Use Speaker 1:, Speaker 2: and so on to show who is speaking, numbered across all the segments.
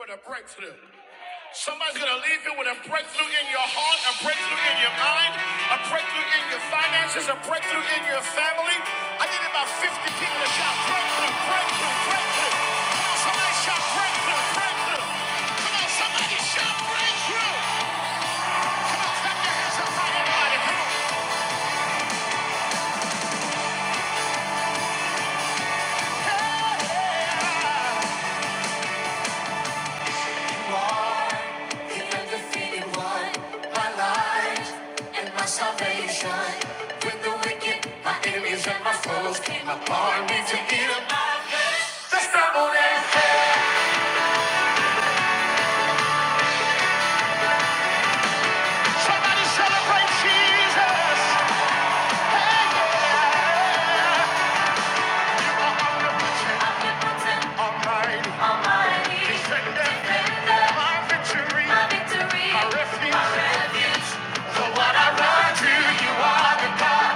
Speaker 1: with a breakthrough. Somebody's going to leave you with a breakthrough in your heart, a breakthrough in your mind, a breakthrough in your finances, a breakthrough in your family. I need about 50 people to shout breakthrough, breakthrough, breakthrough. Come on, somebody shout breakthrough, breakthrough. Come on, somebody shout breakthrough. Come on, clap your hands up high everybody. mighty. Come on. Hey, hey, hey. He has one, my life and my salvation. With the wicked, my enemies and my foes came upon me to eat the stumble and fell. Somebody celebrate Jesus! I'm almighty, I'm defender, my victory, my refuge. So when I run to you, are the God.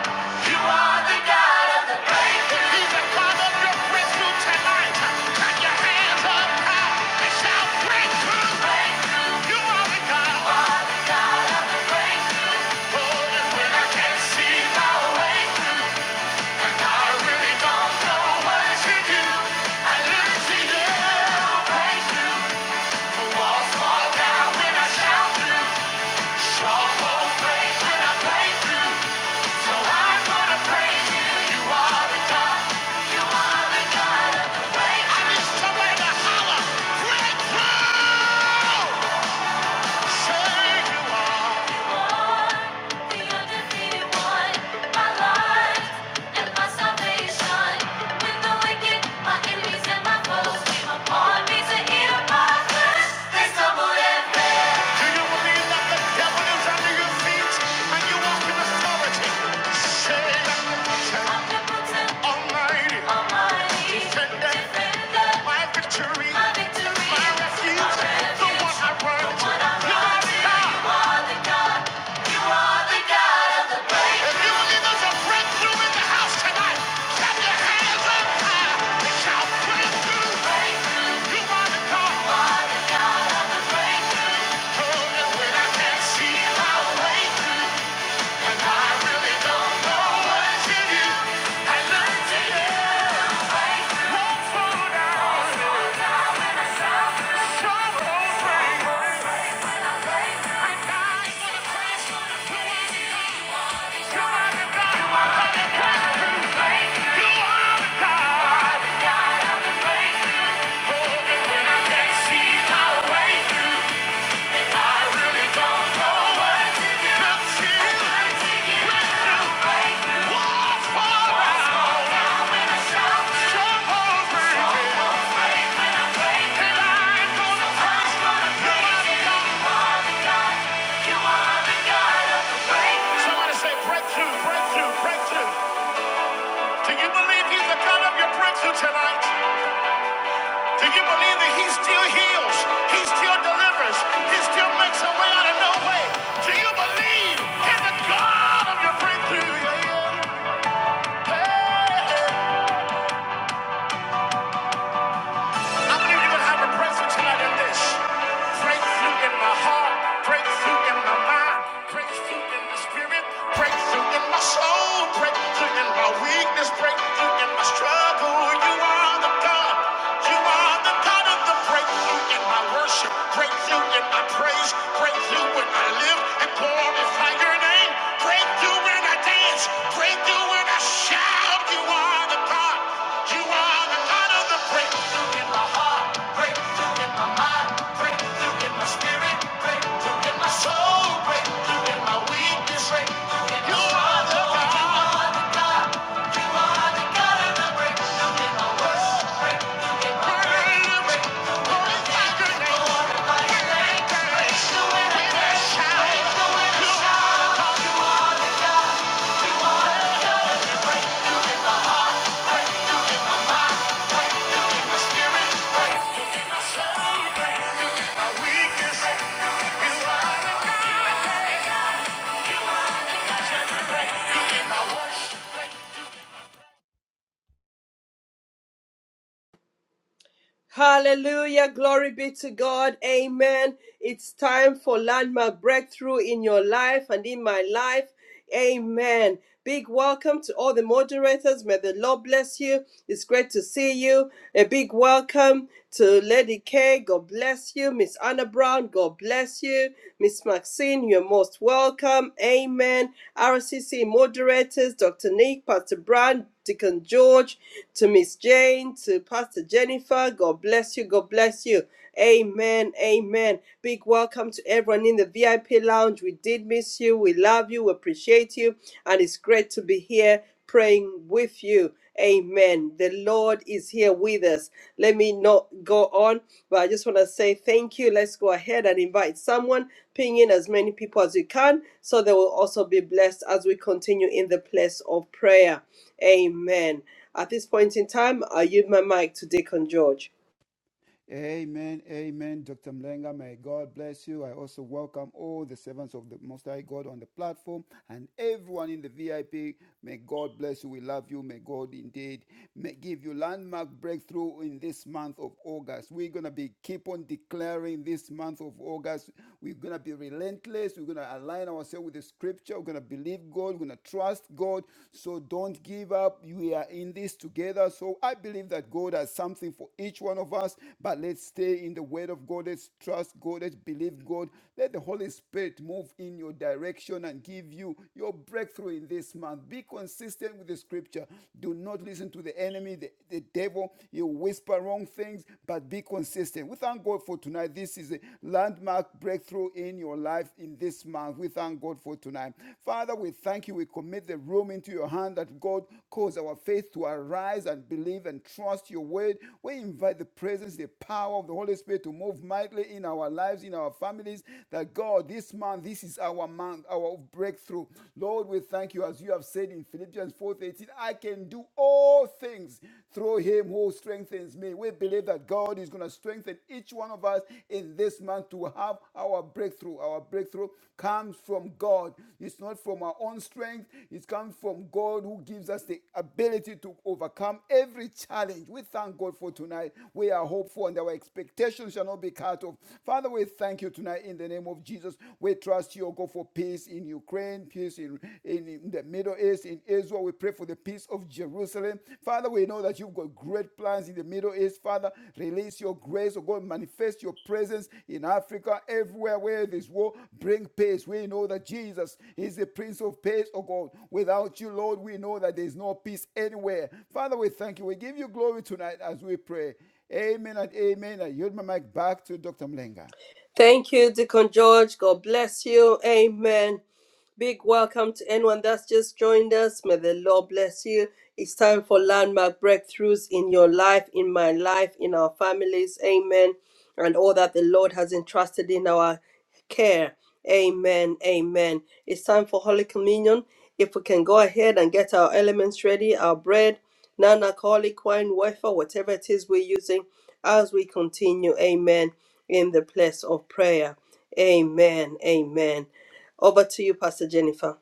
Speaker 1: You are the God of the breakthrough. He's the God of your breakthrough tonight. Put your hands up high and shout breakthrough. Breakthrough. You are the God. You are the God of the breakthrough. Oh, and when I can't see my way through, and I really don't know what to do, I look to you. Breakthrough. The walls fall down when I shout through. Upon me to hear my voice, they stumbled and you believe that the devil is under your feet and you walk in authority, say Almighty, defender, my victory, my refuge, the one I run to. You are the God. the God, the God. If you believe a breakthrough in the house tonight, clap your hands up high and shout breakthrough. You are the God. Oh, and when I can't see my way through, and I really don't know what to do, I tell you, Lord, you are the God. You are the God. You are the God. Oh, and when I can't see my way through. Somebody say breakthrough, breakthrough, breakthrough. Can you believe he's the God of your breakthrough tonight? Do you believe that he still heals? He still delivers? He still makes a way out of no way? Do you believe in the God of your breakthrough? Yeah, yeah. Hey, hey. I believe you would have a breakthrough tonight in this. Breakthrough in my heart, breakthrough in my mind, breakthrough in the spirit, breakthrough in my soul, breakthrough in my weakness, breakthrough in my struggle. You are the God. You are the God of the breakthrough in my worship, breakthrough in my praise, breakthrough when I live and glorify your name, breakthrough when I dance, breakthrough when I shout. You are the God. You are the God of the breakthrough. Thank you.
Speaker 2: Hallelujah. Glory be to God. Amen. It's time for landmark breakthrough in your life and in my life. Amen. Big welcome to all the moderators. May the Lord bless you. It's great to see you. A big welcome to Lady K. God bless you. Miss Anna Brown, God bless you. Miss Maxine, you're most welcome. Amen. RCC moderators, Dr. Nick, Pastor Brand, Deacon George, to Miss Jane, to Pastor Jennifer. God bless you. God bless you. Amen. Amen. Big welcome to everyone in the VIP lounge. We did miss you. We love you. We appreciate you. And it's great to be here praying with you. Amen. The Lord is here with us. Let me not go on, but I just want to say thank you. Let's go ahead and invite someone, ping in as many people as you can, so they will also be blessed as we continue in the place of prayer. Amen. At this point in time, I yield my mic to Deacon George.
Speaker 3: Amen, amen, Dr. Mlenga. May God bless you. I also welcome all the servants of the Most High God on the platform and everyone in the VIP. May God bless you. We love you. May God indeed may give you landmark breakthrough in this month of August. We're gonna be keep on declaring this month of August. We're gonna be relentless. We're gonna align ourselves with the Scripture. We're gonna believe God. We're gonna trust God. So don't don't give up. We are in this together. So I believe that God has something for each one of us, but let's stay in the word of God. Let's trust God. Let's believe God. Let the Holy Spirit move in your direction and give you your breakthrough in this month. Be consistent with the scripture. Do not listen to the enemy, the, the devil. You whisper wrong things, but be consistent. We thank God for tonight. This is a landmark breakthrough in in your life in this month. We thank God for tonight. Father, we thank you. We commit the room into your hand that God cause our faith to arise and believe and trust your word. We invite the presence, the power of the Holy Spirit to move mightily in our lives, in our families. That God, this month, this is our month, our breakthrough. Lord, we thank you as you have said in Philippians 4:18, I can do all things through him who strengthens strengthens me. We believe that God is going to strengthen each one of us in this month to have our breakthrough. Our breakthrough comes from God. It's not from our own strength. It comes from God who gives us the ability to overcome every challenge. We thank God for tonight. We are hopeful and our expectations shall not be cut off. Father, we thank you tonight in the name of Jesus. We trust you, O God, for peace in Ukraine, peace in, in, in the Middle East, in Israel. We pray for the peace of Jerusalem. Father, we know that you've got great plans in the Middle East. Father, release your grace, oh God, manifest your presence in Africa, everywhere where this war, bring peace. We know that Jesus is the Prince of Peace, oh God. Without you, Lord, we know that there is no peace anywhere. Father, we thank you. We give you glory tonight as we pray. Amen and amen. I yield my mic back to Dr. Mlenga.
Speaker 2: Thank you, Deacon George. God bless you. Amen. Big welcome to anyone that's just joined us. May the Lord bless you. It's time for landmark breakthroughs in your life, in my life, in our families. Amen. And all that the Lord has entrusted in our care. Amen. Amen. It's time for Holy Communion. If we can go ahead and get our elements ready, our bread, non alcoholic wine, wafer, whatever it is we're using, as we continue. Amen. In the place of prayer. Amen. Amen. Over to you, Pastor Jennifer.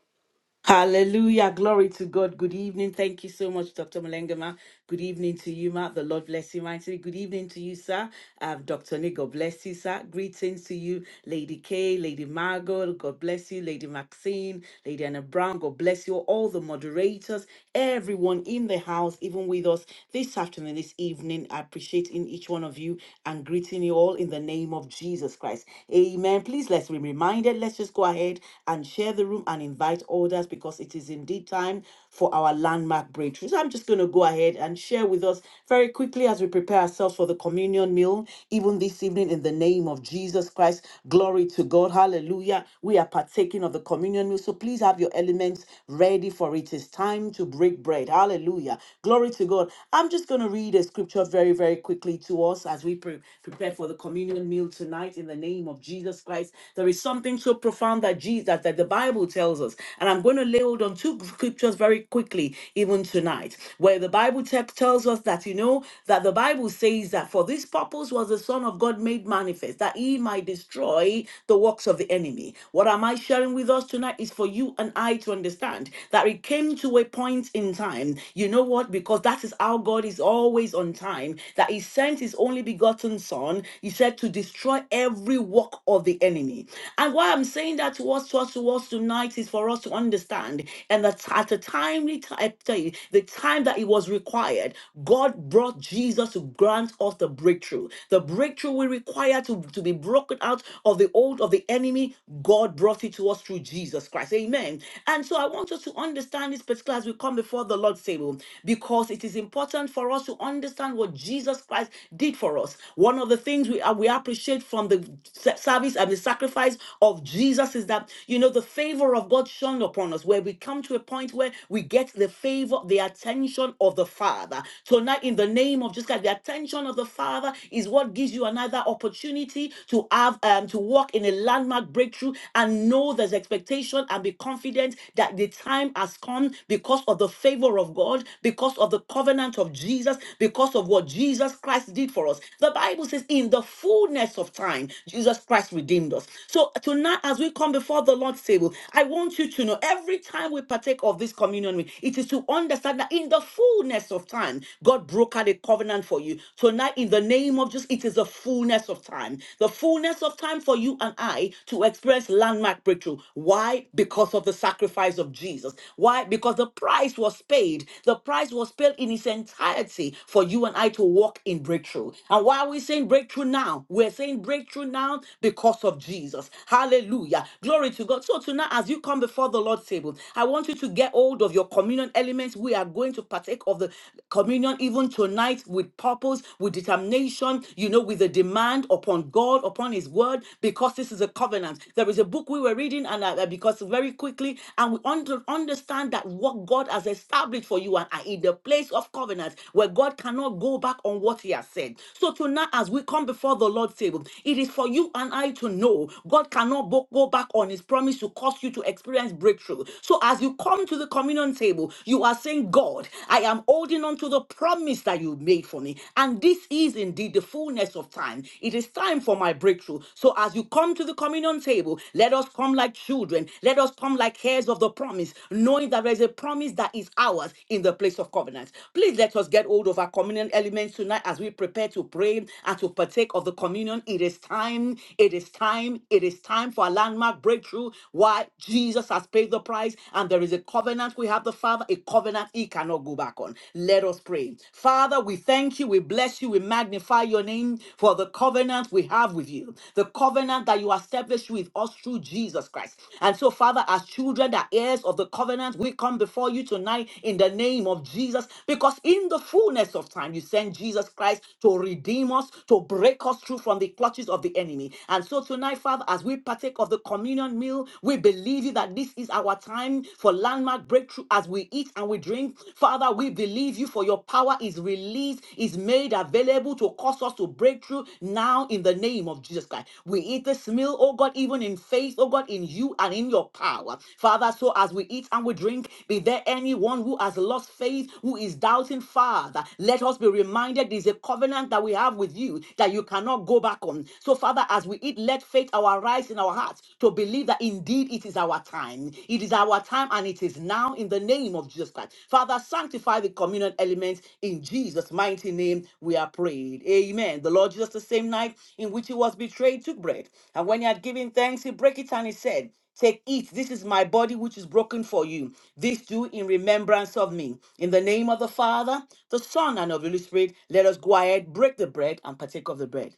Speaker 4: Hallelujah. Glory to God. Good evening. Thank you so much, Dr. Malengama. Good evening to you, Ma. The Lord bless you mightily. Good evening to you, sir. Um, Dr. Nick, God bless you, sir. Greetings to you. Lady Kay, Lady Margot, God bless you, Lady Maxine, Lady Anna Brown, God bless you, all the moderators, everyone in the house, even with us this afternoon, this evening. I appreciate in each one of you and greeting you all in the name of Jesus Christ. Amen. Please let's be reminded, let's just go ahead and share the room and invite others because it is indeed time for our landmark breakthrough. So I'm just going to go ahead and share with us very quickly as we prepare ourselves for the communion meal, even this evening, in the name of Jesus Christ. Glory to God. Hallelujah. We are partaking of the communion meal. So please have your elements ready for it. It's time to break bread. Hallelujah. Glory to God. I'm just going to read a scripture very, very quickly to us as we pre- prepare for the communion meal tonight in the name of Jesus Christ. There is something so profound that Jesus that, that the Bible tells us. And I'm going to lay hold on two two scriptures very quickly, even tonight, where the Bible text tells us that, you know, that the Bible says that for this purpose was the Son of God made manifest, that he might destroy the works of the enemy. What am I sharing with us tonight is for you and I to understand that it came to a point in time. You know what? Because that is how God is always on time, that he sent his only begotten Son, he said, to destroy every work of the enemy. And why I'm saying that to us, to us, to us tonight is for us to understand understand. And that at a timely time, I tell you, the time that it was required, God brought Jesus to grant us the breakthrough. The breakthrough we require to, to be broken out of the old of the enemy, God brought it to us through Jesus Christ. Amen. And so I want us to understand this particular as we come before the Lord's table, because it is important for us to understand what Jesus Christ did for us. One of the things we, uh, we appreciate from the s- service and the sacrifice of Jesus is that, you know, the favor of God God shone upon us, where we come to a point where we get the favor, the attention of the Father. Tonight, in the name of Jesus Christ, the attention of the Father is what gives you another opportunity to have um, to walk in a landmark breakthrough and know there's expectation and be confident that the time has come because of the favor of God, because of the covenant of Jesus, because of what Jesus Christ did for us. The Bible says, in the fullness of time, Jesus Christ redeemed us. So tonight, as we come before the Lord table. I want you to know every time we partake of this communion, meal, it is to understand that in the fullness of time, God broke out a covenant for you. Tonight, in the name of Jesus, it is the fullness of time. The fullness of time for you and I to experience landmark breakthrough. Why? Because of the sacrifice of Jesus. Why? Because the price was paid. The price was paid in its entirety for you and I to walk in breakthrough. And why are we saying breakthrough now? We're saying breakthrough now because of Jesus. Hallelujah. Glory to God. So tonight, as you come before the Lord's table, I want you to get hold of your communion elements. We are going to partake of the communion even tonight with purpose, with determination, you know, with a demand upon God, upon His word, because this is a covenant. There is a book we were reading, and uh, uh, because very quickly, and we under, understand that what God has established for you and are in the place of covenant where God cannot go back on what He has said. So tonight, as we come before the Lord's table, it is for you and I to know God cannot cannot bo- go back on his promise to cause you to experience breakthrough. So as you come to the communion table, you are saying, God, I am holding on to the promise that you made for me. And this is indeed the fullness of time. It is time for my breakthrough. So as you come to the communion table, let us come like children. Let us come like heirs of the promise, knowing that there is a promise that is ours in the place of covenant. Please let us get hold of our communion elements tonight as we prepare to pray and to partake of the communion. It is time. It is time time. It is time for a landmark breakthrough. Why? Jesus has paid the price, and there is a covenant we have the Father, a covenant he cannot go back on. Let us pray. Father, we thank you, we bless you, we magnify your name for the covenant we have with you, the covenant that you established with us through Jesus Christ. And so, Father, as children, that heirs of the covenant, we come before you tonight in the name of Jesus, because in the fullness of time, you sent Jesus Christ to redeem us, to break us through from the clutches of the enemy. And so tonight, Father, as we partake of the communion meal, we believe you that this is our time for landmark breakthrough as we eat and we drink. Father, we believe you for your power is released, is made available to cause us to break through now in the name of Jesus Christ. We eat this meal, oh God, even in faith, oh God, in you and in your power. Father, so as we eat and we drink, be there anyone who has lost faith, who is doubting, Father, let us be reminded there's a covenant that we have with you that you cannot go back on. So, Father, as we eat, let faith arise in our hearts to believe that indeed it is our time. It is our time and it is now in the name of Jesus Christ. Father, sanctify the communion elements in Jesus' mighty name. We are prayed. Amen. The Lord Jesus, the same night in which he was betrayed, took bread. And when he had given thanks, he broke it and he said, Take, eat. This is my body, which is broken for you. This do in remembrance of me. In the name of the Father, the Son, and of the Holy Spirit, let us go ahead, break the bread, and partake of the bread.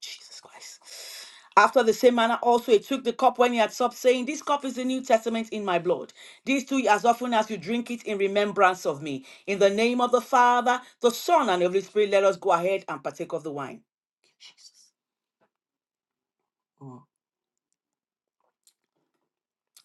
Speaker 4: Jesus Christ. After the same manner, also he took the cup when he had supped, saying, This cup is the New Testament in my blood. These two, as often as you drink it, in remembrance of me. In the name of the Father, the Son, and the Holy Spirit, let us go ahead and partake of the wine. Hmm.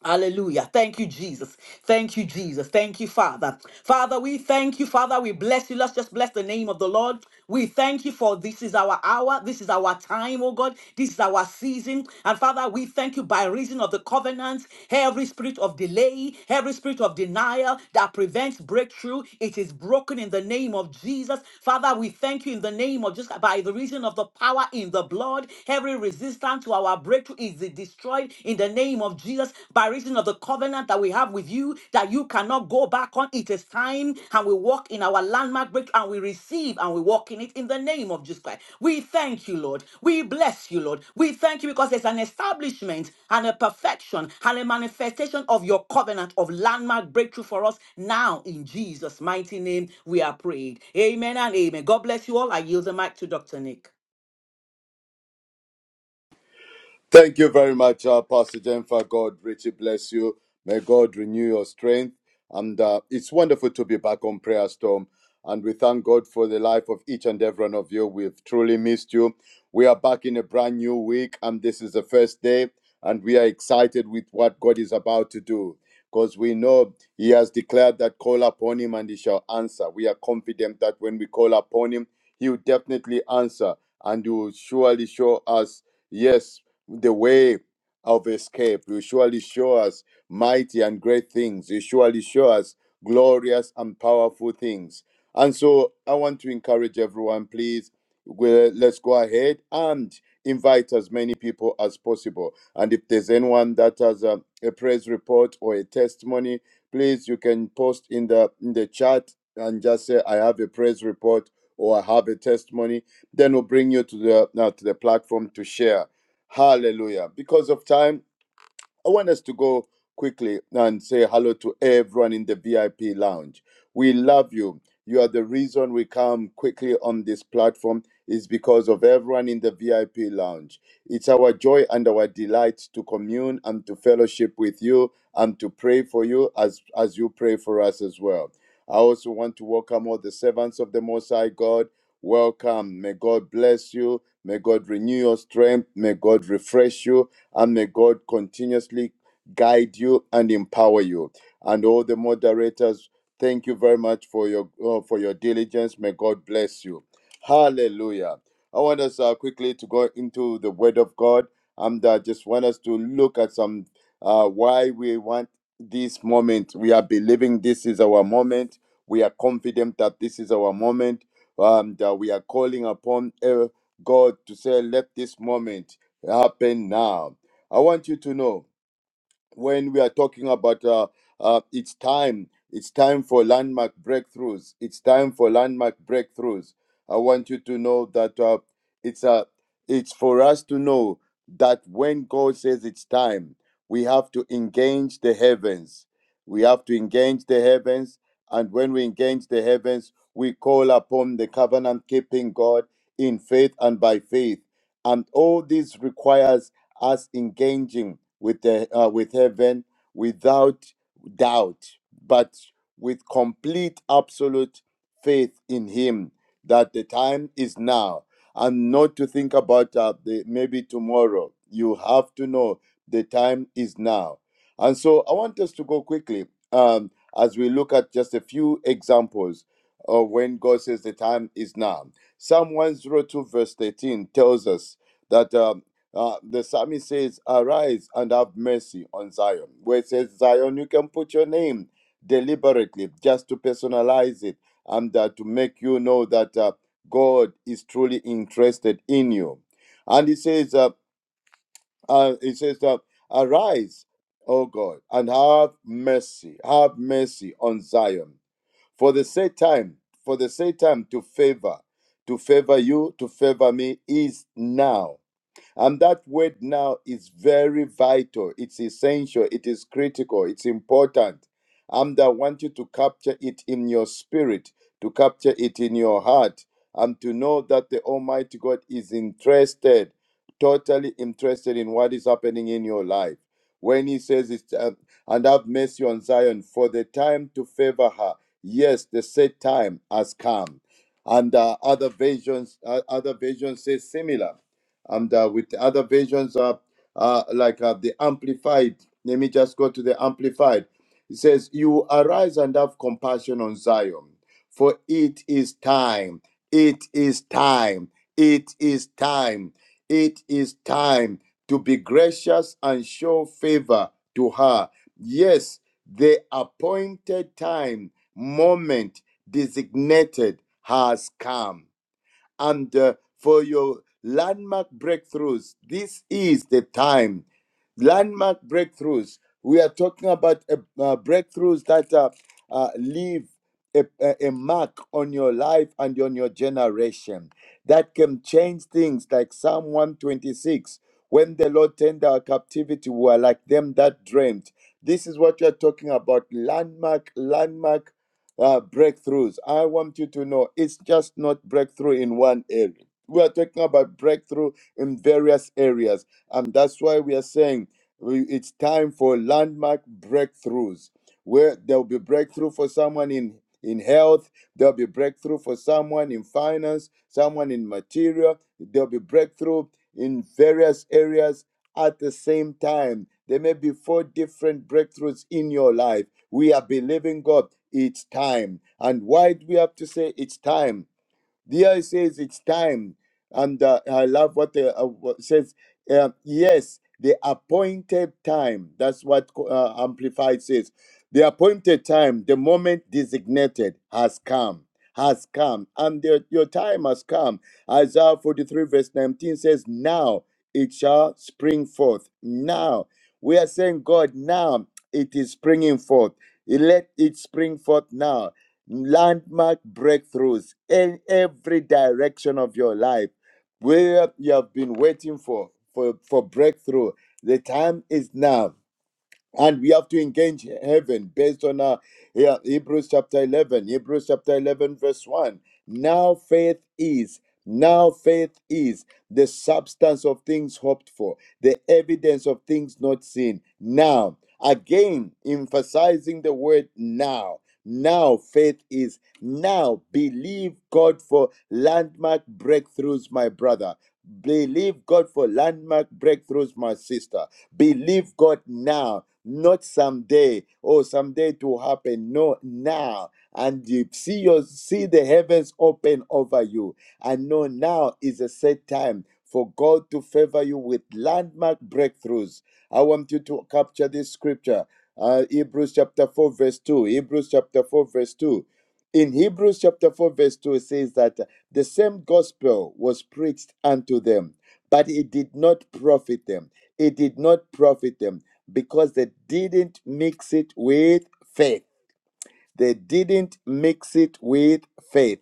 Speaker 4: Hallelujah. Thank you, Jesus. Thank you, Jesus. Thank you, Father. Father, we thank you, Father. We bless you. Let's just bless the name of the Lord. We thank you for this is our hour. This is our time, oh God. This is our season. And Father, we thank you by reason of the covenant, every spirit of delay, every spirit of denial that prevents breakthrough, it is broken in the name of Jesus. Father, we thank you in the name of just by the reason of the power in the blood, every resistance to our our breakthrough is destroyed in the name of Jesus by reason of the covenant that we have with you that you cannot go back on. It is time, and we walk in our landmark breakthrough, and we receive and we walk in it in the name of Jesus Christ. We thank you, Lord. We bless you, Lord. We thank you because there's an establishment and a perfection and a manifestation of your covenant of landmark breakthrough for us now in Jesus' mighty name. We are prayed. Amen and amen. God bless you all. I yield the mic to Dr. Nick.
Speaker 5: Thank you very much, uh, Pastor Jennifer. God richly bless you. May God renew your strength. And uh, it's wonderful to be back on Prayer Storm. And we thank God for the life of each and every one of you. We've truly missed you. We are back in a brand new week, and this is the first day. And we are excited with what God is about to do because we know He has declared that call upon Him and He shall answer. We are confident that when we call upon Him, He will definitely answer and He will surely show us, yes, the way of escape. You surely show us mighty and great things. You surely show us glorious and powerful things. And so I want to encourage everyone, please, we- let's go ahead and invite as many people as possible. And if there's anyone that has a, a praise report or a testimony, please, you can post in the, in the chat and just say, I have a praise report or I have a testimony. Then we'll bring you to the, now to the platform to share Hallelujah. Because of time, I want us to go quickly and say hello to everyone in the VIP lounge. We love you. You are the reason we come quickly on this platform is because of everyone in the VIP lounge. It's our joy and our delight to commune and to fellowship with you and to pray for you as as you pray for us as well. I also want to welcome all the servants of the Most High God. Welcome. May God bless you. May God renew your strength. May God refresh you. And may God continuously guide you and empower you. And all the moderators, thank you very much for your uh, for your diligence. May God bless you. Hallelujah. I want us uh, quickly to go into the Word of God, and I just want us to look at some uh, why we want this moment. We are believing this is our moment. We are confident that this is our moment, and uh, we are calling upon uh, God to say, "Let this moment happen now." I want you to know when we are talking about uh, uh, it's time, it's time for landmark breakthroughs. It's time for landmark breakthroughs. I want you to know that uh, it's uh, it's for us to know that when God says it's time, we have to engage the heavens. We have to engage the heavens, and when we engage the heavens, we call upon the covenant-keeping God in faith and by faith, and all this requires us engaging with the uh, with heaven without doubt, but with complete absolute faith in Him that the time is now, and not to think about uh, the maybe tomorrow. You have to know the time is now, and so I want us to go quickly um, as we look at just a few examples of when God says the time is now. Psalm 102, verse 13 tells us that. uh, uh, the psalmist says, Arise and have mercy on Zion. Where it says Zion, you can put your name deliberately just to personalize it and uh, to make you know that uh, God is truly interested in you. And he says, uh, uh, he says uh, Arise, O God, and have mercy, have mercy on Zion. For the set time, for the set time to favor, to favor you, to favor me is now and that word now is very vital. It's essential. It is critical. It's important. And I want you to capture it in your spirit, to capture it in your heart, and to know that the Almighty God is interested, totally interested in what is happening in your life. When He says, it's, uh, and have mercy on Zion, for the time to favor her. Yes, the set time has come. And uh, other versions, uh, other versions say similar and uh, with the other versions uh, uh, like uh, the amplified let me just go to the amplified it says you arise and have compassion on zion for it is time it is time it is time it is time to be gracious and show favor to her yes the appointed time moment designated has come and uh, for your landmark breakthroughs. This is the time. Landmark breakthroughs. We are talking about uh, uh, breakthroughs that uh, uh, leave a, a a mark on your life and on your generation that can change things, like Psalm 126. When the Lord turned our captivity, we were like them that dreamed. This is what we are talking about landmark, landmark uh, breakthroughs. I want you to know it's just not breakthrough in one area. We are talking about breakthrough in various areas. And that's why we are saying we- it's time for landmark breakthroughs, where there'll be breakthrough for someone in, in health, there'll be breakthrough for someone in finance, someone in material, there'll be breakthrough in various areas at the same time. There may be four different breakthroughs in your life. We are believing God. It's time. And why do we have to say it's time? There it says it's time, and uh, I love what the uh, what says. Uh, yes, the appointed time. That's what uh, Amplified says. The appointed time, the moment designated, has come. Has come, and the- your time has come. Isaiah 43, verse 19 says, Now it shall spring forth. Now we are saying, God, now it is springing forth. Let it spring forth now landmark breakthroughs in every direction of your life where you have been waiting for for, for breakthrough the time is now and we have to engage heaven based on uh, yeah, Hebrews chapter 11, Hebrews chapter 11, verse 1. Now faith is, now faith is the substance of things hoped for, the evidence of things not seen. Now, again, emphasizing the word now. Now faith is, now believe God for landmark breakthroughs, my brother. Believe God for landmark breakthroughs, my sister. Believe God now, not someday. Oh, someday it will happen. No, now. And you see your see the heavens open over you. And know now is a set time for God to favor you with landmark breakthroughs. I want you to capture this scripture. Uh, Hebrews chapter 4, verse 2. Hebrews chapter 4, verse 2. In Hebrews chapter 4, verse 2, it says that the same gospel was preached unto them, but it did not profit them. It did not profit them because they didn't mix it with faith. They didn't mix it with faith.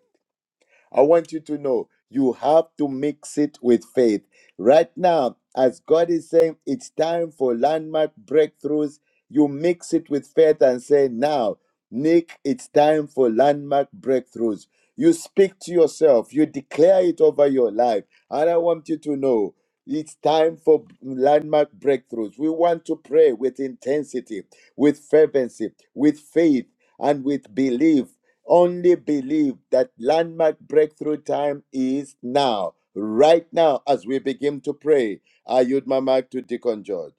Speaker 5: I want you to know you have to mix it with faith. Right now, as God is saying, it's time for landmark breakthroughs. You mix it with faith and say, Now, Nick, it's time for landmark breakthroughs. You speak to yourself, you declare it over your life. And I want you to know it's time for landmark breakthroughs. We want to pray with intensity, with fervency, with faith, and with belief only believe that landmark breakthrough time is now, right now, as we begin to pray. I yield my mic to Deacon George.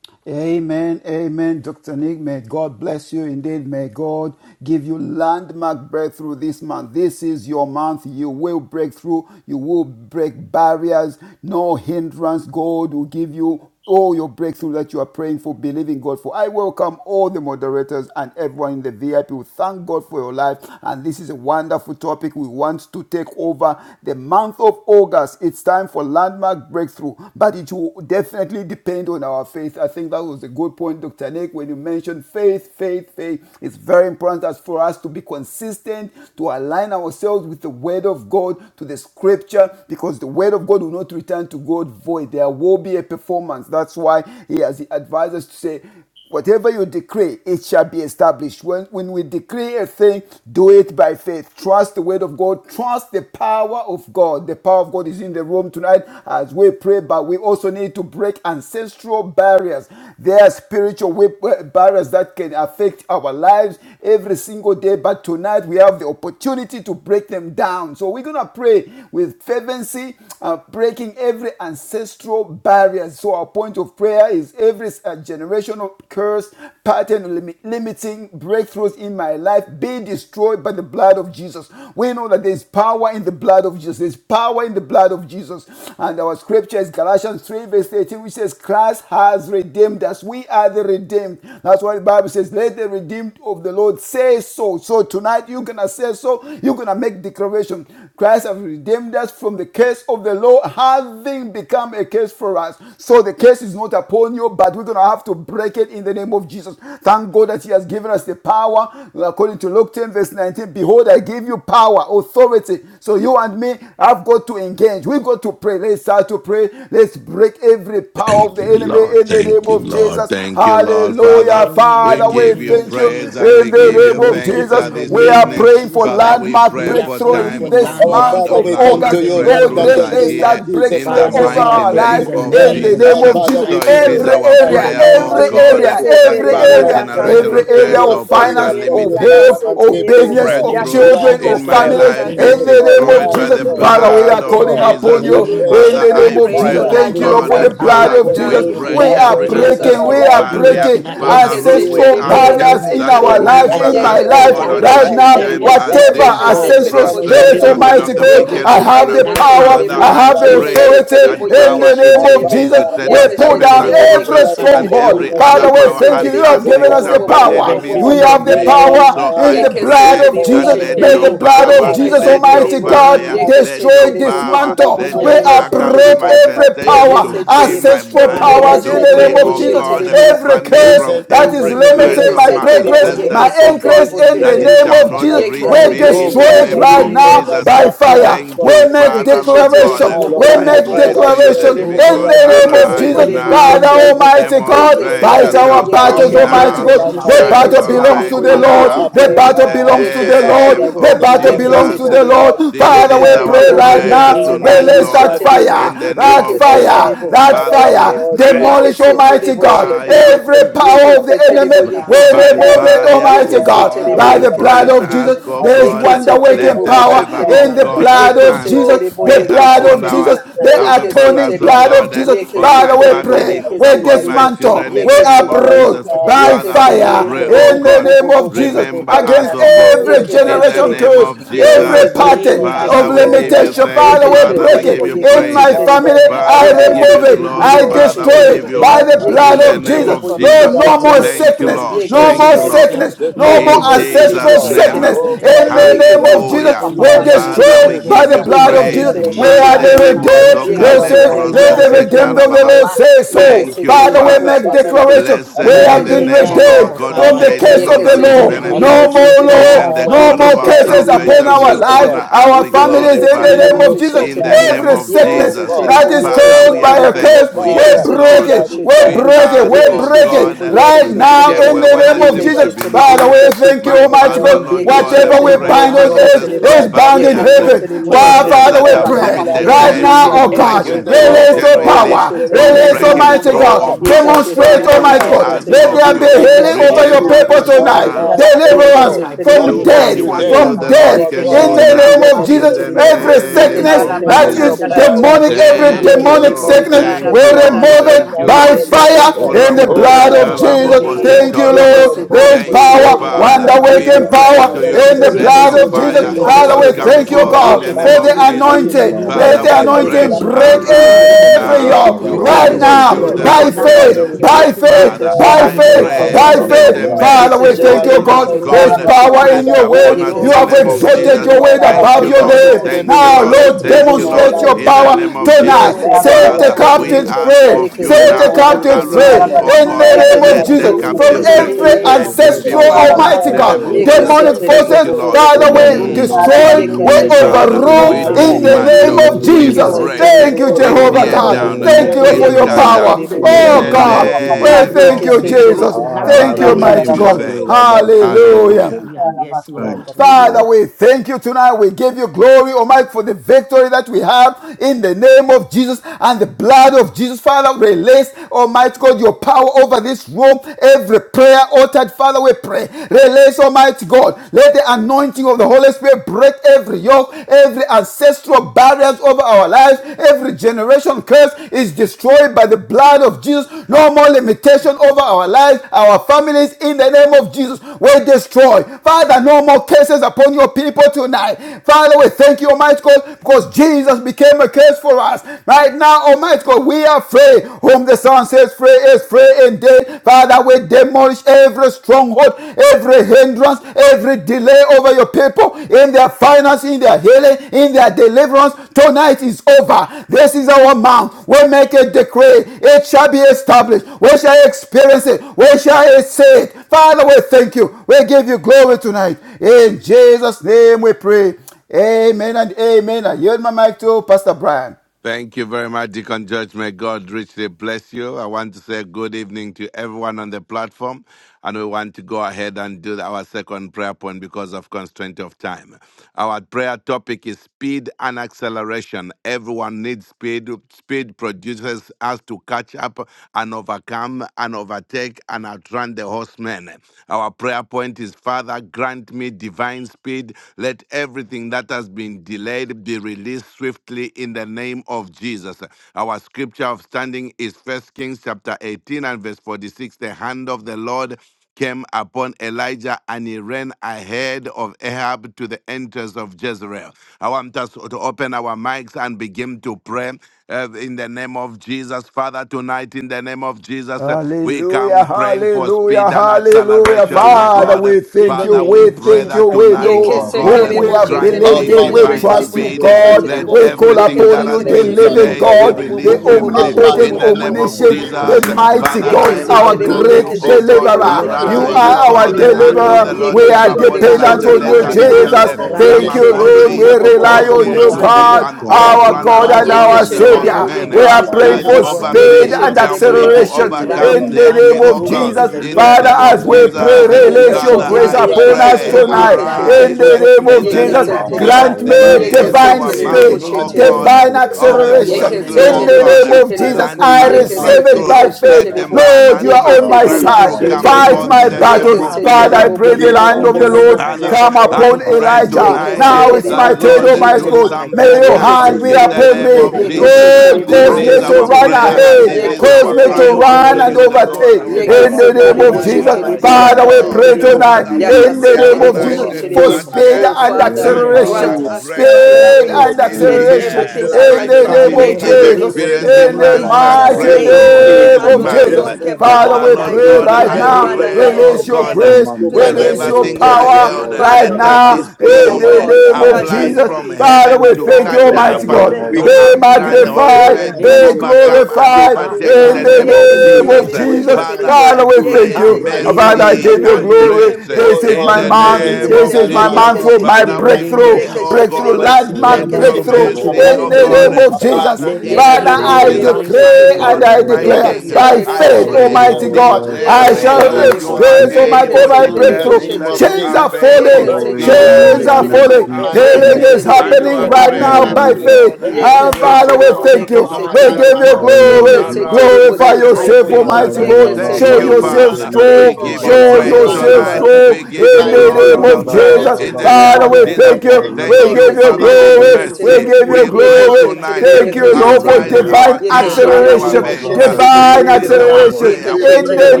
Speaker 3: Amen, amen, Dr. Nick. May God bless you indeed. May God give you landmark breakthrough this month. This is your month. You will break through. You will break barriers. No hindrance. God will give you all your breakthrough that you are praying for, believing God for. I welcome all the moderators and everyone in the VIP. We thank God for your life. And this is a wonderful topic. We want to take over the month of August. It's time for landmark breakthrough, but it will definitely depend on our on our faith. I think that was a good point, Dr. Nick, when you mentioned faith, faith, faith. It's very important as for us to be consistent, to align ourselves with the word of God, to the scripture, because the word of God will not return to God void. There will be a performance. That's why he has advised us to say, Whatever you decree, it shall be established. When, when we decree a thing, do it by faith. Trust the word of God. Trust the power of God. The power of God is in the room tonight as we pray, but we also need to break ancestral barriers. There are spiritual uh, barriers that can affect our lives every single day, but tonight we have the opportunity to break them down. So we're going to pray with fervency, uh, breaking every ancestral barrier. So our point point of prayer is every uh, generational curse, pattern, limi- limiting breakthroughs in my life be destroyed by the blood of Jesus. We know that there is power in the blood of Jesus. There's power in the blood of Jesus. And our scripture is Galatians 3, verse 18, which says, Christ has redeemed us. We are the redeemed. That's why the Bible says, Let the redeemed of the Lord say so. So tonight you're gonna say so, you're gonna make declaration. Christ has redeemed us from the curse of the law, Have having become a case for us. So the case is not upon you, but we're going to have to break it in the name of Jesus. Thank God that He has given us the power. According to Luke 10, verse 19, behold, I give you power, authority. So you and me have got to engage. We've got to pray. Let's start to pray. Let's break every power of
Speaker 6: Thank
Speaker 3: the
Speaker 6: you,
Speaker 3: enemy
Speaker 6: Lord.
Speaker 3: in the name
Speaker 6: Thank you,
Speaker 3: of
Speaker 6: Lord.
Speaker 3: Jesus.
Speaker 6: Thank you, Lord. Father,
Speaker 3: Hallelujah.
Speaker 4: And in
Speaker 6: we
Speaker 4: the
Speaker 3: Father, we
Speaker 6: give
Speaker 4: name
Speaker 6: you
Speaker 4: of
Speaker 3: thank you
Speaker 6: praise
Speaker 4: Jesus,
Speaker 6: and
Speaker 3: in
Speaker 6: we
Speaker 4: we
Speaker 3: the
Speaker 6: give you
Speaker 3: name of
Speaker 4: break
Speaker 6: thanks
Speaker 4: it
Speaker 3: Jesus.
Speaker 6: uh,
Speaker 4: in the
Speaker 6: this
Speaker 3: We are
Speaker 4: name of
Speaker 6: evening.
Speaker 3: praying for
Speaker 4: Jesus
Speaker 6: Father,
Speaker 4: Christ.
Speaker 6: we
Speaker 3: landmark
Speaker 6: pray
Speaker 4: We are
Speaker 6: for
Speaker 3: breakthrough
Speaker 4: praying
Speaker 3: in
Speaker 6: time,
Speaker 4: for
Speaker 6: oh
Speaker 3: this
Speaker 5: Our
Speaker 4: landmark
Speaker 3: month
Speaker 6: God,
Speaker 5: Father,
Speaker 6: of
Speaker 3: of
Speaker 5: we
Speaker 3: of
Speaker 4: breakthrough
Speaker 5: come
Speaker 4: in
Speaker 6: landmark
Speaker 5: to
Speaker 3: August.
Speaker 4: the
Speaker 5: you right
Speaker 4: name
Speaker 3: Lord,
Speaker 5: now
Speaker 4: of
Speaker 5: in
Speaker 6: breakthroughs
Speaker 5: the
Speaker 6: are
Speaker 3: release
Speaker 4: Jesus
Speaker 5: name of
Speaker 6: here
Speaker 4: Christ.
Speaker 3: that
Speaker 5: Jesus
Speaker 6: in
Speaker 3: breakthrough
Speaker 6: the
Speaker 5: Christ, the
Speaker 4: Father,
Speaker 3: over
Speaker 4: we
Speaker 5: Son
Speaker 4: are
Speaker 6: mighty
Speaker 5: of
Speaker 3: our
Speaker 4: praying
Speaker 5: the
Speaker 4: in
Speaker 6: name
Speaker 3: lives
Speaker 4: the
Speaker 5: living
Speaker 6: of
Speaker 5: God.
Speaker 3: in
Speaker 4: name
Speaker 3: the
Speaker 4: of
Speaker 5: Our
Speaker 6: Jesus.
Speaker 3: name
Speaker 6: Uh,
Speaker 3: of
Speaker 4: Jesus
Speaker 5: Father,
Speaker 3: Jesus.
Speaker 6: So
Speaker 5: we
Speaker 4: Christ, oh
Speaker 6: it
Speaker 5: pray
Speaker 6: is
Speaker 4: God,
Speaker 3: Every
Speaker 5: right
Speaker 6: our
Speaker 5: now
Speaker 4: in the
Speaker 3: area,
Speaker 5: for
Speaker 6: prayer,
Speaker 4: name
Speaker 6: oh
Speaker 4: of
Speaker 3: every
Speaker 5: landmark
Speaker 6: God, uh,
Speaker 3: area,
Speaker 5: breakthrough,
Speaker 6: that
Speaker 3: every
Speaker 2: Yekeseterebo,
Speaker 6: Father,
Speaker 5: landmark
Speaker 3: area,
Speaker 4: landmark
Speaker 3: every
Speaker 5: breakthrough.
Speaker 6: generational
Speaker 4: breakthrough.
Speaker 3: area
Speaker 5: We
Speaker 6: curse
Speaker 5: are
Speaker 2: yakaseterebo,
Speaker 3: of
Speaker 6: or
Speaker 5: calling
Speaker 3: finance,
Speaker 6: pattern
Speaker 2: sheterebo,
Speaker 5: upon
Speaker 3: of
Speaker 5: you,
Speaker 6: limiting
Speaker 3: health,
Speaker 5: covenant
Speaker 3: of
Speaker 5: keeping
Speaker 2: yakaseterebo,
Speaker 4: In
Speaker 3: business,
Speaker 4: the
Speaker 5: God,
Speaker 3: of
Speaker 4: name of
Speaker 6: breakthroughs
Speaker 3: children,
Speaker 6: in
Speaker 4: Jesus
Speaker 3: of
Speaker 5: righteous
Speaker 4: Christ,
Speaker 6: my
Speaker 5: God,
Speaker 4: we are
Speaker 3: families,
Speaker 6: life
Speaker 4: praying,
Speaker 6: be
Speaker 3: in
Speaker 5: merciful
Speaker 4: God,
Speaker 3: the
Speaker 5: God,
Speaker 3: name of
Speaker 4: let
Speaker 6: destroyed
Speaker 2: yakakakakakakakasheterebo,
Speaker 6: by
Speaker 4: there
Speaker 5: kind
Speaker 3: Jesus.
Speaker 4: be
Speaker 6: the
Speaker 5: God,
Speaker 4: ban
Speaker 3: Father,
Speaker 4: out
Speaker 3: we
Speaker 6: blood
Speaker 3: are
Speaker 5: powerful
Speaker 4: to
Speaker 6: of
Speaker 3: calling
Speaker 5: God.
Speaker 2: ikosotorobo,
Speaker 4: now in
Speaker 3: upon
Speaker 6: Jesus.
Speaker 4: the
Speaker 5: We
Speaker 3: you
Speaker 4: name of
Speaker 5: pray,
Speaker 2: sheterebo.
Speaker 3: in
Speaker 6: Father,
Speaker 4: Jesus.
Speaker 3: the
Speaker 2: we
Speaker 3: name
Speaker 6: I
Speaker 5: Almighty
Speaker 3: of
Speaker 2: praying
Speaker 6: pray,
Speaker 2: for
Speaker 4: We
Speaker 3: Jesus.
Speaker 5: Father,
Speaker 4: are
Speaker 6: oh
Speaker 3: Thank you,
Speaker 4: praying,
Speaker 5: for
Speaker 2: landmark
Speaker 3: Lord,
Speaker 4: oh
Speaker 6: God,
Speaker 3: for the
Speaker 6: and
Speaker 4: God,
Speaker 2: breakthrough
Speaker 4: as
Speaker 5: landmark
Speaker 4: we
Speaker 3: blood
Speaker 6: Father,
Speaker 2: right
Speaker 3: of
Speaker 4: call
Speaker 6: we
Speaker 2: now
Speaker 4: upon
Speaker 3: Jesus.
Speaker 4: in
Speaker 5: breakthrough
Speaker 2: in
Speaker 4: the
Speaker 5: to
Speaker 2: the
Speaker 3: We
Speaker 6: break
Speaker 2: name
Speaker 4: place
Speaker 3: are
Speaker 2: of
Speaker 4: of
Speaker 6: every
Speaker 5: happen
Speaker 4: prayer,
Speaker 5: in
Speaker 4: oh
Speaker 3: breaking,
Speaker 2: Jesus.
Speaker 5: our
Speaker 3: we
Speaker 4: God.
Speaker 6: ancestral
Speaker 3: are
Speaker 5: lives
Speaker 4: Even
Speaker 6: barrier.
Speaker 5: right
Speaker 3: breaking
Speaker 4: tonight,
Speaker 5: now.
Speaker 4: we
Speaker 6: Father,
Speaker 2: Yeke
Speaker 6: Lord,
Speaker 2: se
Speaker 4: break
Speaker 5: We
Speaker 6: we
Speaker 3: ancestral
Speaker 4: in
Speaker 2: setelebo,
Speaker 4: the
Speaker 6: ask
Speaker 5: pray,
Speaker 6: eh,
Speaker 2: yeke
Speaker 3: barriers
Speaker 2: se
Speaker 4: name of
Speaker 3: in
Speaker 5: Almighty
Speaker 6: that
Speaker 4: Jesus
Speaker 5: God,
Speaker 3: our
Speaker 2: setelebo,
Speaker 4: every
Speaker 3: lives,
Speaker 5: that
Speaker 6: remember
Speaker 3: in
Speaker 5: our
Speaker 3: my
Speaker 6: us,
Speaker 2: yeke
Speaker 6: oh
Speaker 5: God,
Speaker 4: ancestral
Speaker 2: se
Speaker 5: you are
Speaker 6: God,
Speaker 3: life
Speaker 5: not
Speaker 6: at
Speaker 5: a
Speaker 2: terebo,
Speaker 4: barrier,
Speaker 3: right
Speaker 2: she
Speaker 6: such
Speaker 5: man
Speaker 6: a
Speaker 3: now.
Speaker 5: that we
Speaker 4: every
Speaker 6: time
Speaker 5: should
Speaker 2: shetelebo,
Speaker 6: as
Speaker 5: lie,
Speaker 3: Whatever
Speaker 4: ancestral
Speaker 6: this.
Speaker 3: over
Speaker 2: yeke
Speaker 3: a
Speaker 6: eh,
Speaker 2: se
Speaker 5: no,
Speaker 4: barrier.
Speaker 5: the
Speaker 3: sensual
Speaker 5: Son
Speaker 2: terebo,
Speaker 5: of
Speaker 4: In
Speaker 2: she
Speaker 6: Frustrate
Speaker 4: the
Speaker 5: Man
Speaker 6: the
Speaker 3: spirit,
Speaker 5: that
Speaker 4: name of
Speaker 5: you
Speaker 6: token
Speaker 2: shetelebo,
Speaker 5: should
Speaker 4: Jesus,
Speaker 3: Almighty
Speaker 6: of the
Speaker 4: be
Speaker 3: God.
Speaker 5: repent.
Speaker 2: yeke
Speaker 6: wicked
Speaker 3: I
Speaker 4: broken
Speaker 5: Have
Speaker 3: have
Speaker 6: one.
Speaker 5: you
Speaker 3: the
Speaker 2: setelebo,
Speaker 4: now
Speaker 5: not
Speaker 4: in the
Speaker 5: said
Speaker 3: power,
Speaker 6: Father,
Speaker 5: it?
Speaker 3: I
Speaker 2: shetelebo,
Speaker 4: name of
Speaker 6: I
Speaker 3: have
Speaker 5: Shall
Speaker 3: the
Speaker 5: you
Speaker 4: Jesus
Speaker 2: yeke
Speaker 6: pray
Speaker 5: not make it
Speaker 6: that
Speaker 3: authority
Speaker 2: shetelebo,
Speaker 3: in
Speaker 5: good?
Speaker 2: yeke
Speaker 6: power
Speaker 3: the
Speaker 2: she
Speaker 6: is
Speaker 3: name
Speaker 6: in
Speaker 3: of
Speaker 5: Abba,
Speaker 6: me
Speaker 2: shetelebo,
Speaker 3: Jesus.
Speaker 6: to tread
Speaker 3: We
Speaker 5: Father,
Speaker 6: on
Speaker 2: yeke
Speaker 5: I
Speaker 3: pull
Speaker 4: in
Speaker 2: she
Speaker 4: the
Speaker 6: serpents
Speaker 3: down
Speaker 6: and
Speaker 4: name
Speaker 5: pray
Speaker 4: of
Speaker 3: every
Speaker 6: scorpions
Speaker 4: Jesus
Speaker 5: right
Speaker 4: Christ.
Speaker 5: now in
Speaker 4: We
Speaker 6: and
Speaker 5: the
Speaker 2: shetelebo,
Speaker 4: grow,
Speaker 5: name
Speaker 6: every
Speaker 3: stronghold.
Speaker 4: oh
Speaker 5: of
Speaker 6: other
Speaker 4: God,
Speaker 3: Father,
Speaker 4: in
Speaker 3: we
Speaker 2: yeke setelebo, yeke
Speaker 4: the
Speaker 5: Jesus
Speaker 6: power,
Speaker 3: thank
Speaker 4: name
Speaker 3: you.
Speaker 5: Christ,
Speaker 4: of
Speaker 6: and
Speaker 3: You
Speaker 2: setelebo,
Speaker 3: have
Speaker 4: Jesus
Speaker 5: the
Speaker 2: bo
Speaker 4: Christ,
Speaker 3: given
Speaker 2: bo
Speaker 6: nothing
Speaker 5: Son
Speaker 3: us
Speaker 4: oh
Speaker 2: bo
Speaker 6: shall
Speaker 3: the
Speaker 5: of
Speaker 4: God.
Speaker 2: bo
Speaker 5: the
Speaker 6: by
Speaker 2: bo bo
Speaker 3: power.
Speaker 4: I
Speaker 2: bo
Speaker 5: living
Speaker 2: bo
Speaker 4: pray
Speaker 6: enemies
Speaker 3: We
Speaker 2: bo
Speaker 5: God,
Speaker 4: in the
Speaker 2: bo,
Speaker 3: have
Speaker 6: harm
Speaker 3: the
Speaker 5: that
Speaker 6: me.
Speaker 5: our
Speaker 4: name of
Speaker 6: So
Speaker 3: power in
Speaker 6: I
Speaker 4: Jesus
Speaker 5: Father,
Speaker 3: the
Speaker 2: yeke
Speaker 4: Christ, oh
Speaker 2: se
Speaker 5: we
Speaker 3: blood
Speaker 6: pray
Speaker 4: God.
Speaker 3: of
Speaker 2: terebo,
Speaker 5: call
Speaker 6: that
Speaker 4: In
Speaker 3: Jesus.
Speaker 2: she
Speaker 4: the
Speaker 5: upon
Speaker 6: let
Speaker 3: May
Speaker 6: your
Speaker 5: you
Speaker 3: the
Speaker 2: shetelebo,
Speaker 4: name of
Speaker 3: blood
Speaker 5: for
Speaker 4: Jesus
Speaker 3: of
Speaker 6: power,
Speaker 2: yeke
Speaker 4: Christ,
Speaker 3: Jesus,
Speaker 5: landmark
Speaker 4: oh
Speaker 2: se
Speaker 6: let
Speaker 4: God.
Speaker 6: your
Speaker 3: Almighty
Speaker 4: In the
Speaker 2: setelebo,
Speaker 5: breakthrough,
Speaker 4: name
Speaker 3: God,
Speaker 6: fire,
Speaker 4: of
Speaker 2: yeke
Speaker 4: Jesus.
Speaker 5: landmark
Speaker 2: se
Speaker 6: let your
Speaker 3: destroy,
Speaker 2: setelebo,
Speaker 5: breakthrough,
Speaker 2: bo bo
Speaker 6: power,
Speaker 2: bo
Speaker 3: dismantle.
Speaker 2: bo
Speaker 4: In
Speaker 6: let
Speaker 2: bo
Speaker 5: landmark
Speaker 4: the
Speaker 3: We
Speaker 6: your
Speaker 2: bo bo
Speaker 4: name
Speaker 6: fire
Speaker 4: of
Speaker 2: she
Speaker 5: breakthrough,
Speaker 6: come
Speaker 4: Jesus
Speaker 6: to
Speaker 3: uproot
Speaker 4: Christ.
Speaker 2: shetelebo,
Speaker 5: landmark
Speaker 3: every
Speaker 4: In the
Speaker 6: manifestation
Speaker 2: yeke
Speaker 6: to
Speaker 4: name
Speaker 5: breakthrough.
Speaker 2: se
Speaker 3: power,
Speaker 4: of
Speaker 5: We
Speaker 6: free
Speaker 4: Jesus
Speaker 2: setelebo,
Speaker 6: my
Speaker 4: Christ.
Speaker 3: ancestral
Speaker 5: pray for
Speaker 6: mind,
Speaker 4: Father, I
Speaker 2: yeke
Speaker 3: powers
Speaker 6: to
Speaker 3: in
Speaker 4: pray
Speaker 2: she
Speaker 5: landmark
Speaker 3: the
Speaker 4: in the
Speaker 6: free,
Speaker 3: name of
Speaker 2: terebo,
Speaker 6: oh
Speaker 2: she
Speaker 5: breakthrough
Speaker 3: Jesus.
Speaker 4: name of
Speaker 5: right
Speaker 6: God,
Speaker 2: shetelebo.
Speaker 5: now
Speaker 4: Jesus
Speaker 3: Every
Speaker 4: Christ,
Speaker 6: from me
Speaker 4: Lord
Speaker 5: in
Speaker 3: curse
Speaker 6: from
Speaker 5: the
Speaker 4: God.
Speaker 3: that
Speaker 5: name
Speaker 3: is
Speaker 5: of
Speaker 4: In
Speaker 6: every
Speaker 4: the
Speaker 6: curse
Speaker 4: name
Speaker 3: limiting
Speaker 5: Jesus
Speaker 2: Yeke
Speaker 4: of
Speaker 6: of
Speaker 3: my
Speaker 2: se
Speaker 5: Christ,
Speaker 4: Jesus.
Speaker 6: my
Speaker 5: the Son
Speaker 3: progress,
Speaker 2: terebo,
Speaker 5: of
Speaker 4: Well,
Speaker 5: the
Speaker 4: Lord,
Speaker 3: my
Speaker 6: ancestors,
Speaker 2: yeke
Speaker 4: let
Speaker 2: se
Speaker 4: it
Speaker 5: living
Speaker 6: oh
Speaker 3: entry
Speaker 4: be.
Speaker 5: God
Speaker 6: God,
Speaker 3: decrees
Speaker 4: In
Speaker 2: terebo,
Speaker 4: the
Speaker 3: in
Speaker 2: she
Speaker 3: the
Speaker 4: name
Speaker 6: that
Speaker 4: of
Speaker 6: it
Speaker 2: terebo.
Speaker 6: shall
Speaker 5: everything,
Speaker 3: name
Speaker 4: Jesus.
Speaker 3: of
Speaker 6: not
Speaker 3: Jesus,
Speaker 5: Almighty
Speaker 2: Yeke
Speaker 5: God.
Speaker 3: we
Speaker 6: reach
Speaker 4: I
Speaker 2: se
Speaker 4: pray
Speaker 6: me
Speaker 4: oh
Speaker 5: Oh,
Speaker 6: in
Speaker 4: God,
Speaker 3: destroy
Speaker 2: terebo,
Speaker 6: the
Speaker 2: bo
Speaker 4: in
Speaker 3: it
Speaker 4: the
Speaker 5: Father,
Speaker 6: name
Speaker 2: she
Speaker 5: we
Speaker 3: right
Speaker 6: of
Speaker 4: name
Speaker 5: pray
Speaker 2: terebo.
Speaker 4: of
Speaker 3: now
Speaker 5: right
Speaker 6: Jesus.
Speaker 4: Jesus
Speaker 3: by
Speaker 5: now,
Speaker 4: Christ. Yes,
Speaker 5: Almighty
Speaker 3: fire.
Speaker 6: Thank
Speaker 3: We
Speaker 5: God.
Speaker 6: you,
Speaker 5: This
Speaker 3: make
Speaker 6: Father,
Speaker 2: Yeke she
Speaker 6: Lord God.
Speaker 2: terebo,
Speaker 3: declaration.
Speaker 4: in
Speaker 5: my
Speaker 2: bo
Speaker 4: the
Speaker 2: bo
Speaker 3: We
Speaker 5: Lord
Speaker 7: Thank
Speaker 2: bo
Speaker 4: name
Speaker 5: and
Speaker 6: I
Speaker 5: my
Speaker 2: bo
Speaker 4: of
Speaker 3: make
Speaker 2: bo
Speaker 6: pray
Speaker 2: bo
Speaker 5: God,
Speaker 4: Jesus.
Speaker 2: bo
Speaker 5: I
Speaker 6: to
Speaker 2: she
Speaker 6: you, the
Speaker 5: pray
Speaker 3: declaration
Speaker 4: Oh
Speaker 6: living
Speaker 2: terebo.
Speaker 3: in
Speaker 6: God,
Speaker 4: God,
Speaker 5: right
Speaker 3: the
Speaker 4: I
Speaker 5: now in
Speaker 3: name
Speaker 2: Yeke
Speaker 5: the
Speaker 4: pray.
Speaker 3: of
Speaker 2: se
Speaker 5: name
Speaker 6: arise
Speaker 3: Jesus.
Speaker 4: In
Speaker 5: of
Speaker 4: the
Speaker 2: terebo, she
Speaker 6: now,
Speaker 5: Jesus
Speaker 3: Father
Speaker 4: name of
Speaker 5: Christ, the
Speaker 4: Jesus.
Speaker 2: terebo.
Speaker 5: Son
Speaker 3: Almighty
Speaker 5: of the
Speaker 2: Yeke
Speaker 3: God,
Speaker 5: living
Speaker 2: se
Speaker 6: demonstrate
Speaker 3: fight
Speaker 5: God.
Speaker 2: terebo,
Speaker 3: our
Speaker 4: pray.
Speaker 6: yourself
Speaker 2: yeke
Speaker 4: In
Speaker 3: battles,
Speaker 6: strong
Speaker 2: she
Speaker 4: the
Speaker 5: Father, let
Speaker 3: Almighty
Speaker 4: name
Speaker 2: terebo.
Speaker 6: now,
Speaker 4: of
Speaker 5: the
Speaker 3: God.
Speaker 4: Jesus,
Speaker 5: landmark
Speaker 3: The
Speaker 6: shine
Speaker 2: Yeke
Speaker 4: oh
Speaker 3: battle
Speaker 6: your
Speaker 2: se
Speaker 5: breakthrough
Speaker 4: God,
Speaker 3: belongs
Speaker 4: in
Speaker 3: to
Speaker 6: light
Speaker 4: the
Speaker 2: terebo,
Speaker 3: the
Speaker 4: name
Speaker 5: begin
Speaker 4: of
Speaker 2: yeke
Speaker 5: to
Speaker 3: Lord.
Speaker 2: se
Speaker 6: now,
Speaker 3: The
Speaker 5: happen
Speaker 2: terebo.
Speaker 6: in
Speaker 3: battle
Speaker 6: the
Speaker 5: now.
Speaker 3: belongs to
Speaker 2: Yeke
Speaker 3: the
Speaker 2: se
Speaker 3: Lord.
Speaker 6: name
Speaker 5: Father, in
Speaker 2: terebo,
Speaker 5: the
Speaker 3: The
Speaker 6: of
Speaker 5: name
Speaker 3: battle
Speaker 4: in
Speaker 5: of
Speaker 2: yeke
Speaker 4: the
Speaker 3: belongs
Speaker 2: se
Speaker 3: to
Speaker 6: Jesus.
Speaker 5: Jesus
Speaker 3: the
Speaker 2: terebo.
Speaker 3: Lord.
Speaker 5: Christ, the
Speaker 6: This
Speaker 3: Father,
Speaker 2: Yeke
Speaker 6: is
Speaker 3: we
Speaker 2: se
Speaker 5: Son of
Speaker 6: our
Speaker 3: pray
Speaker 5: the
Speaker 2: terebo,
Speaker 4: Father,
Speaker 3: right
Speaker 4: in
Speaker 5: living
Speaker 4: the
Speaker 6: prayer
Speaker 2: yeke
Speaker 3: now.
Speaker 2: se
Speaker 5: God,
Speaker 4: name of
Speaker 6: tonight,
Speaker 2: terebo,
Speaker 3: Release
Speaker 5: we
Speaker 4: Jesus,
Speaker 2: she
Speaker 4: I
Speaker 3: that
Speaker 6: Lord,
Speaker 5: trust
Speaker 4: pray.
Speaker 5: you,
Speaker 2: terebo.
Speaker 5: we
Speaker 6: in
Speaker 3: fire,
Speaker 6: the
Speaker 5: believe
Speaker 6: name
Speaker 3: that
Speaker 2: Yeke
Speaker 5: you,
Speaker 6: of
Speaker 5: O
Speaker 2: se
Speaker 6: Jesus.
Speaker 5: God,
Speaker 3: fire,
Speaker 2: terebo.
Speaker 3: that
Speaker 5: that
Speaker 6: Father,
Speaker 5: our
Speaker 6: we
Speaker 3: fire.
Speaker 5: God, you are
Speaker 6: pray
Speaker 2: Yeke
Speaker 3: Demolish,
Speaker 2: se
Speaker 5: able,
Speaker 6: by
Speaker 3: Almighty
Speaker 2: terebo
Speaker 3: God,
Speaker 2: she
Speaker 5: able to
Speaker 6: fire.
Speaker 5: do
Speaker 2: terebo.
Speaker 3: every
Speaker 6: Mm.
Speaker 5: exceeding
Speaker 3: power
Speaker 2: Yeke
Speaker 3: of
Speaker 5: and
Speaker 3: the
Speaker 2: se
Speaker 3: the
Speaker 2: terebo
Speaker 5: abundantly,
Speaker 3: enemy. We
Speaker 2: yeke se
Speaker 6: By
Speaker 5: above
Speaker 3: remove
Speaker 2: terebo.
Speaker 3: it,
Speaker 5: all that
Speaker 6: fire,
Speaker 5: we
Speaker 3: Almighty
Speaker 2: Yeke
Speaker 6: oh
Speaker 5: ask,
Speaker 2: se
Speaker 6: God,
Speaker 3: God.
Speaker 5: above
Speaker 2: terebo
Speaker 3: By
Speaker 6: we
Speaker 5: all
Speaker 3: the
Speaker 5: that
Speaker 2: yeke
Speaker 6: pray
Speaker 5: we
Speaker 2: se
Speaker 3: blood
Speaker 6: and
Speaker 5: think
Speaker 3: of
Speaker 2: terebo.
Speaker 6: ask,
Speaker 3: Jesus,
Speaker 6: oh
Speaker 3: there is
Speaker 2: Yeke
Speaker 5: according
Speaker 6: God,
Speaker 5: to
Speaker 2: se
Speaker 3: wonder
Speaker 5: the
Speaker 3: working
Speaker 6: let
Speaker 2: terebo
Speaker 6: the
Speaker 2: bo
Speaker 5: power
Speaker 3: power
Speaker 2: she
Speaker 6: favor
Speaker 5: that
Speaker 3: in
Speaker 6: of
Speaker 2: terebo.
Speaker 5: is
Speaker 3: the
Speaker 5: at
Speaker 6: God
Speaker 3: blood
Speaker 6: and
Speaker 5: work.
Speaker 2: Yeke
Speaker 3: of
Speaker 2: se
Speaker 6: man
Speaker 5: Oh,
Speaker 3: Jesus.
Speaker 2: terebo
Speaker 3: The
Speaker 6: be
Speaker 5: Father,
Speaker 2: yeke
Speaker 3: blood
Speaker 2: se
Speaker 6: upon
Speaker 3: of
Speaker 5: we
Speaker 3: Jesus,
Speaker 6: our
Speaker 2: terebo.
Speaker 3: the
Speaker 5: pray
Speaker 6: up
Speaker 2: Yeke se
Speaker 6: upon
Speaker 5: right
Speaker 3: atoning
Speaker 6: us, oh
Speaker 5: now in
Speaker 2: terebo.
Speaker 3: blood
Speaker 5: the
Speaker 3: of
Speaker 6: God,
Speaker 5: name
Speaker 3: Jesus.
Speaker 5: of
Speaker 2: Yeke
Speaker 6: upon
Speaker 2: se
Speaker 3: Father,
Speaker 6: my
Speaker 5: Jesus,
Speaker 3: we
Speaker 2: terebo
Speaker 3: pray.
Speaker 6: family,
Speaker 5: by
Speaker 2: yeke
Speaker 5: the
Speaker 2: se
Speaker 3: We
Speaker 6: upon
Speaker 5: blood of
Speaker 6: my
Speaker 2: terebo.
Speaker 6: children
Speaker 3: dismantle.
Speaker 7: you.
Speaker 6: in
Speaker 5: Jesus,
Speaker 3: We
Speaker 6: the
Speaker 2: Yeke se
Speaker 6: name
Speaker 5: that
Speaker 6: of
Speaker 5: our
Speaker 2: terebo.
Speaker 6: Jesus.
Speaker 3: uproot by
Speaker 5: Father,
Speaker 2: Yeke
Speaker 6: Father,
Speaker 2: se
Speaker 6: we
Speaker 7: Yeremasandara
Speaker 3: fire
Speaker 5: oh
Speaker 6: pray,
Speaker 2: terebo bo
Speaker 6: oh
Speaker 2: bo
Speaker 3: in
Speaker 2: bo
Speaker 3: the
Speaker 5: Jehovah,
Speaker 6: God,
Speaker 2: bo
Speaker 7: karışındı.
Speaker 3: name
Speaker 2: bo bo
Speaker 3: of
Speaker 2: bo bo
Speaker 3: Jesus
Speaker 2: bo
Speaker 6: remember
Speaker 2: bo
Speaker 5: right
Speaker 2: bo
Speaker 6: us,
Speaker 2: bo.
Speaker 3: against
Speaker 5: now
Speaker 6: oh God.
Speaker 5: show
Speaker 3: every
Speaker 2: Yeke
Speaker 7: Karamasandara
Speaker 5: yourself
Speaker 2: se
Speaker 7: da
Speaker 6: In the
Speaker 3: generation
Speaker 5: strong.
Speaker 2: terebo.
Speaker 6: name
Speaker 3: curse,
Speaker 6: of
Speaker 7: konuşundu.
Speaker 2: Yeke
Speaker 5: Show
Speaker 4: In the
Speaker 2: se
Speaker 3: every
Speaker 6: Jesus,
Speaker 5: yourself
Speaker 2: terebo
Speaker 4: name
Speaker 3: pattern
Speaker 5: strong.
Speaker 4: of
Speaker 2: yeke
Speaker 3: of
Speaker 4: Jesus,
Speaker 6: Father,
Speaker 2: se
Speaker 4: we
Speaker 6: we give
Speaker 2: terebo.
Speaker 6: you
Speaker 4: pray.
Speaker 7: Karamasandara
Speaker 5: Almighty
Speaker 3: limitation.
Speaker 5: God,
Speaker 4: In
Speaker 6: thanks.
Speaker 3: Father,
Speaker 4: the
Speaker 5: we
Speaker 2: Yeke
Speaker 3: we
Speaker 2: she
Speaker 4: name
Speaker 5: call
Speaker 4: of
Speaker 6: Father, we
Speaker 3: break
Speaker 4: Jesus,
Speaker 3: it
Speaker 6: give
Speaker 2: terebo
Speaker 4: I
Speaker 5: upon
Speaker 6: you
Speaker 4: love
Speaker 5: you.
Speaker 2: yeke
Speaker 3: in
Speaker 2: se
Speaker 4: you,
Speaker 6: praise.
Speaker 3: my
Speaker 4: God. I
Speaker 5: Abba,
Speaker 2: terebo.
Speaker 3: family.
Speaker 7: konuşundere
Speaker 4: love
Speaker 7: de
Speaker 4: you,
Speaker 3: I
Speaker 6: Father, we
Speaker 4: Jesus.
Speaker 2: Yeke
Speaker 7: konuşundu.
Speaker 5: Father,
Speaker 6: give
Speaker 2: se
Speaker 3: remove
Speaker 6: you
Speaker 3: it.
Speaker 2: terebo,
Speaker 5: we
Speaker 6: glory.
Speaker 3: I
Speaker 5: call
Speaker 2: yeke se
Speaker 6: Father,
Speaker 3: destroy
Speaker 5: upon
Speaker 6: we
Speaker 4: Marabababa,
Speaker 5: you
Speaker 4: you
Speaker 6: give
Speaker 2: terebo.
Speaker 3: it
Speaker 6: you
Speaker 5: for
Speaker 3: by
Speaker 4: feel
Speaker 3: by
Speaker 6: honor.
Speaker 4: it, you
Speaker 3: the
Speaker 5: landmark
Speaker 4: feel
Speaker 2: Yeke
Speaker 6: In
Speaker 3: blood
Speaker 4: it,
Speaker 6: the
Speaker 2: se
Speaker 3: of
Speaker 4: you feel
Speaker 7: Konuşundere
Speaker 6: name
Speaker 5: breakthrough.
Speaker 7: de
Speaker 2: terebo,
Speaker 6: of
Speaker 4: it.
Speaker 3: Jesus.
Speaker 2: yeke
Speaker 6: Jesus.
Speaker 3: Lord,
Speaker 5: Right
Speaker 2: se
Speaker 3: no
Speaker 7: konuşundere.
Speaker 5: now in
Speaker 3: more
Speaker 4: Wodabababa,
Speaker 5: the
Speaker 2: terebo.
Speaker 4: you
Speaker 6: Thank
Speaker 5: name
Speaker 6: you,
Speaker 5: of
Speaker 4: feel
Speaker 3: sickness,
Speaker 4: it, you
Speaker 6: Lord.
Speaker 2: Yeke
Speaker 5: Jesus
Speaker 4: feel
Speaker 3: no
Speaker 2: se
Speaker 6: Thank
Speaker 3: more
Speaker 6: you,
Speaker 4: it,
Speaker 5: Christ,
Speaker 4: you
Speaker 6: Lord.
Speaker 4: feel
Speaker 2: terebo.
Speaker 7: Konuşundere
Speaker 4: it.
Speaker 7: de
Speaker 3: sickness,
Speaker 5: the
Speaker 4: In the
Speaker 3: no
Speaker 5: Son of
Speaker 2: Yeke
Speaker 6: In
Speaker 3: more
Speaker 4: name
Speaker 5: the
Speaker 2: se
Speaker 4: of
Speaker 5: living
Speaker 7: konuşundere.
Speaker 2: terebo,
Speaker 3: ancestral
Speaker 6: Jesus'
Speaker 4: Jesus, my
Speaker 5: God.
Speaker 2: she
Speaker 4: Father,
Speaker 6: name.
Speaker 3: sickness.
Speaker 4: I
Speaker 2: terebo.
Speaker 5: Oh,
Speaker 4: let
Speaker 3: In
Speaker 5: Father,
Speaker 7: Rendere
Speaker 3: the
Speaker 7: de
Speaker 4: you
Speaker 5: we
Speaker 2: Yeke
Speaker 3: name
Speaker 5: trust
Speaker 7: kura
Speaker 2: se
Speaker 3: of
Speaker 4: listen.
Speaker 7: pa
Speaker 5: you.
Speaker 3: Jesus,
Speaker 7: pa
Speaker 6: Hallelujah.
Speaker 2: terebo,
Speaker 7: pa
Speaker 4: In
Speaker 7: pa
Speaker 4: the
Speaker 3: we're
Speaker 2: yeke
Speaker 7: pa
Speaker 5: Father,
Speaker 2: se
Speaker 4: name
Speaker 5: we
Speaker 4: of
Speaker 6: Father,
Speaker 7: candara
Speaker 2: terebo.
Speaker 7: da
Speaker 6: we
Speaker 3: destroyed
Speaker 5: believe
Speaker 3: by
Speaker 4: Jesus,
Speaker 6: give
Speaker 5: you.
Speaker 3: the
Speaker 6: you
Speaker 4: in
Speaker 3: blood
Speaker 7: masandara.
Speaker 2: Yeke
Speaker 4: the
Speaker 3: of
Speaker 5: Right
Speaker 2: se
Speaker 6: praise.
Speaker 5: now,
Speaker 3: Jesus.
Speaker 4: name
Speaker 5: in
Speaker 4: of
Speaker 5: the
Speaker 3: We
Speaker 2: terebo,
Speaker 5: name
Speaker 4: Jesus,
Speaker 2: she
Speaker 3: are
Speaker 5: of
Speaker 4: God,
Speaker 3: the
Speaker 7: Ekara
Speaker 6: Mandele
Speaker 2: terebo.
Speaker 5: Jesus,
Speaker 4: be
Speaker 3: redeemed.
Speaker 4: broken, oh
Speaker 6: Bosoka
Speaker 7: masindara
Speaker 2: Yeke
Speaker 3: You
Speaker 7: da
Speaker 5: our
Speaker 4: God,
Speaker 2: se
Speaker 3: say,
Speaker 4: right
Speaker 5: God, you
Speaker 4: now
Speaker 2: terebo,
Speaker 3: let
Speaker 5: are
Speaker 2: bo
Speaker 4: as
Speaker 7: masunduru.
Speaker 3: the
Speaker 2: bo
Speaker 4: I
Speaker 6: mbrozeske
Speaker 2: bo bo
Speaker 5: able,
Speaker 3: redeemed
Speaker 2: bo
Speaker 4: pray.
Speaker 3: of
Speaker 2: bo
Speaker 3: the
Speaker 2: bo.
Speaker 6: karababa.
Speaker 2: bo.
Speaker 3: Lord
Speaker 5: able to
Speaker 3: say
Speaker 5: do
Speaker 7: Mahiri
Speaker 3: so.
Speaker 2: Yeke
Speaker 6: Thank
Speaker 2: se
Speaker 6: you,
Speaker 7: şendere
Speaker 5: exceeding
Speaker 7: de
Speaker 3: Father,
Speaker 2: terebo,
Speaker 5: and
Speaker 3: we
Speaker 2: bo
Speaker 6: Father.
Speaker 7: koru
Speaker 3: make
Speaker 2: she terebo.
Speaker 5: abundantly
Speaker 7: basandara.
Speaker 3: declaration. We
Speaker 4: In
Speaker 6: Blessed
Speaker 4: the
Speaker 5: above
Speaker 6: be
Speaker 2: Yeke
Speaker 3: have
Speaker 6: the
Speaker 4: name
Speaker 2: she
Speaker 5: all
Speaker 3: been
Speaker 4: of
Speaker 5: that
Speaker 6: name of
Speaker 2: terebo
Speaker 5: we
Speaker 7: Ekara
Speaker 4: Jesus,
Speaker 6: our
Speaker 5: ask,
Speaker 3: redeemed
Speaker 4: the
Speaker 6: God who
Speaker 4: Father,
Speaker 5: above
Speaker 3: from
Speaker 4: I
Speaker 3: the
Speaker 7: masandara
Speaker 5: all
Speaker 7: da
Speaker 6: daily
Speaker 4: pray
Speaker 5: that
Speaker 3: case
Speaker 4: that.
Speaker 5: we
Speaker 3: of
Speaker 6: Lord
Speaker 3: the
Speaker 6: us
Speaker 2: she
Speaker 5: think,
Speaker 6: with
Speaker 4: In
Speaker 7: konuşundere.
Speaker 4: the
Speaker 2: terebo,
Speaker 3: law.
Speaker 4: name
Speaker 6: benefits.
Speaker 4: of
Speaker 3: No
Speaker 5: according
Speaker 2: yekese
Speaker 3: more
Speaker 4: Jesus,
Speaker 7: We
Speaker 5: to
Speaker 4: the
Speaker 5: the
Speaker 2: terebo,
Speaker 7: shall
Speaker 3: law,
Speaker 6: Even the
Speaker 4: Father, I
Speaker 5: power
Speaker 7: ascend
Speaker 3: no
Speaker 6: God
Speaker 7: to
Speaker 4: pray
Speaker 6: of
Speaker 3: more
Speaker 7: the
Speaker 6: our
Speaker 2: yekese
Speaker 4: that.
Speaker 5: that
Speaker 4: In
Speaker 7: corner
Speaker 4: the
Speaker 3: cases
Speaker 2: terebo,
Speaker 7: of
Speaker 5: is
Speaker 7: the
Speaker 5: at
Speaker 3: upon
Speaker 4: name,
Speaker 7: to
Speaker 6: salvation,
Speaker 3: our
Speaker 6: we
Speaker 5: work,
Speaker 2: yekese
Speaker 7: the
Speaker 5: O
Speaker 3: life,
Speaker 7: corner
Speaker 5: God.
Speaker 6: honor
Speaker 2: terebo,
Speaker 6: and
Speaker 7: of
Speaker 5: We
Speaker 3: our
Speaker 6: we
Speaker 7: the
Speaker 5: break
Speaker 3: families,
Speaker 2: yekese
Speaker 3: in
Speaker 6: glorify
Speaker 5: every
Speaker 2: terebo,
Speaker 4: in the
Speaker 6: you.
Speaker 3: the name of
Speaker 2: yekese
Speaker 3: Jesus.
Speaker 5: ancestral
Speaker 7: corner
Speaker 6: In the
Speaker 4: name
Speaker 2: terebo,
Speaker 4: of
Speaker 5: barrier,
Speaker 6: name
Speaker 3: Every
Speaker 4: Jesus,
Speaker 6: of
Speaker 3: sickness
Speaker 5: oh
Speaker 2: yekese
Speaker 6: Jesus,
Speaker 5: God,
Speaker 3: that
Speaker 2: terebo
Speaker 3: is
Speaker 7: of the corner
Speaker 6: Father,
Speaker 5: every
Speaker 2: yekese
Speaker 3: caused
Speaker 6: we
Speaker 3: by
Speaker 6: are
Speaker 7: of the
Speaker 3: a
Speaker 2: terebo,
Speaker 5: ancestral
Speaker 3: curse,
Speaker 6: thankful.
Speaker 7: corner of
Speaker 3: we
Speaker 7: the
Speaker 5: barrier
Speaker 6: Yes,
Speaker 2: yekese
Speaker 3: break
Speaker 6: Lord.
Speaker 2: terebo,
Speaker 3: it,
Speaker 5: that
Speaker 2: she
Speaker 5: is
Speaker 3: we
Speaker 7: Ikara
Speaker 6: We
Speaker 2: terebo,
Speaker 5: standing in
Speaker 3: break it,
Speaker 5: the
Speaker 6: ask,
Speaker 3: we
Speaker 5: way.
Speaker 7: masandara
Speaker 6: oh
Speaker 2: yekese
Speaker 3: break
Speaker 5: We
Speaker 3: it
Speaker 6: God,
Speaker 5: break
Speaker 3: right
Speaker 7: koshendra
Speaker 5: it in
Speaker 6: make
Speaker 3: now
Speaker 5: the
Speaker 6: a
Speaker 2: terebo,
Speaker 3: in
Speaker 6: way
Speaker 5: name
Speaker 3: the
Speaker 5: of
Speaker 6: where
Speaker 3: name
Speaker 6: there
Speaker 3: of
Speaker 6: seems
Speaker 7: masuro
Speaker 3: Jesus.
Speaker 6: to
Speaker 5: Jesus.
Speaker 2: yekese
Speaker 6: be no
Speaker 5: We
Speaker 3: Father, we
Speaker 6: way.
Speaker 7: masandara
Speaker 5: break its
Speaker 3: thank you,
Speaker 6: My
Speaker 2: terebo,
Speaker 4: in
Speaker 3: Almighty
Speaker 4: the
Speaker 5: influence.
Speaker 6: Father,
Speaker 3: God.
Speaker 6: Lord
Speaker 5: We we
Speaker 4: name
Speaker 6: God,
Speaker 4: of
Speaker 5: break
Speaker 3: Whatever we
Speaker 4: Jesus,
Speaker 5: its
Speaker 2: Yekesetelebo,
Speaker 4: the
Speaker 7: ikara
Speaker 6: break
Speaker 3: bind on
Speaker 4: Father, I
Speaker 5: control
Speaker 3: earth
Speaker 4: pray
Speaker 6: ancestral
Speaker 2: yekesetelebo,
Speaker 3: is
Speaker 5: right
Speaker 7: masandara
Speaker 4: that
Speaker 5: now in
Speaker 3: bound in
Speaker 5: the
Speaker 4: right
Speaker 6: barriers
Speaker 2: yekesetelebo,
Speaker 5: name
Speaker 4: now
Speaker 5: of
Speaker 4: that
Speaker 3: heaven.
Speaker 5: Jesus,
Speaker 3: Wow,
Speaker 7: jondoro
Speaker 6: barriers
Speaker 4: every
Speaker 3: Father,
Speaker 6: that
Speaker 3: we
Speaker 4: be
Speaker 5: by
Speaker 7: dokura
Speaker 6: have
Speaker 2: terebo, yekesetelebo,
Speaker 5: the
Speaker 7: pa pa
Speaker 2: yekesetelebo,
Speaker 3: pray
Speaker 7: pa
Speaker 4: broken.
Speaker 5: blood
Speaker 6: limited
Speaker 7: pa
Speaker 5: of
Speaker 7: pa
Speaker 4: In
Speaker 3: right now
Speaker 4: the
Speaker 7: pa
Speaker 6: men
Speaker 7: pa
Speaker 3: now,
Speaker 4: name
Speaker 5: Jesus,
Speaker 6: from
Speaker 4: of
Speaker 3: oh
Speaker 4: every
Speaker 3: God.
Speaker 5: with
Speaker 6: breaking
Speaker 7: masandara
Speaker 5: the
Speaker 6: through
Speaker 4: generation
Speaker 5: help
Speaker 2: yekesetelebo,
Speaker 3: Release
Speaker 5: of the
Speaker 3: your
Speaker 2: yekesetelebo,
Speaker 6: genuinely
Speaker 5: Holy
Speaker 7: masandara
Speaker 3: power.
Speaker 5: Spirit,
Speaker 4: Uh,
Speaker 6: from
Speaker 4: in the
Speaker 3: Release,
Speaker 5: we
Speaker 4: name of
Speaker 6: breaking
Speaker 7: ikara
Speaker 4: Jesus,
Speaker 2: yekesetelebo,
Speaker 3: Almighty
Speaker 7: pa
Speaker 2: terebo,
Speaker 6: through,
Speaker 7: pa
Speaker 4: every
Speaker 3: God.
Speaker 7: pa
Speaker 6: oh
Speaker 5: declare
Speaker 2: yekesetelebo, yekesetelebo, yekesetelebo, yekesetelebo, yekesetelebo, terebo yekesetelebo, terebo, yekesetelebo, yekesetelebo, yekesetelebo,
Speaker 7: pa
Speaker 6: God.
Speaker 4: generational
Speaker 7: jendre
Speaker 3: Demonstrate,
Speaker 4: prayer,
Speaker 2: shetelebo,
Speaker 6: Father,
Speaker 5: ancestral
Speaker 3: Almighty
Speaker 6: we
Speaker 7: dokura
Speaker 4: every
Speaker 3: God.
Speaker 2: yekesetelebo,
Speaker 5: barriers.
Speaker 6: ask
Speaker 2: terebo.
Speaker 3: Let
Speaker 4: generational
Speaker 6: of
Speaker 3: there
Speaker 5: You
Speaker 3: be
Speaker 6: you,
Speaker 5: shall
Speaker 4: pattern,
Speaker 5: not
Speaker 3: healing over
Speaker 4: every
Speaker 3: your
Speaker 2: Yekeshetelebo,
Speaker 5: afflict
Speaker 6: remember
Speaker 3: people
Speaker 7: Sara
Speaker 6: us
Speaker 4: generational
Speaker 5: our
Speaker 3: tonight.
Speaker 2: yekeshetelebo,
Speaker 6: now.
Speaker 4: curse,
Speaker 7: Massindra
Speaker 5: lives
Speaker 7: la
Speaker 3: Deliverance
Speaker 4: limiting
Speaker 5: anymore.
Speaker 4: my
Speaker 7: correscente,
Speaker 2: yekeshetelebo,
Speaker 5: But
Speaker 3: from
Speaker 6: Do
Speaker 4: breakthrough,
Speaker 5: from
Speaker 6: only
Speaker 3: death,
Speaker 6: what
Speaker 4: limiting
Speaker 5: today,
Speaker 4: the
Speaker 7: Massandra
Speaker 6: you,
Speaker 3: from
Speaker 7: la
Speaker 6: the
Speaker 4: family, my
Speaker 3: death.
Speaker 6: Lord,
Speaker 5: our
Speaker 6: can
Speaker 4: family,
Speaker 7: correscente,
Speaker 3: In
Speaker 6: do
Speaker 5: God,
Speaker 3: the
Speaker 7: le
Speaker 4: breakthrough of
Speaker 2: yekeshetelebo, yekeshetelebo,
Speaker 6: now.
Speaker 4: my
Speaker 3: name of
Speaker 4: family,
Speaker 6: In
Speaker 7: correscente,
Speaker 3: Jesus,
Speaker 5: demonstrate
Speaker 6: the
Speaker 4: be
Speaker 5: your
Speaker 3: every
Speaker 4: broken now
Speaker 5: exceeding
Speaker 4: in
Speaker 6: name
Speaker 4: the
Speaker 3: sickness
Speaker 7: Icara
Speaker 6: of
Speaker 4: name
Speaker 5: greatness
Speaker 4: of
Speaker 2: yekeshetelebo, yekeshetelebo,
Speaker 3: that
Speaker 5: of your
Speaker 3: is
Speaker 6: Jesus.
Speaker 4: Jesus.
Speaker 7: Bassandra la
Speaker 4: Be
Speaker 5: power
Speaker 3: demonic,
Speaker 4: broken
Speaker 3: every
Speaker 4: now
Speaker 5: in
Speaker 7: correscente,
Speaker 5: the
Speaker 6: Thank
Speaker 4: in
Speaker 6: you,
Speaker 4: the
Speaker 3: demonic
Speaker 5: name
Speaker 4: name
Speaker 5: of
Speaker 6: Lord.
Speaker 4: of
Speaker 2: yekeshetelebo, yekeshetelebo,
Speaker 3: sickness
Speaker 4: Jesus.
Speaker 7: Icara
Speaker 5: Jesus
Speaker 6: Thank
Speaker 3: will
Speaker 6: you,
Speaker 5: Christ,
Speaker 4: Be
Speaker 6: Lord.
Speaker 3: remove
Speaker 2: yekeshetelebo,
Speaker 7: Massandra
Speaker 5: the
Speaker 4: broken
Speaker 3: it
Speaker 7: la
Speaker 4: now
Speaker 6: Thank you,
Speaker 4: in
Speaker 5: Son
Speaker 4: the
Speaker 5: of
Speaker 3: by
Speaker 5: the
Speaker 6: Lord.
Speaker 4: name of
Speaker 7: correscente,
Speaker 5: living
Speaker 3: fire
Speaker 2: yekeshetelebo,
Speaker 8: Thank
Speaker 5: God.
Speaker 4: Jesus.
Speaker 2: bo
Speaker 3: in
Speaker 2: bo
Speaker 3: the
Speaker 4: Father,
Speaker 2: bo
Speaker 4: I
Speaker 5: Oh,
Speaker 2: bo
Speaker 6: Olambria
Speaker 2: bo
Speaker 3: blood
Speaker 4: pray
Speaker 7: Cara
Speaker 3: of
Speaker 2: bo bo
Speaker 5: Father,
Speaker 4: in the
Speaker 2: bo
Speaker 3: Jesus.
Speaker 2: bo
Speaker 6: kalabobo
Speaker 7: Bassandra
Speaker 2: bo,
Speaker 5: every
Speaker 7: la
Speaker 4: name
Speaker 3: Thank
Speaker 4: of
Speaker 3: you,
Speaker 6: setora
Speaker 4: Jesus.
Speaker 6: baba.
Speaker 5: generational
Speaker 7: correscente,
Speaker 2: yekeshe
Speaker 3: Lord.
Speaker 4: I
Speaker 3: There
Speaker 5: curse,
Speaker 3: is
Speaker 2: terebo,
Speaker 4: pray in
Speaker 2: she
Speaker 6: Thank
Speaker 4: the
Speaker 3: power
Speaker 6: you,
Speaker 5: oh,
Speaker 4: name
Speaker 3: power,
Speaker 4: of
Speaker 7: Icara
Speaker 6: Father.
Speaker 4: Jesus.
Speaker 5: Father
Speaker 3: wonder
Speaker 6: We
Speaker 3: working
Speaker 7: Bassandra la
Speaker 6: pray
Speaker 5: limiting
Speaker 3: power
Speaker 6: to
Speaker 2: yekeshetelebo,
Speaker 6: you.
Speaker 3: in the
Speaker 5: breakthroughs,
Speaker 4: Jesus, Son
Speaker 7: correscente,
Speaker 4: of
Speaker 6: Let
Speaker 3: blood
Speaker 6: your
Speaker 4: God.
Speaker 3: of Jesus.
Speaker 2: shetelebo, yekeshetelebo,
Speaker 5: limiting
Speaker 6: fire,
Speaker 4: in the
Speaker 6: oh
Speaker 3: Father,
Speaker 4: name
Speaker 6: God,
Speaker 3: we
Speaker 5: breakthroughs
Speaker 4: of
Speaker 7: Massandra
Speaker 6: come
Speaker 4: Jesus,
Speaker 3: thank
Speaker 7: la
Speaker 3: you,
Speaker 4: Son
Speaker 5: in
Speaker 6: forth
Speaker 3: God,
Speaker 6: in
Speaker 5: my
Speaker 6: the
Speaker 4: Lord,
Speaker 6: name
Speaker 4: I
Speaker 3: for
Speaker 7: correscente,
Speaker 3: the
Speaker 5: family.
Speaker 6: of
Speaker 4: pray.
Speaker 2: yekeshetelebo,
Speaker 6: Jesus.
Speaker 5: Be
Speaker 4: In the
Speaker 3: anointing.
Speaker 4: name of
Speaker 5: destroyed
Speaker 2: yekeshetelebo,
Speaker 3: Let
Speaker 6: Father,
Speaker 3: the
Speaker 6: we
Speaker 5: by
Speaker 4: Jesus,
Speaker 5: the
Speaker 6: pray.
Speaker 3: anointing
Speaker 4: Father,
Speaker 5: blood
Speaker 4: I
Speaker 5: of
Speaker 3: break
Speaker 4: pray.
Speaker 2: yekeshetelebo, yekeshetelebo,
Speaker 4: in the
Speaker 5: Jesus.
Speaker 4: name
Speaker 6: Arise
Speaker 4: of Jesus.
Speaker 3: every
Speaker 2: yekeshetelebo,
Speaker 6: now.
Speaker 4: Be
Speaker 5: Every
Speaker 3: yoke
Speaker 6: Do only
Speaker 3: right
Speaker 4: broken,
Speaker 6: what
Speaker 4: be
Speaker 3: now
Speaker 6: you,
Speaker 5: ancestral,
Speaker 2: yekeshetelebo, yekeshetelebo,
Speaker 6: the
Speaker 4: broken
Speaker 3: by
Speaker 6: Lord, can
Speaker 4: now,
Speaker 3: faith,
Speaker 6: do.
Speaker 4: be
Speaker 2: yekeshetelebo.
Speaker 3: by
Speaker 5: generational
Speaker 6: My
Speaker 4: broken now,
Speaker 2: Yeke
Speaker 3: faith,
Speaker 6: Father,
Speaker 4: be
Speaker 5: curse,
Speaker 3: by
Speaker 7: Icara
Speaker 6: I
Speaker 2: sheterebo,
Speaker 4: broken
Speaker 3: faith,
Speaker 4: now
Speaker 2: yeke
Speaker 6: pray
Speaker 7: Massandra
Speaker 4: in
Speaker 3: by
Speaker 7: la
Speaker 4: the
Speaker 5: generational
Speaker 6: that
Speaker 2: seterebo.
Speaker 4: name of
Speaker 6: the
Speaker 3: faith.
Speaker 4: Jesus.
Speaker 5: spells,
Speaker 7: correscente,
Speaker 3: Father,
Speaker 4: Christ.
Speaker 2: Yeke
Speaker 3: we
Speaker 6: mercy
Speaker 4: Be
Speaker 3: thank
Speaker 6: of the
Speaker 3: you,
Speaker 4: broken
Speaker 2: sheterebo,
Speaker 4: now in
Speaker 6: Lord
Speaker 5: generational
Speaker 3: God.
Speaker 4: the
Speaker 3: There's
Speaker 7: Icara
Speaker 4: name
Speaker 2: sheterebo,
Speaker 6: God
Speaker 4: of
Speaker 5: patterns
Speaker 3: power
Speaker 4: Jesus.
Speaker 3: in
Speaker 4: Christ.
Speaker 7: Bassandra
Speaker 2: sheterebo.
Speaker 6: rest
Speaker 5: that
Speaker 3: your
Speaker 7: la
Speaker 4: Oh
Speaker 5: are
Speaker 6: upon
Speaker 3: word.
Speaker 6: us
Speaker 2: Yeke
Speaker 6: in
Speaker 3: You
Speaker 4: Lord,
Speaker 6: the
Speaker 4: I
Speaker 7: correscente,
Speaker 3: have
Speaker 5: limiting
Speaker 6: name
Speaker 4: pray
Speaker 6: of
Speaker 2: seterebo,
Speaker 4: in the
Speaker 5: breakthroughs
Speaker 3: exalted
Speaker 6: Jesus.
Speaker 4: name
Speaker 5: in
Speaker 3: your
Speaker 4: of
Speaker 5: my
Speaker 2: sheterebo.
Speaker 3: word
Speaker 4: Jesus.
Speaker 7: Dichiara
Speaker 5: life,
Speaker 4: Christ.
Speaker 6: Thank
Speaker 5: oh
Speaker 3: above
Speaker 6: you,
Speaker 3: your
Speaker 5: God,
Speaker 2: Yeke
Speaker 4: My
Speaker 6: Lord.
Speaker 7: abbastanza
Speaker 3: name.
Speaker 4: Lord
Speaker 7: la
Speaker 4: and
Speaker 2: seterebo,
Speaker 6: Thank
Speaker 4: my
Speaker 6: you,
Speaker 3: Now,
Speaker 4: God,
Speaker 5: limiting
Speaker 2: yeke
Speaker 6: Lord.
Speaker 7: conoscenza,
Speaker 4: I
Speaker 3: Lord,
Speaker 4: pray
Speaker 5: breakthroughs
Speaker 6: Thank
Speaker 2: seterebo,
Speaker 4: in
Speaker 5: in
Speaker 6: you,
Speaker 4: the
Speaker 5: my
Speaker 2: yeke
Speaker 6: Lord.
Speaker 3: demonstrate
Speaker 4: name
Speaker 5: life,
Speaker 3: your
Speaker 4: of
Speaker 6: In the
Speaker 4: Jesus.
Speaker 2: seterebo.
Speaker 5: be
Speaker 4: Christ.
Speaker 6: name
Speaker 3: power
Speaker 6: of
Speaker 4: Oh
Speaker 2: Yeke
Speaker 5: destroyed
Speaker 6: Jesus,
Speaker 3: tonight.
Speaker 4: God,
Speaker 5: by
Speaker 4: I
Speaker 7: dichiara
Speaker 5: the
Speaker 4: pray
Speaker 3: Set
Speaker 2: seterebo,
Speaker 3: the
Speaker 4: that
Speaker 5: blood
Speaker 6: Father,
Speaker 4: in
Speaker 5: of
Speaker 7: abbastanza
Speaker 4: the
Speaker 6: we
Speaker 7: la
Speaker 3: captives
Speaker 4: name
Speaker 2: sheterebo.
Speaker 4: of
Speaker 5: Jesus
Speaker 4: Jesus.
Speaker 6: ask
Speaker 3: free.
Speaker 4: Christ.
Speaker 5: Christ,
Speaker 7: conoscenza,
Speaker 6: of
Speaker 2: Yeke
Speaker 4: Be
Speaker 6: you
Speaker 5: the
Speaker 3: Set the
Speaker 6: now.
Speaker 5: Son
Speaker 4: broken
Speaker 2: seterebo,
Speaker 5: of
Speaker 4: now
Speaker 5: the
Speaker 2: yeke
Speaker 3: captives
Speaker 4: in
Speaker 3: free
Speaker 4: the
Speaker 5: living
Speaker 7: dichiara
Speaker 6: Arise,
Speaker 4: name
Speaker 5: God.
Speaker 2: seterebo.
Speaker 4: of
Speaker 6: O
Speaker 3: in
Speaker 4: Jesus.
Speaker 6: God,
Speaker 7: abbastanza
Speaker 3: the
Speaker 7: la
Speaker 5: Father,
Speaker 2: Yeke
Speaker 5: we
Speaker 3: name of
Speaker 4: Christ. Be
Speaker 6: set the
Speaker 5: agree
Speaker 2: sheterebo,
Speaker 3: Jesus
Speaker 7: conoscenza,
Speaker 4: broken
Speaker 5: and
Speaker 3: from
Speaker 7: la
Speaker 2: yeke
Speaker 4: in
Speaker 5: we
Speaker 6: captive
Speaker 4: the
Speaker 6: free.
Speaker 3: every
Speaker 5: decree
Speaker 7: conoscenza,
Speaker 2: sheterebo.
Speaker 4: name
Speaker 5: from
Speaker 6: Let
Speaker 4: of
Speaker 6: it
Speaker 4: Jesus.
Speaker 6: be
Speaker 3: ancestral
Speaker 5: today
Speaker 4: Christ.
Speaker 6: well
Speaker 7: dichiara
Speaker 6: with us
Speaker 3: Almighty
Speaker 6: in
Speaker 4: Father,
Speaker 5: Christ
Speaker 6: the
Speaker 4: I
Speaker 7: abbastanza
Speaker 5: has
Speaker 7: la
Speaker 6: name
Speaker 3: God,
Speaker 4: pray,
Speaker 6: of
Speaker 4: oh
Speaker 2: Neke
Speaker 4: God,
Speaker 5: redeemed
Speaker 8: you.
Speaker 7: conoscenza,
Speaker 6: Jesus.
Speaker 2: se
Speaker 4: in
Speaker 5: us
Speaker 3: demonic
Speaker 4: the
Speaker 5: from
Speaker 4: name of
Speaker 5: the
Speaker 2: terebo
Speaker 6: Thank
Speaker 3: forces.
Speaker 6: you,
Speaker 2: bo
Speaker 4: Jesus.
Speaker 5: curse
Speaker 2: bo
Speaker 6: Lord.
Speaker 5: of
Speaker 2: bo
Speaker 4: Be
Speaker 2: bo
Speaker 5: the
Speaker 3: Father,
Speaker 2: bo bo
Speaker 5: law,
Speaker 3: we
Speaker 2: bo bo.
Speaker 6: Mm.
Speaker 4: broken
Speaker 7: dichiara
Speaker 5: having
Speaker 3: destroy,
Speaker 4: in the
Speaker 2: Yeke
Speaker 3: we
Speaker 5: become a
Speaker 2: se
Speaker 4: name of
Speaker 7: abbastanza
Speaker 5: curse.
Speaker 7: la
Speaker 4: Jesus.
Speaker 2: terebo,
Speaker 6: Father,
Speaker 2: yeke
Speaker 3: overrule
Speaker 6: we
Speaker 2: se
Speaker 7: conoscenza,
Speaker 5: Father,
Speaker 4: Bari
Speaker 3: in
Speaker 7: la
Speaker 3: the
Speaker 4: bu
Speaker 2: terebo.
Speaker 5: we
Speaker 6: dismantle,
Speaker 3: name
Speaker 4: şekeri
Speaker 7: conoscenza,
Speaker 3: of
Speaker 7: la
Speaker 4: bu
Speaker 6: we
Speaker 2: Yeke
Speaker 3: Jesus.
Speaker 4: şekeri
Speaker 2: se
Speaker 4: bu
Speaker 7: conoscenza,
Speaker 5: reinforce,
Speaker 6: break
Speaker 4: şekeri.
Speaker 6: it,
Speaker 3: Thank
Speaker 2: terebo
Speaker 3: you,
Speaker 5: we
Speaker 2: bo
Speaker 7: la conoscenza,
Speaker 6: we
Speaker 7: la
Speaker 2: bo bo
Speaker 4: Ora
Speaker 3: Jehovah
Speaker 2: bo
Speaker 6: tear
Speaker 4: baba
Speaker 2: bo
Speaker 5: reinforce,
Speaker 2: bo
Speaker 3: God.
Speaker 6: down,
Speaker 2: bo.
Speaker 6: uh,
Speaker 4: şekeri
Speaker 5: we
Speaker 7: conoscenza,
Speaker 3: Thank you
Speaker 6: we
Speaker 4: yandere
Speaker 3: for
Speaker 4: bu
Speaker 2: Yeke
Speaker 3: your
Speaker 4: şekeri.
Speaker 7: mi
Speaker 2: se
Speaker 5: reinforce
Speaker 6: scatter.
Speaker 3: power.
Speaker 7: sarà abbastanza la
Speaker 4: In
Speaker 7: conoscenza,
Speaker 4: the
Speaker 2: terebo
Speaker 5: in
Speaker 7: la
Speaker 2: bo
Speaker 4: name
Speaker 6: In
Speaker 2: she
Speaker 5: the
Speaker 4: of
Speaker 3: Oh
Speaker 6: the
Speaker 4: Jesus,
Speaker 7: dichiara
Speaker 5: name
Speaker 3: God,
Speaker 2: terebo.
Speaker 5: of
Speaker 4: let
Speaker 7: papà
Speaker 4: you
Speaker 7: papà,
Speaker 3: we
Speaker 6: name
Speaker 5: Jesus.
Speaker 4: broken,
Speaker 3: thank
Speaker 2: Yeke
Speaker 6: of
Speaker 3: you,
Speaker 2: se
Speaker 7: giandara,
Speaker 4: be
Speaker 6: Jesus.
Speaker 3: Jesus.
Speaker 2: terebo.
Speaker 4: broken now
Speaker 5: Father.
Speaker 4: in the
Speaker 3: Thank
Speaker 6: Father,
Speaker 3: you,
Speaker 6: we
Speaker 2: Thank
Speaker 4: name
Speaker 2: you,
Speaker 7: giandara
Speaker 4: of
Speaker 3: mighty
Speaker 6: give
Speaker 7: la
Speaker 6: you
Speaker 3: God.
Speaker 2: Jesus.
Speaker 4: Jesus
Speaker 6: thanks.
Speaker 7: mazzonta,
Speaker 4: Christ.
Speaker 3: Hallelujah.
Speaker 6: Hallelujah.
Speaker 4: Yeah,
Speaker 7: dichiara
Speaker 4: yes,
Speaker 7: abbastanza,
Speaker 4: Lord.
Speaker 7: dichiara
Speaker 3: Father, we thank you tonight. We give you glory, Almighty, for the victory that we have in the name of Jesus and the blood of Jesus. Father, release, Almighty God, your power over this room. Every prayer uttered, Father, we pray. Release, Almighty God. Let the anointing of the Holy Spirit break every yoke, every ancestral barriers over our lives, every generation curse is is destroyed by the blood of Jesus. No more limitation over our lives, our families in the name of Jesus. We're destroyed. Father, no more curses upon your people tonight. Father, we thank you, Almighty God, because Jesus became a curse for us. Right now, Almighty God, we are free. Whom the Son says free is free indeed. Father, we demolish every stronghold, every hate, hindrance, every delay over your people in their finance, in their healing, in their deliverance, tonight is over. This is our month. We make a decree. It shall be established. We shall experience it. We shall see it. Father, we thank you. We give you glory tonight. In Jesus' name we pray. Amen and amen. I yield my mic to Pastor Brian.
Speaker 6: Thank you very much, Deacon Judge. May God richly bless you. I want to say good evening to everyone on the platform, and we want to go ahead and do our second prayer point because of constraint of time. Our prayer topic is speed and acceleration. Everyone needs speed. Speed produces us to catch up and overcome and overtake and outrun the horsemen. Our prayer point is Father, grant me divine divine speed. Let everything that has been delayed be released swiftly in the name of Jesus. Our scripture of standing is 1 Kings chapter 18 and verse 46. The hand of the Lord came upon Elijah and he ran ahead of Ahab to the entrance of Jezreel. I want us to open our mics and begin to pray uh, in the name of Jesus. Father, tonight, in the name of Jesus, Jesus. We
Speaker 3: Hallelujah,
Speaker 6: come praying for
Speaker 3: hallelujah,
Speaker 6: speed and
Speaker 3: hallelujah.
Speaker 4: you
Speaker 6: acceleration, oh
Speaker 4: right
Speaker 3: Father,
Speaker 4: now
Speaker 6: God.
Speaker 3: we
Speaker 4: in
Speaker 3: thank
Speaker 4: the
Speaker 3: you,
Speaker 6: Father,
Speaker 4: name
Speaker 6: we
Speaker 3: we
Speaker 4: of
Speaker 6: pray
Speaker 3: thank
Speaker 4: Jesus
Speaker 3: you,
Speaker 6: that
Speaker 4: Christ.
Speaker 3: we
Speaker 4: Father.
Speaker 6: tonight,
Speaker 3: know
Speaker 6: oh
Speaker 4: Let
Speaker 3: whom
Speaker 6: God,
Speaker 3: we
Speaker 4: there
Speaker 2: Yekesetelebo
Speaker 4: be
Speaker 3: have
Speaker 4: a
Speaker 6: grant
Speaker 4: God
Speaker 2: shetelebo
Speaker 5: Our
Speaker 4: in
Speaker 6: me
Speaker 3: believed
Speaker 4: the
Speaker 3: in.
Speaker 5: Father,
Speaker 3: We
Speaker 4: name
Speaker 5: we
Speaker 4: of
Speaker 6: divine
Speaker 5: come
Speaker 4: Jesus
Speaker 3: trust
Speaker 2: yekesetelebo
Speaker 5: to
Speaker 3: you,
Speaker 4: Christ.
Speaker 5: you
Speaker 6: speed.
Speaker 5: right
Speaker 3: God.
Speaker 4: Lord,
Speaker 5: now in
Speaker 6: Let
Speaker 4: look
Speaker 5: the
Speaker 2: yekesetelebo
Speaker 3: We
Speaker 4: at
Speaker 5: name
Speaker 4: you,
Speaker 3: call
Speaker 5: of
Speaker 4: young
Speaker 6: everything
Speaker 3: upon
Speaker 6: that
Speaker 4: brother,
Speaker 5: Jesus
Speaker 4: you
Speaker 3: you,
Speaker 6: has
Speaker 4: we
Speaker 3: the
Speaker 2: yekesetelebo
Speaker 5: Christ,
Speaker 6: been
Speaker 5: the
Speaker 4: shake me,
Speaker 5: Son
Speaker 4: you
Speaker 3: living
Speaker 5: of
Speaker 4: we
Speaker 5: the
Speaker 6: delayed be
Speaker 3: God,
Speaker 2: yekesetelebo
Speaker 4: shake.
Speaker 5: Living
Speaker 2: bo
Speaker 3: the
Speaker 2: bo
Speaker 5: God.
Speaker 6: released
Speaker 4: Worry,
Speaker 2: bo bo
Speaker 4: mama,
Speaker 2: bo
Speaker 5: Our
Speaker 6: swiftly
Speaker 2: bo
Speaker 4: shake
Speaker 2: bo bo
Speaker 4: the
Speaker 5: Father,
Speaker 3: omnipotent,
Speaker 6: in
Speaker 5: we
Speaker 6: the
Speaker 4: young,
Speaker 2: bo
Speaker 4: you
Speaker 5: come
Speaker 2: bo
Speaker 6: name
Speaker 4: we
Speaker 2: bo
Speaker 5: to
Speaker 6: of
Speaker 2: bo
Speaker 4: shake
Speaker 3: omniscient,
Speaker 4: me,
Speaker 2: bo
Speaker 4: you
Speaker 5: pray
Speaker 2: bo
Speaker 4: we
Speaker 5: and
Speaker 2: bo
Speaker 6: Jesus.
Speaker 3: the
Speaker 5: to
Speaker 4: shake.
Speaker 2: bo
Speaker 5: call
Speaker 3: mighty
Speaker 6: Father,
Speaker 4: Right
Speaker 5: upon
Speaker 3: God,
Speaker 6: I
Speaker 5: you,
Speaker 4: in the
Speaker 3: our
Speaker 6: ask
Speaker 2: yekesetelebo
Speaker 5: covenant
Speaker 6: of
Speaker 4: name of
Speaker 6: you,
Speaker 3: great
Speaker 6: oh
Speaker 5: keeping
Speaker 4: Jesus Christ.
Speaker 5: God.
Speaker 6: God,
Speaker 2: yekesetelebo
Speaker 4: Let
Speaker 3: deliverer.
Speaker 5: That
Speaker 4: there
Speaker 3: You
Speaker 5: our
Speaker 6: arise.
Speaker 2: yekesetelebo
Speaker 4: be a
Speaker 3: are
Speaker 4: God
Speaker 5: God,
Speaker 3: our
Speaker 6: For
Speaker 5: you are
Speaker 4: in
Speaker 6: the
Speaker 4: the
Speaker 2: shetelebo
Speaker 5: the way
Speaker 6: hand of
Speaker 4: name
Speaker 6: the
Speaker 4: of
Speaker 3: deliverer.
Speaker 5: maker,
Speaker 6: Lord
Speaker 3: We
Speaker 4: Jesus
Speaker 6: came
Speaker 4: Christ.
Speaker 3: are
Speaker 5: you are the
Speaker 6: upon
Speaker 2: yekesetelebo
Speaker 4: Grant me
Speaker 3: dependent
Speaker 5: glory
Speaker 6: Elijah.
Speaker 3: on
Speaker 5: and
Speaker 2: shetelebo
Speaker 6: Let
Speaker 4: divine
Speaker 3: you,
Speaker 5: the
Speaker 6: that
Speaker 4: speed.
Speaker 5: lifter
Speaker 2: shetelebo
Speaker 6: hand
Speaker 3: Jesus.
Speaker 5: of
Speaker 6: eh,
Speaker 5: our
Speaker 4: Grant me
Speaker 6: come
Speaker 3: Thank
Speaker 5: head.
Speaker 3: you,
Speaker 4: divine
Speaker 6: upon
Speaker 2: yekesetelebo
Speaker 5: And
Speaker 3: Lord.
Speaker 5: we
Speaker 2: bo
Speaker 4: speed.
Speaker 3: We
Speaker 6: me
Speaker 5: have
Speaker 2: bo
Speaker 6: to
Speaker 5: put
Speaker 2: bo
Speaker 3: rely
Speaker 2: bo
Speaker 4: Grant
Speaker 6: cause
Speaker 5: our
Speaker 2: bo
Speaker 4: me
Speaker 3: on
Speaker 2: bo
Speaker 6: me
Speaker 2: bo
Speaker 3: you,
Speaker 6: to
Speaker 5: trust
Speaker 2: bo
Speaker 4: divine
Speaker 5: in
Speaker 2: bo
Speaker 6: be
Speaker 5: you.
Speaker 2: bo
Speaker 3: God,
Speaker 4: speed.
Speaker 6: an
Speaker 8: Thank
Speaker 5: We
Speaker 6: and
Speaker 5: have
Speaker 4: Grant
Speaker 3: our
Speaker 4: me
Speaker 5: put
Speaker 6: outrunner,
Speaker 3: God
Speaker 5: our
Speaker 4: divine
Speaker 6: O
Speaker 3: and
Speaker 5: hope
Speaker 6: God
Speaker 4: speed.
Speaker 3: our
Speaker 5: in
Speaker 6: of the
Speaker 5: you, O
Speaker 4: Grant me
Speaker 2: yekesetelebo
Speaker 5: God.
Speaker 3: Savior. We
Speaker 6: horsemen.
Speaker 4: divine
Speaker 3: are
Speaker 5: Father,
Speaker 3: praying
Speaker 5: we
Speaker 2: yekesetelebo
Speaker 4: speed,
Speaker 5: are
Speaker 6: Charge
Speaker 4: oh
Speaker 3: for
Speaker 4: God,
Speaker 6: over
Speaker 4: in
Speaker 5: asking
Speaker 4: the
Speaker 5: right
Speaker 3: speed
Speaker 6: me.
Speaker 5: now
Speaker 3: and
Speaker 4: name of
Speaker 5: for
Speaker 6: Help
Speaker 2: yekesetelebo
Speaker 4: Jesus
Speaker 6: me to
Speaker 4: Christ.
Speaker 5: divine
Speaker 3: acceleration
Speaker 5: speed,
Speaker 4: Grant
Speaker 5: O
Speaker 2: yekesetelebo
Speaker 4: me
Speaker 6: overcome.
Speaker 5: God.
Speaker 3: in the
Speaker 6: Let
Speaker 4: divine
Speaker 6: me,
Speaker 5: For
Speaker 3: name
Speaker 4: speed,
Speaker 6: O
Speaker 3: of
Speaker 4: oh God,
Speaker 5: divine
Speaker 6: God,
Speaker 4: in
Speaker 3: Jesus.
Speaker 4: the
Speaker 5: speed,
Speaker 6: in
Speaker 5: O
Speaker 4: name
Speaker 6: the
Speaker 5: God.
Speaker 3: Father,
Speaker 4: of
Speaker 6: name of
Speaker 3: as
Speaker 4: Jesus
Speaker 5: For
Speaker 3: we
Speaker 4: Christ.
Speaker 5: divine
Speaker 3: pray,
Speaker 6: Jesus.
Speaker 4: Father,
Speaker 5: speed,
Speaker 3: release
Speaker 4: Lord,
Speaker 5: O
Speaker 4: in
Speaker 3: your
Speaker 4: the
Speaker 2: Yekashe
Speaker 6: Father,
Speaker 5: God
Speaker 4: name
Speaker 3: grace
Speaker 2: telebo,
Speaker 6: I
Speaker 4: of Jesus
Speaker 5: right
Speaker 3: upon
Speaker 4: Christ.
Speaker 5: now in
Speaker 2: yekashe
Speaker 3: us
Speaker 5: the
Speaker 6: pray,
Speaker 4: Grant
Speaker 2: telebo,
Speaker 5: name
Speaker 4: me
Speaker 5: of
Speaker 3: tonight
Speaker 4: divine
Speaker 2: yekashe
Speaker 5: Jesus
Speaker 3: in
Speaker 4: speed,
Speaker 6: arise
Speaker 4: oh
Speaker 3: the
Speaker 2: telebo,
Speaker 6: eh,
Speaker 5: Christ,
Speaker 4: God,
Speaker 5: the
Speaker 4: in
Speaker 3: name
Speaker 4: the
Speaker 5: Son
Speaker 3: of
Speaker 6: in
Speaker 5: of
Speaker 6: the
Speaker 5: the
Speaker 3: Jesus.
Speaker 6: name
Speaker 4: name
Speaker 2: yekase
Speaker 4: of
Speaker 6: of
Speaker 5: living
Speaker 4: Jesus
Speaker 5: God.
Speaker 2: telebo,
Speaker 6: Jesus.
Speaker 3: Grant
Speaker 4: Christ.
Speaker 6: This
Speaker 4: Oh
Speaker 3: me
Speaker 5: Father,
Speaker 4: God,
Speaker 6: is
Speaker 5: we
Speaker 4: I
Speaker 2: yekase
Speaker 3: divine
Speaker 6: our
Speaker 4: pray
Speaker 5: pray
Speaker 4: in
Speaker 2: telebo,
Speaker 4: the
Speaker 6: month,
Speaker 3: speed
Speaker 2: boshe
Speaker 5: that,
Speaker 6: oh
Speaker 4: name of
Speaker 5: oh
Speaker 2: telebo,
Speaker 4: Jesus
Speaker 6: God,
Speaker 5: Lord
Speaker 6: eh,
Speaker 3: divine
Speaker 4: Christ.
Speaker 5: God
Speaker 6: of the
Speaker 4: Father,
Speaker 5: Almighty,
Speaker 4: Lord,
Speaker 3: acceleration
Speaker 4: in the
Speaker 6: breakthrough,
Speaker 2: yekase
Speaker 4: name
Speaker 3: in
Speaker 6: oh
Speaker 5: grant
Speaker 4: of
Speaker 3: the
Speaker 5: us
Speaker 2: telebo,
Speaker 6: God,
Speaker 4: Jesus
Speaker 2: she
Speaker 6: eh,
Speaker 3: name
Speaker 4: Christ.
Speaker 3: of
Speaker 5: divine
Speaker 4: Oh
Speaker 2: telebo,
Speaker 3: Jesus.
Speaker 4: God, in
Speaker 3: I
Speaker 5: speed,
Speaker 4: the
Speaker 6: landmark
Speaker 4: name
Speaker 5: oh
Speaker 4: of
Speaker 5: God.
Speaker 2: yekase
Speaker 3: receive
Speaker 4: Jesus
Speaker 3: it
Speaker 4: Christ.
Speaker 6: breakthrough.
Speaker 3: by
Speaker 2: telebo,
Speaker 5: Oh
Speaker 2: she
Speaker 3: faith.
Speaker 6: Let
Speaker 5: Father,
Speaker 6: the
Speaker 2: telebo,
Speaker 5: grant
Speaker 6: man
Speaker 5: me
Speaker 3: Lord, you are
Speaker 6: landmark
Speaker 3: on
Speaker 5: divine
Speaker 2: yekase
Speaker 3: my
Speaker 5: speed.
Speaker 2: telebo,
Speaker 6: breakthrough
Speaker 2: she
Speaker 3: side.
Speaker 5: Let
Speaker 4: In the
Speaker 6: come
Speaker 3: Fight
Speaker 2: telebo,
Speaker 4: name of
Speaker 6: forth in
Speaker 3: my
Speaker 5: everything
Speaker 6: the
Speaker 5: that
Speaker 4: Jesus,
Speaker 5: has
Speaker 4: the
Speaker 6: name
Speaker 3: battles.
Speaker 5: been
Speaker 6: of
Speaker 2: yekase
Speaker 4: Father, Lord,
Speaker 6: Jesus.
Speaker 3: Father,
Speaker 5: delayed
Speaker 3: I
Speaker 4: I
Speaker 2: telebo,
Speaker 3: pray
Speaker 2: bo
Speaker 6: Mm.
Speaker 2: bo
Speaker 4: pray.
Speaker 3: the
Speaker 5: be
Speaker 2: bo
Speaker 3: hand
Speaker 2: bo
Speaker 4: In
Speaker 3: of
Speaker 2: bo
Speaker 4: the
Speaker 3: the
Speaker 2: bo
Speaker 5: released
Speaker 2: bo
Speaker 4: name
Speaker 3: Lord
Speaker 4: of
Speaker 2: bo
Speaker 6: Father,
Speaker 5: swiftly
Speaker 2: bo
Speaker 4: Jesus,
Speaker 2: bo
Speaker 4: I
Speaker 3: come
Speaker 2: bo bo
Speaker 5: in
Speaker 4: grant
Speaker 6: I
Speaker 3: upon
Speaker 2: bo,
Speaker 4: me
Speaker 6: pray
Speaker 4: divine
Speaker 5: Jesus'
Speaker 4: speed,
Speaker 5: name.
Speaker 4: oh
Speaker 3: Elijah.
Speaker 6: tonight
Speaker 4: God.
Speaker 2: yekase
Speaker 6: eh,
Speaker 4: Now.
Speaker 3: Now
Speaker 5: Oh
Speaker 3: it's
Speaker 6: that
Speaker 3: my
Speaker 2: telebo, bo
Speaker 4: In
Speaker 5: Father,
Speaker 3: turn,
Speaker 4: the
Speaker 2: bo
Speaker 6: Lord
Speaker 3: oh
Speaker 6: eh,
Speaker 2: she
Speaker 3: my
Speaker 5: for
Speaker 4: name of
Speaker 6: do
Speaker 5: the
Speaker 4: Jesus,
Speaker 2: telebo,
Speaker 5: hand
Speaker 4: I
Speaker 3: God. May
Speaker 5: of the
Speaker 4: grant
Speaker 6: something
Speaker 4: me
Speaker 3: your
Speaker 5: Lord
Speaker 6: now
Speaker 2: yekase
Speaker 4: divine
Speaker 3: hand
Speaker 5: came
Speaker 3: be
Speaker 6: in
Speaker 4: speed,
Speaker 6: the
Speaker 4: oh
Speaker 2: telebo,
Speaker 3: upon
Speaker 5: upon
Speaker 4: God.
Speaker 6: name
Speaker 4: In
Speaker 3: me.
Speaker 4: the
Speaker 6: of
Speaker 5: Elijah,
Speaker 4: name of
Speaker 2: yekase
Speaker 6: Jesus.
Speaker 4: Jesus,
Speaker 6: Eh,
Speaker 5: and
Speaker 3: Lord,
Speaker 2: telebo,
Speaker 5: he
Speaker 6: This
Speaker 3: cause
Speaker 4: I
Speaker 6: is
Speaker 3: me
Speaker 5: reigned
Speaker 2: yekase
Speaker 3: to
Speaker 4: pray
Speaker 6: our
Speaker 4: for
Speaker 3: run
Speaker 5: we
Speaker 2: telebo,
Speaker 6: prayer
Speaker 4: divine
Speaker 5: ran
Speaker 6: and
Speaker 4: speed
Speaker 6: this
Speaker 3: ahead.
Speaker 4: right
Speaker 5: ahead
Speaker 6: is
Speaker 5: of
Speaker 2: yekase
Speaker 3: Cause
Speaker 4: now.
Speaker 6: our
Speaker 3: me was
Speaker 5: her
Speaker 3: made to
Speaker 6: cry
Speaker 2: telebo,
Speaker 4: In
Speaker 8: you.
Speaker 2: bo
Speaker 4: the
Speaker 5: to
Speaker 2: bo
Speaker 3: run
Speaker 6: unto
Speaker 5: the
Speaker 2: bo
Speaker 3: and
Speaker 4: name
Speaker 6: you,
Speaker 4: of
Speaker 2: bo
Speaker 6: the
Speaker 2: bo.
Speaker 5: entrance
Speaker 4: Jesus
Speaker 6: Lord,
Speaker 8: In
Speaker 5: of
Speaker 8: the
Speaker 3: overtake
Speaker 8: name
Speaker 4: Christ,
Speaker 6: our
Speaker 4: oh
Speaker 2: Yeke
Speaker 4: God.
Speaker 3: in
Speaker 5: Jezreel.
Speaker 6: God
Speaker 2: se
Speaker 8: of the
Speaker 6: and
Speaker 4: In
Speaker 3: the
Speaker 4: the
Speaker 6: our
Speaker 5: And
Speaker 3: name of
Speaker 2: seterebo,
Speaker 6: King.
Speaker 5: that
Speaker 4: name
Speaker 5: is
Speaker 4: of
Speaker 3: Jesus.
Speaker 5: what
Speaker 6: Ah,
Speaker 4: Jesus
Speaker 2: sheterebo,
Speaker 5: we
Speaker 4: Christ,
Speaker 6: yes,
Speaker 3: Father,
Speaker 2: yaka
Speaker 5: want,
Speaker 3: we
Speaker 4: Father,
Speaker 5: oh
Speaker 8: Lord
Speaker 5: God.
Speaker 6: Lord.
Speaker 4: Lord,
Speaker 3: pray
Speaker 4: in the
Speaker 5: That's
Speaker 8: Jesus,
Speaker 2: seterebo,
Speaker 5: what
Speaker 4: name
Speaker 3: tonight
Speaker 8: in the
Speaker 4: of
Speaker 6: Father,
Speaker 5: we
Speaker 4: Jesus
Speaker 8: name of
Speaker 6: we
Speaker 2: yaka
Speaker 4: Christ.
Speaker 3: in
Speaker 8: Jesus,
Speaker 3: the
Speaker 6: pray
Speaker 5: desire,
Speaker 3: name
Speaker 8: in
Speaker 5: oh
Speaker 3: of
Speaker 8: the
Speaker 4: Father,
Speaker 2: seterebo,
Speaker 8: name
Speaker 5: God.
Speaker 6: tonight
Speaker 4: Lord,
Speaker 8: of
Speaker 3: Jesus
Speaker 4: in
Speaker 6: eh,
Speaker 4: the
Speaker 3: for
Speaker 5: Give
Speaker 2: sheterebo.
Speaker 4: name
Speaker 6: that
Speaker 4: of
Speaker 5: us
Speaker 3: speed
Speaker 4: Jesus
Speaker 2: Oh,
Speaker 6: yes, eh,
Speaker 3: and
Speaker 8: in
Speaker 4: Christ.
Speaker 8: the name
Speaker 2: Father,
Speaker 4: In the
Speaker 5: accelerated
Speaker 4: name
Speaker 3: acceleration.
Speaker 2: grant
Speaker 6: landmark
Speaker 4: of
Speaker 5: speed,
Speaker 4: Jesus
Speaker 2: us
Speaker 8: of
Speaker 2: divine
Speaker 3: Speed
Speaker 6: breakthrough
Speaker 4: Ah,
Speaker 2: speed.
Speaker 3: and
Speaker 5: accelerated
Speaker 6: is
Speaker 4: in the
Speaker 8: Jesus,
Speaker 5: speed,
Speaker 2: Let
Speaker 4: name of
Speaker 3: acceleration
Speaker 6: here.
Speaker 2: everything
Speaker 4: Jesus
Speaker 2: that
Speaker 3: in
Speaker 4: Christ.
Speaker 6: My
Speaker 2: has
Speaker 3: the
Speaker 5: accelerated
Speaker 2: been
Speaker 3: name
Speaker 4: Father,
Speaker 5: speed.
Speaker 6: family
Speaker 3: of
Speaker 2: delayed
Speaker 4: Lord,
Speaker 2: be
Speaker 4: I
Speaker 6: is
Speaker 5: We
Speaker 4: pray,
Speaker 3: Jesus.
Speaker 2: released
Speaker 4: God,
Speaker 5: pray,
Speaker 4: in the
Speaker 6: experiencing
Speaker 2: swiftly.
Speaker 3: In
Speaker 4: name
Speaker 5: Father,
Speaker 3: the
Speaker 4: of
Speaker 2: In
Speaker 5: right
Speaker 4: Jesus
Speaker 5: now
Speaker 6: landmark
Speaker 4: Christ.
Speaker 5: in
Speaker 2: Jesus'
Speaker 3: mighty
Speaker 5: the
Speaker 4: Oh,
Speaker 5: name
Speaker 2: name,
Speaker 5: of
Speaker 4: God,
Speaker 6: breakthrough
Speaker 4: I
Speaker 6: in
Speaker 2: the
Speaker 3: name
Speaker 6: this
Speaker 5: Jesus,
Speaker 2: hand
Speaker 4: pray,
Speaker 3: of
Speaker 2: of
Speaker 4: let
Speaker 2: the
Speaker 4: there
Speaker 6: month.
Speaker 5: the
Speaker 3: Jesus.
Speaker 4: be,
Speaker 2: Lord
Speaker 4: oh,
Speaker 2: came
Speaker 4: God,
Speaker 3: Father,
Speaker 2: upon
Speaker 4: right
Speaker 6: Father,
Speaker 3: we
Speaker 5: supernatural
Speaker 4: now.
Speaker 6: Lord
Speaker 3: pray
Speaker 5: speed
Speaker 2: Elijah,
Speaker 6: God,
Speaker 5: in
Speaker 4: In
Speaker 3: right
Speaker 2: and
Speaker 4: the
Speaker 6: I
Speaker 5: every
Speaker 2: he
Speaker 5: bit
Speaker 2: ran
Speaker 3: now.
Speaker 5: of
Speaker 6: pray,
Speaker 5: our
Speaker 4: name
Speaker 2: ahead
Speaker 4: of
Speaker 6: oh
Speaker 3: Release
Speaker 5: lives,
Speaker 2: of
Speaker 5: oh
Speaker 3: your
Speaker 4: Jesus
Speaker 5: God
Speaker 6: God.
Speaker 2: Ahab
Speaker 4: Christ,
Speaker 3: grace,
Speaker 2: to
Speaker 4: let
Speaker 2: the
Speaker 4: there
Speaker 3: release
Speaker 6: Wherever
Speaker 5: supernatural
Speaker 4: be,
Speaker 2: entrance
Speaker 3: your
Speaker 4: oh,
Speaker 2: of
Speaker 6: things
Speaker 5: speed
Speaker 4: God,
Speaker 6: are
Speaker 4: in
Speaker 5: in
Speaker 4: the
Speaker 2: Jezreel.
Speaker 5: our
Speaker 4: name
Speaker 6: held,
Speaker 3: power
Speaker 4: of
Speaker 6: uh,
Speaker 5: mind,
Speaker 4: Jesus
Speaker 3: right
Speaker 2: Father,
Speaker 6: let
Speaker 5: God,
Speaker 4: Christ,
Speaker 6: there
Speaker 2: grant
Speaker 6: be
Speaker 2: us
Speaker 4: divine
Speaker 5: in
Speaker 3: now
Speaker 5: all
Speaker 4: speed,
Speaker 2: speed,
Speaker 3: in
Speaker 2: O
Speaker 4: oh,
Speaker 6: speed
Speaker 5: our
Speaker 3: the
Speaker 6: uh,
Speaker 4: God,
Speaker 2: God.
Speaker 3: name
Speaker 4: in
Speaker 5: desires,
Speaker 3: of
Speaker 4: the
Speaker 2: Grant
Speaker 5: in
Speaker 2: us
Speaker 6: applied
Speaker 4: name
Speaker 3: Jesus.
Speaker 4: of
Speaker 6: from
Speaker 5: everything
Speaker 2: speed.
Speaker 4: Jesus
Speaker 5: that is
Speaker 3: Father,
Speaker 4: Christ.
Speaker 5: to
Speaker 6: heaven
Speaker 3: we
Speaker 2: Grant
Speaker 6: to
Speaker 2: us
Speaker 5: point
Speaker 3: thank
Speaker 5: to
Speaker 3: you,
Speaker 4: Father,
Speaker 6: catch
Speaker 5: place,
Speaker 2: speed.
Speaker 4: Lord,
Speaker 5: oh
Speaker 3: Almighty
Speaker 4: let
Speaker 6: up,
Speaker 4: there
Speaker 6: uh,
Speaker 5: God.
Speaker 2: In
Speaker 3: God.
Speaker 4: be
Speaker 2: the
Speaker 5: We
Speaker 6: to
Speaker 2: name
Speaker 4: divine
Speaker 3: Be
Speaker 2: of
Speaker 5: pray
Speaker 4: speed, oh,
Speaker 5: right
Speaker 6: outrun
Speaker 2: Jesus.
Speaker 5: now
Speaker 4: God,
Speaker 5: in the
Speaker 4: in
Speaker 2: O
Speaker 5: name
Speaker 4: the
Speaker 3: magnified,
Speaker 6: horsemen,
Speaker 5: of
Speaker 6: to
Speaker 4: name
Speaker 3: be
Speaker 4: of,
Speaker 5: Jesus.
Speaker 6: overcome
Speaker 2: yakaseterebo
Speaker 6: and
Speaker 5: Give
Speaker 3: glorified tonight
Speaker 5: us
Speaker 4: ah,
Speaker 6: overtake
Speaker 2: sheterebo.
Speaker 6: in
Speaker 3: in
Speaker 6: the
Speaker 4: Father,
Speaker 6: name
Speaker 5: supernatural
Speaker 4: Lord,
Speaker 6: of
Speaker 4: in the
Speaker 3: the
Speaker 5: speed
Speaker 3: name
Speaker 4: name
Speaker 6: Jesus.
Speaker 3: of
Speaker 4: of
Speaker 6: Uh,
Speaker 2: Yekeseterebo
Speaker 3: Jesus.
Speaker 4: Jesus
Speaker 6: Father,
Speaker 4: Christ.
Speaker 2: sheterebo.
Speaker 5: supernatural
Speaker 3: Father,
Speaker 6: I
Speaker 3: we
Speaker 5: speed
Speaker 3: thank
Speaker 6: pray
Speaker 4: Ah,
Speaker 3: you.
Speaker 4: in
Speaker 5: right now
Speaker 4: the
Speaker 5: in
Speaker 2: Yekeseterebo.
Speaker 3: Father,
Speaker 5: the
Speaker 3: I
Speaker 4: name of
Speaker 6: mercy
Speaker 5: name
Speaker 3: give
Speaker 2: And
Speaker 5: of
Speaker 3: you
Speaker 2: Lord,
Speaker 6: and
Speaker 2: break
Speaker 5: Jesus.
Speaker 4: Jesus.
Speaker 6: grace
Speaker 3: glory.
Speaker 2: every
Speaker 6: uh,
Speaker 3: This
Speaker 5: Oh
Speaker 3: is
Speaker 2: ancestor.
Speaker 6: in
Speaker 5: Lord,
Speaker 3: my
Speaker 6: the
Speaker 2: Oh,
Speaker 5: we
Speaker 3: month.
Speaker 4: In
Speaker 5: pray
Speaker 6: name
Speaker 3: This
Speaker 6: of
Speaker 3: is
Speaker 5: that
Speaker 2: yekeseterebo,
Speaker 3: my
Speaker 8: in
Speaker 5: our
Speaker 8: the
Speaker 6: Jesus.
Speaker 3: month
Speaker 8: name
Speaker 5: God,
Speaker 3: for
Speaker 5: you are
Speaker 3: my
Speaker 8: of
Speaker 6: Father,
Speaker 5: more
Speaker 4: the
Speaker 2: yekesheterebo.
Speaker 6: we
Speaker 5: than
Speaker 8: Jesus.
Speaker 4: name of
Speaker 3: breakthrough.
Speaker 6: pray,
Speaker 5: able,
Speaker 4: Jesus.
Speaker 6: oh
Speaker 3: Breakthrough,
Speaker 6: God,
Speaker 5: able
Speaker 6: uh,
Speaker 2: Yekesheterebo.
Speaker 5: to
Speaker 4: Since
Speaker 5: do
Speaker 8: Oh,
Speaker 4: my
Speaker 3: landmark
Speaker 6: let
Speaker 8: yes,
Speaker 6: your
Speaker 4: month of
Speaker 5: exceeding
Speaker 3: breakthrough
Speaker 5: and
Speaker 2: Yekesheterebo,
Speaker 4: breakthrough,
Speaker 6: mercy,
Speaker 4: God,
Speaker 3: in
Speaker 6: oh
Speaker 4: in
Speaker 8: Lord.
Speaker 4: the
Speaker 3: the
Speaker 5: abundantly
Speaker 6: God,
Speaker 4: name
Speaker 3: name
Speaker 2: bosheterebo.
Speaker 4: of
Speaker 6: uh,
Speaker 3: of
Speaker 4: Jesus,
Speaker 5: above
Speaker 3: Jesus.
Speaker 6: Father,
Speaker 5: all
Speaker 4: let
Speaker 5: that
Speaker 6: in
Speaker 4: there
Speaker 6: the
Speaker 5: we
Speaker 3: Father,
Speaker 2: Yeke
Speaker 4: be,
Speaker 6: name
Speaker 5: ask,
Speaker 2: se
Speaker 6: of
Speaker 4: God,
Speaker 3: I
Speaker 5: above
Speaker 6: Jesus,
Speaker 8: Oh,
Speaker 2: terebo
Speaker 5: all
Speaker 4: divine
Speaker 5: that
Speaker 2: she
Speaker 5: we
Speaker 6: my
Speaker 4: speed,
Speaker 3: decree
Speaker 4: oh
Speaker 5: think,
Speaker 3: and
Speaker 2: terebo.
Speaker 6: God
Speaker 4: God.
Speaker 3: I
Speaker 6: and my
Speaker 4: Let there
Speaker 5: according
Speaker 2: Yeke
Speaker 3: declare
Speaker 4: be
Speaker 6: King,
Speaker 5: to
Speaker 2: se
Speaker 6: uh,
Speaker 5: the
Speaker 3: by
Speaker 4: divine
Speaker 6: I
Speaker 2: terebo
Speaker 4: speed, oh
Speaker 5: power
Speaker 3: faith,
Speaker 2: she
Speaker 4: God, in
Speaker 6: pray,
Speaker 4: the
Speaker 5: that
Speaker 3: Almighty
Speaker 2: terebo.
Speaker 5: is
Speaker 4: name
Speaker 3: God,
Speaker 4: of
Speaker 5: at
Speaker 8: yes,
Speaker 4: Jesus Christ.
Speaker 5: work.
Speaker 3: I
Speaker 2: Yeke
Speaker 3: shall
Speaker 2: se
Speaker 8: Lord,
Speaker 6: declaring
Speaker 4: Let there
Speaker 5: Our
Speaker 8: in the name
Speaker 6: that
Speaker 4: be
Speaker 6: you
Speaker 8: of
Speaker 2: terebo.
Speaker 6: are
Speaker 5: Father,
Speaker 4: divine
Speaker 3: experience,
Speaker 5: we
Speaker 3: Oh my
Speaker 4: speed
Speaker 2: Yeke
Speaker 5: pray
Speaker 3: God,
Speaker 6: able,
Speaker 4: right
Speaker 2: se
Speaker 3: my
Speaker 4: now,
Speaker 5: in
Speaker 4: in the
Speaker 5: the
Speaker 8: Jesus.
Speaker 2: terebo
Speaker 3: breakthrough.
Speaker 6: declaring
Speaker 2: she
Speaker 4: name
Speaker 5: name
Speaker 4: of
Speaker 6: that
Speaker 5: of
Speaker 6: you
Speaker 4: Jesus
Speaker 2: terebo.
Speaker 3: Chains
Speaker 6: are
Speaker 3: are
Speaker 4: Christ,
Speaker 5: Jesus
Speaker 4: that
Speaker 6: faithful,
Speaker 2: Yeke
Speaker 3: falling.
Speaker 5: right
Speaker 8: Oh,
Speaker 2: se
Speaker 8: in
Speaker 4: everything
Speaker 8: the
Speaker 5: now,
Speaker 4: that has
Speaker 2: terebo
Speaker 4: been
Speaker 3: Chains
Speaker 2: she
Speaker 5: Lord,
Speaker 3: are
Speaker 6: declaring
Speaker 8: name
Speaker 4: delayed,
Speaker 8: of
Speaker 6: that
Speaker 2: terebo.
Speaker 6: you
Speaker 3: falling.
Speaker 6: are
Speaker 8: Jesus,
Speaker 4: everything
Speaker 8: in
Speaker 2: Yeke
Speaker 3: Healing
Speaker 4: that's
Speaker 8: the
Speaker 5: supernatural
Speaker 6: mighty
Speaker 4: been
Speaker 2: se
Speaker 3: is
Speaker 4: delayed,
Speaker 6: and
Speaker 5: speed,
Speaker 6: you
Speaker 2: terebo
Speaker 3: happening
Speaker 8: name
Speaker 6: are
Speaker 2: bo
Speaker 8: of
Speaker 2: bo
Speaker 3: right
Speaker 4: everything
Speaker 2: bo bo
Speaker 4: that's
Speaker 6: great.
Speaker 3: now
Speaker 4: been
Speaker 2: bo
Speaker 3: by
Speaker 2: bo bo.
Speaker 4: delayed,
Speaker 8: Jesus.
Speaker 5: accelerated
Speaker 3: faith.
Speaker 6: Lord,
Speaker 5: speed,
Speaker 6: I
Speaker 4: everything
Speaker 2: Yeke
Speaker 3: And
Speaker 4: that's
Speaker 6: pray,
Speaker 2: se
Speaker 4: been
Speaker 6: oh
Speaker 3: Father, we
Speaker 4: delayed,
Speaker 5: Father,
Speaker 2: terebo
Speaker 6: God,
Speaker 3: thank
Speaker 2: yeke
Speaker 4: begin
Speaker 5: for
Speaker 3: you.
Speaker 4: to
Speaker 2: se
Speaker 5: our
Speaker 3: We
Speaker 6: knowing
Speaker 4: manifest
Speaker 6: that,
Speaker 2: terebo.
Speaker 3: give
Speaker 5: landmark
Speaker 3: you
Speaker 8: In the
Speaker 4: now
Speaker 6: Lord,
Speaker 8: name
Speaker 4: in
Speaker 8: of
Speaker 4: the
Speaker 5: breakthroughs,
Speaker 2: Yeke
Speaker 5: of
Speaker 4: name
Speaker 8: Jesus.
Speaker 3: glory.
Speaker 2: se
Speaker 4: of
Speaker 5: God.
Speaker 6: arise
Speaker 4: Jesus
Speaker 6: in
Speaker 2: terebo
Speaker 6: the
Speaker 4: Christ.
Speaker 3: Glorify
Speaker 5: We
Speaker 2: she
Speaker 6: name
Speaker 4: I
Speaker 6: of
Speaker 5: pray,
Speaker 3: yourself,
Speaker 2: terebo.
Speaker 4: pray
Speaker 8: Da,
Speaker 4: for
Speaker 8: da,
Speaker 4: you
Speaker 6: Jesus.
Speaker 3: Almighty
Speaker 5: Father,
Speaker 8: da,
Speaker 4: right now
Speaker 2: Yeke
Speaker 8: da,
Speaker 4: in the
Speaker 3: God.
Speaker 8: da,
Speaker 2: se
Speaker 6: Thank
Speaker 4: name
Speaker 3: Show
Speaker 8: da.
Speaker 6: you,
Speaker 4: of
Speaker 2: terebo.
Speaker 8: Yes,
Speaker 4: Jesus
Speaker 3: yourself
Speaker 5: grant
Speaker 4: Christ.
Speaker 6: Father.
Speaker 5: us,
Speaker 8: Lord,
Speaker 5: O
Speaker 8: yes,
Speaker 6: We
Speaker 2: Thank
Speaker 8: Lord.
Speaker 3: strong.
Speaker 2: you,
Speaker 6: give
Speaker 5: God,
Speaker 6: you
Speaker 8: Da, da,
Speaker 3: Show
Speaker 8: da, da,
Speaker 2: Jesus.
Speaker 4: Let
Speaker 6: praise
Speaker 4: there
Speaker 2: Thank
Speaker 5: divine
Speaker 8: da,
Speaker 2: you,
Speaker 4: be
Speaker 8: da,
Speaker 3: yourself
Speaker 6: tonight.
Speaker 4: over
Speaker 8: da.
Speaker 2: Father.
Speaker 5: speed,
Speaker 3: strong
Speaker 6: We
Speaker 4: evil
Speaker 6: give you
Speaker 3: in
Speaker 5: divine
Speaker 8: Oh,
Speaker 2: Thank
Speaker 8: da,
Speaker 2: you,
Speaker 3: the
Speaker 6: glory
Speaker 3: name
Speaker 8: da,
Speaker 5: speed.
Speaker 4: in
Speaker 8: da,
Speaker 4: the
Speaker 2: Lord.
Speaker 3: of
Speaker 8: da,
Speaker 6: tonight.
Speaker 5: Let
Speaker 4: name
Speaker 2: Yeke
Speaker 4: of
Speaker 3: Jesus.
Speaker 8: da, da,
Speaker 2: se
Speaker 6: In
Speaker 4: Jesus
Speaker 5: everything
Speaker 6: the
Speaker 4: Christ,
Speaker 6: name
Speaker 5: that
Speaker 2: terebo
Speaker 3: Father,
Speaker 8: da,
Speaker 5: has
Speaker 2: bo
Speaker 6: of
Speaker 4: Father,
Speaker 3: we
Speaker 8: da,
Speaker 2: bo
Speaker 4: Lord,
Speaker 5: been
Speaker 2: bo
Speaker 4: I
Speaker 8: da, da, da,
Speaker 3: thank
Speaker 6: Jesus,
Speaker 2: bo.
Speaker 5: delayed,
Speaker 4: pray
Speaker 3: you.
Speaker 5: O
Speaker 8: da.
Speaker 3: We
Speaker 6: Thank
Speaker 4: for
Speaker 5: God,
Speaker 6: you,
Speaker 3: give
Speaker 2: Yeke
Speaker 4: your-
Speaker 3: you
Speaker 2: se
Speaker 6: Father
Speaker 5: be
Speaker 4: every
Speaker 6: of
Speaker 2: terebo
Speaker 4: word of
Speaker 2: she
Speaker 3: glory.
Speaker 5: released
Speaker 4: yours,
Speaker 3: We
Speaker 6: mercy.
Speaker 4: favor
Speaker 2: terebo.
Speaker 3: give
Speaker 4: in
Speaker 5: swiftly
Speaker 4: the
Speaker 3: you
Speaker 6: We
Speaker 4: name
Speaker 6: pray
Speaker 4: of
Speaker 2: Yeke
Speaker 5: now.
Speaker 4: Jesus
Speaker 3: glory.
Speaker 2: she
Speaker 4: Christ
Speaker 6: tonight.
Speaker 2: terebo
Speaker 5: Be
Speaker 6: eh,
Speaker 4: be
Speaker 3: Thank
Speaker 2: yeke
Speaker 3: you,
Speaker 8: Yes,
Speaker 2: she
Speaker 8: Lord,
Speaker 3: Lord,
Speaker 5: released
Speaker 8: yes, Lord. Da, da, da, da, da. Yes, Lord, yes, Lord,
Speaker 3: for
Speaker 4: manifested
Speaker 6: Arise,
Speaker 2: terebo.
Speaker 5: swiftly
Speaker 4: now
Speaker 3: divine
Speaker 6: our
Speaker 4: in
Speaker 2: Yeke
Speaker 6: King
Speaker 4: the
Speaker 5: now.
Speaker 2: she
Speaker 6: and
Speaker 2: terebo
Speaker 4: name
Speaker 6: our
Speaker 5: Be
Speaker 3: acceleration.
Speaker 4: of
Speaker 2: yeke she
Speaker 6: Maker.
Speaker 4: Jesus
Speaker 5: released
Speaker 2: terebo
Speaker 4: Christ.
Speaker 2: she
Speaker 3: Divine
Speaker 6: This
Speaker 5: swiftly
Speaker 8: da,
Speaker 4: Oh,
Speaker 8: da,
Speaker 6: is
Speaker 2: terebo.
Speaker 8: da,
Speaker 4: Lord,
Speaker 6: our
Speaker 4: I
Speaker 5: now.
Speaker 8: da, da.
Speaker 3: acceleration
Speaker 4: pray
Speaker 2: Yeke
Speaker 6: prayer.
Speaker 5: We
Speaker 2: she
Speaker 6: We
Speaker 4: in
Speaker 3: in
Speaker 4: the
Speaker 5: pray
Speaker 8: Yeah,
Speaker 2: terebo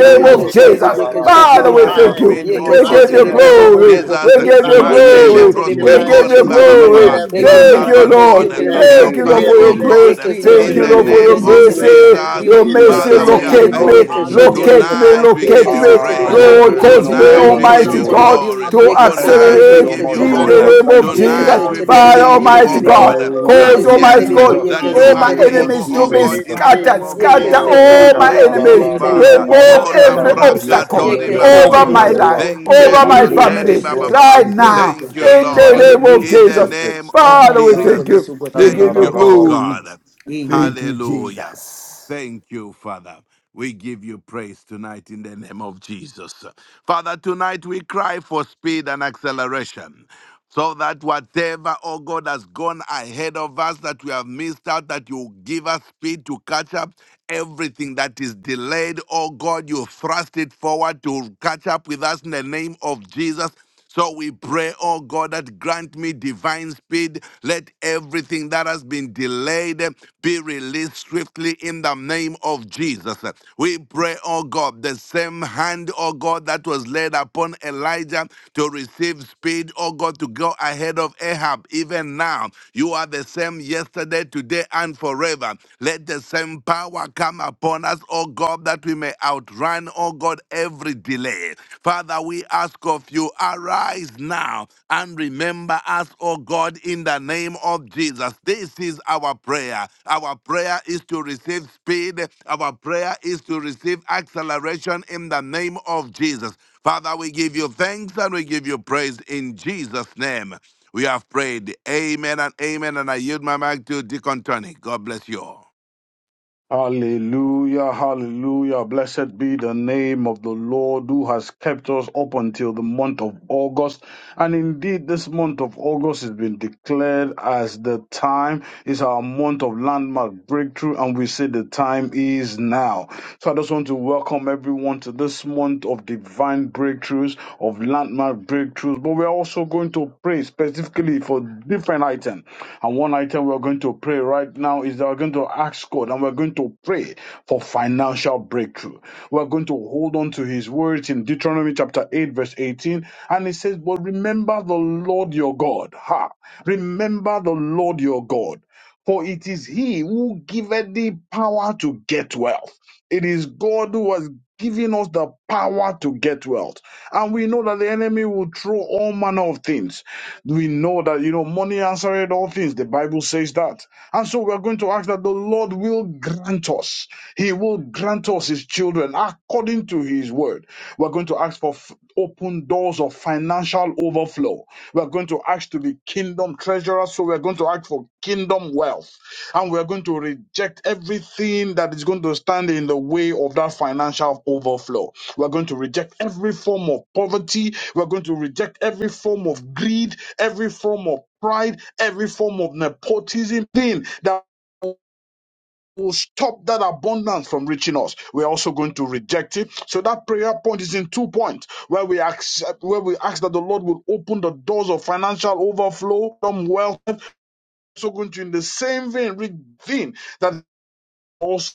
Speaker 8: my
Speaker 2: yeke
Speaker 3: name
Speaker 5: and
Speaker 2: she
Speaker 4: of
Speaker 3: of
Speaker 5: we
Speaker 8: Lord, sa, da,
Speaker 2: terebo
Speaker 4: Jesus
Speaker 6: speed.
Speaker 3: Jesus.
Speaker 8: da,
Speaker 4: Christ.
Speaker 2: yeke
Speaker 8: da,
Speaker 4: oh,
Speaker 5: declare
Speaker 6: We
Speaker 8: da,
Speaker 2: she
Speaker 4: Lord,
Speaker 8: da.
Speaker 3: Father, we
Speaker 8: Yeah,
Speaker 2: terebo.
Speaker 4: I
Speaker 6: desire
Speaker 4: pray
Speaker 8: my
Speaker 3: thank
Speaker 5: divine,
Speaker 4: in
Speaker 8: Lord,
Speaker 4: the
Speaker 3: you.
Speaker 6: speed,
Speaker 8: yes,
Speaker 6: oh
Speaker 4: name
Speaker 2: Yeke
Speaker 8: Lord,
Speaker 3: We
Speaker 4: of
Speaker 2: se
Speaker 4: Jesus
Speaker 6: God,
Speaker 3: give
Speaker 5: divine,
Speaker 6: in
Speaker 3: you
Speaker 4: Christ.
Speaker 6: the
Speaker 8: yes, Lord.
Speaker 2: terebo
Speaker 4: Let
Speaker 6: name
Speaker 2: bo
Speaker 4: there
Speaker 6: of
Speaker 2: bo
Speaker 4: be
Speaker 3: glory.
Speaker 2: bo
Speaker 4: over.
Speaker 5: divine
Speaker 2: bo
Speaker 6: Jesus.
Speaker 2: bo
Speaker 3: We
Speaker 2: bo.
Speaker 3: give
Speaker 4: Yes,
Speaker 8: In
Speaker 3: you
Speaker 5: divine
Speaker 8: the
Speaker 4: Lord, I
Speaker 2: Yeke
Speaker 8: name
Speaker 4: pray,
Speaker 2: she
Speaker 6: Mandele
Speaker 5: speed,
Speaker 8: of
Speaker 3: glory.
Speaker 4: Lord, in
Speaker 2: terebo
Speaker 4: the
Speaker 6: broske
Speaker 3: We
Speaker 5: divine
Speaker 4: name
Speaker 2: yeke
Speaker 3: give
Speaker 4: of
Speaker 8: Jesus.
Speaker 6: kori
Speaker 3: you
Speaker 2: she
Speaker 4: Jesus.
Speaker 8: In
Speaker 6: ba
Speaker 5: speed.
Speaker 8: the
Speaker 6: ba ba
Speaker 2: terebo.
Speaker 6: ba
Speaker 8: name
Speaker 3: glory.
Speaker 5: Let
Speaker 8: of
Speaker 6: ba.
Speaker 4: Everything be
Speaker 2: Yeke
Speaker 5: everything
Speaker 6: Father,
Speaker 3: Thank
Speaker 2: she
Speaker 8: Jesus.
Speaker 5: that
Speaker 3: you,
Speaker 4: released,
Speaker 5: has
Speaker 6: Lord
Speaker 2: terebo
Speaker 5: been
Speaker 4: be
Speaker 3: Lord.
Speaker 2: she
Speaker 6: God, eh,
Speaker 8: In the
Speaker 2: terebo
Speaker 5: delayed
Speaker 4: released,
Speaker 2: she
Speaker 3: Thank you,
Speaker 6: help
Speaker 8: name
Speaker 5: be
Speaker 6: us,
Speaker 3: Lord,
Speaker 8: of
Speaker 4: be
Speaker 3: for
Speaker 2: terebo.
Speaker 6: oh
Speaker 3: your
Speaker 4: released,
Speaker 5: released,
Speaker 8: Jesus.
Speaker 3: grace.
Speaker 6: God, eh,
Speaker 2: Yeke
Speaker 4: be
Speaker 8: In
Speaker 5: be
Speaker 2: se
Speaker 8: the
Speaker 3: Thank
Speaker 6: in
Speaker 3: you,
Speaker 6: the
Speaker 2: terebo
Speaker 4: released
Speaker 3: Lord,
Speaker 8: name
Speaker 5: released
Speaker 3: for
Speaker 4: in
Speaker 8: of
Speaker 6: name
Speaker 3: your
Speaker 2: yeke
Speaker 4: the
Speaker 2: se
Speaker 6: of
Speaker 4: name of
Speaker 3: mercy.
Speaker 2: terebo.
Speaker 4: Jesus.
Speaker 8: Jesus.
Speaker 5: swiftly
Speaker 6: Jesus.
Speaker 4: Be
Speaker 5: in
Speaker 3: Your
Speaker 8: In
Speaker 5: Jesus'
Speaker 8: the
Speaker 3: mercy,
Speaker 4: released
Speaker 2: Yeke
Speaker 6: Father,
Speaker 5: name.
Speaker 2: se
Speaker 6: we
Speaker 4: as
Speaker 6: are
Speaker 4: I
Speaker 3: locate
Speaker 8: name
Speaker 2: terebo,
Speaker 3: me,
Speaker 8: of
Speaker 5: Our
Speaker 4: pray
Speaker 6: thankful.
Speaker 2: yeke
Speaker 4: in
Speaker 5: Father,
Speaker 2: she
Speaker 4: the
Speaker 5: this
Speaker 4: name of
Speaker 8: Jesus.
Speaker 5: is
Speaker 3: locate
Speaker 2: terebo.
Speaker 4: Jesus.
Speaker 3: me,
Speaker 5: our
Speaker 6: Tonight we
Speaker 4: Be
Speaker 6: give
Speaker 3: locate
Speaker 5: prayer
Speaker 2: Yeke
Speaker 6: you
Speaker 3: me.
Speaker 2: se
Speaker 4: released
Speaker 5: and
Speaker 8: Ah,
Speaker 2: terebo,
Speaker 6: praise.
Speaker 4: as
Speaker 5: our
Speaker 4: I
Speaker 8: Lord,
Speaker 2: yeke
Speaker 3: Lord,
Speaker 8: there is
Speaker 2: she
Speaker 5: cry.
Speaker 4: pray
Speaker 3: cause
Speaker 8: no
Speaker 4: in
Speaker 3: me,
Speaker 2: terebo,
Speaker 4: the
Speaker 5: We
Speaker 8: one
Speaker 6: Tonight we
Speaker 4: name
Speaker 8: like
Speaker 2: yeke
Speaker 4: of
Speaker 5: call
Speaker 6: give
Speaker 2: she
Speaker 4: Jesus.
Speaker 8: you,
Speaker 3: Almighty
Speaker 6: you
Speaker 8: O
Speaker 5: upon you,
Speaker 8: God.
Speaker 2: terebo.
Speaker 4: Be
Speaker 3: God,
Speaker 6: glory.
Speaker 3: to
Speaker 5: covenant
Speaker 4: released
Speaker 2: Yeke se
Speaker 4: as
Speaker 8: Thank
Speaker 4: I
Speaker 8: you
Speaker 6: Tonight
Speaker 5: keeping
Speaker 2: terebo,
Speaker 6: we
Speaker 5: God,
Speaker 3: accelerate
Speaker 4: pray.
Speaker 8: so
Speaker 2: yeke
Speaker 6: give you
Speaker 8: much,
Speaker 2: se
Speaker 4: Grant
Speaker 3: in
Speaker 8: O
Speaker 4: the
Speaker 5: that our
Speaker 6: honor.
Speaker 8: God.
Speaker 2: terebo.
Speaker 3: the
Speaker 4: genuine
Speaker 3: name
Speaker 8: Thank
Speaker 4: faith
Speaker 3: of
Speaker 5: God
Speaker 4: be
Speaker 8: you
Speaker 2: Yeke
Speaker 8: so
Speaker 3: Jesus.
Speaker 4: released
Speaker 6: Tonight
Speaker 2: she
Speaker 5: now,
Speaker 8: much,
Speaker 6: we
Speaker 5: O
Speaker 2: terebo,
Speaker 4: swiftly
Speaker 8: Lord.
Speaker 4: in
Speaker 3: Father,
Speaker 4: the
Speaker 2: yeke
Speaker 6: believe
Speaker 5: Lord,
Speaker 6: you,
Speaker 2: she
Speaker 4: name
Speaker 3: Almighty
Speaker 6: oh
Speaker 8: In
Speaker 4: of
Speaker 8: the
Speaker 2: terebo.
Speaker 6: God,
Speaker 3: God,
Speaker 4: Jesus
Speaker 5: for
Speaker 8: name
Speaker 4: Christ.
Speaker 5: your
Speaker 8: of
Speaker 6: that
Speaker 2: Yeke
Speaker 3: cause,
Speaker 4: Oh,
Speaker 2: se
Speaker 5: spirit
Speaker 3: Almighty
Speaker 6: yes,
Speaker 4: Father, I
Speaker 2: terebo,
Speaker 5: and
Speaker 3: God,
Speaker 4: pray,
Speaker 8: Jesus.
Speaker 6: that
Speaker 2: yeke
Speaker 8: In
Speaker 4: God,
Speaker 8: the
Speaker 6: you
Speaker 5: Father
Speaker 4: in
Speaker 3: all
Speaker 2: se
Speaker 4: the
Speaker 3: my
Speaker 6: are
Speaker 5: and
Speaker 8: name
Speaker 4: name
Speaker 2: terebo.
Speaker 5: God,
Speaker 4: of
Speaker 8: of
Speaker 6: able,
Speaker 3: enemies
Speaker 4: Jesus
Speaker 3: to
Speaker 6: oh
Speaker 4: Christ.
Speaker 3: be
Speaker 5: we
Speaker 6: God,
Speaker 5: need
Speaker 6: in
Speaker 8: Jesus.
Speaker 6: the
Speaker 4: Father,
Speaker 5: speed,
Speaker 6: name
Speaker 3: scattered.
Speaker 4: Lord,
Speaker 6: of
Speaker 4: in the
Speaker 5: we
Speaker 2: Yeke
Speaker 3: Scatter
Speaker 4: name
Speaker 5: need
Speaker 2: se
Speaker 4: of
Speaker 8: Oh,
Speaker 6: Jesus.
Speaker 4: Jesus
Speaker 8: ra
Speaker 3: all
Speaker 5: speed,
Speaker 2: terebo,
Speaker 8: ra
Speaker 3: my
Speaker 8: ra
Speaker 6: Thank
Speaker 5: we
Speaker 2: yeke
Speaker 4: be
Speaker 5: need
Speaker 6: you,
Speaker 3: enemies.
Speaker 2: se
Speaker 8: ra ra
Speaker 5: speed
Speaker 2: terebo,
Speaker 4: released.
Speaker 8: ra
Speaker 6: Father.
Speaker 8: ra
Speaker 2: yaka
Speaker 8: ra
Speaker 3: Remove
Speaker 4: Now,
Speaker 6: Oh,
Speaker 5: right
Speaker 4: in
Speaker 8: ra
Speaker 4: the
Speaker 2: kaka
Speaker 8: ra
Speaker 3: every
Speaker 5: now,
Speaker 8: ma
Speaker 4: name
Speaker 2: ka.
Speaker 4: of
Speaker 5: O
Speaker 8: ye
Speaker 4: Jesus
Speaker 6: Lambraka
Speaker 5: God.
Speaker 8: ke
Speaker 4: Christ,
Speaker 3: obstacle
Speaker 8: ne
Speaker 6: Tori
Speaker 2: Yeke
Speaker 8: le
Speaker 4: let it
Speaker 8: le
Speaker 2: se
Speaker 6: Baba
Speaker 4: be
Speaker 6: Baba.
Speaker 3: over
Speaker 5: Father,
Speaker 8: bre
Speaker 3: my
Speaker 6: Baba.
Speaker 5: we
Speaker 4: released,
Speaker 8: re
Speaker 2: terebo.
Speaker 4: oh
Speaker 8: ba.
Speaker 5: thank
Speaker 3: life,
Speaker 4: God,
Speaker 5: you.
Speaker 4: in
Speaker 6: Thank
Speaker 4: the
Speaker 6: you,
Speaker 3: over
Speaker 2: Thank you,
Speaker 3: my
Speaker 8: Man
Speaker 6: so
Speaker 4: name
Speaker 8: le
Speaker 4: of
Speaker 8: ke
Speaker 6: Terry
Speaker 3: family,
Speaker 2: Jesus.
Speaker 6: Baba
Speaker 4: Jesus
Speaker 8: bro
Speaker 4: Christ.
Speaker 6: Baba.
Speaker 3: right
Speaker 8: zun te
Speaker 4: Mm.
Speaker 8: re
Speaker 3: now.
Speaker 6: Thank
Speaker 8: te
Speaker 6: you,
Speaker 3: In
Speaker 8: ba
Speaker 3: the
Speaker 6: Lord.
Speaker 4: In
Speaker 8: re
Speaker 4: the
Speaker 3: name of
Speaker 4: name
Speaker 6: In
Speaker 4: of
Speaker 6: the
Speaker 8: ke
Speaker 3: Jesus.
Speaker 4: Jesus
Speaker 8: te.
Speaker 6: name
Speaker 4: Christ. Father,
Speaker 6: of
Speaker 4: I
Speaker 3: Father, we
Speaker 8: La
Speaker 4: pray for
Speaker 6: Jesus.
Speaker 3: thank
Speaker 4: this,
Speaker 3: you.
Speaker 4: oh God, in
Speaker 3: We
Speaker 4: the
Speaker 3: give
Speaker 6: Thank
Speaker 4: name
Speaker 3: you
Speaker 6: you,
Speaker 4: of
Speaker 6: oh
Speaker 4: Jesus
Speaker 3: glory.
Speaker 6: God.
Speaker 4: Christ. Amen.
Speaker 3: Thank you,
Speaker 6: Hallelujah.
Speaker 3: Jesus.
Speaker 6: Thank you, Father. We give you praise tonight in the name of Jesus. Father, tonight we cry for speed and acceleration. So that whatever, oh God, has gone ahead of us that we have missed out, that you give us speed to catch up Everything that is delayed, oh God, you thrust it forward to catch up with us in the name of Jesus. So we pray, oh God, that grant me divine speed. Let everything that has been delayed be released swiftly in the name of Jesus. We pray, oh God, the same hand, oh God, that was laid upon Elijah to receive speed, oh God, to go ahead of Ahab. Even now, you are the same yesterday, today, and forever. Let the same open power come upon us, O God, that we may outrun, O God, every delay. Father, we ask of you, arise now and remember us, O God, in the name of Jesus. This is our prayer. Our prayer is to receive speed, our prayer is to receive acceleration in the name of Jesus. Father, we give you thanks and we give you praise in Jesus' name. We have prayed. Amen and amen. And I yield my mic to Deacon Tony. God bless you all.
Speaker 8: Hallelujah, hallelujah. Blessed be the name of the Lord who has kept us up until the month of August. And indeed, this month of August has been declared as the time is our month of landmark breakthrough, and we say the time is now. So I just want to welcome everyone to this month of divine breakthroughs, of landmark breakthroughs. But we're also going to pray specifically for different items. And one item we're going to pray right now is that we're going to ask God and we're going to pray for financial breakthrough. We're going to hold on to his words in Deuteronomy chapter 8, verse 18. And it says, But remember the Lord your God. Ha! Remember the Lord your God. For it is he who giveth thee power to get wealth. It is God who has given us the power to get wealth. And we know that the enemy will throw all manner of things we know that, you know, money answered all things. The Bible says that. And so we are going to ask that the Lord will grant us. He will grant us his children according to his word. We're going to ask for f- open doors of financial overflow. We're going to ask to be kingdom treasurers. So we're going to ask for kingdom wealth. And we're going to reject everything that is going to stand in the way of that financial overflow. We're going to reject every form of poverty. We're going to reject every form of greed every form of pride, every form of nepotism thing that will stop that abundance from reaching us. We're also going to reject it. So that prayer point is in two points where we accept where we ask that the Lord will open the doors of financial overflow from wealth. Also going to in the same vein, re- vein that also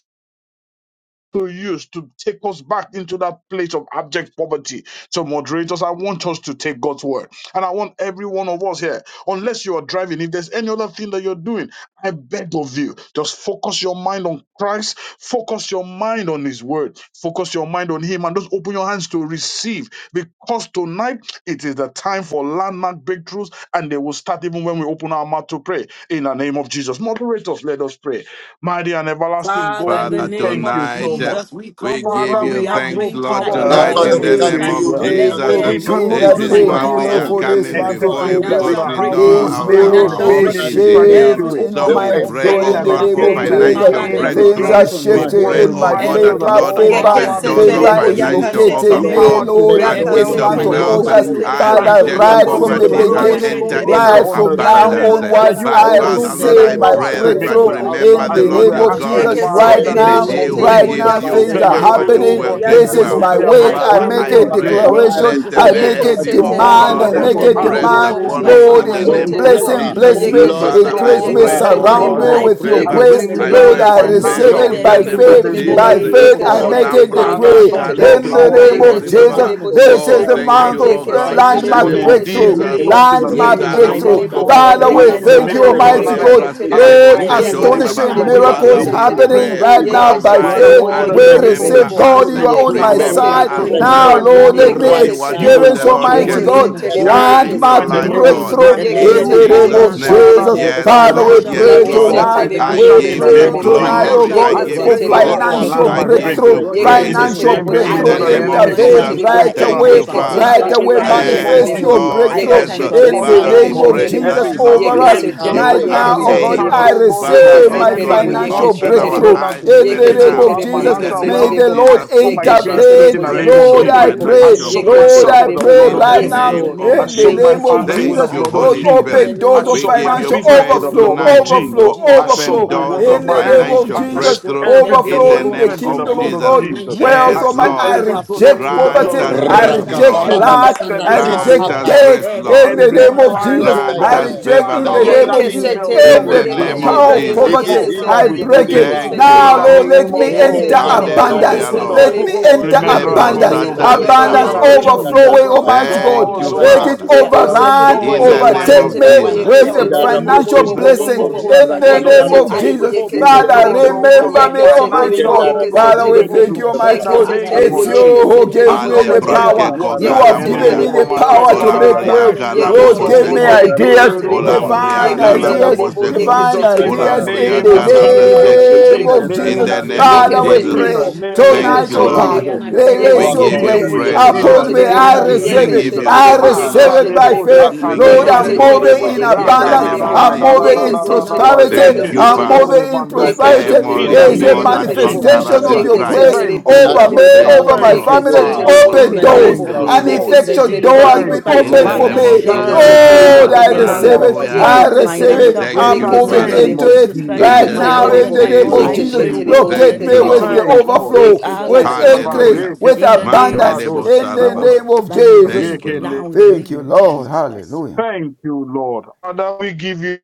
Speaker 8: to use to take us back into that place of abject poverty. So, moderators, I want us to take God's word. And I want every one of us here, unless you are driving, if there's any other thing that you're doing, I beg of you, just focus your mind on Christ, focus your mind on His word, focus your mind on Him, and just open your hands to receive. Because tonight it is the time for landmark breakthroughs, and they will start even when we open our mouth to pray. In the name of Jesus. Moderators, let us pray. Mighty and everlasting
Speaker 4: Father,
Speaker 8: God,
Speaker 4: in the
Speaker 6: Father,
Speaker 8: we
Speaker 4: name
Speaker 8: thank
Speaker 4: of
Speaker 8: you so
Speaker 6: tonight.
Speaker 8: much.
Speaker 6: uh,
Speaker 4: Jesus, we
Speaker 6: We
Speaker 4: come, oh
Speaker 6: give
Speaker 8: Father,
Speaker 4: God.
Speaker 6: you
Speaker 8: we
Speaker 4: We are
Speaker 8: have
Speaker 6: thanks,
Speaker 8: no
Speaker 4: praying
Speaker 6: Lord,
Speaker 4: tonight
Speaker 8: power
Speaker 4: in
Speaker 8: of
Speaker 4: the
Speaker 5: Our
Speaker 8: our
Speaker 6: tonight
Speaker 3: Father,
Speaker 4: name
Speaker 6: in
Speaker 5: Father,
Speaker 8: own
Speaker 4: of
Speaker 5: we
Speaker 6: the
Speaker 8: to
Speaker 4: Jesus.
Speaker 5: come
Speaker 3: in
Speaker 6: name
Speaker 5: to
Speaker 8: create
Speaker 4: Christ.
Speaker 3: the
Speaker 6: of
Speaker 5: you
Speaker 8: wealth.
Speaker 5: right now in
Speaker 3: name
Speaker 4: Let
Speaker 5: the
Speaker 6: Jesus.
Speaker 4: there
Speaker 3: of
Speaker 6: And
Speaker 8: We
Speaker 5: name
Speaker 4: be,
Speaker 5: of
Speaker 4: oh
Speaker 8: cannot
Speaker 6: This
Speaker 3: Jesus,
Speaker 4: God,
Speaker 8: do
Speaker 5: Jesus
Speaker 6: is
Speaker 8: it on
Speaker 3: thank
Speaker 6: why
Speaker 5: Christ, the
Speaker 3: you,
Speaker 8: our
Speaker 6: we
Speaker 4: financial
Speaker 3: Lord,
Speaker 5: Son
Speaker 6: are
Speaker 5: of
Speaker 8: own.
Speaker 3: for
Speaker 5: the
Speaker 3: this
Speaker 6: coming
Speaker 4: breakthrough,
Speaker 5: living
Speaker 3: month
Speaker 8: Except
Speaker 3: of
Speaker 5: God.
Speaker 6: before
Speaker 8: you
Speaker 6: you
Speaker 5: We
Speaker 8: build
Speaker 3: August.
Speaker 6: because
Speaker 4: financial
Speaker 8: a
Speaker 6: we
Speaker 5: come
Speaker 6: know
Speaker 5: to
Speaker 8: house, we
Speaker 4: breakthrough,
Speaker 5: call
Speaker 8: will
Speaker 3: This
Speaker 6: our,
Speaker 5: upon
Speaker 8: labor
Speaker 5: you,
Speaker 3: will
Speaker 5: the
Speaker 6: our
Speaker 8: in
Speaker 3: be
Speaker 4: financial
Speaker 3: a
Speaker 8: vain
Speaker 6: hope
Speaker 8: if
Speaker 5: covenant
Speaker 8: we
Speaker 6: is
Speaker 4: breakthrough.
Speaker 8: try
Speaker 6: in
Speaker 8: to
Speaker 5: keeping
Speaker 6: you.
Speaker 4: Every
Speaker 3: shift
Speaker 8: do
Speaker 5: God,
Speaker 8: it.
Speaker 3: in
Speaker 4: open
Speaker 6: So
Speaker 5: the
Speaker 6: we
Speaker 4: door
Speaker 5: way
Speaker 3: Almighty
Speaker 4: of
Speaker 6: pray,
Speaker 3: God
Speaker 8: Again
Speaker 6: oh
Speaker 3: in
Speaker 5: maker,
Speaker 8: and
Speaker 4: financial
Speaker 3: the
Speaker 6: God,
Speaker 3: name
Speaker 6: for
Speaker 5: the
Speaker 3: of
Speaker 8: again
Speaker 4: overflow,
Speaker 8: and
Speaker 5: glory
Speaker 3: Jesus.
Speaker 6: financial
Speaker 5: and
Speaker 4: Father,
Speaker 8: again
Speaker 5: the
Speaker 4: let
Speaker 8: and
Speaker 4: Lord
Speaker 3: Things
Speaker 5: lifter
Speaker 6: breakthrough.
Speaker 8: again,
Speaker 3: are
Speaker 5: of
Speaker 6: We
Speaker 8: your
Speaker 4: open,
Speaker 5: our
Speaker 3: shifting
Speaker 8: word
Speaker 6: pray,
Speaker 5: head.
Speaker 3: in
Speaker 6: oh
Speaker 4: open
Speaker 3: my
Speaker 6: God,
Speaker 8: reminds
Speaker 4: every
Speaker 8: us
Speaker 5: Lord,
Speaker 6: that
Speaker 4: door
Speaker 8: that
Speaker 3: favor.
Speaker 4: of
Speaker 6: Lord,
Speaker 5: right
Speaker 8: all
Speaker 5: now,
Speaker 3: Favor,
Speaker 4: financial
Speaker 8: power
Speaker 6: open
Speaker 5: oh God,
Speaker 6: doors
Speaker 4: breakthrough
Speaker 5: we
Speaker 4: for
Speaker 6: of
Speaker 3: favor
Speaker 8: belongs
Speaker 2: Yekeseterebo,
Speaker 4: me
Speaker 8: to
Speaker 3: is
Speaker 4: in
Speaker 5: pray
Speaker 4: the
Speaker 8: you.
Speaker 6: financial
Speaker 4: name of
Speaker 5: that,
Speaker 8: The
Speaker 4: Jesus
Speaker 3: locating
Speaker 5: Lord,
Speaker 4: Christ.
Speaker 2: yakaseterebo,
Speaker 3: me,
Speaker 8: power
Speaker 6: overflow
Speaker 8: to
Speaker 3: Lord,
Speaker 5: open
Speaker 4: Open
Speaker 8: make
Speaker 6: and
Speaker 3: in
Speaker 4: every
Speaker 5: doors
Speaker 3: this
Speaker 8: wealth
Speaker 5: of
Speaker 4: door of
Speaker 6: kingdom
Speaker 3: month of
Speaker 4: financial
Speaker 2: yakaseterebo,
Speaker 8: belongs
Speaker 6: wealth.
Speaker 5: financial
Speaker 8: to
Speaker 3: August.
Speaker 8: you.
Speaker 4: overflow
Speaker 6: I
Speaker 5: overflow
Speaker 8: And
Speaker 2: sheterebo,
Speaker 4: and
Speaker 3: Father,
Speaker 8: so we
Speaker 6: reject
Speaker 8: are
Speaker 5: and
Speaker 4: kingdom
Speaker 3: right
Speaker 4: work
Speaker 3: from
Speaker 8: coming
Speaker 3: the
Speaker 5: kingdom
Speaker 6: poverty
Speaker 4: over me
Speaker 6: and
Speaker 8: tonight,
Speaker 2: ikosotorobo,
Speaker 5: wealth.
Speaker 4: right
Speaker 8: oh
Speaker 3: beginning,
Speaker 4: now in the
Speaker 6: enter
Speaker 8: God, with
Speaker 4: name
Speaker 8: that
Speaker 3: right
Speaker 4: of
Speaker 6: into
Speaker 2: sheterebo,
Speaker 5: Open
Speaker 3: from
Speaker 5: the
Speaker 4: Jesus Christ.
Speaker 3: now
Speaker 5: doors,
Speaker 8: understanding
Speaker 6: abundance.
Speaker 5: oh
Speaker 8: that
Speaker 5: God.
Speaker 3: onwards,
Speaker 8: you are
Speaker 6: But
Speaker 8: the
Speaker 3: I
Speaker 8: one
Speaker 4: Greatly
Speaker 8: who
Speaker 4: in
Speaker 6: Father,
Speaker 5: Open
Speaker 4: the
Speaker 5: the
Speaker 6: Lord,
Speaker 3: receive
Speaker 8: given
Speaker 6: I
Speaker 4: name of
Speaker 3: my
Speaker 2: yakakakakakakakakakaka,
Speaker 5: doors,
Speaker 4: Jesus,
Speaker 8: power
Speaker 5: oh
Speaker 6: pray
Speaker 4: Christ.
Speaker 8: to
Speaker 6: that,
Speaker 5: God.
Speaker 8: make
Speaker 6: but
Speaker 4: open
Speaker 3: breakthrough
Speaker 4: it,
Speaker 2: sheterebo,
Speaker 4: oh
Speaker 8: wealth.
Speaker 5: Our
Speaker 4: God,
Speaker 6: remember
Speaker 3: in
Speaker 4: in the
Speaker 6: the
Speaker 5: Father,
Speaker 8: And
Speaker 3: the
Speaker 8: so
Speaker 5: we
Speaker 6: Lord
Speaker 8: we're
Speaker 4: name
Speaker 3: name
Speaker 6: your
Speaker 4: of
Speaker 3: of
Speaker 5: pray
Speaker 4: Jesus.
Speaker 5: that
Speaker 6: God
Speaker 4: Christ.
Speaker 8: asking,
Speaker 5: you
Speaker 3: Jesus.
Speaker 8: Father,
Speaker 6: for
Speaker 3: Right
Speaker 4: I
Speaker 8: in
Speaker 5: open
Speaker 3: right
Speaker 8: the
Speaker 4: pray,
Speaker 6: it
Speaker 5: the
Speaker 4: oh
Speaker 2: yekeseterebo,
Speaker 6: is
Speaker 8: name
Speaker 4: God,
Speaker 3: now,
Speaker 6: He
Speaker 8: of
Speaker 5: doors
Speaker 4: in the
Speaker 6: who
Speaker 3: right
Speaker 2: sheterebo,
Speaker 8: Jesus,
Speaker 4: name
Speaker 5: of
Speaker 4: of
Speaker 6: gives
Speaker 3: now,
Speaker 4: Jesus,
Speaker 6: you
Speaker 3: things
Speaker 4: Christ.
Speaker 8: that
Speaker 3: are
Speaker 5: financial
Speaker 8: you
Speaker 4: right
Speaker 6: power
Speaker 4: now,
Speaker 8: will,
Speaker 2: yakaseterebo,
Speaker 6: to
Speaker 4: in
Speaker 8: oh
Speaker 3: happening.
Speaker 4: the
Speaker 5: overflow
Speaker 6: we-
Speaker 8: God,
Speaker 4: name
Speaker 6: get
Speaker 4: of
Speaker 3: This
Speaker 5: and
Speaker 4: Jesus.
Speaker 3: is
Speaker 8: envelop
Speaker 6: wealth.
Speaker 4: Christ.
Speaker 3: my
Speaker 8: me
Speaker 5: kingdom
Speaker 8: and my
Speaker 2: yakaseterebo,
Speaker 3: week.
Speaker 4: I
Speaker 3: I
Speaker 5: wealth.
Speaker 6: Father,
Speaker 4: pray, oh
Speaker 3: make
Speaker 8: family
Speaker 6: I
Speaker 3: a
Speaker 2: sheterebo,
Speaker 8: with
Speaker 4: God, in
Speaker 8: great
Speaker 4: the
Speaker 6: pray,
Speaker 5: Father,
Speaker 8: wealth.
Speaker 4: name
Speaker 5: I
Speaker 4: of
Speaker 3: declaration.
Speaker 6: let the
Speaker 4: Jesus.
Speaker 3: I
Speaker 5: reject
Speaker 8: Open
Speaker 3: make
Speaker 2: Yeke
Speaker 3: a
Speaker 8: the
Speaker 6: mercy
Speaker 5: poverty
Speaker 6: of
Speaker 8: doors
Speaker 4: Father,
Speaker 2: setelebo
Speaker 5: and
Speaker 3: demand.
Speaker 8: of
Speaker 2: bo
Speaker 3: I
Speaker 4: Lord,
Speaker 6: God
Speaker 2: bo
Speaker 4: in
Speaker 3: make
Speaker 2: bo
Speaker 4: the
Speaker 2: bo
Speaker 5: enter
Speaker 8: heaven.
Speaker 3: a
Speaker 8: Ha,
Speaker 4: name
Speaker 2: bo
Speaker 5: into
Speaker 4: of
Speaker 6: rest
Speaker 2: bo
Speaker 3: demand.
Speaker 2: bo bo
Speaker 8: yele
Speaker 4: Jesus
Speaker 6: upon
Speaker 8: bo
Speaker 2: bo
Speaker 6: me
Speaker 4: Christ,
Speaker 5: abundance.
Speaker 2: bo
Speaker 8: shi
Speaker 3: Lord,
Speaker 6: in
Speaker 2: bo
Speaker 4: Father,
Speaker 6: the
Speaker 8: tele
Speaker 4: Lord,
Speaker 5: Oh,
Speaker 3: in
Speaker 4: we
Speaker 6: name
Speaker 8: bro
Speaker 4: pray,
Speaker 6: of
Speaker 4: oh
Speaker 2: setelebo.
Speaker 4: God,
Speaker 3: blessing,
Speaker 5: Father,
Speaker 4: in the
Speaker 6: Jesus.
Speaker 3: bless me,
Speaker 4: name
Speaker 2: Yeke
Speaker 8: Open
Speaker 4: of
Speaker 8: the
Speaker 4: Jesus
Speaker 5: Lord,
Speaker 6: Father,
Speaker 4: Christ.
Speaker 2: setelebo
Speaker 6: I
Speaker 3: increase
Speaker 8: doors
Speaker 3: me,
Speaker 4: Oh,
Speaker 8: of
Speaker 2: yeke
Speaker 6: pray,
Speaker 5: remember,
Speaker 4: Lord,
Speaker 6: oh
Speaker 8: heaven,
Speaker 4: my
Speaker 8: oh
Speaker 3: surround
Speaker 4: God,
Speaker 6: God,
Speaker 2: setelebo.
Speaker 3: me
Speaker 5: Almighty
Speaker 4: I
Speaker 6: for
Speaker 8: God,
Speaker 3: with
Speaker 5: God,
Speaker 4: pray,
Speaker 3: your
Speaker 4: oh
Speaker 5: we
Speaker 8: and
Speaker 2: Yeke
Speaker 4: God,
Speaker 6: favor.
Speaker 4: in
Speaker 5: declare
Speaker 3: grace.
Speaker 4: the
Speaker 5: your
Speaker 8: bringing
Speaker 6: I
Speaker 5: word.
Speaker 4: name
Speaker 2: setelebo
Speaker 3: Lord,
Speaker 8: down
Speaker 4: of
Speaker 6: pray
Speaker 3: I
Speaker 4: Jesus
Speaker 6: for
Speaker 2: yeke
Speaker 5: Remember
Speaker 4: Christ.
Speaker 5: the Lord
Speaker 3: receive
Speaker 4: Let
Speaker 5: thy
Speaker 6: mercy
Speaker 2: setelebo
Speaker 8: financial
Speaker 3: it
Speaker 6: in
Speaker 4: there
Speaker 5: God
Speaker 6: the
Speaker 3: by
Speaker 4: be,
Speaker 2: yeke
Speaker 4: oh
Speaker 5: that
Speaker 8: blessings
Speaker 6: name
Speaker 5: it
Speaker 8: that
Speaker 4: God,
Speaker 6: of
Speaker 5: is
Speaker 8: there's
Speaker 4: in
Speaker 3: faith.
Speaker 5: he
Speaker 4: the
Speaker 8: no
Speaker 2: setelebo.
Speaker 3: By
Speaker 6: Jesus.
Speaker 5: that
Speaker 8: room to
Speaker 5: giveth
Speaker 4: name
Speaker 3: faith,
Speaker 5: thee
Speaker 4: of
Speaker 2: Yeke
Speaker 3: I
Speaker 8: store
Speaker 4: Jesus
Speaker 8: it.
Speaker 6: Oh,
Speaker 5: power
Speaker 4: Christ,
Speaker 3: make
Speaker 5: to
Speaker 3: a
Speaker 2: setelebo
Speaker 5: make
Speaker 6: Lambra
Speaker 2: yeke
Speaker 8: Father,
Speaker 5: wealth.
Speaker 3: decree
Speaker 4: financial
Speaker 8: some trust
Speaker 5: Oh,
Speaker 2: setelebo.
Speaker 3: in
Speaker 8: in
Speaker 6: Kakalembro
Speaker 3: the
Speaker 4: breakthrough
Speaker 5: Father,
Speaker 4: right
Speaker 3: name
Speaker 8: horses,
Speaker 5: give
Speaker 2: Yeke
Speaker 4: now
Speaker 5: us
Speaker 3: of
Speaker 6: Kokori
Speaker 4: in
Speaker 5: the
Speaker 4: the
Speaker 3: Jesus.
Speaker 6: Bababa.
Speaker 5: power
Speaker 4: name
Speaker 2: setelebo
Speaker 4: of
Speaker 5: to
Speaker 3: There it
Speaker 5: make
Speaker 4: Jesus
Speaker 6: Oh,
Speaker 3: says
Speaker 4: Christ.
Speaker 3: the
Speaker 5: wealth
Speaker 2: setelebo.
Speaker 6: thank
Speaker 4: I
Speaker 3: month
Speaker 6: you,
Speaker 5: right
Speaker 4: pray
Speaker 6: oh
Speaker 3: of
Speaker 4: for
Speaker 2: Yeke
Speaker 5: now
Speaker 3: uh,
Speaker 6: God,
Speaker 5: as
Speaker 6: in the
Speaker 4: financial
Speaker 2: setelebo
Speaker 8: but
Speaker 5: we
Speaker 3: landmark
Speaker 6: name
Speaker 5: as
Speaker 4: breakthrough
Speaker 6: of
Speaker 2: yeke
Speaker 4: in
Speaker 8: indeed,
Speaker 4: the
Speaker 3: breakthrough.
Speaker 5: we
Speaker 8: we
Speaker 6: Jesus.
Speaker 4: name
Speaker 2: setelebo.
Speaker 8: trust
Speaker 4: of
Speaker 8: in the
Speaker 4: Jesus
Speaker 5: experience,
Speaker 4: Christ.
Speaker 3: Landmark
Speaker 2: Yeke
Speaker 8: name of the
Speaker 4: My
Speaker 3: breakthrough.
Speaker 6: Ndalabros
Speaker 8: Lord
Speaker 4: Lord
Speaker 5: Almighty
Speaker 2: setelebo.
Speaker 4: and
Speaker 8: God
Speaker 4: my
Speaker 5: God,
Speaker 4: God,
Speaker 6: Kokori
Speaker 3: Father,
Speaker 4: let
Speaker 3: we
Speaker 2: Yeke
Speaker 4: there
Speaker 8: Almighty, the
Speaker 4: be
Speaker 6: Bababa.
Speaker 3: thank
Speaker 5: landmark
Speaker 3: you,
Speaker 8: maker of
Speaker 2: setelebo
Speaker 4: landmark
Speaker 6: Oh,
Speaker 8: heaven
Speaker 3: Almighty
Speaker 8: and
Speaker 5: breakthroughs.
Speaker 2: yeke
Speaker 4: breakthrough
Speaker 8: earth.
Speaker 3: God.
Speaker 4: of
Speaker 8: And
Speaker 5: It's
Speaker 8: I
Speaker 6: Lebraskele
Speaker 2: setelebo.
Speaker 3: Lord,
Speaker 8: thank
Speaker 5: time,
Speaker 4: let
Speaker 8: you,
Speaker 4: there be
Speaker 2: Yeke
Speaker 6: Bosetori
Speaker 8: Lord,
Speaker 5: it's
Speaker 6: Baba.
Speaker 3: astonishing
Speaker 4: landmark
Speaker 8: that
Speaker 5: time,
Speaker 2: setelebo
Speaker 8: you are
Speaker 4: breakthrough.
Speaker 2: yeke
Speaker 6: Father,
Speaker 3: miracles
Speaker 4: Hmm.
Speaker 5: it's
Speaker 8: able
Speaker 6: we
Speaker 8: to
Speaker 5: time,
Speaker 2: setelebo.
Speaker 8: do,
Speaker 3: happening
Speaker 6: pray,
Speaker 8: oh
Speaker 3: right
Speaker 5: it's
Speaker 8: God,
Speaker 3: now
Speaker 2: Yeke
Speaker 3: by
Speaker 5: time for
Speaker 8: Father,
Speaker 4: Yes,
Speaker 6: arise
Speaker 2: setelebo
Speaker 3: faith.
Speaker 8: all
Speaker 5: landmark
Speaker 4: Lord,
Speaker 6: and
Speaker 8: that
Speaker 3: We
Speaker 4: in
Speaker 2: yeke
Speaker 4: the
Speaker 8: you have
Speaker 4: name
Speaker 5: breakthroughs.
Speaker 4: of
Speaker 8: promised
Speaker 6: remember
Speaker 3: receive
Speaker 8: you
Speaker 2: setelebo.
Speaker 8: said
Speaker 3: God,
Speaker 4: Jesus
Speaker 6: us.
Speaker 5: It's
Speaker 8: you
Speaker 3: you are
Speaker 4: Christ.
Speaker 8: would
Speaker 3: on
Speaker 8: do
Speaker 5: time
Speaker 2: Yeke
Speaker 3: my
Speaker 4: Father,
Speaker 5: for
Speaker 8: for us.
Speaker 4: we
Speaker 6: Remember
Speaker 4: are
Speaker 3: side.
Speaker 5: landmark
Speaker 2: setelebo
Speaker 8: So
Speaker 6: us
Speaker 2: bo
Speaker 4: praying, oh
Speaker 2: bo
Speaker 4: God,
Speaker 2: bo.
Speaker 3: Now,
Speaker 6: now.
Speaker 5: breakthroughs
Speaker 8: tonight,
Speaker 4: in the
Speaker 8: Lord,
Speaker 3: Lord,
Speaker 6: Do
Speaker 3: let
Speaker 4: name of
Speaker 2: Yeke
Speaker 3: me
Speaker 6: only
Speaker 5: right
Speaker 2: se
Speaker 4: Jesus.
Speaker 6: what
Speaker 8: you
Speaker 5: now,
Speaker 6: you,
Speaker 2: terebo.
Speaker 8: will
Speaker 3: experience,
Speaker 6: the
Speaker 5: oh
Speaker 8: watch your
Speaker 6: Lord,
Speaker 4: In
Speaker 5: God.
Speaker 4: the
Speaker 3: Almighty
Speaker 8: word
Speaker 2: Yeke
Speaker 6: can
Speaker 8: to
Speaker 3: God,
Speaker 2: se
Speaker 6: do.
Speaker 4: name of
Speaker 5: Let
Speaker 4: Jesus.
Speaker 2: terebo.
Speaker 8: perform
Speaker 5: there
Speaker 8: it,
Speaker 2: Yeke
Speaker 6: Shine
Speaker 5: be
Speaker 2: se
Speaker 5: a
Speaker 6: your
Speaker 8: and
Speaker 3: landmark
Speaker 8: then
Speaker 4: In
Speaker 6: light,
Speaker 4: the
Speaker 8: you
Speaker 2: terebo.
Speaker 8: will
Speaker 4: name of
Speaker 5: performance,
Speaker 6: Lord,
Speaker 3: breakthrough
Speaker 4: Jesus,
Speaker 5: oh
Speaker 8: grant
Speaker 4: and let
Speaker 5: God.
Speaker 8: me,
Speaker 2: Yeke
Speaker 4: there
Speaker 3: in
Speaker 6: in
Speaker 2: se
Speaker 8: oh
Speaker 4: be
Speaker 3: the
Speaker 8: God,
Speaker 3: name
Speaker 2: terebo.
Speaker 5: Right
Speaker 6: Jesus'
Speaker 3: of
Speaker 4: landmark
Speaker 2: She
Speaker 5: now,
Speaker 6: name.
Speaker 5: my
Speaker 4: breakthrough
Speaker 8: Father,
Speaker 3: Jesus.
Speaker 2: terebo.
Speaker 5: God,
Speaker 4: or
Speaker 5: no
Speaker 6: Yes,
Speaker 5: by
Speaker 3: Father,
Speaker 8: divine
Speaker 5: might,
Speaker 3: we
Speaker 6: Lord,
Speaker 8: breakthrough,
Speaker 4: financial
Speaker 5: no by
Speaker 6: yes,
Speaker 3: pray
Speaker 4: breakthrough
Speaker 2: Yeke
Speaker 8: oh
Speaker 4: for
Speaker 6: Lord.
Speaker 2: se
Speaker 8: God,
Speaker 5: power,
Speaker 4: me in
Speaker 3: tonight.
Speaker 4: the
Speaker 2: terebo,
Speaker 6: I
Speaker 4: name
Speaker 3: We
Speaker 4: of
Speaker 8: financially
Speaker 2: yeke
Speaker 8: in
Speaker 6: give
Speaker 8: the
Speaker 4: Jesus
Speaker 2: se
Speaker 6: you
Speaker 5: but
Speaker 8: name
Speaker 3: pray
Speaker 8: of
Speaker 4: Christ.
Speaker 2: terebo,
Speaker 5: by the
Speaker 3: tonight,
Speaker 8: Jesus.
Speaker 3: oh
Speaker 5: Holy
Speaker 6: glory.
Speaker 4: Financial
Speaker 6: I
Speaker 8: I
Speaker 2: yeke
Speaker 3: God,
Speaker 6: give
Speaker 5: Spirit.
Speaker 2: se
Speaker 6: you
Speaker 3: for
Speaker 8: pray, oh
Speaker 4: overflow,
Speaker 2: terebo,
Speaker 8: God,
Speaker 5: Let
Speaker 2: bo
Speaker 6: glory.
Speaker 8: for
Speaker 5: there
Speaker 2: bo
Speaker 5: be
Speaker 2: bo
Speaker 3: financial
Speaker 6: I
Speaker 2: bo
Speaker 4: kingdom
Speaker 8: landmark
Speaker 2: bo bo,
Speaker 5: landmark
Speaker 4: wealth,
Speaker 6: give
Speaker 3: breakthrough,
Speaker 4: oh
Speaker 6: you
Speaker 8: breakthrough.
Speaker 4: God, in
Speaker 5: breakthroughs,
Speaker 4: the
Speaker 2: yeke
Speaker 8: In
Speaker 6: praise.
Speaker 8: the
Speaker 2: se
Speaker 3: financial
Speaker 4: name of
Speaker 3: financial
Speaker 8: same
Speaker 4: Jesus.
Speaker 2: terebo,
Speaker 5: landmark
Speaker 8: vein,
Speaker 2: she
Speaker 4: I
Speaker 6: In
Speaker 8: we
Speaker 3: breakthrough.
Speaker 8: know
Speaker 6: the
Speaker 8: that
Speaker 2: terebo,
Speaker 8: the
Speaker 6: name
Speaker 4: reject
Speaker 5: breakthroughs,
Speaker 8: enemy
Speaker 6: of
Speaker 2: yeke she
Speaker 8: cometh
Speaker 3: Intervene
Speaker 4: poverty.
Speaker 8: to
Speaker 6: Jesus,
Speaker 5: landmark
Speaker 2: terebo,
Speaker 8: still
Speaker 4: I
Speaker 3: right
Speaker 8: kill
Speaker 4: enter
Speaker 8: and
Speaker 6: thank
Speaker 5: breakthroughs.
Speaker 3: away,
Speaker 6: you,
Speaker 4: into
Speaker 2: yeke
Speaker 8: destroy.
Speaker 2: se
Speaker 6: Father.
Speaker 3: right
Speaker 8: That
Speaker 4: abundance.
Speaker 5: Right
Speaker 2: terebo,
Speaker 8: in
Speaker 3: away.
Speaker 8: the
Speaker 5: now,
Speaker 4: I
Speaker 2: yeke
Speaker 5: in the
Speaker 2: she
Speaker 8: name
Speaker 4: reject
Speaker 8: of
Speaker 5: name
Speaker 6: Yes,
Speaker 3: Manifest
Speaker 5: of
Speaker 2: terebo,
Speaker 3: your
Speaker 4: poverty.
Speaker 8: Jesus,
Speaker 5: Jesus
Speaker 6: Lord.
Speaker 4: I
Speaker 3: breakthrough
Speaker 2: yeke
Speaker 5: Christ,
Speaker 4: enter
Speaker 6: Yes,
Speaker 8: every
Speaker 2: she
Speaker 4: into
Speaker 6: Lord.
Speaker 5: the
Speaker 3: in
Speaker 2: terebo,
Speaker 8: thought,
Speaker 3: the
Speaker 5: Son
Speaker 6: Father,
Speaker 4: abundance
Speaker 5: of
Speaker 8: oh
Speaker 2: yeke
Speaker 6: we
Speaker 4: in
Speaker 3: name
Speaker 5: the
Speaker 4: the
Speaker 2: she
Speaker 8: God,
Speaker 3: of
Speaker 6: pray
Speaker 4: name
Speaker 5: Living
Speaker 4: of
Speaker 2: terebo,
Speaker 3: Jesus
Speaker 8: every
Speaker 6: that,
Speaker 5: God.
Speaker 3: over
Speaker 4: Jesus.
Speaker 2: yeke
Speaker 5: This
Speaker 6: Lord.
Speaker 3: us.
Speaker 4: I
Speaker 5: is
Speaker 2: se
Speaker 5: our
Speaker 8: imagination,
Speaker 4: reject
Speaker 2: terebo,
Speaker 6: You
Speaker 3: Right
Speaker 5: prayer,
Speaker 4: poverty
Speaker 2: yeke
Speaker 6: are
Speaker 3: now,
Speaker 8: every
Speaker 4: in
Speaker 3: oh
Speaker 2: se
Speaker 4: the
Speaker 5: oh
Speaker 3: God,
Speaker 8: attack,
Speaker 4: name
Speaker 5: God.
Speaker 4: of
Speaker 3: I
Speaker 2: terebo,
Speaker 6: able.
Speaker 8: oh
Speaker 4: Jesus Christ.
Speaker 8: God,
Speaker 4: And
Speaker 8: from
Speaker 5: Yes,
Speaker 6: Father,
Speaker 2: yeke
Speaker 8: the
Speaker 4: I
Speaker 3: receive
Speaker 5: my
Speaker 2: se
Speaker 4: enter
Speaker 3: my
Speaker 6: Lord
Speaker 5: God,
Speaker 4: into
Speaker 8: enemy
Speaker 2: terebo,
Speaker 6: God,
Speaker 5: I
Speaker 8: in
Speaker 5: thank
Speaker 2: yeke
Speaker 4: abundance
Speaker 3: financial
Speaker 8: one
Speaker 5: you,
Speaker 2: she
Speaker 5: Abba
Speaker 8: form
Speaker 6: open
Speaker 4: in
Speaker 8: or
Speaker 4: the
Speaker 6: our
Speaker 8: the
Speaker 2: terebo,
Speaker 5: Father.
Speaker 3: breakthrough
Speaker 4: name
Speaker 8: other
Speaker 4: of
Speaker 6: eyes
Speaker 8: to
Speaker 4: Jesus
Speaker 3: in
Speaker 8: break
Speaker 3: the
Speaker 2: yeke
Speaker 6: even
Speaker 4: Christ. My
Speaker 2: se
Speaker 3: name
Speaker 8: into
Speaker 6: now.
Speaker 3: of
Speaker 4: Lord
Speaker 8: our
Speaker 2: terebo,
Speaker 4: and my
Speaker 6: In
Speaker 3: Jesus.
Speaker 2: yeke
Speaker 6: the
Speaker 4: God,
Speaker 8: financial
Speaker 2: se
Speaker 4: in the
Speaker 6: name
Speaker 3: May
Speaker 8: wealth,
Speaker 4: name
Speaker 3: the
Speaker 6: of
Speaker 4: of
Speaker 2: terebo,
Speaker 8: I
Speaker 3: Lord
Speaker 6: Jesus,
Speaker 8: come
Speaker 2: yeke
Speaker 6: give
Speaker 2: she
Speaker 8: against
Speaker 6: us
Speaker 8: it
Speaker 3: intervene.
Speaker 8: in
Speaker 2: terebo,
Speaker 4: Jesus
Speaker 8: the
Speaker 4: Christ.
Speaker 8: name
Speaker 2: yeke
Speaker 8: of
Speaker 2: she
Speaker 3: Lord,
Speaker 6: breakthrough,
Speaker 4: Let
Speaker 8: Jesus.
Speaker 4: it,
Speaker 3: I
Speaker 4: oh
Speaker 2: terebo,
Speaker 4: God,
Speaker 8: I
Speaker 3: pray.
Speaker 4: in the
Speaker 6: financial
Speaker 8: soak
Speaker 2: yeke
Speaker 4: name of
Speaker 2: se
Speaker 3: Lord,
Speaker 6: breakthrough.
Speaker 8: myself
Speaker 4: Jesus
Speaker 3: I
Speaker 8: with
Speaker 4: Christ.
Speaker 8: the
Speaker 2: terebo.
Speaker 3: pray
Speaker 8: blood
Speaker 6: In
Speaker 8: of
Speaker 4: Father,
Speaker 6: the
Speaker 3: right
Speaker 2: Yes,
Speaker 4: Lord, in
Speaker 8: Jesus.
Speaker 3: now
Speaker 4: the
Speaker 6: name
Speaker 2: Lord.
Speaker 8: I
Speaker 4: name
Speaker 6: of
Speaker 3: in
Speaker 4: of
Speaker 3: the
Speaker 8: soak
Speaker 4: Jesus
Speaker 2: Thank
Speaker 8: my
Speaker 6: Jesus.
Speaker 2: you,
Speaker 3: name
Speaker 4: Christ.
Speaker 3: of
Speaker 8: family
Speaker 4: Father,
Speaker 8: with the
Speaker 4: Lord,
Speaker 2: Jesus.
Speaker 6: Thank
Speaker 3: Jesus.
Speaker 4: I
Speaker 6: you,
Speaker 8: blood of
Speaker 3: Lord,
Speaker 6: Holy
Speaker 4: pray
Speaker 8: Jesus.
Speaker 4: in the
Speaker 3: open
Speaker 6: Spirit.
Speaker 8: I
Speaker 4: name
Speaker 3: doors
Speaker 4: of
Speaker 3: of
Speaker 6: We
Speaker 8: soak
Speaker 4: Jesus
Speaker 8: my
Speaker 6: give
Speaker 4: Christ.
Speaker 6: you
Speaker 3: financial
Speaker 4: We are
Speaker 8: business with
Speaker 6: praise
Speaker 4: praying,
Speaker 8: the
Speaker 4: oh God,
Speaker 8: blood
Speaker 3: overflow,
Speaker 4: in
Speaker 8: of
Speaker 4: the
Speaker 6: tonight
Speaker 4: name
Speaker 8: Jesus.
Speaker 4: of
Speaker 6: for
Speaker 3: overflow,
Speaker 4: Jesus
Speaker 8: I
Speaker 4: Christ.
Speaker 8: soak
Speaker 6: open
Speaker 8: the
Speaker 3: overflow
Speaker 4: Father,
Speaker 8: work
Speaker 6: doors
Speaker 4: I
Speaker 8: of
Speaker 6: of
Speaker 3: in
Speaker 4: pray,
Speaker 8: my
Speaker 3: the
Speaker 4: God,
Speaker 3: name
Speaker 8: hands.
Speaker 4: let
Speaker 3: of
Speaker 6: financial
Speaker 4: there
Speaker 8: I
Speaker 4: be, oh
Speaker 3: Jesus.
Speaker 8: soak
Speaker 4: God,
Speaker 6: breakthrough
Speaker 4: in
Speaker 8: every
Speaker 4: the
Speaker 3: Overflow
Speaker 6: in
Speaker 3: overflow
Speaker 6: the
Speaker 4: name
Speaker 3: in
Speaker 4: of
Speaker 3: the
Speaker 6: name
Speaker 8: development with
Speaker 4: Jesus
Speaker 8: the
Speaker 6: of
Speaker 3: kingdom
Speaker 4: Christ.
Speaker 8: blood
Speaker 3: of
Speaker 8: of
Speaker 6: Jesus.
Speaker 3: God.
Speaker 8: Jesus.
Speaker 4: Financial
Speaker 3: Wealth,
Speaker 8: I
Speaker 6: Yes,
Speaker 3: oh my,
Speaker 4: breakthrough,
Speaker 8: soak
Speaker 3: I
Speaker 6: Lord.
Speaker 8: every product
Speaker 4: overflow,
Speaker 3: reject
Speaker 8: with the
Speaker 6: Grant
Speaker 8: blood
Speaker 3: poverty.
Speaker 4: every
Speaker 8: of
Speaker 6: us
Speaker 4: form
Speaker 3: I
Speaker 4: of
Speaker 8: Jesus.
Speaker 6: mercy,
Speaker 4: poverty,
Speaker 3: reject
Speaker 4: I
Speaker 6: Lord.
Speaker 8: Every
Speaker 3: lack.
Speaker 4: reject in the
Speaker 3: I
Speaker 8: service
Speaker 4: name
Speaker 8: that
Speaker 4: of
Speaker 8: we
Speaker 6: Grant
Speaker 4: Jesus
Speaker 3: reject
Speaker 6: us
Speaker 8: offer
Speaker 4: Christ.
Speaker 6: grace,
Speaker 3: debt
Speaker 5: Rakababababarakeshatarababa.
Speaker 4: Every
Speaker 8: for
Speaker 3: in
Speaker 4: form
Speaker 6: Lord.
Speaker 3: the
Speaker 4: of
Speaker 8: every
Speaker 3: name
Speaker 4: poverty,
Speaker 5: Remember
Speaker 3: of
Speaker 4: I
Speaker 5: the
Speaker 8: client,
Speaker 5: Lord
Speaker 3: Jesus.
Speaker 8: oh
Speaker 4: reject in
Speaker 5: thy
Speaker 4: the
Speaker 6: Grant
Speaker 3: I
Speaker 8: God.
Speaker 6: us
Speaker 4: name of
Speaker 5: God,
Speaker 4: Jesus
Speaker 3: reject
Speaker 4: Christ.
Speaker 6: favor,
Speaker 3: in
Speaker 4: I
Speaker 8: Father,
Speaker 5: that
Speaker 3: the
Speaker 5: it
Speaker 4: pray
Speaker 8: let
Speaker 3: name
Speaker 6: Lord
Speaker 5: is
Speaker 8: that
Speaker 4: right
Speaker 2: Yeke
Speaker 4: now
Speaker 3: of
Speaker 5: He
Speaker 4: in the
Speaker 3: Jesus
Speaker 2: se
Speaker 5: that
Speaker 4: name
Speaker 8: email
Speaker 4: of Jesus
Speaker 5: giveth
Speaker 4: Christ.
Speaker 6: in
Speaker 8: come
Speaker 2: terebo,
Speaker 5: thee
Speaker 3: every
Speaker 6: the
Speaker 8: with good
Speaker 2: yeke
Speaker 6: name
Speaker 4: Let
Speaker 5: power.
Speaker 8: news.
Speaker 2: se
Speaker 4: there
Speaker 6: of
Speaker 4: be
Speaker 3: power
Speaker 8: Let
Speaker 3: of
Speaker 2: terebo,
Speaker 8: those
Speaker 5: It
Speaker 6: Jesus.
Speaker 4: financial
Speaker 5: is
Speaker 3: poverty.
Speaker 2: yeke
Speaker 8: calls
Speaker 5: He
Speaker 2: se
Speaker 8: come
Speaker 4: overflow
Speaker 5: that
Speaker 3: I
Speaker 8: with
Speaker 4: for
Speaker 2: terebo,
Speaker 5: giveth
Speaker 4: me
Speaker 8: good
Speaker 3: break
Speaker 5: thee
Speaker 3: it
Speaker 2: yeke
Speaker 8: news.
Speaker 4: in the
Speaker 2: se
Speaker 6: Thank
Speaker 5: power.
Speaker 6: you,
Speaker 8: In
Speaker 4: name
Speaker 3: now,
Speaker 8: the
Speaker 4: of
Speaker 2: terebo,
Speaker 4: Jesus
Speaker 3: Lord.
Speaker 6: Lord.
Speaker 4: Christ.
Speaker 8: name
Speaker 3: Let me
Speaker 8: of
Speaker 2: yeke
Speaker 4: Let there
Speaker 5: Oh
Speaker 2: se
Speaker 4: be
Speaker 3: enter
Speaker 5: my
Speaker 8: Jesus,
Speaker 2: terebo,
Speaker 5: God, I
Speaker 4: financial
Speaker 2: yeke
Speaker 6: Hallelujah,
Speaker 3: abundance.
Speaker 5: pray
Speaker 8: open
Speaker 2: se
Speaker 8: the
Speaker 5: na
Speaker 3: Let
Speaker 4: overflow,
Speaker 6: Lord.
Speaker 8: book
Speaker 3: me
Speaker 2: terebo,
Speaker 4: oh
Speaker 8: of
Speaker 5: rekaze
Speaker 4: God,
Speaker 3: enter
Speaker 4: in the
Speaker 2: yeke
Speaker 8: remembrance
Speaker 6: Lebo
Speaker 4: name
Speaker 5: kendere
Speaker 2: se
Speaker 8: for
Speaker 4: of
Speaker 3: abundance.
Speaker 8: me,
Speaker 4: Jesus
Speaker 8: O
Speaker 2: terebo,
Speaker 8: God
Speaker 4: Christ.
Speaker 5: prokozo
Speaker 6: satari
Speaker 2: yeke
Speaker 4: Father,
Speaker 8: in
Speaker 3: Abundance
Speaker 2: se
Speaker 4: I
Speaker 5: kotoro
Speaker 8: the
Speaker 6: baba.
Speaker 4: pray for
Speaker 2: terebo,
Speaker 4: this, oh
Speaker 8: Jesus.
Speaker 3: overflowing,
Speaker 5: brekatare
Speaker 4: God,
Speaker 5: baba.
Speaker 4: even
Speaker 3: Almighty
Speaker 4: right now,
Speaker 3: God.
Speaker 4: in
Speaker 6: Thank
Speaker 8: Doors,
Speaker 4: the
Speaker 6: you,
Speaker 8: oh
Speaker 4: name
Speaker 3: Let
Speaker 4: of
Speaker 8: God,
Speaker 3: it
Speaker 5: Amarakazi
Speaker 6: Father.
Speaker 4: Jesus Christ,
Speaker 2: Yeke
Speaker 4: oh God.
Speaker 2: se
Speaker 5: kaptara
Speaker 8: open
Speaker 3: overrun,
Speaker 4: In
Speaker 2: terebo,
Speaker 4: the
Speaker 6: In
Speaker 8: doors
Speaker 5: prokozo
Speaker 6: the
Speaker 8: of
Speaker 2: yeke
Speaker 4: name of
Speaker 6: name
Speaker 2: se
Speaker 5: kotoro
Speaker 3: overtake
Speaker 4: Jesus
Speaker 8: finance,
Speaker 6: of
Speaker 3: me
Speaker 5: baba.
Speaker 4: Christ,
Speaker 2: terebo,
Speaker 8: open
Speaker 2: yeke
Speaker 3: with
Speaker 4: financial
Speaker 6: Jesus.
Speaker 8: doors
Speaker 2: se
Speaker 3: the
Speaker 8: of
Speaker 5: Indara
Speaker 2: terebo,
Speaker 4: overflow.
Speaker 8: new
Speaker 2: bo
Speaker 3: financial
Speaker 2: bo
Speaker 4: In
Speaker 5: prokozo
Speaker 4: the
Speaker 2: bo
Speaker 8: business,
Speaker 2: bo
Speaker 4: name
Speaker 2: bo
Speaker 3: blessings
Speaker 4: of
Speaker 5: kotoro
Speaker 2: bo.
Speaker 4: Jesus
Speaker 8: open
Speaker 3: in
Speaker 4: Christ, oh
Speaker 3: the
Speaker 8: doors of
Speaker 2: Yeke
Speaker 4: God,
Speaker 3: name
Speaker 5: barakandara
Speaker 2: se
Speaker 8: new,
Speaker 3: of
Speaker 5: baba.
Speaker 4: I
Speaker 3: Jesus.
Speaker 2: terebo,
Speaker 3: Jesus.
Speaker 4: receive, oh
Speaker 2: yeke se
Speaker 4: God,
Speaker 8: open
Speaker 4: in
Speaker 5: Indere
Speaker 4: the
Speaker 3: Father,
Speaker 8: doors,
Speaker 4: name
Speaker 2: terebo,
Speaker 4: of
Speaker 8: oh
Speaker 4: Jesus
Speaker 5: prokozo
Speaker 4: Christ,
Speaker 8: God,
Speaker 3: remember
Speaker 8: of
Speaker 3: me,
Speaker 2: yeke
Speaker 5: kotoro
Speaker 2: se
Speaker 4: financial
Speaker 3: Almighty
Speaker 2: terebo,
Speaker 8: financial,
Speaker 5: breketara
Speaker 3: God.
Speaker 8: oh
Speaker 2: yeke
Speaker 4: overflow.
Speaker 2: se
Speaker 8: God,
Speaker 3: Father,
Speaker 4: In
Speaker 3: we
Speaker 4: the
Speaker 5: prokozi
Speaker 2: terebo,
Speaker 4: name
Speaker 3: thank
Speaker 8: breakthrough.
Speaker 3: you,
Speaker 4: of
Speaker 5: kaptara
Speaker 8: In
Speaker 5: baba.
Speaker 4: Jesus
Speaker 3: Almighty
Speaker 8: the
Speaker 2: yeke
Speaker 4: Christ,
Speaker 3: God.
Speaker 2: se
Speaker 4: as I
Speaker 8: name
Speaker 2: terebo,
Speaker 4: pray,
Speaker 3: It's
Speaker 8: of
Speaker 4: oh
Speaker 3: you
Speaker 5: Amdara
Speaker 4: God,
Speaker 2: yeke
Speaker 8: Jesus.
Speaker 2: se
Speaker 3: who
Speaker 4: even
Speaker 5: prokozi
Speaker 8: I
Speaker 3: gives
Speaker 2: terebo,
Speaker 4: receive it
Speaker 3: me
Speaker 8: come
Speaker 2: she
Speaker 5: kara
Speaker 4: in
Speaker 3: the
Speaker 4: the
Speaker 8: against the
Speaker 2: terebo,
Speaker 4: name
Speaker 6: Alebroske
Speaker 4: of
Speaker 3: power.
Speaker 4: Jesus
Speaker 8: works
Speaker 5: barakambara
Speaker 3: You
Speaker 8: of
Speaker 4: Christ,
Speaker 2: yeke
Speaker 8: the
Speaker 3: have
Speaker 2: se
Speaker 5: katoro
Speaker 8: enemy
Speaker 3: given
Speaker 6: kokalambriak.
Speaker 3: me
Speaker 5: baba.
Speaker 2: terebo,
Speaker 4: Father.
Speaker 8: over
Speaker 3: the
Speaker 8: my
Speaker 2: yeke
Speaker 8: life.
Speaker 3: power
Speaker 4: Let
Speaker 2: se
Speaker 3: to
Speaker 4: there be, oh
Speaker 3: make
Speaker 5: Indara
Speaker 4: God,
Speaker 8: Father,
Speaker 2: terebo,
Speaker 4: in
Speaker 8: I
Speaker 4: the
Speaker 3: wealth.
Speaker 6: Olambriaka
Speaker 5: prokozo
Speaker 6: la
Speaker 8: stand
Speaker 2: yeke
Speaker 4: name
Speaker 3: Lord,
Speaker 4: of
Speaker 2: se
Speaker 5: kotoro
Speaker 8: strong
Speaker 3: give
Speaker 4: Jesus
Speaker 3: me
Speaker 8: on
Speaker 2: terebo,
Speaker 4: Christ.
Speaker 6: boboseko.
Speaker 8: your
Speaker 5: brekatara
Speaker 2: yeke
Speaker 4: Oh
Speaker 2: se
Speaker 3: ideas,
Speaker 4: my
Speaker 8: word, oh
Speaker 5: prokotoro
Speaker 4: God,
Speaker 2: terebo,
Speaker 4: in
Speaker 8: God.
Speaker 5: baba.
Speaker 4: the
Speaker 8: In
Speaker 4: name
Speaker 8: the
Speaker 3: divine
Speaker 2: yeke
Speaker 6: Olambriaka la
Speaker 2: se
Speaker 5: Indara
Speaker 8: name
Speaker 3: ideas,
Speaker 8: of
Speaker 2: terebo,
Speaker 6: boboseko.
Speaker 4: it's
Speaker 2: yeke
Speaker 5: prokotoro
Speaker 4: my
Speaker 3: divine
Speaker 2: se
Speaker 8: Jesus,
Speaker 4: time, oh
Speaker 8: in the
Speaker 2: terebo,
Speaker 4: God,
Speaker 3: ideas
Speaker 5: brekatara.
Speaker 4: in
Speaker 3: in
Speaker 4: the
Speaker 8: name
Speaker 3: the
Speaker 2: yeke
Speaker 4: name
Speaker 6: Olambriaka
Speaker 8: of
Speaker 4: of
Speaker 2: se
Speaker 6: la
Speaker 4: just
Speaker 5: Abba,
Speaker 4: like
Speaker 8: Jesus,
Speaker 2: terebo,
Speaker 6: breske.
Speaker 5: Father,
Speaker 4: experience
Speaker 2: she
Speaker 5: we
Speaker 3: name
Speaker 8: in the
Speaker 2: terebo.
Speaker 4: financial
Speaker 5: pray
Speaker 3: of
Speaker 5: right
Speaker 6: In
Speaker 3: Jesus.
Speaker 8: name
Speaker 6: the
Speaker 5: now
Speaker 8: of
Speaker 5: in
Speaker 4: overflow,
Speaker 5: the
Speaker 6: name of
Speaker 5: name
Speaker 4: in
Speaker 3: Father,
Speaker 2: Yeke
Speaker 5: of
Speaker 4: the
Speaker 3: we
Speaker 2: se
Speaker 8: Jesus,
Speaker 4: name
Speaker 8: in
Speaker 6: Jesus.
Speaker 4: of
Speaker 8: the
Speaker 5: Jesus.
Speaker 3: pray
Speaker 2: terebo,
Speaker 4: Jesus
Speaker 8: name
Speaker 4: Christ,
Speaker 5: We
Speaker 8: of
Speaker 2: yeke
Speaker 6: Thank
Speaker 3: Tonight,
Speaker 6: you,
Speaker 3: oh
Speaker 2: se
Speaker 4: I
Speaker 5: call
Speaker 6: Lord.
Speaker 3: God,
Speaker 4: pray
Speaker 8: Jesus
Speaker 4: and
Speaker 5: upon
Speaker 2: terebo,
Speaker 4: I
Speaker 5: you.
Speaker 4: call
Speaker 8: name
Speaker 4: upon
Speaker 2: yeke
Speaker 3: release
Speaker 6: We
Speaker 8: of
Speaker 5: Our
Speaker 4: you, oh
Speaker 2: se
Speaker 3: your
Speaker 4: God,
Speaker 6: give
Speaker 5: God,
Speaker 6: you
Speaker 5: you are
Speaker 3: grace
Speaker 2: terebo,
Speaker 4: even
Speaker 5: not
Speaker 4: for
Speaker 8: Jesus,
Speaker 5: a
Speaker 6: praise,
Speaker 2: yeke
Speaker 4: this,
Speaker 8: in
Speaker 4: oh
Speaker 5: man
Speaker 2: se
Speaker 8: the
Speaker 3: upon
Speaker 4: God,
Speaker 5: that
Speaker 6: Lord.
Speaker 3: me.
Speaker 5: you
Speaker 4: in
Speaker 5: should
Speaker 2: terebo,
Speaker 8: name
Speaker 3: I
Speaker 4: the
Speaker 5: lie,
Speaker 8: of
Speaker 5: nor
Speaker 4: name
Speaker 5: the
Speaker 6: We
Speaker 3: receive
Speaker 4: of
Speaker 2: yeke
Speaker 5: son
Speaker 3: it.
Speaker 5: of
Speaker 4: Jesus
Speaker 6: give
Speaker 2: se
Speaker 8: Jesus.
Speaker 6: you
Speaker 4: Christ.
Speaker 5: man
Speaker 3: I
Speaker 5: that
Speaker 2: terebo,
Speaker 5: you
Speaker 6: glory,
Speaker 8: Ha
Speaker 5: should
Speaker 2: yeke
Speaker 3: receive
Speaker 8: la
Speaker 4: Father,
Speaker 6: Lord.
Speaker 2: se
Speaker 3: it
Speaker 5: repent.
Speaker 8: le
Speaker 4: Lord,
Speaker 3: by
Speaker 4: I
Speaker 8: bo
Speaker 2: terebo,
Speaker 8: sha
Speaker 5: Have
Speaker 3: faith.
Speaker 4: pray,
Speaker 8: ta
Speaker 5: you
Speaker 6: We
Speaker 8: le
Speaker 4: in
Speaker 5: not
Speaker 3: Lord,
Speaker 6: give
Speaker 4: the
Speaker 2: yeke
Speaker 6: you
Speaker 3: I'm
Speaker 5: said
Speaker 2: se
Speaker 8: brando.
Speaker 5: it,
Speaker 4: name of
Speaker 5: O
Speaker 6: honor,
Speaker 3: moving
Speaker 4: Jesus
Speaker 2: terebo,
Speaker 4: Christ,
Speaker 5: God?
Speaker 3: in
Speaker 6: Lord,
Speaker 2: yeke
Speaker 6: in
Speaker 4: let
Speaker 2: se
Speaker 8: Raka
Speaker 6: the
Speaker 5: Shall
Speaker 4: there
Speaker 3: abundance.
Speaker 5: you
Speaker 4: be
Speaker 8: ra
Speaker 6: name
Speaker 5: not
Speaker 8: ra
Speaker 6: of
Speaker 2: terebo,
Speaker 8: ra
Speaker 3: I'm
Speaker 5: make
Speaker 4: financial
Speaker 8: ra
Speaker 5: it
Speaker 8: ra
Speaker 3: moving
Speaker 6: Jesus.
Speaker 8: ra
Speaker 5: good?
Speaker 2: yeke
Speaker 3: in
Speaker 8: ra
Speaker 4: overflow
Speaker 2: se
Speaker 8: ra ra ba
Speaker 4: now,
Speaker 5: Our
Speaker 2: terebo,
Speaker 3: prosperity.
Speaker 8: ye
Speaker 4: in the
Speaker 2: yeke
Speaker 5: Father,
Speaker 6: Thank
Speaker 8: ke
Speaker 5: we
Speaker 6: you,
Speaker 2: se
Speaker 4: name
Speaker 3: I'm
Speaker 4: of
Speaker 5: pray
Speaker 8: soto
Speaker 4: Jesus
Speaker 6: Father.
Speaker 2: terebo,
Speaker 8: le
Speaker 3: moving
Speaker 4: Christ,
Speaker 3: in
Speaker 4: I
Speaker 5: right
Speaker 2: yeke
Speaker 4: pray,
Speaker 8: mandosta.
Speaker 5: in
Speaker 4: oh
Speaker 6: Eh,
Speaker 3: prosperity.
Speaker 5: the
Speaker 2: se
Speaker 4: God,
Speaker 6: more-
Speaker 5: name
Speaker 8: In
Speaker 6: We
Speaker 4: in
Speaker 5: of
Speaker 2: terebo,
Speaker 8: the
Speaker 6: are
Speaker 4: the
Speaker 3: There is a
Speaker 2: yeke
Speaker 4: name
Speaker 6: more
Speaker 5: Jesus
Speaker 4: of
Speaker 8: name
Speaker 2: se
Speaker 8: of
Speaker 6: than
Speaker 4: Jesus
Speaker 5: Christ, the
Speaker 4: for
Speaker 2: terebo,
Speaker 5: Son of
Speaker 3: manifestation
Speaker 8: Jesus
Speaker 6: conquerors
Speaker 5: the
Speaker 3: of
Speaker 6: in
Speaker 8: Christ.
Speaker 4: financial,
Speaker 3: your
Speaker 2: yeke
Speaker 4: in
Speaker 5: living
Speaker 4: the
Speaker 2: se
Speaker 5: God,
Speaker 6: Christ.
Speaker 3: grace
Speaker 4: name
Speaker 8: Thank
Speaker 2: terebo,
Speaker 8: you,
Speaker 4: of
Speaker 2: se
Speaker 5: that
Speaker 3: over
Speaker 8: Lord.
Speaker 5: our
Speaker 4: Jesus,
Speaker 3: me,
Speaker 2: terebo,
Speaker 4: in the
Speaker 6: Thank
Speaker 3: over
Speaker 5: Father,
Speaker 6: you,
Speaker 3: my
Speaker 4: name
Speaker 8: Thank
Speaker 2: yeke
Speaker 8: you,
Speaker 6: Lord.
Speaker 4: of
Speaker 3: family.
Speaker 2: se
Speaker 5: show
Speaker 6: Thank
Speaker 4: Jesus,
Speaker 8: Father.
Speaker 6: you,
Speaker 5: up
Speaker 2: terebo,
Speaker 4: in
Speaker 5: and
Speaker 3: Open
Speaker 6: Lord.
Speaker 2: se
Speaker 4: the
Speaker 5: show
Speaker 3: doors.
Speaker 6: Thank
Speaker 4: name
Speaker 2: terebo,
Speaker 8: Thank
Speaker 6: you,
Speaker 4: of
Speaker 8: you,
Speaker 5: yourself
Speaker 3: An
Speaker 6: Lord.
Speaker 4: Jesus,
Speaker 5: strong.
Speaker 2: yeke
Speaker 8: Lord.
Speaker 4: in the
Speaker 2: se
Speaker 3: effectual door
Speaker 4: name
Speaker 2: terebo,
Speaker 5: Oh
Speaker 4: of
Speaker 3: has
Speaker 8: Thank
Speaker 4: Jesus.
Speaker 5: Lord,
Speaker 3: been
Speaker 2: yeke
Speaker 8: you,
Speaker 2: se
Speaker 5: this
Speaker 6: In
Speaker 5: is
Speaker 3: opened
Speaker 6: the
Speaker 8: Lord.
Speaker 3: for
Speaker 2: terebo,
Speaker 5: our
Speaker 6: name
Speaker 3: me.
Speaker 6: of
Speaker 5: prayer
Speaker 4: Financial
Speaker 2: yeke
Speaker 5: and
Speaker 2: se
Speaker 8: Thank
Speaker 5: our
Speaker 4: breakthrough,
Speaker 8: you,
Speaker 4: oh
Speaker 2: terebo,
Speaker 3: Lord,
Speaker 4: God,
Speaker 5: cry
Speaker 8: Lord.
Speaker 2: bo
Speaker 6: Jesus.
Speaker 3: I
Speaker 4: in
Speaker 2: bo
Speaker 8: In
Speaker 4: the
Speaker 2: bo
Speaker 8: the
Speaker 4: name
Speaker 8: name
Speaker 2: bo,
Speaker 5: that
Speaker 3: receive
Speaker 4: of
Speaker 8: of
Speaker 3: it.
Speaker 5: our
Speaker 4: Jesus
Speaker 2: yeke
Speaker 6: Hallelujah.
Speaker 3: I
Speaker 5: God
Speaker 4: Christ.
Speaker 2: se
Speaker 5: has
Speaker 3: receive
Speaker 8: Jesus.
Speaker 5: made
Speaker 3: it.
Speaker 2: terebo,
Speaker 4: Financial
Speaker 5: a
Speaker 6: Thank
Speaker 8: In
Speaker 5: way
Speaker 4: breakthrough
Speaker 3: I'm
Speaker 8: the
Speaker 6: you,
Speaker 2: yeke
Speaker 4: in the
Speaker 2: se
Speaker 3: moving
Speaker 6: Father.
Speaker 5: where
Speaker 4: name
Speaker 8: name
Speaker 3: into
Speaker 4: of
Speaker 5: there
Speaker 8: of
Speaker 2: terebo,
Speaker 3: it
Speaker 4: Jesus
Speaker 5: seems
Speaker 4: Christ.
Speaker 5: to
Speaker 6: In
Speaker 5: be
Speaker 2: yeke
Speaker 3: right
Speaker 6: the
Speaker 8: Jesus.
Speaker 5: no
Speaker 2: se
Speaker 4: My
Speaker 6: name
Speaker 3: now
Speaker 5: way.
Speaker 4: Lord
Speaker 6: of
Speaker 3: in
Speaker 4: and
Speaker 2: terebo.
Speaker 8: In
Speaker 3: the
Speaker 4: my
Speaker 8: the
Speaker 3: name
Speaker 4: God,
Speaker 8: name
Speaker 3: of
Speaker 8: of
Speaker 4: I
Speaker 5: Oh,
Speaker 6: Jesus.
Speaker 3: Jesus.
Speaker 4: pray, oh
Speaker 5: thank
Speaker 4: God,
Speaker 8: Jesus.
Speaker 5: you,
Speaker 2: Yekeshetelebo,
Speaker 4: in the
Speaker 3: Locate
Speaker 5: Abba
Speaker 6: Thank
Speaker 3: me
Speaker 6: you,
Speaker 4: name of
Speaker 3: with
Speaker 5: Father.
Speaker 6: Lord.
Speaker 4: Jesus
Speaker 3: the
Speaker 2: yeketetelebo.
Speaker 8: Thank
Speaker 4: Christ,
Speaker 8: you,
Speaker 4: even
Speaker 8: Lord.
Speaker 4: for this,
Speaker 5: Thank
Speaker 2: Thank
Speaker 3: overflow,
Speaker 5: you,
Speaker 2: you,
Speaker 4: as I
Speaker 3: with
Speaker 5: righteous
Speaker 4: call
Speaker 2: Jesus.
Speaker 5: God.
Speaker 4: upon
Speaker 3: increase,
Speaker 4: you,
Speaker 6: Hallelujah.
Speaker 8: Abareke
Speaker 3: with
Speaker 4: in the name of
Speaker 3: abundance
Speaker 6: Mandelebo
Speaker 4: Jesus
Speaker 8: Rados
Speaker 3: in
Speaker 4: Christ,
Speaker 3: the
Speaker 4: God,
Speaker 6: Sarababa.
Speaker 3: name of
Speaker 4: that you would do it, oh
Speaker 3: Jesus.
Speaker 6: Thank you,
Speaker 4: God,
Speaker 6: Lord.
Speaker 4: now in the
Speaker 3: Thank
Speaker 4: name
Speaker 3: you,
Speaker 4: of
Speaker 3: Lord.
Speaker 4: Jesus Christ.
Speaker 3: Hallelujah.
Speaker 8: Thank you, Lord. Father, we give you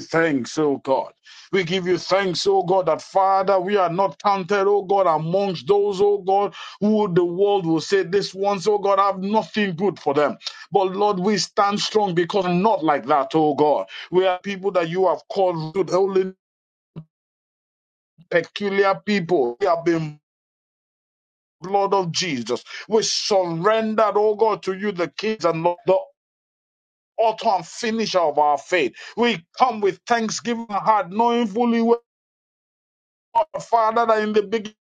Speaker 8: thanks, oh God. We give you thanks, oh God, that Father, we are not counted, oh God, amongst those, oh God, who the world will say, This ones, oh God, have nothing good for them. But Lord, we stand strong because we're not like that, oh God. We are people that you have called good, holy, peculiar people. We have been blood of Jesus. We surrendered, oh God, to you, the kings and Lord author and finisher of our faith. We come with thanksgiving and heart, knowing fully well, Father, that in the beginning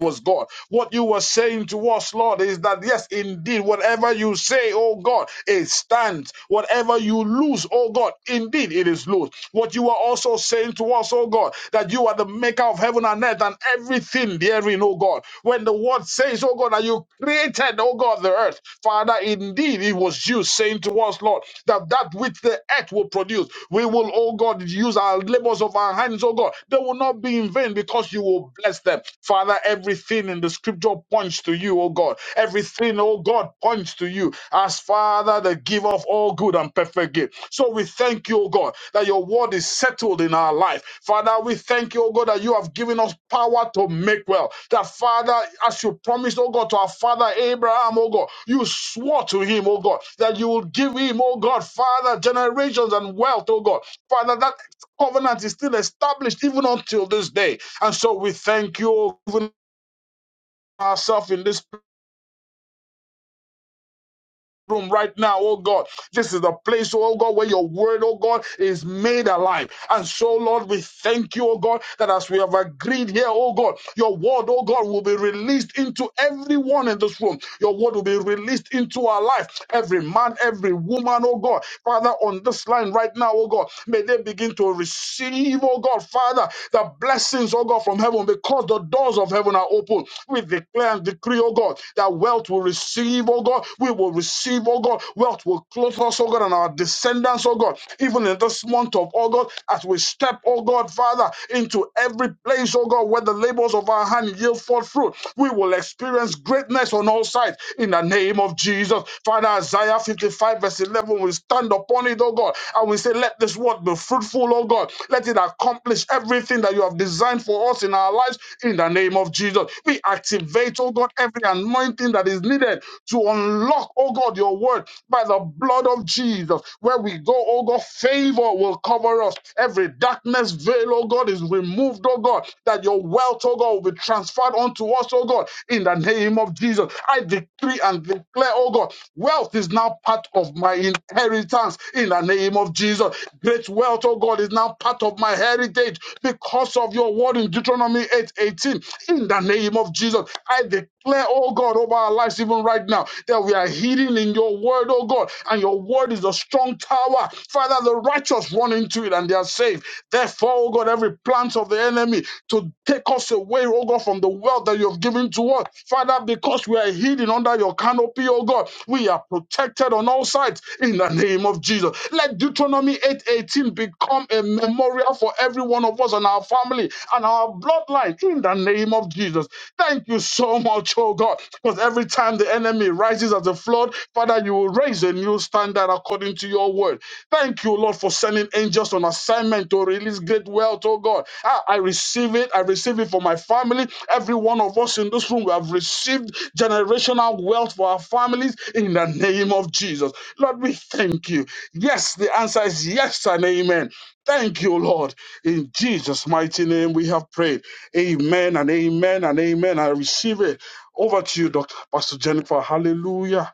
Speaker 8: was God. What you were saying to us, Lord, is that yes, indeed, whatever you say, oh God, it stands. Whatever you lose, oh God, indeed it is loose. What you are also saying to us, oh God, that you are the maker of heaven and earth and everything therein, oh God. When the word says, oh God, that you created, oh God, the earth. Father, indeed, it was you saying to us, Lord, that that which the earth will produce, we will, oh God, use our labors of our hands, oh God. They will not be in vain because you will bless them. Father, everything in the scripture points to you, oh God. Everything, oh God, points to you. As Father, the giver of all good and perfect gift. So we thank you, O God, that your word is settled in our life. Father, we thank you, O God, that you have given us power to make well. That Father, as you promised, O God, to our father Abraham, O God, you swore to him, O God, that you will give him, O God, Father, generations and wealth, O God. Father, that covenant is still established even until this day. And so we thank you, O even ourselves in this room right now, oh God. This is the place, oh God, where your word, oh God, is made alive. And so, Lord, we thank you, oh God, that as we have agreed here, oh God, your word, oh God, will be released into everyone in this room. Your word will be released into our life, every man, every woman, oh God. Father, on this line right now, oh God, may they begin to receive, oh God, Father, the blessings, oh God, from heaven because the doors of heaven are open. We declare and decree, oh God, that wealth will receive, oh God. We will receive, oh God. Wealth will clothe us, oh God, and our descendants, oh God. Even in this month of, oh God, as we step, oh God, Father, into every place, oh God, where the labors of our hand yield forth fruit, we will experience greatness on all sides in the name of Jesus. Father, Isaiah 55, verse 11, we stand upon it, oh God, and we say, Let this word be fruitful, full, oh God. Let it accomplish everything that you have designed for us in our lives in the name of Jesus. We activate, oh God, every anointing that is needed to unlock, oh God, your word by the blood of Jesus. Where we go, oh God, favor will cover us. Every darkness veil, oh God, is removed, oh God, that your wealth, oh God, will be transferred unto us, oh God, in the name of Jesus. I decree and declare, oh oh God, wealth is now part of my inheritance in the name of Jesus. Great wealth, oh God, is now part of my heritage because of your word in Deuteronomy 8:18. In the name of Jesus, I declare, oh God, over our lives even right now that we are hidden in your word, oh God, and your word is a strong tower. Father, the righteous run into it and they are saved. Therefore, oh God, every plant of the enemy to. Take us away, oh God, from the wealth that you have given to us. Father, because we are hidden under your canopy, oh God, we are protected on all sides in the name of Jesus. Let Deuteronomy 8:18 become a memorial for every one of us and our family and our bloodline in the name of Jesus. Thank you so much, oh God, because every time the enemy rises as a flood, Father, you will raise a new standard according to your word. Thank you, Lord, for sending angels on assignment to release great wealth, oh God. Ah, I receive it. I receive it for my family. Every one of us in this room, we have received generational wealth for our families in the name of Jesus. Lord, we thank you. Yes, the answer is yes and amen. Thank you, Lord. In Jesus' mighty name, we have prayed. Amen and amen and amen. I receive it. Over to you, Dr. Pastor Jennifer. Hallelujah.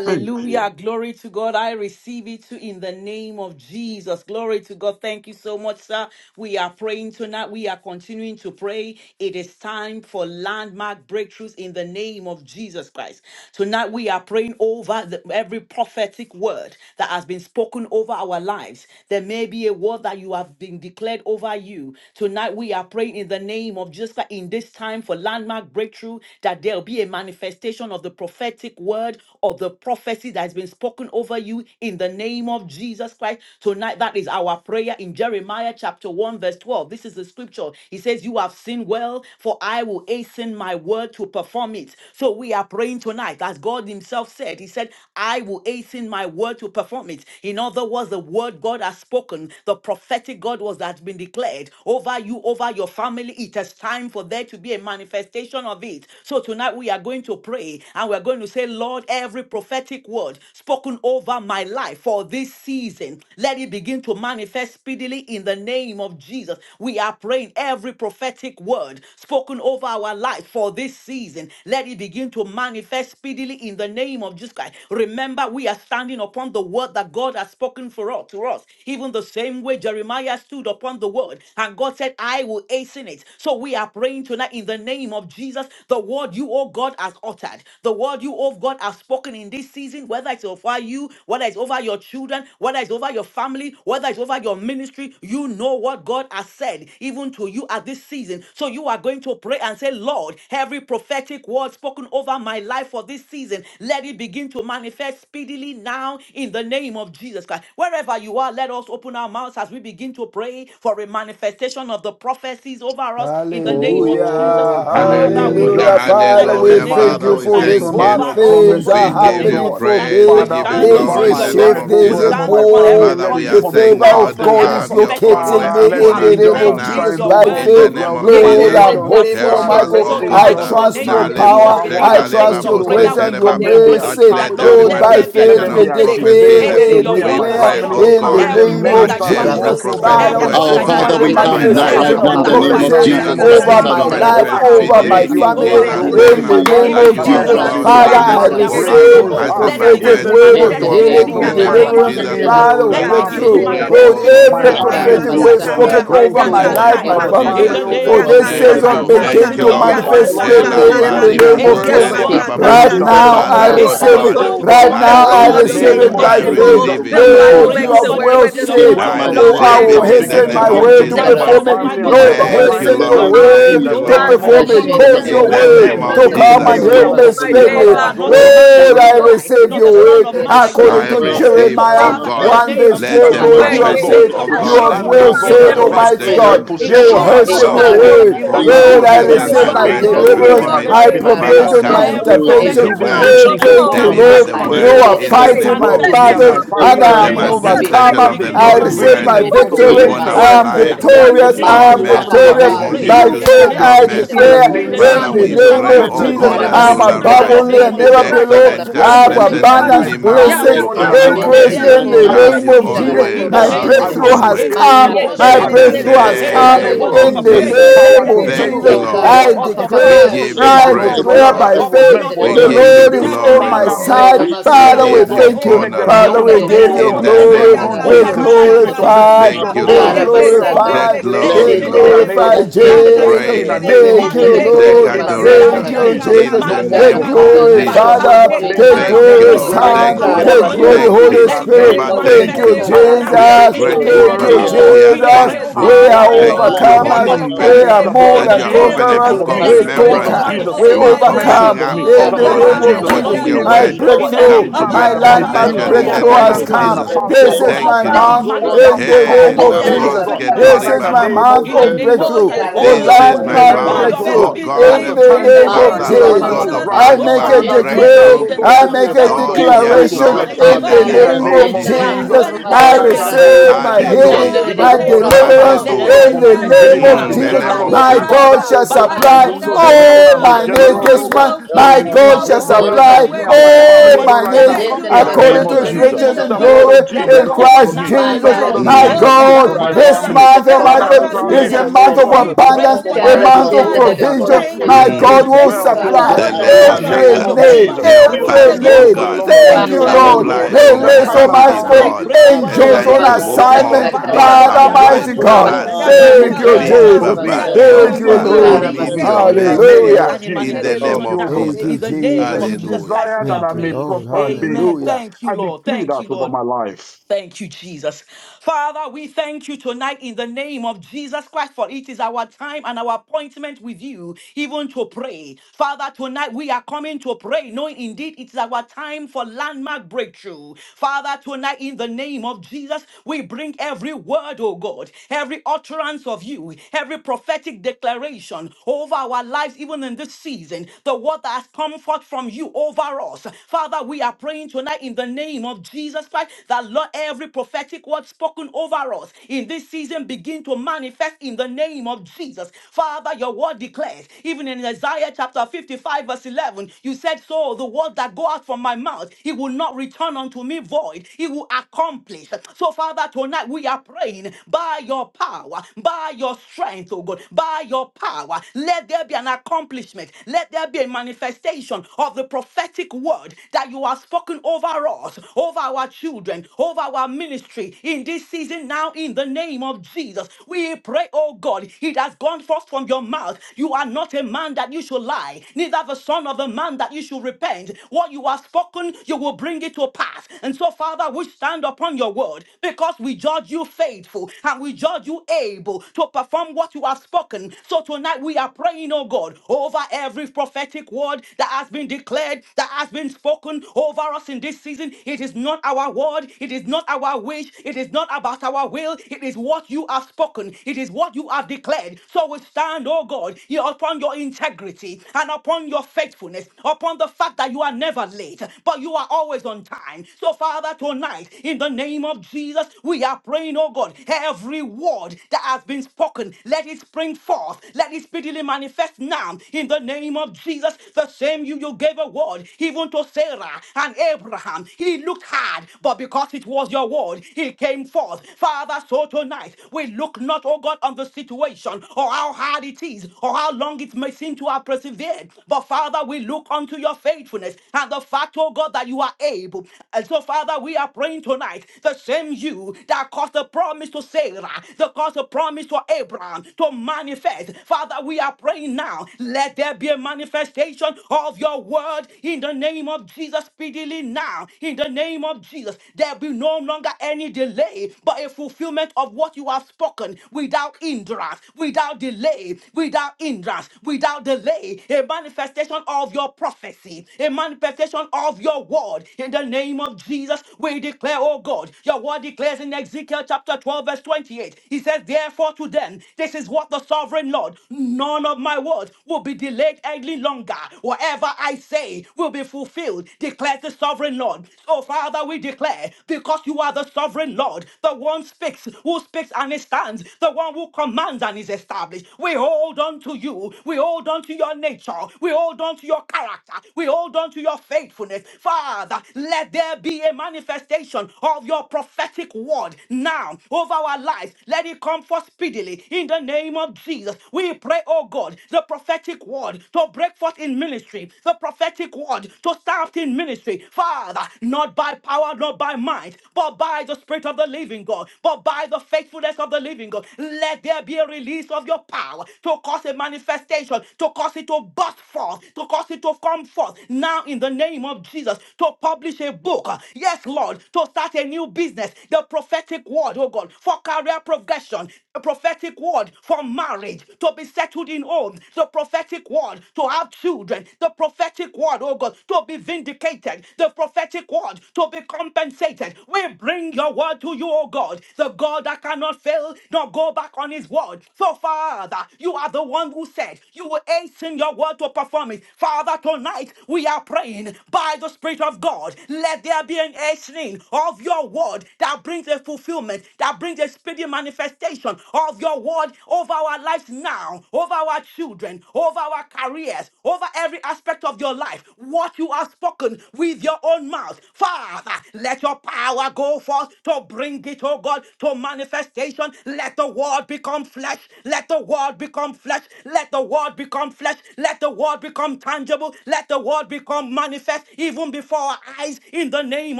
Speaker 8: Thank you.
Speaker 4: Glory to God. I receive it too in the name of Jesus. Glory to God. Thank you so much, sir. We are praying tonight. We are continuing to pray. It is time for landmark breakthroughs in the name of Jesus Christ. Tonight, we are praying over the- every prophetic word that has been spoken over our lives. There may be a word that you have been declared over you. Tonight, we are praying in the name of Jesus Christ in this time for landmark breakthrough that there will be a manifestation of the prophetic word of the prophecy that has been spoken over you in the name of Jesus Christ. Tonight, that is our prayer in Jeremiah chapter 1, verse 12. This is the scripture. He says, You have sinned well, for I will hasten my word to perform it. So we are praying tonight, as God Himself said. He said, I will hasten my word to perform it. In other words, the word God has spoken, the prophetic God was that's been declared over you, over your family. It is time for there to be a manifestation of it. So tonight we are going to pray and we're going to say, Lord, every prophetic word spoken over my life for this season. Let it begin to manifest speedily in the name of Jesus. We are praying every prophetic word spoken over our life for this season. Let it begin to manifest speedily in the name of Jesus Christ. Remember, we are standing upon the word that God has spoken for us to us. Even the same way Jeremiah stood upon the word and God said, I will hasten it. So we are praying tonight in the name of Jesus, the word you, oh God, has uttered, the word you, oh God, have spoken in this season, whether it's over you, whether it's over your children, whether it's over your family, whether it's over your ministry, you know what God has said, even to you at this season. So you are going to pray and say, Lord, every prophetic word spoken over my life for this season, let it begin to manifest speedily now in the name of Jesus Christ. Wherever you are, let us open our mouths as we begin to pray for a manifestation of the prophecies over us in the name
Speaker 3: Hallelujah,
Speaker 4: of Jesus.
Speaker 8: Oh,
Speaker 4: Father, we
Speaker 6: Hallelujah.
Speaker 3: hallelujah.
Speaker 8: Jesus,
Speaker 4: thank you tonight
Speaker 3: Father,
Speaker 4: in
Speaker 8: let the
Speaker 4: the
Speaker 3: we
Speaker 6: Hallelujah.
Speaker 4: name
Speaker 3: thank
Speaker 4: of
Speaker 6: Father,
Speaker 3: you
Speaker 4: Jesus
Speaker 6: we
Speaker 3: for
Speaker 4: Christ.
Speaker 3: this
Speaker 6: thank
Speaker 8: manifestation
Speaker 6: you.
Speaker 8: of
Speaker 4: Over
Speaker 3: month.
Speaker 8: your
Speaker 4: us, us, oh
Speaker 3: Things
Speaker 4: God,
Speaker 3: are
Speaker 6: We
Speaker 4: in
Speaker 8: promises,
Speaker 4: the
Speaker 8: oh
Speaker 6: give
Speaker 4: name
Speaker 6: you
Speaker 3: happening
Speaker 4: of
Speaker 8: God,
Speaker 4: Jesus
Speaker 3: for
Speaker 4: Christ.
Speaker 6: praise.
Speaker 3: me.
Speaker 4: We
Speaker 6: We
Speaker 8: Father,
Speaker 6: give you
Speaker 4: stand
Speaker 3: There is
Speaker 8: over
Speaker 6: glory
Speaker 3: a
Speaker 4: upon
Speaker 6: in
Speaker 8: my
Speaker 4: your
Speaker 6: the name
Speaker 8: life,
Speaker 3: shift,
Speaker 4: word.
Speaker 6: of
Speaker 8: oh
Speaker 3: there
Speaker 4: We
Speaker 3: is
Speaker 8: God,
Speaker 3: a
Speaker 6: Jesus.
Speaker 8: over
Speaker 4: stand
Speaker 8: my
Speaker 4: upon
Speaker 8: family,
Speaker 4: every
Speaker 3: move.
Speaker 6: Father,
Speaker 8: let
Speaker 6: we
Speaker 8: it
Speaker 3: The
Speaker 6: are
Speaker 4: promise.
Speaker 8: come
Speaker 4: We
Speaker 6: saying,
Speaker 8: to
Speaker 3: favor
Speaker 4: stand
Speaker 8: pass,
Speaker 6: Lord,
Speaker 3: of
Speaker 4: upon
Speaker 8: oh
Speaker 3: God
Speaker 4: every
Speaker 8: God.
Speaker 3: is
Speaker 6: have your
Speaker 4: prophetic
Speaker 6: own way
Speaker 3: locating
Speaker 4: word.
Speaker 8: Father, let
Speaker 4: You
Speaker 3: me
Speaker 6: upon
Speaker 3: in
Speaker 4: have
Speaker 3: the
Speaker 6: us
Speaker 8: angels
Speaker 3: name
Speaker 6: even
Speaker 4: declared
Speaker 3: of
Speaker 4: it
Speaker 6: now.
Speaker 4: is
Speaker 3: Jesus
Speaker 8: assign,
Speaker 4: your
Speaker 8: oh
Speaker 3: by
Speaker 8: God,
Speaker 4: word,
Speaker 6: In
Speaker 8: to
Speaker 4: oh
Speaker 6: the
Speaker 3: faith.
Speaker 6: name
Speaker 4: God.
Speaker 8: wealth
Speaker 6: of
Speaker 4: You
Speaker 2: Ye
Speaker 4: are the
Speaker 3: Lord,
Speaker 6: Jesus,
Speaker 4: one
Speaker 3: I'm
Speaker 8: creation.
Speaker 4: who has
Speaker 2: kesetere bo
Speaker 3: hopeful,
Speaker 4: spoken
Speaker 6: help
Speaker 8: Father,
Speaker 4: it.
Speaker 6: us,
Speaker 8: let
Speaker 3: Michael.
Speaker 2: shetere
Speaker 6: oh
Speaker 4: So
Speaker 2: bo
Speaker 3: I
Speaker 6: God.
Speaker 4: tonight,
Speaker 8: angels
Speaker 4: in
Speaker 6: uh,
Speaker 2: shetere
Speaker 4: the
Speaker 2: bo
Speaker 3: trust
Speaker 2: ye
Speaker 4: name
Speaker 3: your
Speaker 8: assign
Speaker 4: of
Speaker 8: to
Speaker 6: Nalebo
Speaker 3: power.
Speaker 4: Jesus,
Speaker 2: kesetere bo
Speaker 4: in
Speaker 8: power
Speaker 3: I
Speaker 4: the
Speaker 2: ye
Speaker 8: and
Speaker 4: place
Speaker 3: trust your
Speaker 4: of
Speaker 6: sekalebabo
Speaker 2: kesetere
Speaker 4: prayer,
Speaker 8: influence.
Speaker 3: grace
Speaker 2: bo
Speaker 4: we
Speaker 3: and your
Speaker 6: setereba.
Speaker 8: Let
Speaker 4: come
Speaker 2: ye
Speaker 4: to
Speaker 8: them be
Speaker 6: That
Speaker 4: pray
Speaker 3: mercy.
Speaker 2: kesetere bo
Speaker 4: that,
Speaker 8: attached,
Speaker 6: let
Speaker 2: ye
Speaker 6: there
Speaker 8: oh
Speaker 4: Lord,
Speaker 6: be
Speaker 3: Lord,
Speaker 4: let
Speaker 8: God.
Speaker 3: by
Speaker 4: there be
Speaker 2: kesetere
Speaker 4: a
Speaker 8: Let
Speaker 2: bo
Speaker 3: faith
Speaker 6: manifestation
Speaker 8: them
Speaker 3: we
Speaker 8: be
Speaker 6: of
Speaker 2: ye
Speaker 4: manifestation.
Speaker 3: decree,
Speaker 6: prophecies.
Speaker 8: activated
Speaker 4: It's
Speaker 2: kesetere
Speaker 8: to
Speaker 4: in
Speaker 3: we
Speaker 2: bo
Speaker 4: your
Speaker 8: me and
Speaker 2: ya
Speaker 6: We
Speaker 4: word
Speaker 8: my
Speaker 4: to
Speaker 3: declare
Speaker 6: pray,
Speaker 8: family,
Speaker 4: perform
Speaker 6: oh
Speaker 2: kasetere
Speaker 4: it.
Speaker 3: in
Speaker 2: bo
Speaker 8: and
Speaker 3: the
Speaker 8: let
Speaker 6: God,
Speaker 4: Every
Speaker 8: them
Speaker 3: name
Speaker 2: ye
Speaker 4: word
Speaker 6: that
Speaker 3: of
Speaker 4: that
Speaker 8: minister
Speaker 4: you
Speaker 8: to
Speaker 4: have
Speaker 6: every
Speaker 8: us,
Speaker 3: Jesus.
Speaker 2: kesetere
Speaker 8: oh
Speaker 2: bo
Speaker 4: spoken,
Speaker 8: God, on
Speaker 6: prophetic
Speaker 3: Father,
Speaker 4: every
Speaker 2: ya
Speaker 8: my
Speaker 3: we
Speaker 7: abbastanza.
Speaker 6: word
Speaker 4: word
Speaker 2: ka
Speaker 5: Our
Speaker 3: thank
Speaker 4: that
Speaker 3: you
Speaker 2: ka
Speaker 4: you
Speaker 6: spoken
Speaker 3: for
Speaker 5: Father,
Speaker 4: have
Speaker 8: bloodline
Speaker 2: ka
Speaker 3: the every
Speaker 5: we
Speaker 6: over
Speaker 2: ka
Speaker 6: my
Speaker 2: ka
Speaker 4: declared,
Speaker 5: come
Speaker 7: Ekara
Speaker 2: ka
Speaker 5: now,
Speaker 8: because
Speaker 6: life
Speaker 2: ka
Speaker 4: every
Speaker 6: uh,
Speaker 5: right
Speaker 3: manifestation
Speaker 8: of
Speaker 7: papa
Speaker 5: now
Speaker 2: ka
Speaker 5: in
Speaker 4: word
Speaker 3: of
Speaker 8: your
Speaker 7: papa
Speaker 5: the
Speaker 2: ka
Speaker 4: that
Speaker 6: for
Speaker 4: you
Speaker 8: word
Speaker 5: name
Speaker 2: ka
Speaker 4: have
Speaker 8: in
Speaker 6: this
Speaker 5: of
Speaker 8: the
Speaker 2: ka
Speaker 3: prophecies
Speaker 2: ka
Speaker 4: uttered
Speaker 7: rada
Speaker 8: name
Speaker 6: season
Speaker 5: Jesus
Speaker 2: ka
Speaker 8: of
Speaker 2: ka
Speaker 5: Christ, the
Speaker 4: over
Speaker 3: over
Speaker 6: begin
Speaker 5: Son
Speaker 6: to
Speaker 3: my
Speaker 5: of
Speaker 7: masinda
Speaker 4: us,
Speaker 8: Jesus.
Speaker 5: the
Speaker 2: shetere
Speaker 7: rada
Speaker 2: bo
Speaker 3: life,
Speaker 4: over
Speaker 6: manifest
Speaker 5: living
Speaker 4: our
Speaker 5: God.
Speaker 7: koro
Speaker 2: ye
Speaker 3: over
Speaker 6: speedily
Speaker 3: my
Speaker 8: Activate
Speaker 4: family,
Speaker 5: We
Speaker 8: your
Speaker 6: in
Speaker 4: over
Speaker 3: family,
Speaker 2: kesendere
Speaker 5: trust
Speaker 8: word,
Speaker 7: masinda
Speaker 4: our
Speaker 8: oh
Speaker 2: bo
Speaker 5: you,
Speaker 6: Jesus'
Speaker 7: rada
Speaker 8: God,
Speaker 5: Lord
Speaker 8: in
Speaker 3: in
Speaker 6: name
Speaker 8: my
Speaker 3: the
Speaker 4: situation,
Speaker 2: shetere
Speaker 5: Jesus.
Speaker 8: life,
Speaker 2: bo
Speaker 3: name
Speaker 4: even
Speaker 6: that
Speaker 3: of
Speaker 4: in
Speaker 6: you
Speaker 8: that
Speaker 5: We
Speaker 4: this
Speaker 2: ya
Speaker 8: there
Speaker 6: have
Speaker 7: ekara
Speaker 3: Jesus.
Speaker 8: shall
Speaker 5: trust
Speaker 8: be
Speaker 4: season,
Speaker 6: well
Speaker 5: you,
Speaker 3: Father,
Speaker 4: Father.
Speaker 7: basanda
Speaker 6: seen
Speaker 2: kasendere
Speaker 5: Holy
Speaker 4: Father,
Speaker 3: I
Speaker 2: bo
Speaker 8: landmark
Speaker 7: rada
Speaker 4: we are
Speaker 6: for
Speaker 5: Spirit,
Speaker 6: I
Speaker 4: praying,
Speaker 2: shetere
Speaker 4: oh
Speaker 3: receive
Speaker 6: will
Speaker 5: that
Speaker 7: masondo
Speaker 2: bo
Speaker 8: breakthroughs.
Speaker 4: God,
Speaker 7: roro
Speaker 5: every
Speaker 8: Ah,
Speaker 6: hasten
Speaker 4: let
Speaker 2: ya
Speaker 4: it
Speaker 6: my
Speaker 3: prophetic
Speaker 8: in
Speaker 4: begin
Speaker 5: prophetic
Speaker 4: to
Speaker 6: words
Speaker 8: this
Speaker 6: to
Speaker 3: word
Speaker 5: word,
Speaker 2: kasendere
Speaker 3: of
Speaker 8: month
Speaker 4: manifest
Speaker 8: of
Speaker 2: bo
Speaker 6: perform
Speaker 7: jenderere
Speaker 5: let
Speaker 3: healing,
Speaker 6: it
Speaker 4: speedily
Speaker 5: it
Speaker 6: in
Speaker 2: ya
Speaker 5: be
Speaker 3: of
Speaker 6: the
Speaker 4: in
Speaker 8: August,
Speaker 4: the
Speaker 7: koro
Speaker 6: name
Speaker 8: my
Speaker 6: of
Speaker 4: name
Speaker 3: deliverance,
Speaker 4: of
Speaker 2: kasendere
Speaker 6: Jesus.
Speaker 8: family
Speaker 7: basanda
Speaker 5: activated
Speaker 2: bo
Speaker 4: Jesus.
Speaker 7: rada
Speaker 3: Father,
Speaker 5: now.
Speaker 8: will
Speaker 3: of
Speaker 4: Let
Speaker 2: ya
Speaker 7: koro
Speaker 4: it
Speaker 6: Father,
Speaker 8: laugh,
Speaker 4: begin
Speaker 5: Let
Speaker 6: we
Speaker 4: to
Speaker 5: it
Speaker 3: breakthrough.
Speaker 5: be
Speaker 8: oh
Speaker 7: jenderere
Speaker 6: pray,
Speaker 2: kasendere
Speaker 4: manifest
Speaker 3: Lord,
Speaker 8: God.
Speaker 6: oh
Speaker 2: bo
Speaker 6: God,
Speaker 4: speedily
Speaker 5: activated
Speaker 8: My
Speaker 4: in
Speaker 3: every
Speaker 4: the
Speaker 5: now.
Speaker 4: name
Speaker 8: family
Speaker 7: ekara
Speaker 4: of
Speaker 6: arise,
Speaker 3: prophetic
Speaker 5: We
Speaker 6: oh
Speaker 8: will
Speaker 4: Jesus.
Speaker 3: word
Speaker 7: basanda
Speaker 4: We
Speaker 2: Yakakakakaka,
Speaker 5: declare
Speaker 6: God,
Speaker 3: spoken
Speaker 7: rada
Speaker 4: pray
Speaker 8: celebrate,
Speaker 3: over
Speaker 4: for
Speaker 7: koro
Speaker 6: in
Speaker 8: oh
Speaker 3: my
Speaker 4: this
Speaker 6: the
Speaker 8: God.
Speaker 7: shend
Speaker 5: activation
Speaker 6: name
Speaker 5: of
Speaker 3: life,
Speaker 4: tonight,
Speaker 5: the
Speaker 3: my
Speaker 4: oh
Speaker 8: My
Speaker 6: of
Speaker 7: every
Speaker 4: God,
Speaker 3: family,
Speaker 4: in
Speaker 2: yakakakakaka,
Speaker 5: prophetic
Speaker 8: family,
Speaker 6: Jesus.
Speaker 4: the
Speaker 8: oh
Speaker 7: prophetic
Speaker 5: word
Speaker 3: for
Speaker 4: name
Speaker 8: God,
Speaker 7: word
Speaker 4: of
Speaker 8: will
Speaker 3: this
Speaker 8: be
Speaker 7: over
Speaker 4: Jesus
Speaker 6: Thank
Speaker 8: heads
Speaker 7: my
Speaker 3: season
Speaker 5: beginning
Speaker 4: Christ.
Speaker 8: and
Speaker 6: you,
Speaker 8: not
Speaker 7: life
Speaker 5: now.
Speaker 8: the
Speaker 2: yakakakakaka,
Speaker 6: thank
Speaker 3: begin
Speaker 4: Hasten
Speaker 6: you,
Speaker 3: to
Speaker 8: tail
Speaker 4: your
Speaker 5: Our
Speaker 6: Lord.
Speaker 4: word
Speaker 8: because,
Speaker 4: to
Speaker 5: Father,
Speaker 3: manifest
Speaker 7: this
Speaker 5: we
Speaker 8: Lord, you
Speaker 7: is a
Speaker 4: performance,
Speaker 5: pray.
Speaker 8: will
Speaker 4: oh
Speaker 3: speedily in
Speaker 6: Elamba
Speaker 3: the
Speaker 8: watch
Speaker 4: Lord.
Speaker 7: beginning
Speaker 2: yakakakakaka,
Speaker 7: to
Speaker 8: your
Speaker 6: riba
Speaker 3: name
Speaker 5: Every
Speaker 3: of
Speaker 6: sote
Speaker 8: word,
Speaker 4: Hasten
Speaker 7: manifest
Speaker 8: oh
Speaker 4: your
Speaker 3: Jesus.
Speaker 8: God,
Speaker 5: prophetic
Speaker 4: word
Speaker 6: riba
Speaker 4: to
Speaker 6: ba
Speaker 7: speedily
Speaker 6: ba
Speaker 8: and
Speaker 5: word
Speaker 8: it
Speaker 6: ba.
Speaker 3: Right
Speaker 4: performance,
Speaker 7: ide
Speaker 8: shall
Speaker 4: oh
Speaker 2: yakakakakaka.
Speaker 3: now,
Speaker 5: spoken
Speaker 4: Lord.
Speaker 8: come
Speaker 3: I
Speaker 6: Father,
Speaker 5: over
Speaker 8: to
Speaker 7: masanda
Speaker 2: Because
Speaker 6: Lord
Speaker 5: my
Speaker 4: Hasten
Speaker 7: rada
Speaker 3: receive
Speaker 8: pass,
Speaker 4: your
Speaker 3: it.
Speaker 5: life,
Speaker 4: word
Speaker 6: God,
Speaker 8: oh
Speaker 4: to
Speaker 2: Sotorobo,
Speaker 3: Right
Speaker 8: God.
Speaker 5: yes,
Speaker 6: I
Speaker 4: performance,
Speaker 2: the
Speaker 3: now,
Speaker 4: oh
Speaker 5: for
Speaker 7: ekara
Speaker 3: I
Speaker 8: In
Speaker 5: this
Speaker 8: the
Speaker 4: Lord.
Speaker 2: God of
Speaker 4: In
Speaker 3: receive
Speaker 2: the
Speaker 5: season,
Speaker 6: receive,
Speaker 4: the
Speaker 7: basanda
Speaker 8: name
Speaker 3: it
Speaker 8: of
Speaker 7: rada
Speaker 6: I
Speaker 3: by
Speaker 4: name of
Speaker 5: begin
Speaker 3: faith.
Speaker 2: impossible,
Speaker 8: Jesus,
Speaker 4: Jesus,
Speaker 6: receive
Speaker 5: to
Speaker 2: the
Speaker 6: it,
Speaker 4: we
Speaker 8: let
Speaker 4: are
Speaker 2: one
Speaker 8: the
Speaker 2: who
Speaker 5: manifest
Speaker 3: Lord,
Speaker 7: para
Speaker 3: you
Speaker 4: praying,
Speaker 2: makes
Speaker 4: oh
Speaker 2: a
Speaker 3: have
Speaker 5: speedily.
Speaker 4: God,
Speaker 2: way
Speaker 7: basanda
Speaker 3: well
Speaker 2: where
Speaker 4: hasten
Speaker 2: there
Speaker 4: your
Speaker 5: Begin
Speaker 2: seems
Speaker 4: word
Speaker 2: to
Speaker 5: to
Speaker 4: to
Speaker 3: said,
Speaker 8: wealth
Speaker 6: I
Speaker 2: be
Speaker 8: of
Speaker 2: no
Speaker 8: the
Speaker 3: for
Speaker 5: manifest
Speaker 4: performance
Speaker 3: I
Speaker 2: way,
Speaker 4: in
Speaker 6: receive
Speaker 4: the
Speaker 3: will
Speaker 6: it
Speaker 8: Gentiles
Speaker 6: in
Speaker 5: speedily.
Speaker 4: name
Speaker 6: the
Speaker 4: of
Speaker 8: begin
Speaker 7: ekara
Speaker 3: hasten
Speaker 8: to
Speaker 6: name
Speaker 3: my
Speaker 4: Jesus
Speaker 8: come
Speaker 5: Begin
Speaker 4: Christ.
Speaker 6: of
Speaker 8: to
Speaker 3: way
Speaker 5: to
Speaker 3: to
Speaker 8: me
Speaker 2: the
Speaker 7: basanda
Speaker 4: My
Speaker 8: and
Speaker 6: Jesus.
Speaker 2: one
Speaker 8: my
Speaker 7: rada
Speaker 5: manifest
Speaker 2: who
Speaker 4: Lord
Speaker 3: perform
Speaker 4: and
Speaker 3: it.
Speaker 7: koro
Speaker 2: makes
Speaker 4: my
Speaker 8: family
Speaker 5: speedily.
Speaker 2: me
Speaker 8: and
Speaker 2: to
Speaker 8: my
Speaker 4: God,
Speaker 7: shende.
Speaker 3: Lord,
Speaker 2: walk
Speaker 4: we
Speaker 5: Right
Speaker 2: on
Speaker 6: Thank
Speaker 8: bloodline
Speaker 5: now,
Speaker 6: you,
Speaker 5: in
Speaker 2: dry
Speaker 3: hasten
Speaker 5: the
Speaker 4: believe your
Speaker 3: your
Speaker 8: right
Speaker 6: Lord,
Speaker 5: name
Speaker 2: ground,
Speaker 5: of
Speaker 8: now
Speaker 4: word.
Speaker 3: way
Speaker 8: in
Speaker 6: thank
Speaker 4: We
Speaker 2: the
Speaker 8: the
Speaker 6: you,
Speaker 5: Jesus,
Speaker 4: hold
Speaker 3: to
Speaker 4: on
Speaker 2: one
Speaker 6: Lord,
Speaker 8: name
Speaker 4: to your
Speaker 8: of
Speaker 7: Kara
Speaker 3: perform
Speaker 2: who
Speaker 3: it.
Speaker 5: begin
Speaker 4: promise.
Speaker 5: to
Speaker 8: Jesus.
Speaker 3: Cause
Speaker 4: We
Speaker 7: shedere
Speaker 2: orders
Speaker 7: de
Speaker 6: in
Speaker 3: your
Speaker 4: hold
Speaker 6: the
Speaker 5: manifest
Speaker 8: Let
Speaker 4: on to
Speaker 7: koro
Speaker 3: way
Speaker 4: the
Speaker 6: name
Speaker 2: situations
Speaker 8: men
Speaker 5: speedily.
Speaker 2: and
Speaker 4: word
Speaker 6: of
Speaker 3: to
Speaker 4: you
Speaker 8: bring
Speaker 7: shedere
Speaker 4: have
Speaker 8: to
Speaker 7: de
Speaker 5: In
Speaker 3: come
Speaker 8: me
Speaker 5: the
Speaker 3: and
Speaker 6: Jesus.
Speaker 4: spoken,
Speaker 7: koro
Speaker 3: help
Speaker 5: name
Speaker 2: circumstances
Speaker 4: oh
Speaker 8: wealth
Speaker 5: of
Speaker 3: me
Speaker 2: in
Speaker 8: of
Speaker 4: God,
Speaker 8: the
Speaker 2: my
Speaker 5: Jesus.
Speaker 4: because you are
Speaker 7: basitara
Speaker 3: speedily.
Speaker 4: you
Speaker 2: favor,
Speaker 7: da
Speaker 4: are
Speaker 8: Gentiles, oh
Speaker 4: not a
Speaker 5: Oh,
Speaker 8: God.
Speaker 2: even
Speaker 4: man
Speaker 2: when
Speaker 4: that
Speaker 3: Lord,
Speaker 5: you
Speaker 4: you
Speaker 2: I
Speaker 7: koro
Speaker 3: I
Speaker 4: should
Speaker 5: might
Speaker 2: don't
Speaker 4: lie,
Speaker 5: go.
Speaker 2: see
Speaker 3: receive
Speaker 4: not
Speaker 2: him
Speaker 3: your
Speaker 4: the
Speaker 7: basitara da
Speaker 4: son
Speaker 3: word
Speaker 4: of
Speaker 2: working,
Speaker 4: man
Speaker 7: kere
Speaker 4: that you
Speaker 5: You
Speaker 2: he's
Speaker 5: have
Speaker 3: according
Speaker 4: should
Speaker 6: I
Speaker 3: to
Speaker 7: shedere de
Speaker 5: well
Speaker 4: repent.
Speaker 2: working,
Speaker 7: koro
Speaker 6: receive,
Speaker 5: spoken,
Speaker 4: So,
Speaker 6: O
Speaker 3: Jeremiah
Speaker 2: he's
Speaker 5: O
Speaker 4: Father, in the
Speaker 5: God,
Speaker 7: basitara
Speaker 6: God,
Speaker 7: da
Speaker 3: 1
Speaker 2: working,
Speaker 4: name
Speaker 5: and
Speaker 3: verse
Speaker 4: of
Speaker 5: you
Speaker 6: let
Speaker 4: Jesus,
Speaker 3: 12.
Speaker 8: and
Speaker 2: he's
Speaker 6: the
Speaker 5: shall
Speaker 8: the
Speaker 4: Christ,
Speaker 5: watch
Speaker 3: Lord, you
Speaker 8: west,
Speaker 4: in
Speaker 7: makara
Speaker 4: the
Speaker 8: oh
Speaker 5: over
Speaker 3: have
Speaker 5: your
Speaker 2: working.
Speaker 8: God.
Speaker 6: prophetic,
Speaker 3: said,
Speaker 5: way
Speaker 4: place
Speaker 6: O
Speaker 4: of
Speaker 7: shedere
Speaker 5: to
Speaker 8: I
Speaker 7: de
Speaker 3: you
Speaker 7: koro
Speaker 4: complete
Speaker 3: have
Speaker 5: perform
Speaker 6: God,
Speaker 2: Jehovah
Speaker 5: it,
Speaker 8: stand,
Speaker 4: trust,
Speaker 3: well
Speaker 5: O
Speaker 8: oh
Speaker 6: come to
Speaker 5: God.
Speaker 8: God,
Speaker 4: in
Speaker 8: at
Speaker 3: said,
Speaker 8: the
Speaker 4: what you
Speaker 5: I
Speaker 4: have
Speaker 8: right
Speaker 3: Almighty
Speaker 7: shedere
Speaker 8: place.
Speaker 2: Barbarism,
Speaker 8: I
Speaker 7: de
Speaker 3: God,
Speaker 5: pray
Speaker 4: spoken,
Speaker 7: koro
Speaker 6: manifestation.
Speaker 5: the
Speaker 4: in the
Speaker 3: you
Speaker 6: You
Speaker 8: position
Speaker 4: place of
Speaker 6: have
Speaker 5: prophetic
Speaker 2: Jehovah,
Speaker 3: hasten
Speaker 8: myself,
Speaker 6: well
Speaker 3: your
Speaker 4: complete
Speaker 5: word
Speaker 2: man
Speaker 8: oh
Speaker 4: trust,
Speaker 8: God,
Speaker 2: of
Speaker 6: seen,
Speaker 3: word.
Speaker 5: that
Speaker 4: in
Speaker 6: for
Speaker 8: that
Speaker 4: what
Speaker 5: this
Speaker 2: war.
Speaker 8: your
Speaker 4: you
Speaker 6: I
Speaker 7: Ekarabasindra,
Speaker 4: have
Speaker 3: Lord,
Speaker 5: is
Speaker 6: will
Speaker 8: word
Speaker 3: I
Speaker 8: will
Speaker 5: my
Speaker 4: said,
Speaker 8: be
Speaker 6: hasten
Speaker 3: receive
Speaker 6: my
Speaker 5: man,
Speaker 2: Jehovah,
Speaker 3: my
Speaker 4: Father,
Speaker 6: word
Speaker 7: Koroshindra,
Speaker 4: Lord,
Speaker 6: to
Speaker 8: activated, oh
Speaker 4: we
Speaker 5: Almighty
Speaker 2: King
Speaker 8: God,
Speaker 4: pray
Speaker 3: deliverance,
Speaker 8: in
Speaker 6: perform
Speaker 4: in
Speaker 8: my
Speaker 2: of
Speaker 7: Ramasandra,
Speaker 4: the
Speaker 5: God
Speaker 6: it.
Speaker 5: of
Speaker 8: life
Speaker 3: my
Speaker 8: in
Speaker 4: name
Speaker 2: kings,
Speaker 8: the
Speaker 4: of Jesus.
Speaker 5: landmark
Speaker 8: name
Speaker 4: Christ,
Speaker 6: Father,
Speaker 8: of
Speaker 2: Lord
Speaker 3: provision,
Speaker 4: Let
Speaker 3: my
Speaker 2: of
Speaker 8: Jesus.
Speaker 7: Ekarabasandra.
Speaker 6: come,
Speaker 4: every
Speaker 5: breakthroughs.
Speaker 2: lords,
Speaker 8: Let
Speaker 6: perform
Speaker 8: the
Speaker 3: intervention.
Speaker 7: Every
Speaker 6: your
Speaker 2: the
Speaker 4: prophetic
Speaker 8: hidden
Speaker 4: word
Speaker 2: man
Speaker 5: Now,
Speaker 7: prophetic
Speaker 6: word,
Speaker 3: Lord,
Speaker 2: of
Speaker 8: riches,
Speaker 5: right
Speaker 4: begin
Speaker 8: oh
Speaker 7: word
Speaker 4: to
Speaker 3: thank
Speaker 2: war,
Speaker 8: God,
Speaker 3: you,
Speaker 5: now,
Speaker 7: over
Speaker 8: in
Speaker 7: my
Speaker 6: deliver
Speaker 2: the
Speaker 8: this
Speaker 4: manifest
Speaker 3: Lord.
Speaker 6: the
Speaker 7: life,
Speaker 3: You
Speaker 8: country,
Speaker 5: activate
Speaker 4: speedily,
Speaker 8: oh
Speaker 2: ancient
Speaker 5: the
Speaker 6: word
Speaker 3: are
Speaker 2: of
Speaker 8: God,
Speaker 6: in
Speaker 4: begin
Speaker 6: the
Speaker 4: to
Speaker 5: prophetic
Speaker 7: Kerebasandra,
Speaker 2: days,
Speaker 8: open
Speaker 6: name
Speaker 3: fighting my
Speaker 8: up
Speaker 6: of
Speaker 2: the
Speaker 5: word
Speaker 8: to
Speaker 4: manifest
Speaker 7: this
Speaker 8: me
Speaker 7: is
Speaker 8: and
Speaker 2: lily
Speaker 3: battles,
Speaker 7: a
Speaker 8: my
Speaker 5: and
Speaker 4: speedily,
Speaker 6: Jesus.
Speaker 2: of the
Speaker 5: make
Speaker 7: begin
Speaker 4: in
Speaker 3: and
Speaker 8: family
Speaker 7: to
Speaker 8: in
Speaker 4: the
Speaker 5: me
Speaker 8: the
Speaker 3: I
Speaker 5: a
Speaker 6: The
Speaker 3: am
Speaker 2: valley,
Speaker 8: name
Speaker 3: no
Speaker 4: name
Speaker 3: an
Speaker 8: of
Speaker 4: of
Speaker 7: manifest
Speaker 2: the
Speaker 4: Jesus.
Speaker 8: Jesus.
Speaker 4: Christ,
Speaker 2: bright
Speaker 7: speedily
Speaker 6: manifestation
Speaker 5: beneficiary
Speaker 8: Let
Speaker 6: of
Speaker 3: overcomer.
Speaker 6: the
Speaker 8: the
Speaker 4: Begin to
Speaker 2: morning
Speaker 5: of
Speaker 3: I
Speaker 7: in
Speaker 8: hidden
Speaker 5: the
Speaker 6: Lord's
Speaker 2: star.
Speaker 3: receive
Speaker 7: Jesus'
Speaker 4: manifest
Speaker 8: riches,
Speaker 3: my
Speaker 8: oh
Speaker 7: name.
Speaker 6: word
Speaker 5: prophetic
Speaker 8: God, of
Speaker 4: speedily,
Speaker 2: Only
Speaker 5: word.
Speaker 4: in
Speaker 3: victory.
Speaker 7: Ire
Speaker 4: the
Speaker 2: you,
Speaker 6: upon
Speaker 3: I
Speaker 4: name
Speaker 6: our
Speaker 8: nations
Speaker 5: Help,
Speaker 4: of
Speaker 3: am
Speaker 2: Father.
Speaker 4: Jesus.
Speaker 5: let
Speaker 7: masondro,
Speaker 4: Christ,
Speaker 6: lives.
Speaker 8: open
Speaker 5: me
Speaker 8: up
Speaker 4: In the
Speaker 8: to
Speaker 2: Only
Speaker 5: be a
Speaker 3: victorious.
Speaker 8: me
Speaker 2: you,
Speaker 4: name
Speaker 8: and
Speaker 6: Show
Speaker 3: I
Speaker 4: of
Speaker 8: my
Speaker 3: am
Speaker 4: Jesus,
Speaker 7: makura
Speaker 4: Christ.
Speaker 5: partaker
Speaker 8: family
Speaker 2: Father.
Speaker 8: in
Speaker 6: mercy
Speaker 8: the
Speaker 4: Father,
Speaker 6: to
Speaker 4: I
Speaker 8: name
Speaker 3: victorious.
Speaker 5: of
Speaker 7: papapa,
Speaker 8: of
Speaker 5: the
Speaker 6: whom
Speaker 2: Only
Speaker 6: you
Speaker 5: might
Speaker 4: pray,
Speaker 3: By
Speaker 8: Jesus.
Speaker 2: you,
Speaker 6: choose
Speaker 4: in
Speaker 5: of
Speaker 7: jandra
Speaker 4: the
Speaker 6: to
Speaker 5: the
Speaker 8: I
Speaker 3: faith,
Speaker 2: Father.
Speaker 4: name
Speaker 6: show
Speaker 4: of
Speaker 3: I
Speaker 8: decree
Speaker 5: prophetic
Speaker 4: Jesus,
Speaker 8: in
Speaker 7: ramasendra,
Speaker 4: Christ,
Speaker 6: mercy.
Speaker 7: de
Speaker 8: the
Speaker 3: declare
Speaker 2: Only
Speaker 5: word.
Speaker 4: in
Speaker 2: you,
Speaker 4: the
Speaker 8: name
Speaker 5: Let
Speaker 8: of
Speaker 4: name
Speaker 3: in
Speaker 6: Father,
Speaker 4: of
Speaker 2: Father.
Speaker 5: my
Speaker 3: the
Speaker 6: we
Speaker 4: Jesus,
Speaker 7: koroshendra,
Speaker 8: Jesus.
Speaker 5: wife
Speaker 4: Christ,
Speaker 3: name
Speaker 4: we
Speaker 6: pray,
Speaker 5: be
Speaker 4: are
Speaker 5: a
Speaker 8: Let
Speaker 3: of
Speaker 2: Only
Speaker 6: O
Speaker 8: the
Speaker 4: praying,
Speaker 2: you,
Speaker 4: oh
Speaker 3: Jesus,
Speaker 6: God,
Speaker 4: God,
Speaker 8: hidden
Speaker 6: that
Speaker 3: I
Speaker 5: partaker
Speaker 2: Father.
Speaker 4: even
Speaker 3: am
Speaker 6: you'll
Speaker 8: riches,
Speaker 4: tonight,
Speaker 5: of,
Speaker 8: oh
Speaker 7: ikarabasindra,
Speaker 3: above
Speaker 4: in
Speaker 8: God,
Speaker 5: might
Speaker 4: the
Speaker 6: arise
Speaker 4: name
Speaker 8: of
Speaker 3: only
Speaker 8: this
Speaker 4: name
Speaker 5: God
Speaker 3: and
Speaker 7: rakere
Speaker 4: of
Speaker 5: of the
Speaker 3: never
Speaker 4: Jesus
Speaker 8: nation
Speaker 2: Yakakakaka.
Speaker 4: Christ,
Speaker 7: shindra,
Speaker 4: oh
Speaker 3: below.
Speaker 4: God,
Speaker 5: prophetic
Speaker 6: excellent
Speaker 8: Open up
Speaker 5: word
Speaker 6: and
Speaker 3: I
Speaker 4: in
Speaker 8: to
Speaker 3: have
Speaker 4: the
Speaker 5: in
Speaker 8: me
Speaker 4: name
Speaker 5: this
Speaker 6: blessed
Speaker 4: of
Speaker 8: and
Speaker 7: ramasondro.
Speaker 4: Jesus
Speaker 8: my
Speaker 3: abundance,
Speaker 4: Christ,
Speaker 2: Yakakakakaka.
Speaker 5: season.
Speaker 6: Redeemer.
Speaker 7: Ma
Speaker 8: family,
Speaker 4: Father,
Speaker 8: oh
Speaker 5: Yes,
Speaker 4: we
Speaker 3: blessings,
Speaker 7: chi
Speaker 6: You
Speaker 8: God, in
Speaker 7: ne
Speaker 6: are
Speaker 8: the
Speaker 4: pray,
Speaker 8: name
Speaker 5: Almighty
Speaker 6: our
Speaker 8: of
Speaker 5: God,
Speaker 4: let
Speaker 7: scendere
Speaker 3: increase
Speaker 4: there
Speaker 2: Yakakakakaka.
Speaker 7: da
Speaker 6: maker.
Speaker 8: Jesus.
Speaker 3: in
Speaker 4: be a
Speaker 3: the
Speaker 7: coro
Speaker 5: landmark
Speaker 8: I
Speaker 7: va
Speaker 6: Have
Speaker 3: name
Speaker 6: your
Speaker 3: of
Speaker 8: receive
Speaker 7: sindere
Speaker 6: own
Speaker 4: manifestation
Speaker 5: breakthroughs,
Speaker 3: Jesus.
Speaker 7: da
Speaker 6: way.
Speaker 4: in
Speaker 7: coro
Speaker 2: Yakakakakaka.
Speaker 4: the
Speaker 8: favor.
Speaker 3: My
Speaker 4: name
Speaker 6: Have
Speaker 5: landmark
Speaker 4: of
Speaker 8: I
Speaker 6: your
Speaker 4: Jesus
Speaker 7: scendere,
Speaker 3: breakthrough
Speaker 4: Christ.
Speaker 6: own
Speaker 8: receive
Speaker 3: has
Speaker 6: way.
Speaker 5: breakthroughs.
Speaker 7: ma
Speaker 4: Hasten your
Speaker 5: It's
Speaker 3: come.
Speaker 7: cara
Speaker 8: favor.
Speaker 4: word to
Speaker 3: My
Speaker 5: time
Speaker 8: I
Speaker 6: In
Speaker 5: for
Speaker 6: the
Speaker 7: scendere
Speaker 4: perform
Speaker 7: da
Speaker 8: receive
Speaker 3: breakthrough
Speaker 4: it.
Speaker 7: coro
Speaker 2: Yekeseterebo,
Speaker 5: landmark
Speaker 3: has
Speaker 8: favor in the
Speaker 4: Hasten
Speaker 3: come
Speaker 4: your
Speaker 7: scendere
Speaker 8: name
Speaker 6: name
Speaker 7: da
Speaker 2: seterebo.
Speaker 5: breakthroughs.
Speaker 4: word
Speaker 8: of
Speaker 4: to
Speaker 3: in
Speaker 7: coro
Speaker 6: of
Speaker 7: va
Speaker 8: Jesus.
Speaker 3: the
Speaker 5: Let
Speaker 4: perform it.
Speaker 5: the
Speaker 6: Jesus.
Speaker 7: sandra.
Speaker 4: Let
Speaker 8: Power
Speaker 3: name
Speaker 4: there
Speaker 5: landmark
Speaker 8: to
Speaker 4: be
Speaker 3: of
Speaker 4: a
Speaker 2: Yekeseterebo.
Speaker 8: make
Speaker 6: Thank you,
Speaker 3: Jesus.
Speaker 7: E
Speaker 5: breakthroughs
Speaker 8: wealth, oh
Speaker 4: manifestation
Speaker 6: Lord.
Speaker 7: cara
Speaker 5: right
Speaker 3: I
Speaker 8: God.
Speaker 4: of
Speaker 5: now
Speaker 8: You
Speaker 7: papà
Speaker 4: your
Speaker 8: said the
Speaker 6: We
Speaker 3: declare,
Speaker 7: papà
Speaker 2: Yekeseterebo.
Speaker 8: secret
Speaker 6: give
Speaker 4: prophecy,
Speaker 5: happen,
Speaker 6: you
Speaker 8: things
Speaker 3: I
Speaker 4: of
Speaker 7: giondro
Speaker 8: belong
Speaker 4: your
Speaker 8: to
Speaker 6: praise,
Speaker 8: the
Speaker 5: Almighty
Speaker 3: declare
Speaker 8: Lord.
Speaker 4: word
Speaker 7: pura
Speaker 8: That
Speaker 6: Lord.
Speaker 3: by
Speaker 5: God,
Speaker 7: ma
Speaker 8: which
Speaker 2: Yakaseterebo,
Speaker 8: was
Speaker 4: upon
Speaker 5: in
Speaker 8: meant
Speaker 4: us,
Speaker 3: faith.
Speaker 5: the
Speaker 7: scendere
Speaker 4: oh
Speaker 6: We
Speaker 8: for us
Speaker 7: de
Speaker 3: The
Speaker 8: has
Speaker 5: name
Speaker 2: seterebo.
Speaker 4: God,
Speaker 6: give
Speaker 8: been
Speaker 5: of
Speaker 6: you
Speaker 3: Lord
Speaker 4: even
Speaker 3: is
Speaker 8: revealed.
Speaker 4: in
Speaker 5: Jesus
Speaker 4: the
Speaker 3: on
Speaker 6: glory,
Speaker 4: name
Speaker 3: my
Speaker 8: Father,
Speaker 4: of
Speaker 5: Christ.
Speaker 6: Lord.
Speaker 4: Jesus
Speaker 8: make
Speaker 2: Yakaseterebo.
Speaker 7: coro
Speaker 8: the
Speaker 4: Christ.
Speaker 5: We
Speaker 3: side.
Speaker 7: va
Speaker 6: We
Speaker 8: secrets,
Speaker 4: Father,
Speaker 3: Father,
Speaker 5: pray,
Speaker 4: we
Speaker 3: we
Speaker 8: oh
Speaker 6: give
Speaker 7: sandra.
Speaker 5: oh
Speaker 4: pray,
Speaker 6: you
Speaker 8: God.
Speaker 3: thank
Speaker 4: oh
Speaker 3: you.
Speaker 5: God,
Speaker 8: Make
Speaker 4: God,
Speaker 2: Yekeseterebo.
Speaker 6: honor,
Speaker 8: them
Speaker 3: Father,
Speaker 4: every
Speaker 6: Lord.
Speaker 8: known
Speaker 3: we
Speaker 7: Scendere
Speaker 8: to
Speaker 7: da
Speaker 8: me,
Speaker 3: give
Speaker 4: prophetic
Speaker 8: oh
Speaker 5: Father,
Speaker 3: you
Speaker 6: In
Speaker 7: coro
Speaker 4: word
Speaker 8: God.
Speaker 7: va
Speaker 6: the
Speaker 2: Yekeseterebo.
Speaker 4: spoken
Speaker 8: Make
Speaker 6: name
Speaker 3: glory.
Speaker 4: us
Speaker 6: of
Speaker 7: sandra
Speaker 5: somehow,
Speaker 8: known to
Speaker 7: da
Speaker 3: We
Speaker 4: over
Speaker 8: me the
Speaker 7: coro
Speaker 4: our
Speaker 5: oh
Speaker 4: life
Speaker 6: Jesus.
Speaker 4: for
Speaker 8: secrets
Speaker 5: God
Speaker 8: of
Speaker 7: scendere.
Speaker 4: this
Speaker 8: this
Speaker 3: glorify.
Speaker 4: season,
Speaker 8: nation,
Speaker 2: Yakakakakakakaka.
Speaker 6: Thank
Speaker 8: oh
Speaker 7: I
Speaker 6: you,
Speaker 4: let
Speaker 3: Be
Speaker 8: God,
Speaker 4: it
Speaker 8: in
Speaker 5: somehow,
Speaker 7: cara
Speaker 8: the
Speaker 6: Lord.
Speaker 7: va
Speaker 4: begin to
Speaker 5: oh
Speaker 8: area of
Speaker 4: come
Speaker 7: sandra
Speaker 5: God.
Speaker 7: da
Speaker 8: wealth
Speaker 6: Take
Speaker 4: forth.
Speaker 3: glorified.
Speaker 7: cara
Speaker 4: Let
Speaker 2: Yekekekekekeke,
Speaker 4: it
Speaker 8: creation.
Speaker 5: Let
Speaker 3: Be
Speaker 6: glory,
Speaker 5: it
Speaker 4: begin to
Speaker 8: In
Speaker 7: scendere
Speaker 8: the
Speaker 7: da
Speaker 6: Lord.
Speaker 5: happen.
Speaker 2: seterebo.
Speaker 8: name
Speaker 7: coro
Speaker 5: Let
Speaker 3: glorified,
Speaker 4: manifest.
Speaker 8: of
Speaker 5: the
Speaker 6: Take
Speaker 7: scendere
Speaker 8: Jesus.
Speaker 4: Manifest
Speaker 5: prophetic
Speaker 7: de.
Speaker 3: Jesus.
Speaker 8: In
Speaker 5: word
Speaker 8: the
Speaker 5: have
Speaker 6: praise.
Speaker 4: speedily.
Speaker 5: its
Speaker 8: name
Speaker 2: Yakaseterebo,
Speaker 3: Thank
Speaker 8: of
Speaker 5: focus
Speaker 3: you,
Speaker 7: Scendere
Speaker 4: Manifest
Speaker 7: da
Speaker 8: Jesus
Speaker 6: Take
Speaker 7: coro
Speaker 3: Lord.
Speaker 8: in
Speaker 7: va
Speaker 4: speedily
Speaker 5: now.
Speaker 8: the name
Speaker 2: Yekaseterebo,
Speaker 4: without
Speaker 5: Let
Speaker 3: Thank
Speaker 8: of
Speaker 6: adoration
Speaker 5: the
Speaker 7: sandra.
Speaker 3: you,
Speaker 8: Jesus.
Speaker 4: delay.
Speaker 5: prophetic
Speaker 6: in
Speaker 3: Jesus.
Speaker 8: No
Speaker 6: the
Speaker 7: I
Speaker 5: word
Speaker 8: more
Speaker 4: Manifest
Speaker 5: have
Speaker 7: cara
Speaker 3: Take
Speaker 6: name
Speaker 5: its
Speaker 4: speedily
Speaker 7: va
Speaker 6: of
Speaker 5: full
Speaker 4: mightily
Speaker 3: glory,
Speaker 7: sandra
Speaker 4: by
Speaker 2: Yakakakakakakaka,
Speaker 7: da
Speaker 8: procrastination, no
Speaker 5: performance
Speaker 6: Jesus.
Speaker 7: coro
Speaker 3: Father.
Speaker 4: power.
Speaker 8: more
Speaker 5: now.
Speaker 3: Take
Speaker 8: laziness,
Speaker 4: Father,
Speaker 7: scendere.
Speaker 4: we
Speaker 6: Thank
Speaker 8: no
Speaker 5: My
Speaker 6: you,
Speaker 3: glory,
Speaker 8: more
Speaker 2: Yekaseterebo,
Speaker 4: pray
Speaker 6: Lord.
Speaker 4: by
Speaker 5: God,
Speaker 4: the
Speaker 8: weariness,
Speaker 5: I
Speaker 3: Son.
Speaker 6: Thank
Speaker 8: no
Speaker 4: power
Speaker 6: you,
Speaker 5: look
Speaker 2: Sheterebo,
Speaker 4: of
Speaker 8: more
Speaker 4: the
Speaker 3: Take
Speaker 5: to
Speaker 6: Lord.
Speaker 4: Holy
Speaker 8: fear.
Speaker 5: you,
Speaker 3: glory,
Speaker 4: Ghost,
Speaker 6: Thank you,
Speaker 8: In
Speaker 3: Holy
Speaker 5: Jesus,
Speaker 4: let
Speaker 8: the
Speaker 4: it
Speaker 6: Lord.
Speaker 5: and I
Speaker 4: begin
Speaker 3: Spirit.
Speaker 8: name
Speaker 4: to
Speaker 2: Yakaseterebo,
Speaker 6: Baba,
Speaker 8: of
Speaker 5: pray
Speaker 7: Koru
Speaker 3: Thank
Speaker 6: thank
Speaker 4: manifest
Speaker 8: Jesus,
Speaker 3: you,
Speaker 6: you.
Speaker 5: the
Speaker 2: Sheterebo,
Speaker 7: basada
Speaker 4: speedily
Speaker 8: I
Speaker 7: rara
Speaker 6: We
Speaker 5: prophetic
Speaker 4: now.
Speaker 7: koru
Speaker 6: are
Speaker 8: activate
Speaker 3: Jesus.
Speaker 4: In the
Speaker 8: your
Speaker 5: word
Speaker 4: name
Speaker 6: grateful,
Speaker 7: tere
Speaker 3: Thank
Speaker 4: of
Speaker 8: word,
Speaker 3: you,
Speaker 7: koru
Speaker 5: be
Speaker 6: Baba.
Speaker 8: oh
Speaker 2: Yekaseterebo,
Speaker 4: Jesus,
Speaker 8: God,
Speaker 6: We are
Speaker 4: we
Speaker 8: by
Speaker 3: Jesus.
Speaker 4: pray, oh
Speaker 5: activated
Speaker 3: We
Speaker 4: God,
Speaker 6: thankful.
Speaker 7: tere
Speaker 5: in
Speaker 4: in the
Speaker 3: are
Speaker 8: power in
Speaker 5: my
Speaker 4: name
Speaker 8: the
Speaker 4: of
Speaker 2: Yekaseterebo,
Speaker 4: Jesus,
Speaker 6: Thank
Speaker 8: blood
Speaker 5: life.
Speaker 6: you,
Speaker 4: Christ,
Speaker 8: of
Speaker 4: we
Speaker 7: koru
Speaker 6: Holy
Speaker 3: overcomers.
Speaker 4: call
Speaker 5: Over,
Speaker 3: We
Speaker 4: upon
Speaker 8: Jesus.
Speaker 4: you,
Speaker 7: basada
Speaker 4: oh
Speaker 6: Spirit,
Speaker 5: over
Speaker 3: are
Speaker 7: rara
Speaker 8: The
Speaker 4: God.
Speaker 8: blood
Speaker 3: more
Speaker 7: koru
Speaker 2: Yakaseterebo.
Speaker 4: In
Speaker 8: of
Speaker 6: that
Speaker 4: the
Speaker 6: you
Speaker 3: than
Speaker 5: Malenga,
Speaker 6: are
Speaker 4: name
Speaker 8: Jesus
Speaker 5: over
Speaker 4: of
Speaker 7: tere
Speaker 6: opening
Speaker 2: Every
Speaker 6: a
Speaker 4: Jesus,
Speaker 8: speaks
Speaker 3: conquerors.
Speaker 4: Christ,
Speaker 6: book
Speaker 8: for
Speaker 5: Natasha
Speaker 7: koru
Speaker 6: of
Speaker 8: me.
Speaker 4: let
Speaker 3: We
Speaker 2: prophetic
Speaker 4: it
Speaker 8: The
Speaker 7: basada
Speaker 5: Nerase
Speaker 2: word
Speaker 4: begin
Speaker 8: blood
Speaker 4: to
Speaker 8: of
Speaker 7: rara
Speaker 6: remembrance.
Speaker 2: spoken
Speaker 7: koru
Speaker 3: conquer.
Speaker 5: Joshua,
Speaker 8: Jesus
Speaker 3: We
Speaker 4: manifest
Speaker 2: over
Speaker 6: You
Speaker 7: tere
Speaker 4: in
Speaker 8: pleads
Speaker 6: are
Speaker 2: my
Speaker 4: the
Speaker 2: life,
Speaker 5: over
Speaker 4: name
Speaker 8: mercy
Speaker 2: oh
Speaker 6: opening
Speaker 4: of
Speaker 3: overcome
Speaker 8: for
Speaker 6: up,
Speaker 8: me.
Speaker 5: Almighty
Speaker 4: Jesus.
Speaker 2: God,
Speaker 6: oh
Speaker 4: Christ.
Speaker 5: God
Speaker 3: in
Speaker 8: The
Speaker 7: kara
Speaker 3: the
Speaker 8: blood
Speaker 2: that
Speaker 6: God,
Speaker 5: and
Speaker 2: i
Speaker 8: of
Speaker 3: name
Speaker 6: and you
Speaker 2: may
Speaker 7: basada
Speaker 6: are
Speaker 3: of
Speaker 2: a
Speaker 8: Jesus
Speaker 4: Father,
Speaker 7: rara
Speaker 3: Jesus.
Speaker 4: Lord,
Speaker 6: watching
Speaker 2: lender,
Speaker 4: we
Speaker 6: your
Speaker 5: CCE,
Speaker 8: forgives
Speaker 2: not
Speaker 3: My
Speaker 7: koru
Speaker 8: me
Speaker 2: a
Speaker 4: pray
Speaker 6: word
Speaker 8: for
Speaker 7: tere
Speaker 4: in the
Speaker 5: over
Speaker 2: borrower,
Speaker 8: every
Speaker 3: breakthrough,
Speaker 4: name
Speaker 6: come to
Speaker 4: of
Speaker 8: time
Speaker 5: everything
Speaker 3: my
Speaker 4: Jesus
Speaker 8: I
Speaker 2: above
Speaker 8: have
Speaker 5: that
Speaker 4: Christ.
Speaker 7: kara
Speaker 5: is
Speaker 2: only
Speaker 7: basada
Speaker 2: and
Speaker 4: Father,
Speaker 3: landmark
Speaker 8: misused,
Speaker 4: Lord,
Speaker 6: manifestation
Speaker 2: not
Speaker 8: oh
Speaker 4: we
Speaker 6: in
Speaker 4: are
Speaker 5: connected
Speaker 6: the
Speaker 8: God,
Speaker 7: rara
Speaker 3: breakthrough
Speaker 5: to
Speaker 6: name
Speaker 2: beneath.
Speaker 7: koru
Speaker 4: praying,
Speaker 3: has
Speaker 5: me.
Speaker 4: oh
Speaker 6: of
Speaker 8: finances
Speaker 4: God,
Speaker 2: Oh,
Speaker 8: in
Speaker 3: come.
Speaker 4: in
Speaker 8: the
Speaker 6: Jesus.
Speaker 4: the
Speaker 5: I
Speaker 7: tere
Speaker 8: past,
Speaker 4: name
Speaker 8: oh
Speaker 3: This
Speaker 5: pray,
Speaker 4: of
Speaker 8: God,
Speaker 3: is
Speaker 4: God.
Speaker 6: Thank
Speaker 3: my
Speaker 6: you,
Speaker 8: that
Speaker 4: Let
Speaker 5: Father.
Speaker 2: Yakakakaka,
Speaker 8: has,
Speaker 4: it
Speaker 6: Lord.
Speaker 3: month
Speaker 8: oh
Speaker 2: oh,
Speaker 8: God,
Speaker 5: Right
Speaker 8: now
Speaker 4: manifest
Speaker 3: in
Speaker 5: now,
Speaker 3: the
Speaker 4: now.
Speaker 8: become
Speaker 7: kara
Speaker 8: a
Speaker 6: Hey,
Speaker 3: name
Speaker 5: the
Speaker 4: Let
Speaker 2: Yakakakaka,
Speaker 3: of
Speaker 4: there
Speaker 5: word
Speaker 4: be
Speaker 8: blockade,
Speaker 7: basada
Speaker 4: a
Speaker 2: oh,
Speaker 8: oh
Speaker 5: is
Speaker 3: Jesus.
Speaker 6: labros
Speaker 7: rara
Speaker 8: God.
Speaker 4: speedy
Speaker 7: kara
Speaker 3: This
Speaker 6: ketori
Speaker 8: Father,
Speaker 5: activated.
Speaker 8: in
Speaker 3: is
Speaker 7: tere
Speaker 8: the
Speaker 3: my
Speaker 6: baba
Speaker 2: Yakakakaka
Speaker 4: manifestation
Speaker 8: name
Speaker 6: baba.
Speaker 5: The
Speaker 3: month
Speaker 8: of
Speaker 4: in the
Speaker 2: out.
Speaker 3: of
Speaker 5: word
Speaker 4: name
Speaker 5: is
Speaker 4: of
Speaker 8: Jesus,
Speaker 2: Oh,
Speaker 4: Jesus
Speaker 3: breakthrough
Speaker 4: Christ
Speaker 2: yes,
Speaker 8: open
Speaker 7: kara
Speaker 3: for
Speaker 4: of
Speaker 8: the
Speaker 5: activated.
Speaker 2: Lord.
Speaker 6: This
Speaker 4: your
Speaker 8: book
Speaker 6: is
Speaker 8: of
Speaker 7: tere
Speaker 6: my
Speaker 5: The
Speaker 4: word,
Speaker 2: Begin to
Speaker 3: landmark
Speaker 7: koru
Speaker 4: of
Speaker 5: word
Speaker 8: remembrance,
Speaker 6: mouth,
Speaker 4: your
Speaker 8: oh
Speaker 5: is
Speaker 2: manifest
Speaker 6: oh
Speaker 3: breakthrough
Speaker 5: up
Speaker 8: God.
Speaker 4: promise,
Speaker 5: to
Speaker 7: basada rara
Speaker 8: All
Speaker 4: as
Speaker 2: speedily
Speaker 5: better.
Speaker 4: we
Speaker 3: in
Speaker 8: the
Speaker 6: God.
Speaker 3: the
Speaker 4: bring
Speaker 2: in
Speaker 4: it
Speaker 8: times,
Speaker 4: to
Speaker 2: the
Speaker 8: oh
Speaker 3: name
Speaker 4: you,
Speaker 8: God,
Speaker 4: oh
Speaker 2: name
Speaker 3: of
Speaker 5: Prophetic
Speaker 8: I
Speaker 6: Father,
Speaker 4: God.
Speaker 8: use
Speaker 7: makura
Speaker 2: of
Speaker 5: word
Speaker 6: Lord
Speaker 4: Mm,
Speaker 7: papa
Speaker 6: God
Speaker 3: Jesus.
Speaker 8: finances
Speaker 5: spoken
Speaker 2: Jesus.
Speaker 6: of
Speaker 7: papa
Speaker 4: mm
Speaker 8: right.
Speaker 3: I
Speaker 5: over
Speaker 3: make
Speaker 2: Oh,
Speaker 5: my
Speaker 6: landmark
Speaker 3: a
Speaker 2: in
Speaker 8: Father,
Speaker 2: the
Speaker 5: life
Speaker 7: gendere
Speaker 8: use
Speaker 2: name
Speaker 7: ne
Speaker 8: that,
Speaker 3: decree.
Speaker 2: of
Speaker 4: in
Speaker 8: oh
Speaker 6: breakthrough.
Speaker 4: the
Speaker 5: right
Speaker 8: God,
Speaker 7: masinda
Speaker 3: I
Speaker 4: name
Speaker 2: Jesus.
Speaker 8: to
Speaker 5: now.
Speaker 8: be
Speaker 4: of
Speaker 3: make
Speaker 7: na
Speaker 4: Jesus,
Speaker 8: a
Speaker 3: a
Speaker 5: In
Speaker 8: point
Speaker 6: Oh,
Speaker 8: of
Speaker 4: even
Speaker 2: Manifest
Speaker 5: this
Speaker 7: masindere
Speaker 8: contact
Speaker 4: tonight
Speaker 6: yes,
Speaker 2: right
Speaker 4: in
Speaker 8: to
Speaker 5: season
Speaker 4: the
Speaker 3: declaration
Speaker 5: of
Speaker 8: bless
Speaker 6: Lord,
Speaker 2: now.
Speaker 4: place
Speaker 8: me.
Speaker 6: in
Speaker 5: God,
Speaker 4: of
Speaker 3: in
Speaker 6: the
Speaker 3: the
Speaker 4: prayer.
Speaker 7: makara
Speaker 8: In
Speaker 6: name
Speaker 8: the
Speaker 5: let
Speaker 2: Manifest
Speaker 3: name
Speaker 6: of
Speaker 5: them
Speaker 8: name
Speaker 3: of
Speaker 2: right
Speaker 8: of
Speaker 5: begin
Speaker 7: gendere
Speaker 6: Jesus.
Speaker 2: now.
Speaker 5: to
Speaker 8: Jesus.
Speaker 4: Father,
Speaker 3: Jesus.
Speaker 7: koru
Speaker 4: let
Speaker 3: I
Speaker 4: there
Speaker 2: Manifest
Speaker 5: manifest.
Speaker 4: be
Speaker 8: Father, in
Speaker 4: a
Speaker 2: right
Speaker 8: the
Speaker 7: basindara
Speaker 5: Let
Speaker 8: name
Speaker 2: now.
Speaker 3: receive
Speaker 5: them
Speaker 8: of
Speaker 3: my
Speaker 5: begin
Speaker 2: The
Speaker 4: manifestation
Speaker 5: to
Speaker 4: now.
Speaker 8: Jesus.
Speaker 5: have
Speaker 6: Hallelujah.
Speaker 5: the
Speaker 3: healing,
Speaker 7: Gender
Speaker 8: If
Speaker 2: God
Speaker 7: de
Speaker 5: full
Speaker 2: of
Speaker 3: my
Speaker 8: I am
Speaker 2: the
Speaker 4: Oh
Speaker 8: not
Speaker 7: cura
Speaker 5: force.
Speaker 4: God,
Speaker 8: held
Speaker 7: papa,
Speaker 3: deliverance
Speaker 8: back,
Speaker 2: impossible.
Speaker 5: Lord,
Speaker 4: let
Speaker 8: oh
Speaker 4: there
Speaker 8: God,
Speaker 6: Hallelujah.
Speaker 4: be a
Speaker 5: I
Speaker 3: in
Speaker 7: gendere
Speaker 5: am
Speaker 8: from
Speaker 3: the
Speaker 7: de
Speaker 2: Appear
Speaker 8: being greedy,
Speaker 2: right
Speaker 5: praying
Speaker 3: name
Speaker 4: manifestation
Speaker 8: but I've
Speaker 3: of
Speaker 5: right
Speaker 7: coroscete
Speaker 6: Mm,
Speaker 2: now.
Speaker 8: been
Speaker 4: now.
Speaker 6: the
Speaker 5: now
Speaker 7: de
Speaker 3: Jesus.
Speaker 6: name
Speaker 4: By
Speaker 8: generous.
Speaker 6: of
Speaker 5: for
Speaker 4: your
Speaker 3: My
Speaker 2: Appear
Speaker 5: the
Speaker 7: coroscete.
Speaker 2: right
Speaker 8: Father,
Speaker 6: Jesus.
Speaker 3: God
Speaker 4: power,
Speaker 2: now.
Speaker 3: shall
Speaker 4: by
Speaker 8: open
Speaker 4: the
Speaker 8: the
Speaker 5: manifestation
Speaker 7: Bata,
Speaker 3: supply
Speaker 2: Appear
Speaker 5: of
Speaker 8: windows
Speaker 2: now,
Speaker 4: anointing,
Speaker 8: of
Speaker 4: oh
Speaker 7: gendere
Speaker 4: God,
Speaker 5: every
Speaker 7: de
Speaker 8: heaven
Speaker 2: right
Speaker 3: all
Speaker 8: and be
Speaker 2: now.
Speaker 4: by
Speaker 3: my
Speaker 4: your
Speaker 5: prophetic
Speaker 3: needs
Speaker 2: You
Speaker 7: coroscete.
Speaker 8: generous,
Speaker 2: have
Speaker 3: this
Speaker 4: spirit,
Speaker 5: word.
Speaker 8: oh
Speaker 4: oh
Speaker 8: God,
Speaker 4: God,
Speaker 2: well
Speaker 3: month.
Speaker 8: to
Speaker 5: Oh
Speaker 3: My
Speaker 2: seen.
Speaker 4: let it
Speaker 5: God,
Speaker 2: For
Speaker 8: release
Speaker 3: God
Speaker 2: I
Speaker 5: I
Speaker 4: come
Speaker 3: shall
Speaker 8: great
Speaker 2: will
Speaker 4: forth.
Speaker 5: pray
Speaker 2: hasten
Speaker 8: wealth
Speaker 2: my
Speaker 8: for
Speaker 3: supply
Speaker 4: Let
Speaker 8: me
Speaker 4: it
Speaker 2: way
Speaker 5: for
Speaker 8: and
Speaker 2: to
Speaker 4: come
Speaker 8: my
Speaker 5: the
Speaker 4: forth,
Speaker 7: Coro,
Speaker 4: oh
Speaker 2: perform
Speaker 8: family
Speaker 3: all
Speaker 4: God.
Speaker 8: even
Speaker 2: it.
Speaker 3: my
Speaker 8: right
Speaker 4: Let it
Speaker 3: needs
Speaker 5: manifestation
Speaker 8: now.
Speaker 2: Thank
Speaker 4: come
Speaker 2: you,
Speaker 8: In
Speaker 4: forth,
Speaker 8: the
Speaker 5: of
Speaker 7: Şedere
Speaker 4: oh
Speaker 2: Father,
Speaker 4: God,
Speaker 8: name
Speaker 3: according
Speaker 2: that
Speaker 8: of
Speaker 3: to
Speaker 4: in
Speaker 5: every
Speaker 7: koruma
Speaker 2: you
Speaker 3: his
Speaker 4: the
Speaker 8: Jesus.
Speaker 4: name
Speaker 2: hasten
Speaker 3: riches
Speaker 4: of
Speaker 5: prophetic
Speaker 2: your
Speaker 3: in
Speaker 8: The
Speaker 7: sidere
Speaker 8: blood
Speaker 2: word
Speaker 4: Jesus.
Speaker 5: word
Speaker 7: koruma
Speaker 3: glory
Speaker 8: of
Speaker 2: to
Speaker 4: Let
Speaker 8: Jesus
Speaker 4: it
Speaker 3: in
Speaker 7: sidere.
Speaker 4: come
Speaker 2: perform
Speaker 8: speaks
Speaker 5: right
Speaker 4: forth
Speaker 2: it
Speaker 8: for
Speaker 3: Christ
Speaker 4: now
Speaker 2: in
Speaker 8: me.
Speaker 5: now,
Speaker 4: in
Speaker 2: my
Speaker 4: the
Speaker 8: The
Speaker 3: Jesus.
Speaker 4: name
Speaker 7: Makara
Speaker 8: blood
Speaker 2: life.
Speaker 4: of
Speaker 5: right
Speaker 8: of
Speaker 4: Jesus
Speaker 3: My
Speaker 4: Christ
Speaker 5: now,
Speaker 2: Oh,
Speaker 8: Jesus
Speaker 6: Mm,
Speaker 7: şedere
Speaker 8: speaks for
Speaker 4: without
Speaker 3: God,
Speaker 8: my
Speaker 5: right
Speaker 7: koruma
Speaker 4: delay.
Speaker 3: this
Speaker 4: Let
Speaker 5: now.
Speaker 2: yakakaka,
Speaker 8: family.
Speaker 4: it
Speaker 3: month,
Speaker 4: come
Speaker 3: oh
Speaker 7: sidere
Speaker 4: forth
Speaker 3: my
Speaker 5: Let
Speaker 4: now
Speaker 8: Father,
Speaker 5: there
Speaker 3: God,
Speaker 4: in
Speaker 7: koruma
Speaker 4: the
Speaker 8: crown
Speaker 5: be a
Speaker 8: me
Speaker 3: is
Speaker 4: name
Speaker 3: a
Speaker 4: of
Speaker 2: yakakakaka.
Speaker 8: from,
Speaker 4: Jesus
Speaker 8: oh
Speaker 3: month
Speaker 4: Christ.
Speaker 7: sidere.
Speaker 3: of
Speaker 8: God,
Speaker 5: performance
Speaker 8: the
Speaker 4: We
Speaker 2: Thank
Speaker 5: of
Speaker 2: you
Speaker 8: t-
Speaker 5: God.
Speaker 2: for
Speaker 4: pray,
Speaker 3: abundance,
Speaker 4: oh
Speaker 8: top of
Speaker 4: God,
Speaker 2: filling
Speaker 8: my
Speaker 3: a
Speaker 5: Let
Speaker 4: even
Speaker 7: İkara
Speaker 8: head to
Speaker 2: every
Speaker 4: for
Speaker 8: the
Speaker 3: month
Speaker 5: there
Speaker 4: this,
Speaker 3: of
Speaker 5: be
Speaker 4: oh
Speaker 8: toes
Speaker 5: a
Speaker 4: God,
Speaker 8: of
Speaker 2: valley.
Speaker 7: şedere
Speaker 8: my
Speaker 4: even
Speaker 7: koruma
Speaker 3: provision.
Speaker 8: feet
Speaker 4: right
Speaker 5: performance
Speaker 2: Thank
Speaker 5: of
Speaker 2: you
Speaker 8: with
Speaker 4: now.
Speaker 3: My
Speaker 5: God.
Speaker 7: sidere.
Speaker 2: for
Speaker 6: mm.
Speaker 4: In
Speaker 5: Mm.
Speaker 8: great
Speaker 3: God
Speaker 4: the
Speaker 3: will
Speaker 4: name of
Speaker 2: making
Speaker 8: wealth,
Speaker 4: Jesus,
Speaker 2: me
Speaker 4: as
Speaker 8: oh
Speaker 7: Kara
Speaker 4: we
Speaker 2: walk
Speaker 3: supply
Speaker 8: God,
Speaker 6: the
Speaker 4: call
Speaker 2: on
Speaker 5: My
Speaker 8: in
Speaker 2: dry
Speaker 4: upon
Speaker 6: labor
Speaker 8: the
Speaker 4: you, oh
Speaker 7: basandere
Speaker 5: Father,
Speaker 4: God.
Speaker 2: ground.
Speaker 3: every
Speaker 8: name
Speaker 5: I
Speaker 7: kara
Speaker 6: shakar.
Speaker 8: of
Speaker 2: Thank
Speaker 3: need,
Speaker 5: pray
Speaker 2: you
Speaker 4: Jehovah,
Speaker 8: Jesus.
Speaker 4: we
Speaker 2: for
Speaker 7: sidere
Speaker 6: Help
Speaker 7: koruma
Speaker 5: for
Speaker 2: parting
Speaker 4: pray,
Speaker 5: a
Speaker 8: Silver
Speaker 3: every
Speaker 2: the
Speaker 6: us,
Speaker 8: and
Speaker 7: sidere.
Speaker 6: oh
Speaker 4: even
Speaker 2: Red
Speaker 8: gold
Speaker 3: need.
Speaker 5: genuine
Speaker 4: for
Speaker 2: Sea.
Speaker 4: this,
Speaker 6: God.
Speaker 4: oh
Speaker 8: belongs
Speaker 4: God.
Speaker 8: to
Speaker 2: Thank
Speaker 3: Thank
Speaker 4: God,
Speaker 5: performance,
Speaker 2: you
Speaker 4: in
Speaker 3: you,
Speaker 4: the
Speaker 8: you,
Speaker 2: for
Speaker 7: Bakara
Speaker 5: a
Speaker 8: oh
Speaker 3: Lord.
Speaker 4: name
Speaker 2: speed
Speaker 4: of
Speaker 8: Lord.
Speaker 5: real
Speaker 2: and
Speaker 6: Supply for
Speaker 7: şedere
Speaker 4: Jesus
Speaker 8: The
Speaker 6: my
Speaker 4: Christ.
Speaker 3: Release,
Speaker 7: kara
Speaker 5: performance.
Speaker 3: oh
Speaker 2: acceleration.
Speaker 3: my
Speaker 6: family,
Speaker 8: cattle,
Speaker 4: Father,
Speaker 7: sidere.
Speaker 5: Let
Speaker 3: God,
Speaker 4: we
Speaker 2: Thank you
Speaker 5: it
Speaker 6: Lord.
Speaker 4: pray,
Speaker 2: for
Speaker 4: oh God,
Speaker 6: A
Speaker 4: in
Speaker 5: happen
Speaker 4: the
Speaker 3: angels
Speaker 2: recovery
Speaker 6: time
Speaker 3: on
Speaker 7: Koruma
Speaker 2: and
Speaker 4: name
Speaker 6: to
Speaker 4: of
Speaker 5: right
Speaker 6: move
Speaker 4: Jesus
Speaker 8: beasts
Speaker 5: now,
Speaker 4: Christ.
Speaker 8: of
Speaker 7: sidere
Speaker 2: restoration.
Speaker 6: home.
Speaker 8: the
Speaker 3: assignment,
Speaker 7: kara
Speaker 5: Abba
Speaker 4: Father,
Speaker 6: Please
Speaker 8: forest
Speaker 4: Lord,
Speaker 8: are
Speaker 4: we
Speaker 3: Father,
Speaker 7: sidere.
Speaker 4: are
Speaker 5: Father.
Speaker 8: yours,
Speaker 6: supply
Speaker 3: mighty
Speaker 4: praying, oh
Speaker 8: oh
Speaker 6: for
Speaker 5: My
Speaker 4: God,
Speaker 2: Yakakakaka,
Speaker 3: God.
Speaker 4: in
Speaker 8: Lord.
Speaker 4: the
Speaker 6: us.
Speaker 5: God,
Speaker 7: Bakara
Speaker 5: I
Speaker 4: name of
Speaker 3: Thank
Speaker 8: Release
Speaker 3: you,
Speaker 8: them
Speaker 7: şedere
Speaker 4: Jesus
Speaker 6: Please,
Speaker 5: pray.
Speaker 4: Christ.
Speaker 2: yakakakaka,
Speaker 8: unto
Speaker 3: Jesus.
Speaker 7: koruma
Speaker 8: me.
Speaker 4: Let
Speaker 6: Baba,
Speaker 4: there
Speaker 7: sidere.
Speaker 4: be,
Speaker 6: help
Speaker 3: Thank
Speaker 4: oh
Speaker 5: Perform
Speaker 3: you,
Speaker 4: God,
Speaker 5: your
Speaker 8: Release
Speaker 6: us.
Speaker 4: in
Speaker 8: them
Speaker 4: the
Speaker 6: We
Speaker 2: yakakakaka,
Speaker 3: Lord.
Speaker 5: word.
Speaker 7: Kara
Speaker 4: name
Speaker 8: unto
Speaker 4: of
Speaker 6: need
Speaker 8: me
Speaker 4: Jesus
Speaker 6: your
Speaker 4: Christ,
Speaker 7: basandere
Speaker 5: Perform
Speaker 4: a
Speaker 8: in the
Speaker 5: your
Speaker 8: name
Speaker 6: mercy
Speaker 4: fulfillment
Speaker 5: word.
Speaker 3: Hallelujah.
Speaker 2: yekeseterebo
Speaker 8: of
Speaker 4: and a
Speaker 6: in
Speaker 8: Jesus.
Speaker 6: the
Speaker 5: Oh
Speaker 6: name
Speaker 8: Thank
Speaker 2: sheterebo.
Speaker 4: manifestation
Speaker 7: şedere.
Speaker 8: you, oh
Speaker 6: of
Speaker 5: God.
Speaker 4: now.
Speaker 8: God.
Speaker 3: Thank
Speaker 2: Thank
Speaker 3: you,
Speaker 4: In the
Speaker 2: you,
Speaker 6: Jesus.
Speaker 4: name
Speaker 8: You
Speaker 2: Jesus.
Speaker 4: of
Speaker 3: Jesus.
Speaker 4: Jesus
Speaker 6: Hallelujah.
Speaker 4: Christ,
Speaker 8: desire
Speaker 4: we
Speaker 8: that
Speaker 4: are
Speaker 3: Thank
Speaker 8: I
Speaker 3: you,
Speaker 8: may
Speaker 4: praying.
Speaker 3: Lord.
Speaker 8: prosper and be in
Speaker 4: Amen.
Speaker 8: good.
Speaker 3: Hallelujah.
Speaker 4: Thank you,
Speaker 8: I
Speaker 4: Lord.
Speaker 8: decree
Speaker 4: Thank
Speaker 8: that
Speaker 4: you,
Speaker 8: over
Speaker 4: Lord.
Speaker 8: my life.
Speaker 4: Thank you, Jesus. Father, we thank you tonight in the name of Jesus Christ, for it is our time and our appointment with you, even to pray. Father, tonight we are coming to pray, knowing indeed it is our time for landmark breakthrough. Father, tonight in the name of Jesus, we bring every word, oh God, every utterance of you, every prophetic declaration over our lives, even in this season, the word that has come forth from you over us. Father, we are praying tonight in in the name of Jesus Christ that Lord, every prophetic word spoken over us in this season begin to manifest in the name of Jesus. Father, your word declares, even in Isaiah chapter 55, verse 11, you said, So the word that go out from my mouth, it will not return unto me void, it will accomplish. So, Father, tonight we are praying by your power, by your strength, oh God, by your power. Let there be an accomplishment, let there be a manifestation of the prophetic prophetic word that you have spoken over us, over our children, over our ministry in this season now in the name of Jesus. We pray, oh God, it has gone forth from your mouth. You are not a man that you should lie, neither the son of a man that you should repent. What you have spoken, you will bring it to pass. And so, Father, we stand upon your word because we judge you faithful and we judge you able to perform what you have spoken. So tonight we are praying, oh God, over every prophetic prophetic word that has been declared, that has been spoken over us in this season. It is not our word, it is not our wish, it is not about our will, it is what you have spoken, it is what you have declared. So we stand, oh God, here upon your integrity and upon your faithfulness, upon the fact that you are never late, but you are always on time. So, Father, tonight, in the name of Jesus, we are praying, oh God, every word that has been spoken, let it spring forth, let it speedily manifest now in the name of Jesus. The same you you gave a word even to Sarah and Abraham. He looked hard, but because it was your word, he came forth. Father, so tonight we look not, oh God, on the situation or how hard it is or how long it may seem to have persevered. But Father, we look unto your faithfulness and the fact, oh God, that you are able. And so, Father, we are praying tonight the same you that caused the promise to Sarah, that caused the promise to Abraham down to manifest. Father, we are praying now. Let there be a manifestation of your word in the name of Jesus speedily now. In the name of Jesus, there be no longer any delay, but a fulfillment of what you have spoken without hindrance, without delay, without hindrance, without delay. A manifestation of your prophecy, a manifestation of your word. In the name of Jesus, we declare, oh God, your word declares in Ezekiel chapter 12, verse 20. 28, he says, Therefore to them, this is what the sovereign Lord, none of my words will be delayed any longer. Whatever I say will be fulfilled, declares the sovereign Lord. So, Father, we declare, because you are the sovereign Lord, the one speaks, who speaks and it stands, the one who commands and is established. We hold on to you. We hold on to your nature. We hold on to your character. We hold on to your faithfulness. Father, let there be a manifestation of your prophetic prophetic word now over our lives. Let it come forth speedily in the name of Jesus. We pray, oh God, the prophetic word to break forth in ministry, the prophetic word to start in ministry. Father, not by power, not by might, but by the Spirit of the living God, but by the faithfulness of the living God. Let there be a release of your power to cause a manifestation, to cause it to burst forth, to cause it to come forth now in the name of Jesus, to publish a book Yes, Lord, to start a new business. The prophetic word, oh God, for career progression. The prophetic word for marriage, to be settled in home. The prophetic word to have children. The prophetic word, oh God, to be vindicated. The prophetic word to be compensated. We bring your word to you, oh God, the God that cannot fail nor go back on his word. So, Father, you are the one who said you will hasten your word to perform it. Father, tonight we are praying by the Spirit of God, let there be an listening of your word that brings a fulfillment, that brings a speedy manifestation of your word over our lives now, over our children, over our careers, over every aspect of your life. What you have spoken with your own mouth, Father, let your power go forth to bring it, oh God, to manifestation. Let the word become flesh. Let the word become flesh. Let the word become flesh. Let the word become tangible tangible. Let the word become manifest even before our eyes in the name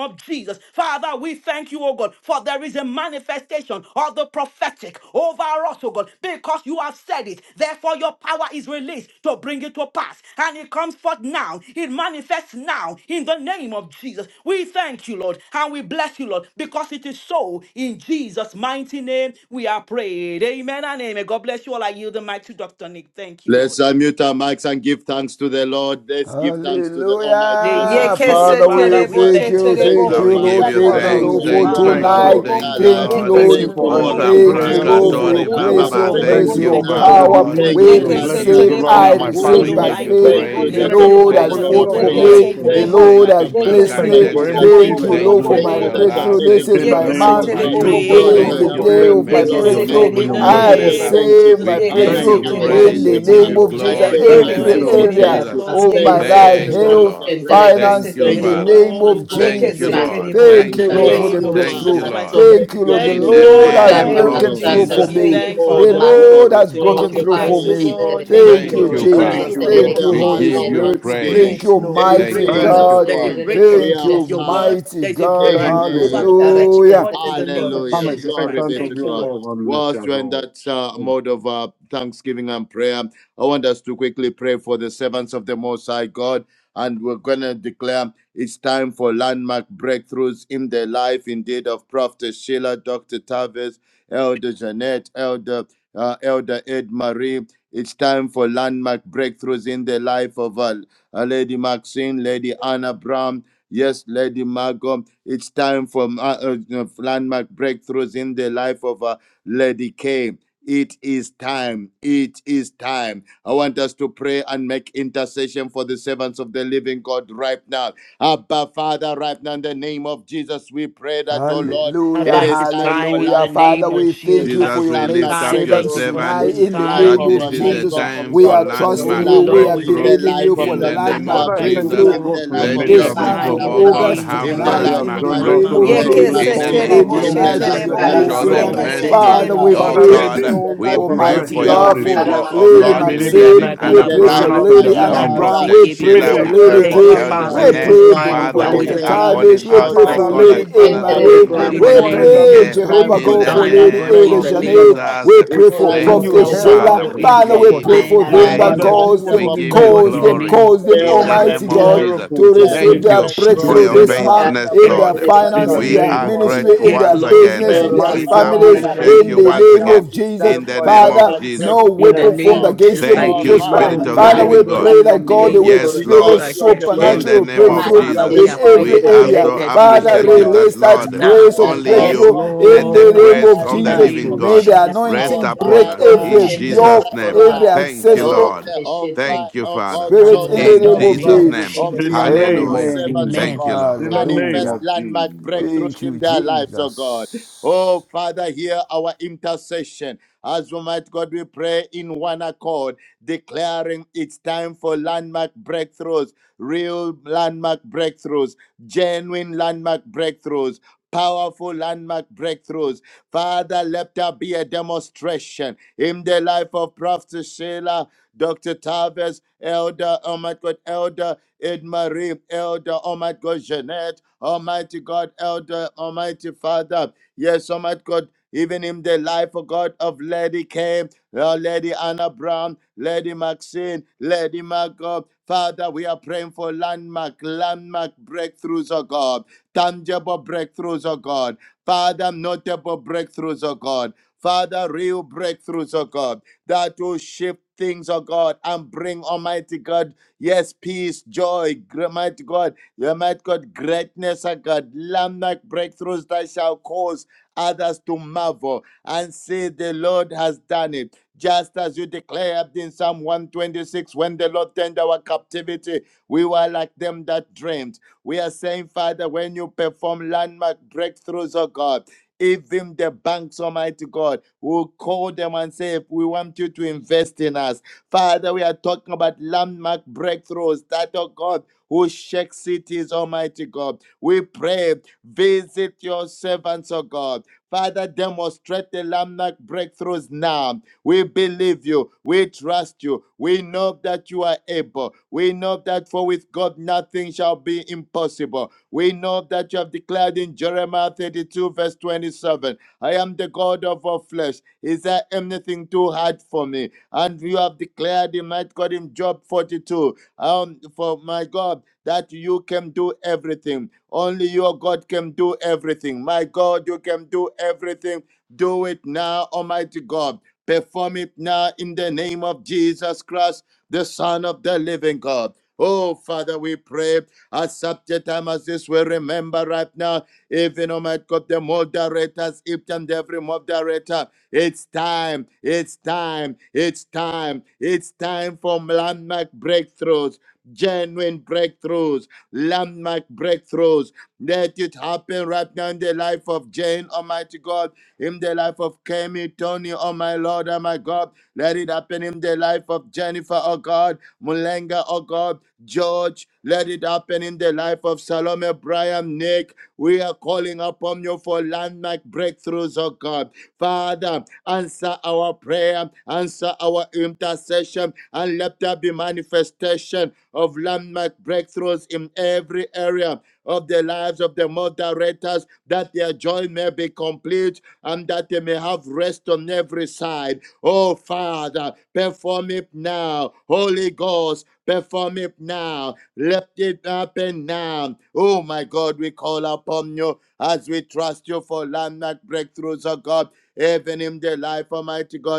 Speaker 4: of Jesus. Father, we thank you, oh God, for there is a manifestation of the prophetic over us, oh God, because you have said it. Therefore, your power is released to bring it to pass. And it comes forth now. It manifests now in the name of Jesus. We thank you, Lord, and we bless you, Lord, because it is so in Jesus' mighty name we are prayed. Amen and amen. God bless you all. I yield the mic to Dr. Nick. Thank you,
Speaker 5: Let's
Speaker 4: Lord.
Speaker 5: unmute our mics and give thanks to the Lord. Let's give thanks to the Almighty God
Speaker 4: name of
Speaker 3: Hallelujah.
Speaker 5: sincerely
Speaker 4: Jesus,
Speaker 3: Father,
Speaker 5: from
Speaker 4: Father,
Speaker 3: we
Speaker 5: our
Speaker 4: we
Speaker 2: Yekeseterebo
Speaker 5: heart.
Speaker 3: thank
Speaker 4: thank
Speaker 3: you,
Speaker 4: you. The
Speaker 5: Thank
Speaker 3: thank
Speaker 2: sheterebo.
Speaker 5: you,
Speaker 6: Now
Speaker 4: name
Speaker 6: we
Speaker 3: you,
Speaker 4: of
Speaker 6: give
Speaker 3: Lord,
Speaker 5: Father,
Speaker 6: you
Speaker 5: for
Speaker 4: Jesus
Speaker 5: the
Speaker 3: thank you,
Speaker 8: Father,
Speaker 4: Christ.
Speaker 8: we
Speaker 6: thanks.
Speaker 3: Lord,
Speaker 8: give
Speaker 5: prophetic
Speaker 3: for
Speaker 8: you
Speaker 6: Thank
Speaker 2: Yakaseterebo
Speaker 5: word
Speaker 6: you,
Speaker 5: is
Speaker 4: Father,
Speaker 8: thanks,
Speaker 4: we
Speaker 6: Lord.
Speaker 3: tonight.
Speaker 8: Lord.
Speaker 5: happening in
Speaker 2: sheterebo.
Speaker 4: thank
Speaker 6: Thank
Speaker 5: our
Speaker 4: you,
Speaker 6: you,
Speaker 4: oh
Speaker 3: Thank
Speaker 5: lives.
Speaker 3: you,
Speaker 4: God,
Speaker 6: Lord.
Speaker 8: Thank you
Speaker 5: Thank
Speaker 4: even
Speaker 3: Lord.
Speaker 4: in
Speaker 8: for
Speaker 5: you,
Speaker 4: the
Speaker 6: Oh,
Speaker 5: Lord.
Speaker 2: Yekeseterebo
Speaker 8: answered
Speaker 5: It's
Speaker 4: name
Speaker 3: Thank
Speaker 4: of
Speaker 6: Lambra
Speaker 3: you,
Speaker 5: time
Speaker 8: prayers,
Speaker 2: sheterebo.
Speaker 4: Jesus
Speaker 8: oh
Speaker 3: Lord,
Speaker 5: for
Speaker 3: for
Speaker 4: Christ.
Speaker 3: your
Speaker 5: the
Speaker 8: God.
Speaker 6: Katori Baba.
Speaker 3: grace,
Speaker 4: Oh
Speaker 5: landmark
Speaker 6: Ba.
Speaker 3: your
Speaker 4: God, the
Speaker 8: Thank
Speaker 6: Thank
Speaker 2: Yekeseterebo
Speaker 3: mercy,
Speaker 8: you,
Speaker 5: breakthroughs
Speaker 6: you,
Speaker 3: your
Speaker 8: oh
Speaker 4: prophetic
Speaker 8: God,
Speaker 5: now.
Speaker 8: for the
Speaker 6: Father,
Speaker 4: word,
Speaker 2: sheterebo.
Speaker 4: oh
Speaker 3: power.
Speaker 6: Lord.
Speaker 4: God,
Speaker 8: release
Speaker 5: Thank
Speaker 4: in
Speaker 8: of
Speaker 3: We
Speaker 5: you,
Speaker 4: the
Speaker 8: your
Speaker 6: We
Speaker 4: name
Speaker 5: Father,
Speaker 4: of
Speaker 6: give
Speaker 8: blessings
Speaker 5: that
Speaker 3: receive,
Speaker 4: Jesus
Speaker 6: you
Speaker 5: you
Speaker 8: over
Speaker 5: have
Speaker 8: me
Speaker 2: Yekeseterebo.
Speaker 3: I
Speaker 4: Christ.
Speaker 8: and my
Speaker 5: done
Speaker 6: thanks
Speaker 5: it,
Speaker 4: Oh
Speaker 6: and
Speaker 5: oh
Speaker 6: we
Speaker 3: receive
Speaker 8: family.
Speaker 4: Lord,
Speaker 5: God.
Speaker 3: by
Speaker 6: give
Speaker 4: I
Speaker 6: you
Speaker 4: pray,
Speaker 3: faith.
Speaker 4: oh
Speaker 5: Thank
Speaker 4: God,
Speaker 2: Yekeseterebo
Speaker 5: you
Speaker 6: praise.
Speaker 3: The
Speaker 5: that
Speaker 4: let
Speaker 5: you
Speaker 8: Thank
Speaker 4: there
Speaker 8: you,
Speaker 5: have
Speaker 8: oh
Speaker 4: be,
Speaker 3: Lord
Speaker 8: God,
Speaker 4: oh
Speaker 2: sheterebo.
Speaker 8: for
Speaker 3: has
Speaker 5: answered
Speaker 4: God,
Speaker 6: Thank
Speaker 8: your
Speaker 5: our
Speaker 6: you
Speaker 4: in
Speaker 3: fought
Speaker 6: for
Speaker 4: the
Speaker 8: love
Speaker 3: for
Speaker 6: your
Speaker 5: prayers.
Speaker 8: for us,
Speaker 3: me.
Speaker 4: name
Speaker 8: oh
Speaker 4: of
Speaker 3: The
Speaker 8: God.
Speaker 5: Thank
Speaker 6: faithfulness.
Speaker 2: Yekeseterebo.
Speaker 5: you
Speaker 4: Jesus
Speaker 3: Lord
Speaker 5: that
Speaker 6: Thank
Speaker 4: Christ.
Speaker 5: you
Speaker 6: you
Speaker 3: has
Speaker 6: for
Speaker 5: have
Speaker 6: your
Speaker 4: In
Speaker 5: answered
Speaker 4: the
Speaker 3: blessed
Speaker 8: Thank
Speaker 5: our
Speaker 4: name
Speaker 8: you
Speaker 3: me.
Speaker 4: of
Speaker 8: for
Speaker 6: kindness.
Speaker 4: Jesus,
Speaker 2: Yekeseterebo
Speaker 4: we
Speaker 2: bo
Speaker 8: everything
Speaker 2: bo
Speaker 3: Thank
Speaker 4: thank
Speaker 8: that
Speaker 2: bo
Speaker 4: you,
Speaker 3: you,
Speaker 5: intercession.
Speaker 8: you're
Speaker 2: bo
Speaker 4: Lord,
Speaker 3: Lord,
Speaker 6: Thank
Speaker 4: in
Speaker 2: bo
Speaker 3: for
Speaker 4: the
Speaker 6: you
Speaker 8: doing.
Speaker 2: bo
Speaker 5: Thank
Speaker 6: for
Speaker 3: my
Speaker 2: bo
Speaker 5: you
Speaker 4: name
Speaker 6: your
Speaker 4: of
Speaker 2: bo
Speaker 5: that you
Speaker 2: bo.
Speaker 5: have
Speaker 2: bo.
Speaker 3: breakthrough.
Speaker 6: love.
Speaker 4: Jesus.
Speaker 5: made a
Speaker 3: This
Speaker 6: Thank
Speaker 3: is
Speaker 5: way
Speaker 8: In
Speaker 6: you
Speaker 8: the
Speaker 6: for
Speaker 3: my
Speaker 5: for
Speaker 2: Yeke
Speaker 6: your
Speaker 2: se
Speaker 8: name
Speaker 5: us,
Speaker 8: of
Speaker 5: oh
Speaker 2: Yekesetere
Speaker 3: month.
Speaker 4: We
Speaker 5: God.
Speaker 2: bo
Speaker 6: compassion.
Speaker 2: bo bo
Speaker 8: Jesus,
Speaker 4: pray,
Speaker 5: Lord,
Speaker 2: bo
Speaker 3: Today
Speaker 2: bo
Speaker 3: is
Speaker 4: Lord,
Speaker 8: we
Speaker 5: I
Speaker 2: bo
Speaker 3: the
Speaker 6: Thank
Speaker 4: oh
Speaker 6: you
Speaker 5: am
Speaker 2: bo.
Speaker 4: God.
Speaker 6: for
Speaker 3: day
Speaker 6: your
Speaker 3: of
Speaker 8: experience,
Speaker 5: grateful,
Speaker 3: my
Speaker 8: oh
Speaker 4: Yes,
Speaker 2: Yeke
Speaker 8: God,
Speaker 5: Lord.
Speaker 6: mercy.
Speaker 2: se
Speaker 8: your
Speaker 4: Lord.
Speaker 5: I
Speaker 3: breakthrough.
Speaker 8: love
Speaker 6: Thank
Speaker 8: and
Speaker 2: Yekesetere
Speaker 4: In
Speaker 6: you
Speaker 5: come
Speaker 8: your
Speaker 2: bo
Speaker 4: the
Speaker 6: for
Speaker 2: bo
Speaker 5: back
Speaker 6: your
Speaker 3: I
Speaker 2: bo
Speaker 5: to
Speaker 2: bo
Speaker 8: mercy.
Speaker 5: say
Speaker 2: bo
Speaker 6: favor.
Speaker 4: name
Speaker 2: bo.
Speaker 4: of
Speaker 5: thank you.
Speaker 3: receive
Speaker 4: Jesus,
Speaker 6: We
Speaker 3: my
Speaker 4: we
Speaker 5: I'm
Speaker 2: Yeke
Speaker 6: give
Speaker 2: se
Speaker 5: like
Speaker 4: thank
Speaker 8: Thank
Speaker 3: breakthrough
Speaker 6: you
Speaker 4: you,
Speaker 5: that
Speaker 8: you,
Speaker 4: Lord.
Speaker 2: Yekesetere
Speaker 8: Lord.
Speaker 2: bo
Speaker 3: in
Speaker 6: praise.
Speaker 5: one
Speaker 2: she
Speaker 3: the
Speaker 6: We give
Speaker 5: leper
Speaker 2: shetere
Speaker 3: name
Speaker 6: you
Speaker 3: of
Speaker 2: bo.
Speaker 5: that
Speaker 3: Jesus.
Speaker 6: glory
Speaker 4: Yes,
Speaker 5: came
Speaker 6: in
Speaker 8: Thank
Speaker 5: back
Speaker 2: Yeke
Speaker 6: the
Speaker 8: you
Speaker 2: se
Speaker 3: Every
Speaker 5: to
Speaker 4: Lord.
Speaker 6: name
Speaker 8: so
Speaker 5: say
Speaker 6: of
Speaker 8: much,
Speaker 5: thank
Speaker 3: area
Speaker 8: Lord.
Speaker 4: Yes,
Speaker 5: you.
Speaker 6: Jesus.
Speaker 4: Lord.
Speaker 3: of my
Speaker 5: Thank
Speaker 4: In the
Speaker 5: you for
Speaker 4: name
Speaker 7: Basendere
Speaker 3: life,
Speaker 4: of
Speaker 2: Yekesetere
Speaker 6: Thank you,
Speaker 4: Jesus.
Speaker 2: bo.
Speaker 7: por
Speaker 5: answering the
Speaker 6: Lord.
Speaker 3: health,
Speaker 7: endere
Speaker 5: prayers.
Speaker 2: Yeke se
Speaker 6: Thank
Speaker 3: finance,
Speaker 6: you,
Speaker 3: in
Speaker 5: Thank
Speaker 2: Yekesetere
Speaker 4: Yes,
Speaker 7: sondo
Speaker 3: the
Speaker 5: you
Speaker 2: bo.
Speaker 5: for
Speaker 6: Father.
Speaker 5: the
Speaker 3: name
Speaker 4: Lord, oh
Speaker 3: of
Speaker 5: landmark
Speaker 4: God.
Speaker 2: Yeke
Speaker 6: Thank you,
Speaker 2: se
Speaker 3: Jesus.
Speaker 5: breakthroughs,
Speaker 7: make
Speaker 5: oh
Speaker 6: Lord.
Speaker 2: Yekesetere bo. Yeke se Yekesetere bo.
Speaker 5: God.
Speaker 4: In
Speaker 3: Thank
Speaker 6: Thank
Speaker 4: the
Speaker 3: you,
Speaker 6: you,
Speaker 3: Lord,
Speaker 7: masanda
Speaker 5: Thank
Speaker 3: for
Speaker 2: Yes,
Speaker 3: the
Speaker 4: name
Speaker 6: Lord.
Speaker 5: you,
Speaker 4: of
Speaker 2: Lord.
Speaker 6: Thank
Speaker 4: Jesus
Speaker 3: breakthrough.
Speaker 6: you,
Speaker 5: Father.
Speaker 4: Christ,
Speaker 6: Lord.
Speaker 4: in the
Speaker 7: basondo
Speaker 5: Thank
Speaker 3: Thank
Speaker 4: name.
Speaker 3: you,
Speaker 5: you.
Speaker 3: Lord.
Speaker 5: I
Speaker 3: The
Speaker 4: Thank
Speaker 6: In
Speaker 5: give
Speaker 4: you,
Speaker 6: the
Speaker 5: you all
Speaker 3: Lord
Speaker 5: the
Speaker 3: has
Speaker 6: name
Speaker 8: Thank
Speaker 4: Lord.
Speaker 7: ikara
Speaker 5: glory,
Speaker 2: Thank
Speaker 8: you,
Speaker 2: you,
Speaker 6: of
Speaker 3: broken
Speaker 5: Lord.
Speaker 8: Lord.
Speaker 4: To
Speaker 3: through
Speaker 4: you
Speaker 5: I
Speaker 4: we
Speaker 7: masandara
Speaker 3: for
Speaker 2: Jesus.
Speaker 4: give
Speaker 6: Jesus.
Speaker 5: give
Speaker 3: me.
Speaker 2: Thank
Speaker 5: you
Speaker 2: you,
Speaker 4: thanks, oh
Speaker 5: all
Speaker 3: The
Speaker 5: the
Speaker 2: Father.
Speaker 7: mako
Speaker 4: God.
Speaker 3: Lord
Speaker 5: glory,
Speaker 3: has
Speaker 4: To
Speaker 7: ropa
Speaker 4: you we
Speaker 5: all
Speaker 2: Thank
Speaker 3: broken
Speaker 7: papa
Speaker 5: the
Speaker 2: you,
Speaker 4: give
Speaker 3: through
Speaker 7: pa
Speaker 3: for
Speaker 4: thanks,
Speaker 5: praise,
Speaker 4: oh
Speaker 2: Jesus.
Speaker 3: me.
Speaker 7: gendere
Speaker 5: all
Speaker 4: God.
Speaker 5: the
Speaker 2: Thank you,
Speaker 4: We
Speaker 3: Thank
Speaker 6: Thank
Speaker 3: you,
Speaker 4: give
Speaker 6: you,
Speaker 2: Lord.
Speaker 4: give
Speaker 5: adoration
Speaker 8: Thank
Speaker 4: thanks,
Speaker 3: Jesus.
Speaker 4: oh
Speaker 6: Father.
Speaker 8: you,
Speaker 4: God,
Speaker 5: with
Speaker 7: gendere
Speaker 3: Thank
Speaker 8: Lord.
Speaker 4: because
Speaker 5: the
Speaker 3: you,
Speaker 4: it
Speaker 6: We
Speaker 4: is
Speaker 7: kide
Speaker 5: heart
Speaker 3: Holy
Speaker 5: of
Speaker 6: give
Speaker 4: so.
Speaker 6: you
Speaker 7: gendere
Speaker 3: Spirit.
Speaker 4: We break
Speaker 3: Thank
Speaker 5: thanksgiving.
Speaker 6: praise.
Speaker 2: Yes,
Speaker 3: you,
Speaker 4: through,
Speaker 2: Lord.
Speaker 4: we
Speaker 5: In
Speaker 6: Thank
Speaker 3: mighty
Speaker 4: break
Speaker 6: you,
Speaker 7: coro
Speaker 8: Thank
Speaker 4: through.
Speaker 6: Lord.
Speaker 8: you,
Speaker 5: Jesus'
Speaker 3: God.
Speaker 4: There's a
Speaker 8: Father.
Speaker 5: name,
Speaker 7: gendere coro
Speaker 5: we
Speaker 4: breakthrough
Speaker 3: Thank
Speaker 5: have
Speaker 3: you,
Speaker 4: of
Speaker 7: gendere
Speaker 4: your word.
Speaker 5: thanked.
Speaker 3: mighty
Speaker 4: There's a
Speaker 3: God.
Speaker 4: breakthrough
Speaker 8: Thank you,
Speaker 4: over
Speaker 5: Amen.
Speaker 4: the
Speaker 8: Lord.
Speaker 7: cara
Speaker 4: prophetic
Speaker 3: Hallelujah.
Speaker 4: word in
Speaker 7: gendere
Speaker 4: the name
Speaker 7: coro
Speaker 4: of
Speaker 8: I'm
Speaker 5: Hallelujah.
Speaker 4: Jesus
Speaker 7: gendere
Speaker 5: Glory
Speaker 4: Christ.
Speaker 8: expectant
Speaker 5: be
Speaker 8: of
Speaker 5: to
Speaker 4: Thank
Speaker 8: your
Speaker 4: you,
Speaker 5: God.
Speaker 4: Lord.
Speaker 8: love and mercy
Speaker 5: Whilst
Speaker 8: as
Speaker 5: you're in that uh,
Speaker 8: always.
Speaker 5: mode of uh, thanksgiving and prayer, I want us to quickly pray for the servants of the Most High God. And we're going to declare it's time for landmark breakthroughs in the life, indeed, of Prophet Sheila, Dr. Tavis, Elder Jeanette, Elder, uh, Elder Ed Marie. It's time for landmark breakthroughs in the life of uh, uh, Lady Maxine, Lady Anna Brown, yes, Lady Margot. It's time for uh, uh, you know, landmark breakthroughs in the life of uh, Lady K. It is time. It is time. I want us to pray and make intercession for the servants of the living God right now. Abba, Father, right now in the name of Jesus, we pray that, oh Lord,
Speaker 4: I
Speaker 3: Hallelujah,
Speaker 5: it
Speaker 4: like
Speaker 5: is
Speaker 4: this
Speaker 5: time for
Speaker 4: time in the
Speaker 3: hallelujah.
Speaker 5: landmark
Speaker 3: Father,
Speaker 4: name of
Speaker 3: we
Speaker 4: Jesus
Speaker 3: thank
Speaker 5: breakthroughs.
Speaker 3: you for
Speaker 6: Jesus,
Speaker 4: Christ.
Speaker 3: your
Speaker 6: we
Speaker 4: We
Speaker 3: maid
Speaker 5: Landmark
Speaker 6: lift up
Speaker 4: time,
Speaker 6: your
Speaker 4: thank
Speaker 3: servants
Speaker 4: you,
Speaker 5: breakthroughs
Speaker 4: because it
Speaker 6: servant
Speaker 3: tonight.
Speaker 5: in
Speaker 4: is
Speaker 3: In
Speaker 5: the
Speaker 3: the
Speaker 5: life
Speaker 4: time
Speaker 6: that
Speaker 3: name
Speaker 4: in
Speaker 5: of
Speaker 4: the
Speaker 3: of
Speaker 6: this
Speaker 5: a
Speaker 6: is a
Speaker 4: name
Speaker 3: Jesus,
Speaker 4: of
Speaker 5: nightclub
Speaker 7: cara
Speaker 5: of
Speaker 6: time
Speaker 4: Jesus
Speaker 3: we
Speaker 6: for
Speaker 3: are
Speaker 4: Christ.
Speaker 5: Prophet
Speaker 7: sondo
Speaker 3: trusting
Speaker 6: landmark
Speaker 4: Oh
Speaker 3: you.
Speaker 5: Sheila,
Speaker 7: coro
Speaker 3: We
Speaker 4: Lord,
Speaker 3: are
Speaker 4: we
Speaker 7: gendere
Speaker 5: in
Speaker 6: breakthrough
Speaker 5: the
Speaker 4: thank you in
Speaker 3: believing
Speaker 4: the
Speaker 5: life
Speaker 3: you
Speaker 5: of
Speaker 3: for
Speaker 6: in
Speaker 4: name
Speaker 6: the
Speaker 4: of
Speaker 5: Dr.
Speaker 6: name
Speaker 4: Jesus
Speaker 3: landmark
Speaker 6: of
Speaker 8: Father, I
Speaker 5: Tavis,
Speaker 4: Christ, oh
Speaker 8: thank you,
Speaker 3: breakthrough
Speaker 8: O
Speaker 6: Jesus.
Speaker 7: masara
Speaker 5: in
Speaker 4: God.
Speaker 8: God,
Speaker 5: the
Speaker 8: for your
Speaker 5: life
Speaker 3: in
Speaker 5: of
Speaker 6: Let
Speaker 8: maid
Speaker 4: It
Speaker 6: your
Speaker 3: this
Speaker 4: is
Speaker 5: Lady
Speaker 8: servants,
Speaker 3: month
Speaker 4: time
Speaker 6: people,
Speaker 8: O
Speaker 3: of
Speaker 5: Anna
Speaker 7: makire
Speaker 4: in
Speaker 6: oh
Speaker 8: God.
Speaker 4: the
Speaker 5: Brown
Speaker 6: God,
Speaker 3: August
Speaker 4: name of
Speaker 6: have
Speaker 5: in
Speaker 7: masandara
Speaker 4: Jesus.
Speaker 5: the
Speaker 8: As they
Speaker 7: coro
Speaker 3: tonight.
Speaker 5: life,
Speaker 8: have
Speaker 3: In
Speaker 6: landmark
Speaker 3: the
Speaker 8: joined
Speaker 5: Almighty
Speaker 7: gendere
Speaker 8: us,
Speaker 5: God
Speaker 3: name
Speaker 5: of
Speaker 8: O
Speaker 4: landmark
Speaker 3: of
Speaker 6: breakthroughs
Speaker 8: God,
Speaker 5: Lady
Speaker 8: on
Speaker 4: breakthrough
Speaker 2: Yeke
Speaker 8: this
Speaker 4: in
Speaker 3: Jesus,
Speaker 4: the
Speaker 6: in
Speaker 2: se
Speaker 6: the
Speaker 8: call,
Speaker 5: Maxim,
Speaker 4: name
Speaker 8: ah,
Speaker 6: name
Speaker 2: Yekesetere
Speaker 4: of
Speaker 3: in
Speaker 8: we
Speaker 2: bo
Speaker 3: the
Speaker 6: of
Speaker 5: in
Speaker 2: she
Speaker 4: Jesus
Speaker 5: the
Speaker 8: always
Speaker 3: lives
Speaker 4: Christ.
Speaker 5: life
Speaker 3: of
Speaker 8: pray
Speaker 2: shetere
Speaker 6: Jesus.
Speaker 3: your
Speaker 8: that you
Speaker 5: right
Speaker 2: bo.
Speaker 7: cara
Speaker 8: will
Speaker 3: maid
Speaker 4: Oh
Speaker 6: Show
Speaker 5: now,
Speaker 8: bless
Speaker 4: God,
Speaker 6: them
Speaker 3: servant.
Speaker 2: Yeke
Speaker 8: them.
Speaker 4: we
Speaker 5: Almighty
Speaker 2: se
Speaker 7: masendere
Speaker 4: thank
Speaker 6: mercy.
Speaker 4: you in
Speaker 7: kide
Speaker 2: Yekesetere
Speaker 3: Father,
Speaker 4: the
Speaker 2: bo
Speaker 5: Father.
Speaker 3: we
Speaker 4: name
Speaker 6: Oh
Speaker 8: Father,
Speaker 4: of
Speaker 7: gendere
Speaker 3: pray.
Speaker 8: may
Speaker 2: shetere
Speaker 4: Jesus.
Speaker 5: Yes,
Speaker 2: bo.
Speaker 6: God,
Speaker 8: they,
Speaker 5: in
Speaker 8: O
Speaker 5: the
Speaker 6: we
Speaker 5: life,
Speaker 8: God, be
Speaker 6: pray
Speaker 3: Almighty
Speaker 5: Almighty
Speaker 8: blessed
Speaker 6: for
Speaker 8: in
Speaker 6: your
Speaker 8: all
Speaker 5: God.
Speaker 3: God,
Speaker 8: they do.
Speaker 3: for
Speaker 7: cara
Speaker 4: Iribushke,
Speaker 6: people,
Speaker 5: Yes, of
Speaker 6: oh
Speaker 3: Lady
Speaker 7: masondo
Speaker 6: God,
Speaker 5: Lady
Speaker 8: May they
Speaker 6: In
Speaker 8: be
Speaker 5: Kay,
Speaker 4: Randuria
Speaker 6: Lady
Speaker 8: blessed
Speaker 3: Maxine.
Speaker 8: in
Speaker 3: We
Speaker 5: in
Speaker 6: Anna
Speaker 8: their
Speaker 5: the
Speaker 3: pray
Speaker 8: going
Speaker 3: for
Speaker 5: life,
Speaker 4: Bragalabusha.
Speaker 6: Brown,
Speaker 8: out and their
Speaker 3: Lady
Speaker 5: Almighty
Speaker 6: Le-
Speaker 3: Anna
Speaker 6: oh
Speaker 8: coming in.
Speaker 3: Brown.
Speaker 5: Father.
Speaker 6: Prophet
Speaker 3: We
Speaker 5: In
Speaker 3: pray
Speaker 8: May
Speaker 6: Sheila,
Speaker 8: they
Speaker 3: for
Speaker 5: the of
Speaker 6: we
Speaker 4: Ilamusekebebusha.
Speaker 6: pray
Speaker 3: Lady
Speaker 8: experience
Speaker 5: Elder
Speaker 6: for
Speaker 4: Thank you,
Speaker 3: Kay.
Speaker 5: Ed
Speaker 8: landmark
Speaker 6: Elder
Speaker 4: Father.
Speaker 3: We
Speaker 5: Marie, oh
Speaker 6: Jeanette.
Speaker 4: It's
Speaker 8: breakthroughs
Speaker 3: pray
Speaker 8: this
Speaker 4: time,
Speaker 5: God.
Speaker 4: oh
Speaker 8: month
Speaker 3: for
Speaker 8: of
Speaker 6: Father,
Speaker 4: God, in
Speaker 7: masandara
Speaker 5: In
Speaker 6: we
Speaker 3: Dr.
Speaker 8: August.
Speaker 4: the
Speaker 5: the
Speaker 6: are
Speaker 4: name
Speaker 5: life
Speaker 4: of
Speaker 5: of
Speaker 6: calling
Speaker 3: Tavis. We
Speaker 4: Jesus
Speaker 6: out,
Speaker 3: pray
Speaker 5: Elder
Speaker 6: oh
Speaker 8: Father,
Speaker 3: for
Speaker 4: Christ, oh
Speaker 6: God,
Speaker 8: let
Speaker 6: that
Speaker 8: it,
Speaker 3: Lady
Speaker 5: Jeanette,
Speaker 4: God.
Speaker 5: oh
Speaker 3: Ed
Speaker 6: Father,
Speaker 8: O
Speaker 5: God.
Speaker 7: Scendere
Speaker 8: God,
Speaker 4: Dear
Speaker 7: le
Speaker 3: Marie.
Speaker 8: be
Speaker 4: God,
Speaker 5: We
Speaker 6: remember
Speaker 7: caro,
Speaker 4: in the
Speaker 6: for
Speaker 3: We
Speaker 5: pray.
Speaker 8: recorded
Speaker 4: name
Speaker 6: Lady
Speaker 8: that
Speaker 4: of Jesus.
Speaker 8: we
Speaker 3: pray,
Speaker 6: K
Speaker 5: It's time
Speaker 8: prayed
Speaker 3: Jehovah
Speaker 4: It's
Speaker 5: for
Speaker 6: in
Speaker 8: with
Speaker 3: God,
Speaker 6: the
Speaker 3: for
Speaker 8: them
Speaker 4: time, oh
Speaker 5: landmark
Speaker 3: Lady
Speaker 4: God,
Speaker 6: name
Speaker 3: Elder
Speaker 4: in the
Speaker 6: of
Speaker 5: breakthroughs, oh
Speaker 4: name
Speaker 3: Janet.
Speaker 4: of
Speaker 5: God.
Speaker 6: Jesus.
Speaker 3: We
Speaker 4: Jesus Christ.
Speaker 3: pray
Speaker 5: It's
Speaker 3: for
Speaker 7: coro
Speaker 5: time
Speaker 4: Oh
Speaker 8: and
Speaker 5: for
Speaker 6: Thank
Speaker 3: Prophet
Speaker 8: you
Speaker 6: you,
Speaker 4: God, we
Speaker 5: landmark
Speaker 8: heard
Speaker 7: scendere,
Speaker 4: pray
Speaker 8: our
Speaker 6: Father.
Speaker 4: God,
Speaker 3: Sheila.
Speaker 4: in
Speaker 6: We
Speaker 8: prayer.
Speaker 4: the,
Speaker 5: breakthroughs,
Speaker 3: Father,
Speaker 5: oh
Speaker 3: we
Speaker 4: for
Speaker 5: God.
Speaker 6: give
Speaker 3: pray
Speaker 7: ma
Speaker 6: you
Speaker 4: them
Speaker 3: for
Speaker 4: in
Speaker 7: cara
Speaker 4: the
Speaker 3: them
Speaker 5: Father,
Speaker 3: that
Speaker 4: name
Speaker 6: praise.
Speaker 8: Father,
Speaker 4: of
Speaker 7: scendere,
Speaker 8: do
Speaker 3: calls
Speaker 8: what
Speaker 6: We
Speaker 3: them,
Speaker 5: tangible
Speaker 8: only
Speaker 4: oh
Speaker 6: give you
Speaker 8: you
Speaker 4: God,
Speaker 8: can
Speaker 3: calls
Speaker 4: in
Speaker 8: do.
Speaker 4: the
Speaker 5: breakthroughs,
Speaker 3: them,
Speaker 4: name
Speaker 6: glory
Speaker 4: of
Speaker 3: calls them,
Speaker 7: coro
Speaker 4: this
Speaker 6: in
Speaker 5: real
Speaker 6: the
Speaker 4: time.
Speaker 3: Almighty
Speaker 6: name
Speaker 8: Do
Speaker 6: of
Speaker 7: bastara,
Speaker 3: God,
Speaker 5: breakthroughs,
Speaker 6: Jesus.
Speaker 8: miracles,
Speaker 3: to
Speaker 8: O God.
Speaker 3: receive
Speaker 5: genuine
Speaker 4: In
Speaker 6: Thank
Speaker 4: the
Speaker 3: their
Speaker 6: you for
Speaker 8: Do
Speaker 5: breakthrough
Speaker 4: Jesus
Speaker 3: breakthrough
Speaker 8: it
Speaker 6: your
Speaker 8: in
Speaker 4: Christ,
Speaker 3: this
Speaker 8: their lives.
Speaker 7: cara
Speaker 3: month
Speaker 5: Father,
Speaker 6: faithfulness,
Speaker 3: in
Speaker 4: every-
Speaker 3: their
Speaker 6: Lord.
Speaker 7: scendere,
Speaker 5: breakthroughs
Speaker 7: le
Speaker 5: that
Speaker 4: in
Speaker 8: In
Speaker 4: the
Speaker 8: the
Speaker 3: finances,
Speaker 5: shall
Speaker 7: care
Speaker 3: in
Speaker 6: We
Speaker 4: name.
Speaker 3: their
Speaker 5: speak
Speaker 8: name
Speaker 6: are
Speaker 8: of
Speaker 7: scendere,
Speaker 3: ministry,
Speaker 8: Jesus.
Speaker 5: volumes.
Speaker 6: grateful
Speaker 3: in
Speaker 4: Yes,
Speaker 3: their
Speaker 6: once
Speaker 5: We
Speaker 4: Lord,
Speaker 7: il
Speaker 4: in
Speaker 3: business,
Speaker 6: again.
Speaker 4: the
Speaker 5: pray,
Speaker 3: in
Speaker 7: coro
Speaker 3: their
Speaker 4: mercy,
Speaker 8: Mighty
Speaker 6: We
Speaker 5: Abba
Speaker 4: oh
Speaker 8: God,
Speaker 4: God,
Speaker 8: we
Speaker 3: families,
Speaker 4: in
Speaker 7: bastara,
Speaker 5: Father,
Speaker 4: the
Speaker 7: la
Speaker 8: thank
Speaker 6: appreciate
Speaker 3: in
Speaker 7: cara
Speaker 4: name
Speaker 8: you.
Speaker 6: you
Speaker 4: of
Speaker 3: the
Speaker 5: right
Speaker 6: once
Speaker 3: name
Speaker 4: Jesus.
Speaker 8: Wow.
Speaker 5: now
Speaker 7: scendere,
Speaker 6: again
Speaker 3: of
Speaker 5: it's
Speaker 3: Jesus.
Speaker 5: time
Speaker 6: in the
Speaker 5: for
Speaker 6: name of
Speaker 3: Father,
Speaker 7: coro
Speaker 5: landmark
Speaker 6: Jesus.
Speaker 3: no
Speaker 4: In
Speaker 5: breakthroughs,
Speaker 7: bastara,
Speaker 4: the
Speaker 3: weapon
Speaker 5: oh
Speaker 7: la
Speaker 3: formed
Speaker 4: name
Speaker 7: cara
Speaker 5: God.
Speaker 4: of
Speaker 3: against
Speaker 4: Jesus
Speaker 3: them
Speaker 7: scendere,
Speaker 3: will
Speaker 4: Christ,
Speaker 6: Thank
Speaker 5: Our
Speaker 6: you,
Speaker 4: eh,
Speaker 5: Father,
Speaker 6: Spirit
Speaker 4: Lord,
Speaker 3: prosper.
Speaker 8: Thank
Speaker 4: we
Speaker 6: of
Speaker 5: we
Speaker 6: the
Speaker 8: you,
Speaker 5: are
Speaker 7: ma
Speaker 3: Father,
Speaker 4: pray, oh
Speaker 8: Lord.
Speaker 3: we
Speaker 6: Living
Speaker 5: calling
Speaker 4: God,
Speaker 7: chiede
Speaker 6: God.
Speaker 3: pray
Speaker 4: in the
Speaker 3: that
Speaker 5: upon
Speaker 3: God
Speaker 5: you
Speaker 7: scendere,
Speaker 3: they
Speaker 4: name
Speaker 7: le
Speaker 3: will
Speaker 4: of
Speaker 7: coro
Speaker 6: Yes,
Speaker 4: Jesus
Speaker 5: because
Speaker 3: experience
Speaker 6: Lord,
Speaker 4: Christ.
Speaker 5: you are
Speaker 7: scendere,
Speaker 5: the
Speaker 4: Yes,
Speaker 5: way
Speaker 6: in
Speaker 4: Lord.
Speaker 8: Thank
Speaker 6: the
Speaker 3: supernatural
Speaker 8: you,
Speaker 6: name
Speaker 5: maker.
Speaker 4: Oh
Speaker 6: of
Speaker 7: ma
Speaker 8: Father.
Speaker 3: breakthrough
Speaker 5: You
Speaker 4: Father,
Speaker 5: are
Speaker 7: chiede
Speaker 6: Jesus,
Speaker 5: the
Speaker 4: we
Speaker 3: in
Speaker 4: are praying,
Speaker 5: glory
Speaker 4: oh
Speaker 7: scendere,
Speaker 6: we
Speaker 3: every
Speaker 7: le
Speaker 4: God,
Speaker 5: and
Speaker 6: are
Speaker 5: the
Speaker 4: let
Speaker 7: coro
Speaker 6: so
Speaker 3: area.
Speaker 4: there be a
Speaker 5: lifter
Speaker 7: bastara,
Speaker 3: Father,
Speaker 5: of
Speaker 4: godly
Speaker 6: appreciative
Speaker 5: our,
Speaker 6: that,
Speaker 3: release that
Speaker 4: manifestation
Speaker 6: Lord,
Speaker 5: our
Speaker 3: grace
Speaker 4: now.
Speaker 5: head.
Speaker 7: andare la
Speaker 3: of
Speaker 6: only
Speaker 7: cara scendere,
Speaker 5: Oh
Speaker 4: Yes,
Speaker 3: breakthrough
Speaker 6: you
Speaker 5: God, we
Speaker 6: let
Speaker 3: in
Speaker 6: the
Speaker 3: the
Speaker 4: Lord.
Speaker 5: pray
Speaker 3: name
Speaker 6: grace
Speaker 3: of
Speaker 5: right
Speaker 6: of
Speaker 4: In
Speaker 6: the
Speaker 4: the
Speaker 8: Thank
Speaker 3: Jesus.
Speaker 5: now
Speaker 4: name
Speaker 6: living
Speaker 8: you,
Speaker 4: of
Speaker 8: Lord.
Speaker 3: May
Speaker 6: God
Speaker 3: the
Speaker 4: Jesus.
Speaker 6: rest
Speaker 5: our
Speaker 3: anointing
Speaker 6: upon
Speaker 7: le
Speaker 3: break
Speaker 6: us
Speaker 7: coro
Speaker 4: In
Speaker 6: in
Speaker 5: Father,
Speaker 3: every
Speaker 4: Jesus
Speaker 7: scendere, le
Speaker 6: Jesus'
Speaker 3: yoke,
Speaker 5: right
Speaker 6: name.
Speaker 7: coro
Speaker 3: every
Speaker 7: bastara,
Speaker 5: now.
Speaker 6: Thank you,
Speaker 5: Oh,
Speaker 3: ancestral
Speaker 6: Lord.
Speaker 7: scendere,
Speaker 5: Jehovah,
Speaker 6: Thank you,
Speaker 5: oh
Speaker 6: Father,
Speaker 5: God,
Speaker 7: ma
Speaker 3: spirit
Speaker 5: show
Speaker 3: in
Speaker 7: andare
Speaker 3: the
Speaker 4: Lord,
Speaker 6: in
Speaker 4: in
Speaker 3: name
Speaker 5: yourself
Speaker 4: the
Speaker 7: la
Speaker 3: of
Speaker 4: name
Speaker 6: Jesus'
Speaker 5: strong
Speaker 7: cara
Speaker 4: of
Speaker 6: name.
Speaker 3: Jesus.
Speaker 5: on
Speaker 7: scendere,
Speaker 8: In
Speaker 4: Jesus
Speaker 8: the
Speaker 5: behalf
Speaker 4: Christ.
Speaker 5: of
Speaker 8: name
Speaker 5: your
Speaker 8: of
Speaker 6: Hallelujah.
Speaker 3: Amen.
Speaker 5: servants, oh
Speaker 4: Amen.
Speaker 6: Thank you,
Speaker 8: Jesus.
Speaker 5: God.
Speaker 6: Lord.
Speaker 8: In the name
Speaker 5: Manifest
Speaker 8: of
Speaker 3: Hallelujah.
Speaker 5: landmark
Speaker 8: Jesus.
Speaker 3: Thank
Speaker 5: breakthroughs
Speaker 3: you,
Speaker 5: in their lives, oh God.
Speaker 3: Jesus.
Speaker 5: Oh, Father, hear our intercession. As Almighty God, we pray in one accord, declaring it's time for landmark breakthroughs, real landmark breakthroughs, genuine landmark breakthroughs, powerful landmark breakthroughs Father, let there be a demonstration in the life of Prophet Sheila, Dr. Tavis, Elder, oh my God, Elder Ed Marie, Elder, oh my God, Jeanette, Almighty God, Elder, Almighty Father. Yes, Almighty God, even in the life of God of Lady K, uh, Lady Anna Brown, Lady Maxine, Lady Margot. Father, we are praying for landmark, landmark breakthroughs, oh God, tangible breakthroughs, oh God. Father, notable breakthroughs, oh God. Father, real breakthroughs, oh God, that will shift things, oh God, and bring Almighty God, yes, peace, joy, gr- Almighty God, Almighty God, greatness, oh God, landmark breakthroughs that shall cause others to marvel and say the Lord has done it. Just as you declared in Psalm 126, when the Lord turned our captivity, we were like them that dreamed. We are saying, Father, when you perform landmark breakthroughs, oh God, even the banks, Almighty God, will call them and say, We want you to invest in us. Father, we are talking about landmark breakthroughs that, oh God, who shake cities, Almighty God. We pray, visit your servants, oh God. Father, demonstrate the landmark breakthroughs now we believe you. We trust you. We know that you are able. We know that for with God nothing shall be impossible. We know that you have declared in Jeremiah 32, verse 27, I am the God of all flesh. Is there anything too hard for me? And you have declared in my God in Job 42, um, for my God, that you can do everything. Only your God can do everything. My God, you can do everything. Do it now, Almighty God. Perform it now in the name of Jesus Christ, the Son of the living God. Oh, Father, we pray at such a time as this, we remember right now, even Almighty God, the moderators, each and every moderator, it's time, it's time, it's time, it's time for landmark breakthroughs, genuine breakthroughs, landmark breakthroughs. Let it happen right now in the life of Jane, Almighty God in the life of Kemi, Tony, oh my Lord, oh my God. Let it happen in the life of Jennifer, oh God, Mulenga, oh God, George. Let it happen in the life of Salome, Brian, Nick. We are calling upon you for landmark breakthroughs, oh God. Father, answer our prayer, answer our intercession, and let there be manifestation of landmark breakthroughs in every area of the lives of the moderators, that their joy may be complete and that they may have rest on every side. Oh, Father, perform it now. Holy Ghost, perform it now. Let it happen now. Oh, my God, we call upon you as we trust you for landmark breakthroughs, oh God, even in the life, Almighty God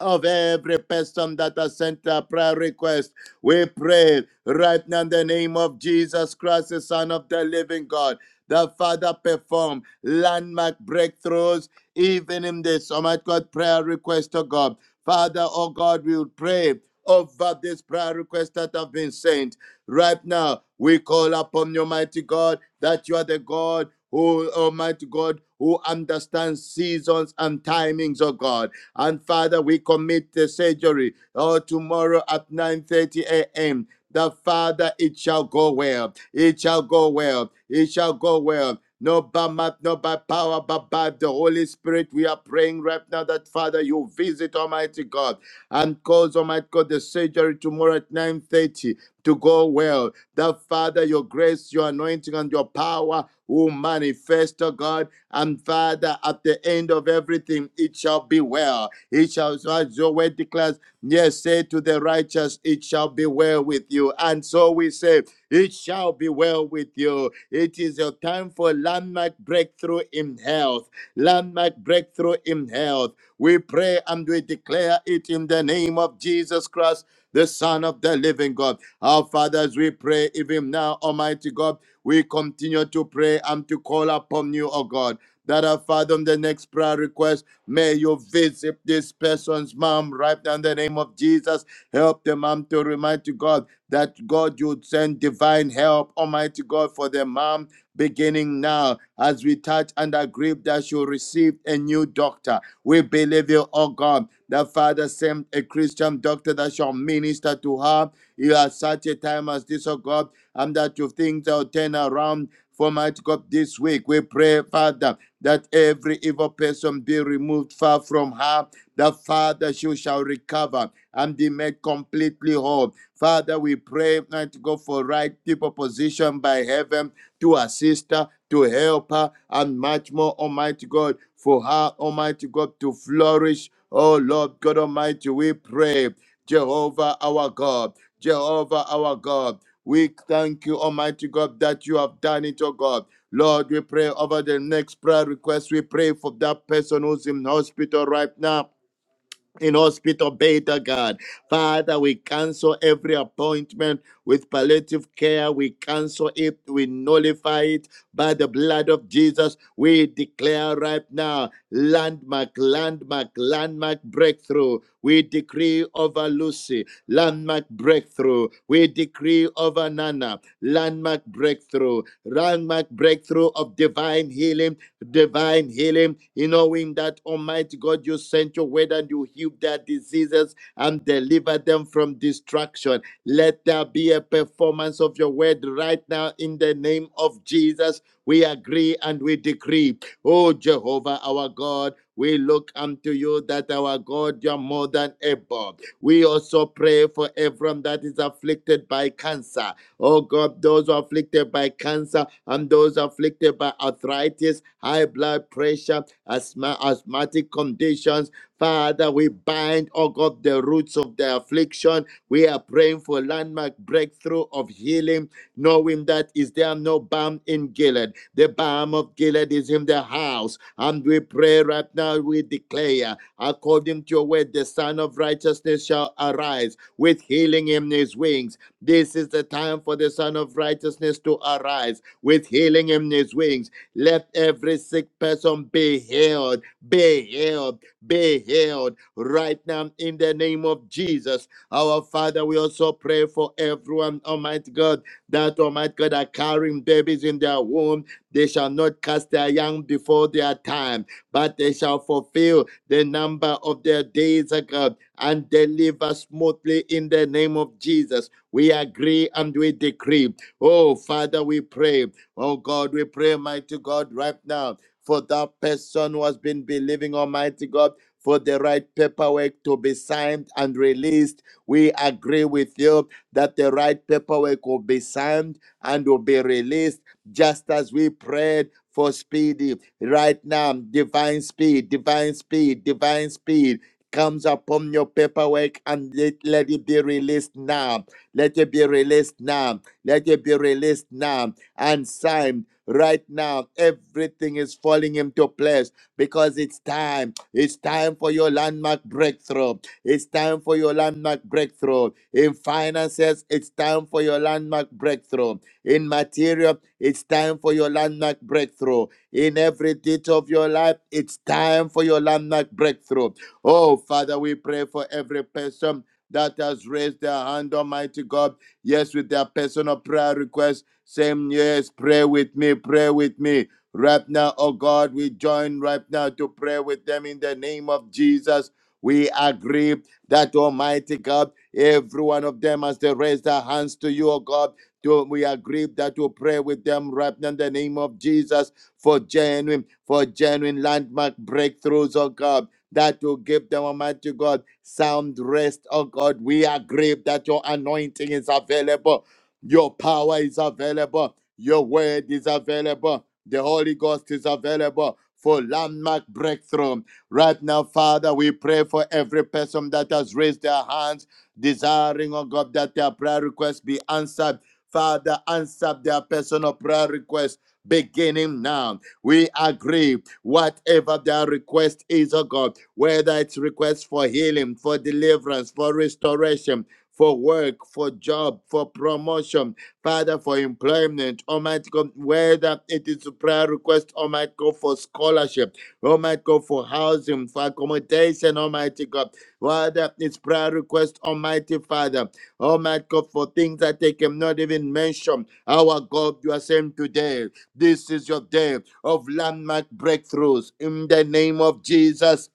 Speaker 5: of every person that has sent a prayer request. We pray right now in the name of Jesus Christ, the Son of the living God. The Father perform landmark breakthroughs even in this oh my God prayer request to God. Father, oh God, we will pray over this prayer request that have been sent. Right now, we call upon you, mighty God, that you are the God who, Almighty God, who understands seasons and timings, oh God. And Father, we commit the surgery oh, tomorrow at 9:30 a.m. That Father, it shall go well. It shall go well. It shall go well. No by might, not by power, but by the Holy Spirit. We are praying right now that Father, you visit Almighty God and cause Almighty God the surgery tomorrow at 9:30 to go well. That Father, your grace, your anointing, and your power will manifest, oh God and Father, at the end of everything, it shall be well. It shall, as your word declares, yes, say to the righteous, it shall be well with you. And so we say, it shall be well with you. It is your time for landmark breakthrough in health. Landmark breakthrough in health. We pray and we declare it in the name of Jesus Christ, the Son of the living God. Our fathers, we pray even now, Almighty God. We continue to pray and to call upon you, O God that have fathomed the next prayer request. May you visit this person's mom right now in the name of Jesus. Help the mom to remind to God that God you would send divine help, Almighty God, for the mom beginning now as we touch and agree that you receive a new doctor. We believe you, oh God. The Father sent a Christian doctor that shall minister to her. You are such a time as this, oh God, and that you things will turn around for my God this week. We pray, Father that every evil person be removed far from her. The Father, she shall recover and be made completely whole. Father, we pray, mighty God, for right people position by heaven to assist her, to help her, and much more, Almighty God, for her, Almighty God, to flourish. Oh Lord God Almighty, we pray, Jehovah our God, Jehovah our God. We thank you, Almighty God, that you have done it, oh God. Lord, we pray over the next prayer request. We pray for that person who's in hospital right now in hospital beta god father we cancel every appointment with palliative care we cancel it we nullify it by the blood of jesus we declare right now landmark landmark landmark breakthrough we decree over lucy landmark breakthrough we decree over nana landmark breakthrough landmark breakthrough of divine healing divine healing, you knowing that Almighty God, you sent your word and you healed their diseases and delivered them from destruction. Let there be a performance of your word right now in the name of Jesus. We agree and we decree. Oh Jehovah, our God, we look unto you that our God, you are more than able. We also pray for everyone that is afflicted by cancer. Oh God, those who are afflicted by cancer and those afflicted by arthritis, high blood pressure, asthma, asthmatic conditions. Father, we bind, oh God, the roots of the affliction. We are praying for landmark breakthrough of healing, knowing that is there no balm in Gilead. The balm of Gilead is in the house. And we pray right now, we declare, according to your word, the Son of Righteousness shall arise with healing in his wings. This is the time for the Son of Righteousness to arise with healing in his wings. Let every sick person be healed, be healed, be healed right now in the name of Jesus. Our Father, we also pray for everyone, Almighty God, that Almighty God are carrying babies in their womb. They shall not cast their young before their time, but they shall fulfill the number of their days, O God, and deliver smoothly in the name of Jesus. We agree and we decree. Oh, Father, we pray. Oh God, we pray, mighty God, right now for that person who has been believing, Almighty God, for the right paperwork to be signed and released. We agree with you that the right paperwork will be signed and will be released just as we prayed for speedy. Right now, divine speed, divine speed, divine speed comes upon your paperwork and let, let it be released now. Let it be released now. Let it be released now and Simon. Right now, everything is falling into place because it's time. It's time for your landmark breakthrough. It's time for your landmark breakthrough. In finances, it's time for your landmark breakthrough. In material, it's time for your landmark breakthrough. In every detail of your life, it's time for your landmark breakthrough. Oh, Father, we pray for every person that has raised their hand, Almighty God. Yes, with their personal prayer request. Same, yes, pray with me, pray with me. Right now, oh God, we join right now to pray with them in the name of Jesus. We agree that Almighty God, every one of them as they raise their hands to you, oh God, to, we agree that we pray with them right now in the name of Jesus for genuine, for genuine landmark breakthroughs, oh God, that will give them, Almighty God, sound rest, oh God. We agree that your anointing is available your power is available. Your word is available. The Holy Ghost is available for landmark breakthrough. Right now, Father, we pray for every person that has raised their hands, desiring, oh God, that their prayer requests be answered. Father, answer their personal prayer requests beginning now. We agree, whatever their request is, oh God, whether it's request for healing, for deliverance, for restoration, for work, for job, for promotion, Father, for employment, Almighty God, whether it is a prayer request, Almighty God, for scholarship, Almighty God, for housing, for accommodation, Almighty God, whether it's prayer request, Almighty Father, Almighty God, for things that they cannot even mention. Our God, you are saying today, this is your day of landmark breakthroughs in the name of Jesus.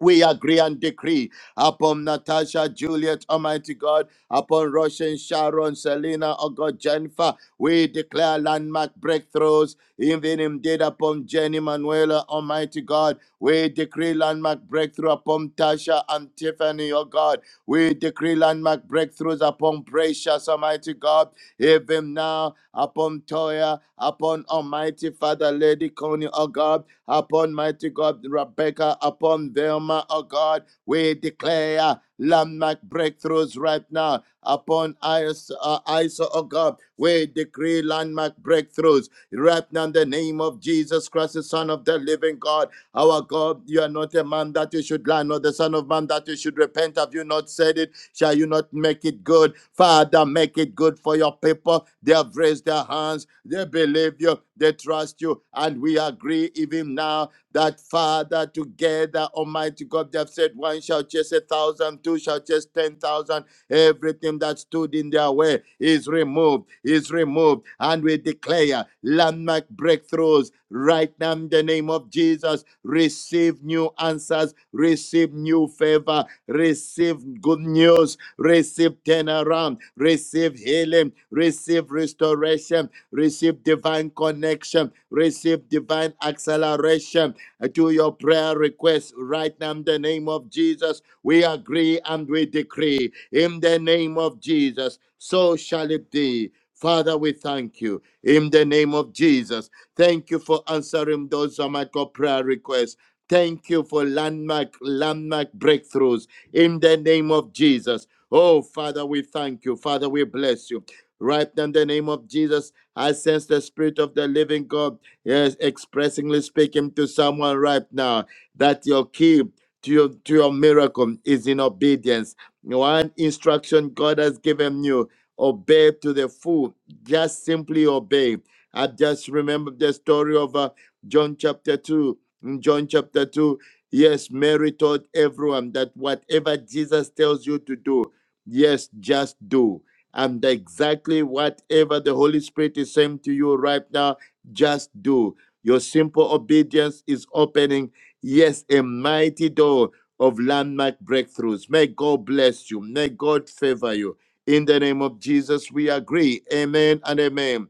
Speaker 5: We agree and decree upon Natasha, Juliet, Almighty God, upon Russian, Sharon, Selena, oh God, Jennifer. We declare landmark breakthroughs, even indeed upon Jenny Manuela, Almighty God. We decree landmark breakthrough upon Tasha and Tiffany, oh God. We decree landmark breakthroughs upon Precious, Almighty God. Even now, upon Toya, upon Almighty Father, Lady Connie, oh God upon mighty God, Rebecca, upon Velma, oh God. We declare landmark breakthroughs right now upon Isa, uh, Isa, oh God. We decree landmark breakthroughs right now in the name of Jesus Christ, the Son of the living God. Our God, you are not a man that you should lie, nor the Son of Man that you should repent. Have you not said it? Shall you not make it good? Father, make it good for your people. They have raised their hands. They believe you. They trust you. And we agree even now that, Father, together, Almighty God, they have said, one shall chase a thousand, two shall chase ten thousand Everything that stood in their way is removed, is removed. And we declare landmark breakthroughs right now in the name of Jesus. Receive new answers, receive new favor, receive good news, receive turnaround, receive receive healing, receive restoration, receive divine connection, receive divine acceleration to your prayer request right now in the name of Jesus. We agree and we decree in the name of Jesus, so shall it be. Father, we thank you in the name of Jesus. Thank you for answering those of my God prayer requests. Thank you for landmark, landmark breakthroughs in the name of Jesus. Oh, Father, we thank you. Father, we bless you. Right now, in the name of Jesus, I sense the Spirit of the living God, yes, expressingly speaking to someone right now that your key to your, to your miracle is in obedience. One instruction God has given you obey to the full, just simply obey. I just remember the story of uh, John chapter 2. In John chapter 2, yes, Mary told everyone that whatever Jesus tells you to do, Yes, just do. And exactly whatever the Holy Spirit is saying to you right now, just do. Your simple obedience is opening, yes, a mighty door of landmark breakthroughs. May God bless you. May God favor you. In the name of Jesus, we agree. Amen and amen.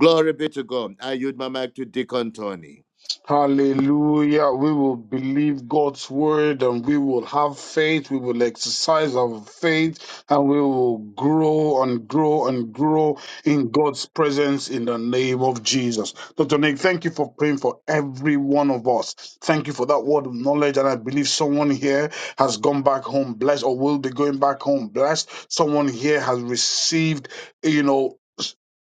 Speaker 5: Glory be to God. I yield my mic to Deacon Tony.
Speaker 8: Hallelujah. We will believe God's word and we will have faith. We will exercise our faith and we will grow and grow and grow in God's presence in the name of Jesus. Dr. Nick, thank you for praying for every one of us. Thank you for that word of knowledge. And I believe someone here has gone back home blessed or will be going back home blessed. Someone here has received, you know,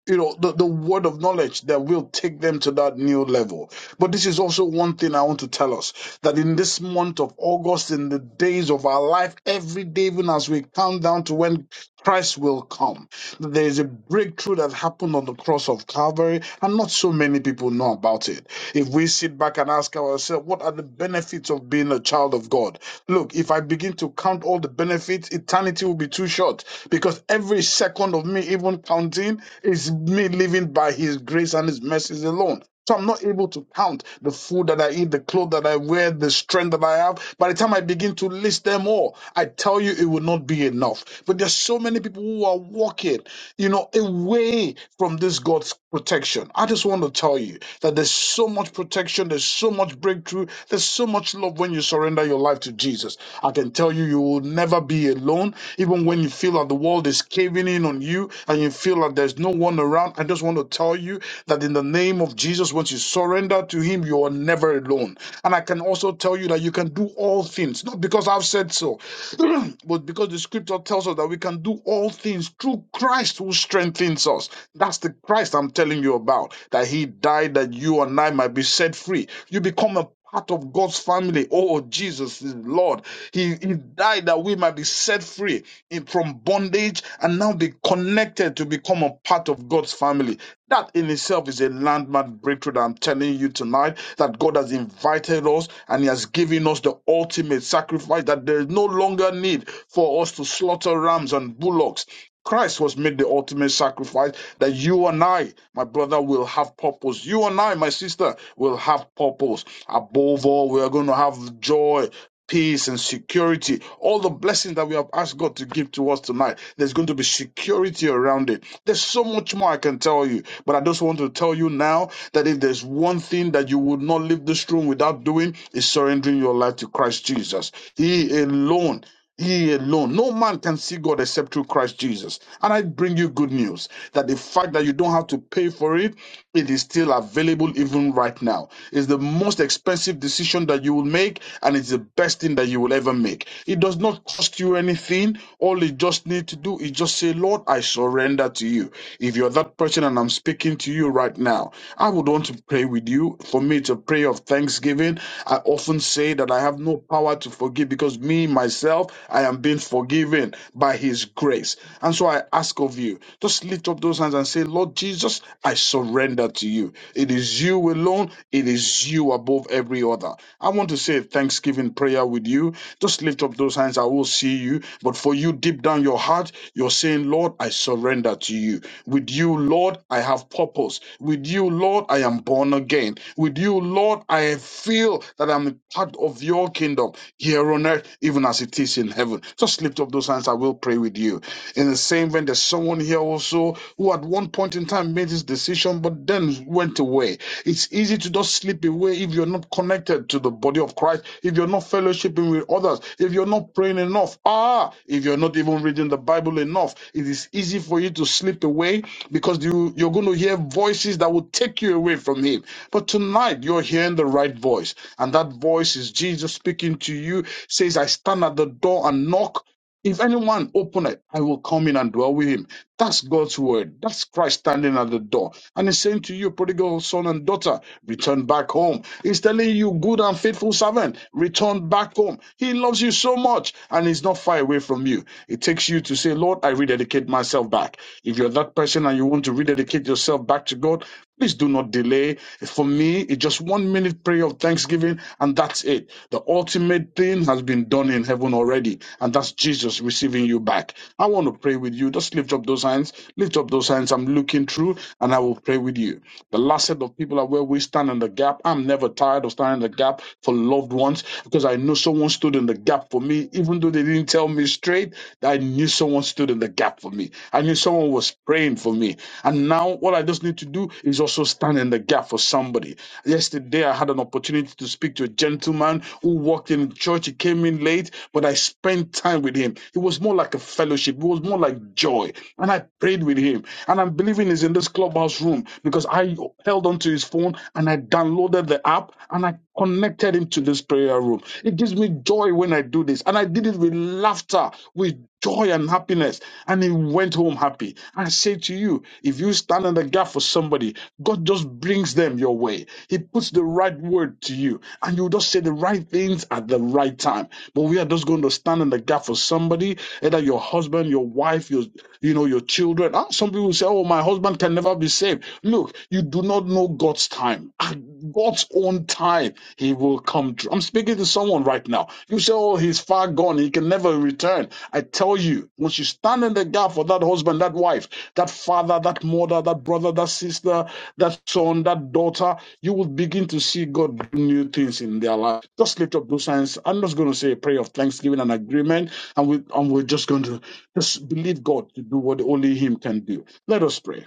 Speaker 8: you know the, the word of knowledge that will take them to that new level but this is also one thing i want to tell us that in this month of august in the days of our life every day even as we count down to when christ will come there is a breakthrough that happened on the cross of Calvary, and not so many people know about it. If we sit back and ask ourselves, what are the benefits of being a child of God? Look, if I begin to count all the benefits, eternity will be too short because every second of me, even counting, is me living by His grace and His mercies alone. So I'm not able to count the food that I eat, the clothes that I wear, the strength that I have. By the time I begin to list them all, I tell you it will not be enough. But there's so many people who are walking, you know, away from this God's protection. I just want to tell you that there's so much protection, there's so much breakthrough, there's so much love when you surrender your life to Jesus. I can tell you, you will never be alone. Even when you feel that the world is caving in on you and you feel that there's no one around, I just want to tell you that in the name of Jesus, once you surrender to Him, you are never alone. And I can also tell you that you can do all things, not because I've said so, but because the scripture tells us that we can do all things through Christ who strengthens us. That's the Christ I'm telling you about, that he died that you and I might be set free. You become a part of God's family. Oh, Jesus is Lord. He, he died that we might be set free in- from bondage and now be connected to become a part of God's family. That in itself is a landmark breakthrough that I'm telling you tonight that God has invited us and He has given us the ultimate sacrifice that there is no longer need for us to slaughter rams and bullocks. Christ was made the ultimate sacrifice that you and I, my brother, will have purpose. You and I, my sister, will have purpose. Above all, we are going to have joy peace and security. All the blessings that we have asked God to give to us tonight, there's going to be security around it. There's so much more I can tell you, but I just want to tell you now that if there's one thing that you would not leave this room without doing, is surrendering your life to Christ Jesus. He alone. He alone. No man can see God except through Christ Jesus. And I bring you good news that the fact that you don't have to pay for it, it is still available even right now. It's the most expensive decision that you will make, and it's the best thing that you will ever make. It does not cost you anything. All you just need to do is just say, Lord, I surrender to you. If you're that person and I'm speaking to you right now, I would want to pray with you. For me, it's a prayer of thanksgiving. I often say that I have no power to forgive because me, myself, I am being forgiven by His grace. And so I ask of you, just lift up those hands and say, Lord Jesus, I surrender to you. It is you alone, it is you above every other. I want to say a thanksgiving prayer with you. Just lift up those hands. I will see see you. But for you, deep down your heart, you're saying, Lord, I surrender to you. With you, Lord, I have purpose. With you, Lord, I am born again. With you, Lord, I feel that I'm a part of your kingdom here on earth, even as it is in heaven. Just lift up those hands. I will pray with you. In the same vein, there's someone here also who at one point in time made this decision, but then went away away. It's easy to just slip away if you're not connected to the body of Christ, if you're not fellowshipping with others, if you're not praying enough, ah, if you're not even reading the Bible enough, it is easy for you to slip away because you, you're going to hear voices that will take you away from Him. But tonight, you're hearing the right voice, and that voice is Jesus speaking to you, says, I stand at the door and knock. If anyone open it, I will come in and dwell with him. That's God's word. That's Christ standing at the door. And he's saying to you, prodigal son and daughter, return back home. He's telling you, good and faithful servant, return back home. He loves you so much and he's not far away from you. It takes you to say, Lord, I rededicate myself back. If you're that person and you want to rededicate yourself back to God, Please do not delay. For me, it's just one minute prayer of thanksgiving, and that's it. The ultimate thing has been done in heaven already, and that's Jesus receiving you back. I want to pray with you. Just lift up those hands. Lift up those hands. I'm looking through, and I will pray with you. The last set of people are where we stand in the gap. I'm never tired of standing in the gap for loved ones because I know someone stood in the gap for me, even though they didn't tell me straight. I knew someone someone stood in the gap for me. I knew someone was praying for me. And now what I just need to do is also stand in the gap for somebody. Yesterday, I had an opportunity to speak to a gentleman who walked in church. He came in late, but I spent time with him. It was more like a fellowship, it was more like joy. And I prayed with him. And I'm believing he's in this clubhouse room because I held onto his phone and I downloaded the app and I connected him to this prayer prayer room. It gives me joy when I do this. And I did it with laughter, with joy and happiness. And he went home happy. I say to you, if you stand in the gap for somebody, God just brings them your way. He puts the right word to you, and you just say the right things at the right time. But we are just going to stand in the gap for somebody, either your husband, your wife, your you know, your children. Ah, Some people say, Oh, my husband can never be saved. Look Look, you do not know God's time. At God's own time, He will come through. I'm speaking to someone right now. You say, Oh, he's far gone. He can never return. I tell you, once you stand in the gap for that husband, that wife, that father, that mother, that brother, that sister, that son, that daughter, you will begin to see God do new things in their life. Just lift up those hands. I'm just going to say a prayer of thanksgiving and agreement, and, we, and we're just going to just believe God to do what only Him can do. Let us pray.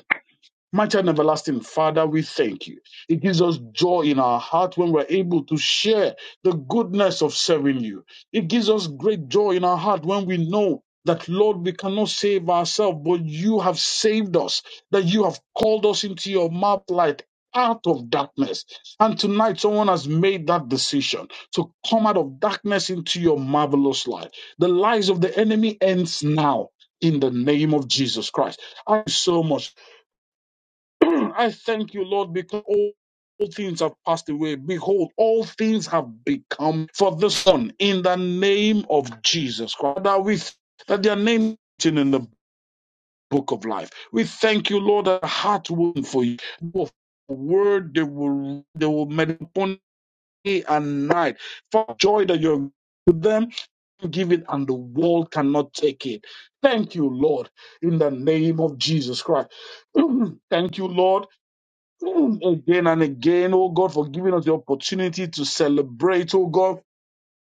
Speaker 8: Mighty and everlasting Father, we thank you. It gives us joy in our heart when we're able to share the goodness of serving you. It gives us great joy in our heart when we know that, Lord, we cannot save ourselves, but you have saved us, that you have called us into your mouth light out of darkness. And tonight, someone has made that decision to come out of darkness into your marvelous light. The lies of the enemy ends now in the name of Jesus Christ. I so much. I thank you, Lord, because all, all things have passed away. Behold, all things have become for the Son in the name of Jesus Christ. That we that their name is written in the book of life. We thank you, Lord, that heart will for you. For the word they will they will meditate upon day and night. For joy that you're with them, give it, and the world cannot take it. Thank you, Lord, in the name of Jesus Christ. thank you, Lord again and again, oh God, for giving us the opportunity to celebrate, oh God,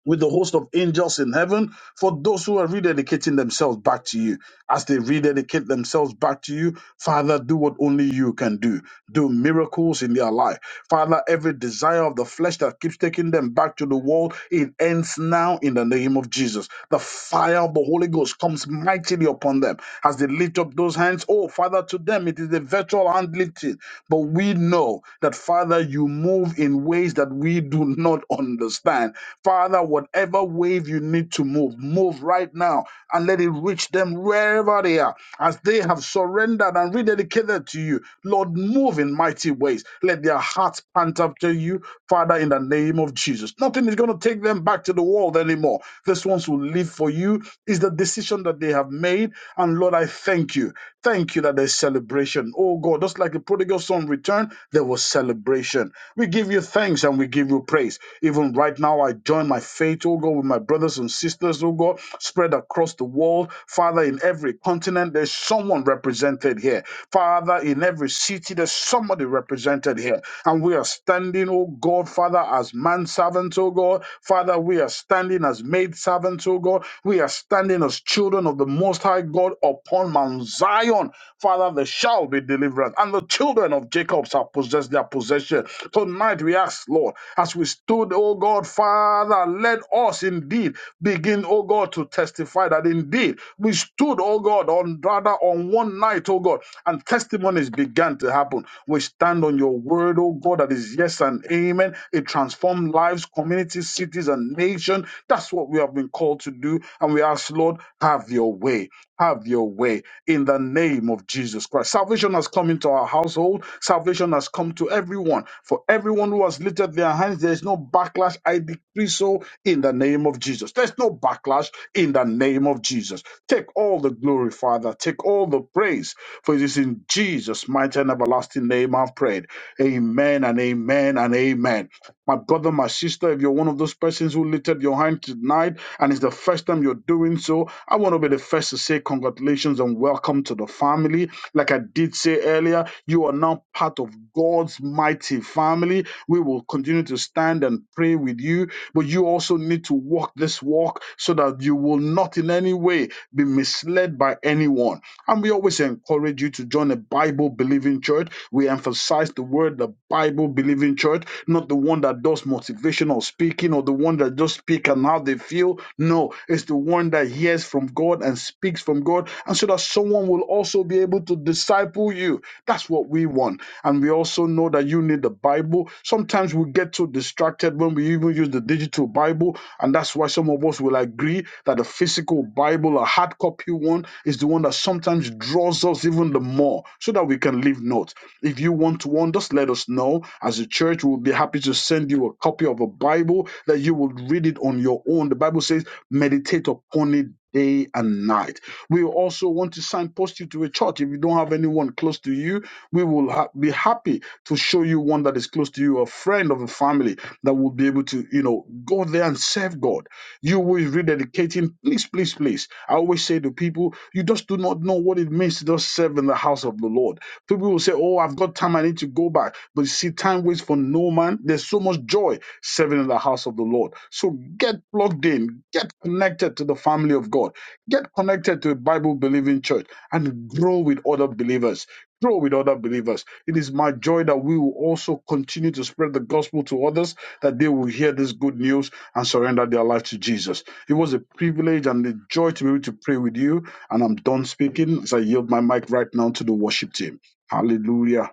Speaker 8: with the host of angels in heaven, for those who are rededicating themselves back to you. As they rededicate themselves back to you, Father, do what only you can do. Do miracles in their life. Father, every desire of the flesh that keeps taking them back to the world, it ends now in the name of Jesus. The fire of the Holy Ghost comes mightily upon them as they lift up those hands. Oh, Father, to them it is the virtual hand lifting but we know that, Father, you move in ways that we do not understand. Father, whatever wave you need to move, move right now and let it reach them wherever they are as they have surrendered and rededicated to you. Lord, move in mighty ways. Let their hearts pant after you, Father, in the name of Jesus. Nothing is going to take them back to the world anymore. These ones will live for you is the decision that they have made. And Lord, I thank you Thank you that there's celebration. Oh God, just like the prodigal son returned, there was celebration. We give you thanks and we give you praise. Even right now, I join my faith, oh God, with my brothers and sisters, oh God, spread across the world. Father, in every continent, there's someone represented here. Father, in every city, there's somebody represented here. And we are standing, oh God, Father, as manservants, oh God. Father, we are standing as maidservants, oh God. We are standing as children of the Most High God upon upon Mount Zion, Father, there shall be deliverance, and the children of Jacob shall possess their possession. Tonight we ask, Lord, as we stood, oh God, Father, let us indeed begin, oh God, to testify that indeed we stood, oh God, on rather on one night, oh God, and testimonies began to happen. We stand on your word, oh God, that is yes and amen. It transformed lives, communities, cities, and nations. That's what we have been called to do. And we ask, Lord, have your way. Have your way in the name of Jesus Christ. Salvation has come into our household. Salvation has come to everyone. For everyone who has lifted their hands, there is no backlash. I decree so in the name of Jesus. There's no backlash in the name of Jesus. Take all the glory, Father. Take all the praise. For it is in Jesus' mighty and everlasting name I've prayed. Amen and amen and amen. My brother, my sister, if you're one of those persons who lifted your hand tonight and it's the first time you're doing so, I want to be the first to say congratulations and welcome to the family. Like I did say earlier, you are now part of God's mighty family. We will continue to stand and pray with you, but you also need to walk this walk so that you will not in any way be misled by anyone. And we always encourage you to join a Bible believing church. We emphasize the word, the Bible believing church, not the one that does motivational speaking or the one that just speak and how they feel. No, it's the one that hears from God and speaks from God. And so that someone will also be able to disciple you. That's what we want. And we also know that you need the Bible. Sometimes we get so distracted when we even use the digital Bible and that's why some of us will agree that the physical Bible, a hard copy one, is the one that sometimes draws us even the more so that we can leave notes. If you want one, just let us know. As a church, we'll be happy to send you a copy of a Bible that you will read it on your own. The Bible says, meditate upon it day and night. We also want to signpost you to a church. If you don't have anyone close to you, we will ha- be happy to show you one that is close to you, a friend of a family that will be able to, you know, go there and serve God. You will be rededicating, please, please, please. I always say to people, you just do not know what it means to just serve in the house of the Lord. People will say, Oh, I've got time, I need to go back. But you see, time waits for no man. There's so much joy serving in the house of the Lord. So get plugged in, get connected to the family of God, get connected to a Bible believing church, and grow with other believers. Grow with other believers. It is my joy that we will also continue to spread the gospel to others that they will hear this good news and surrender their life to Jesus. It was a privilege and a joy to be able to pray with you. And I'm done speaking as I yield my mic right now to the worship team. Hallelujah.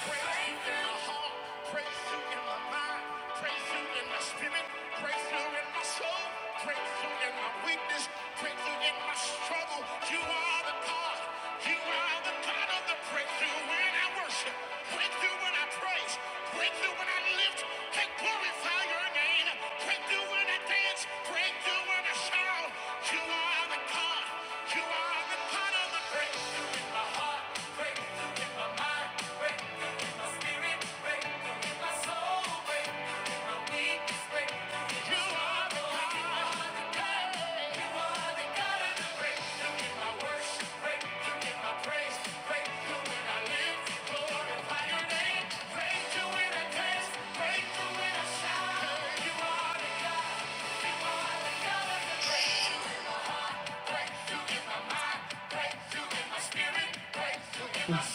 Speaker 1: Praise you in my heart. Praise you in my mind. Praise you in my spirit. Praise you in my soul. Praise you in my weakness. Praise you in my struggle. You are the God. You are the God of the breakthrough when I worship. Breakthrough when I praise. Breakthrough when I lift. And glorify your name. Breakthrough when I dance. Breakthrough when I shout. You are the God. You are the God.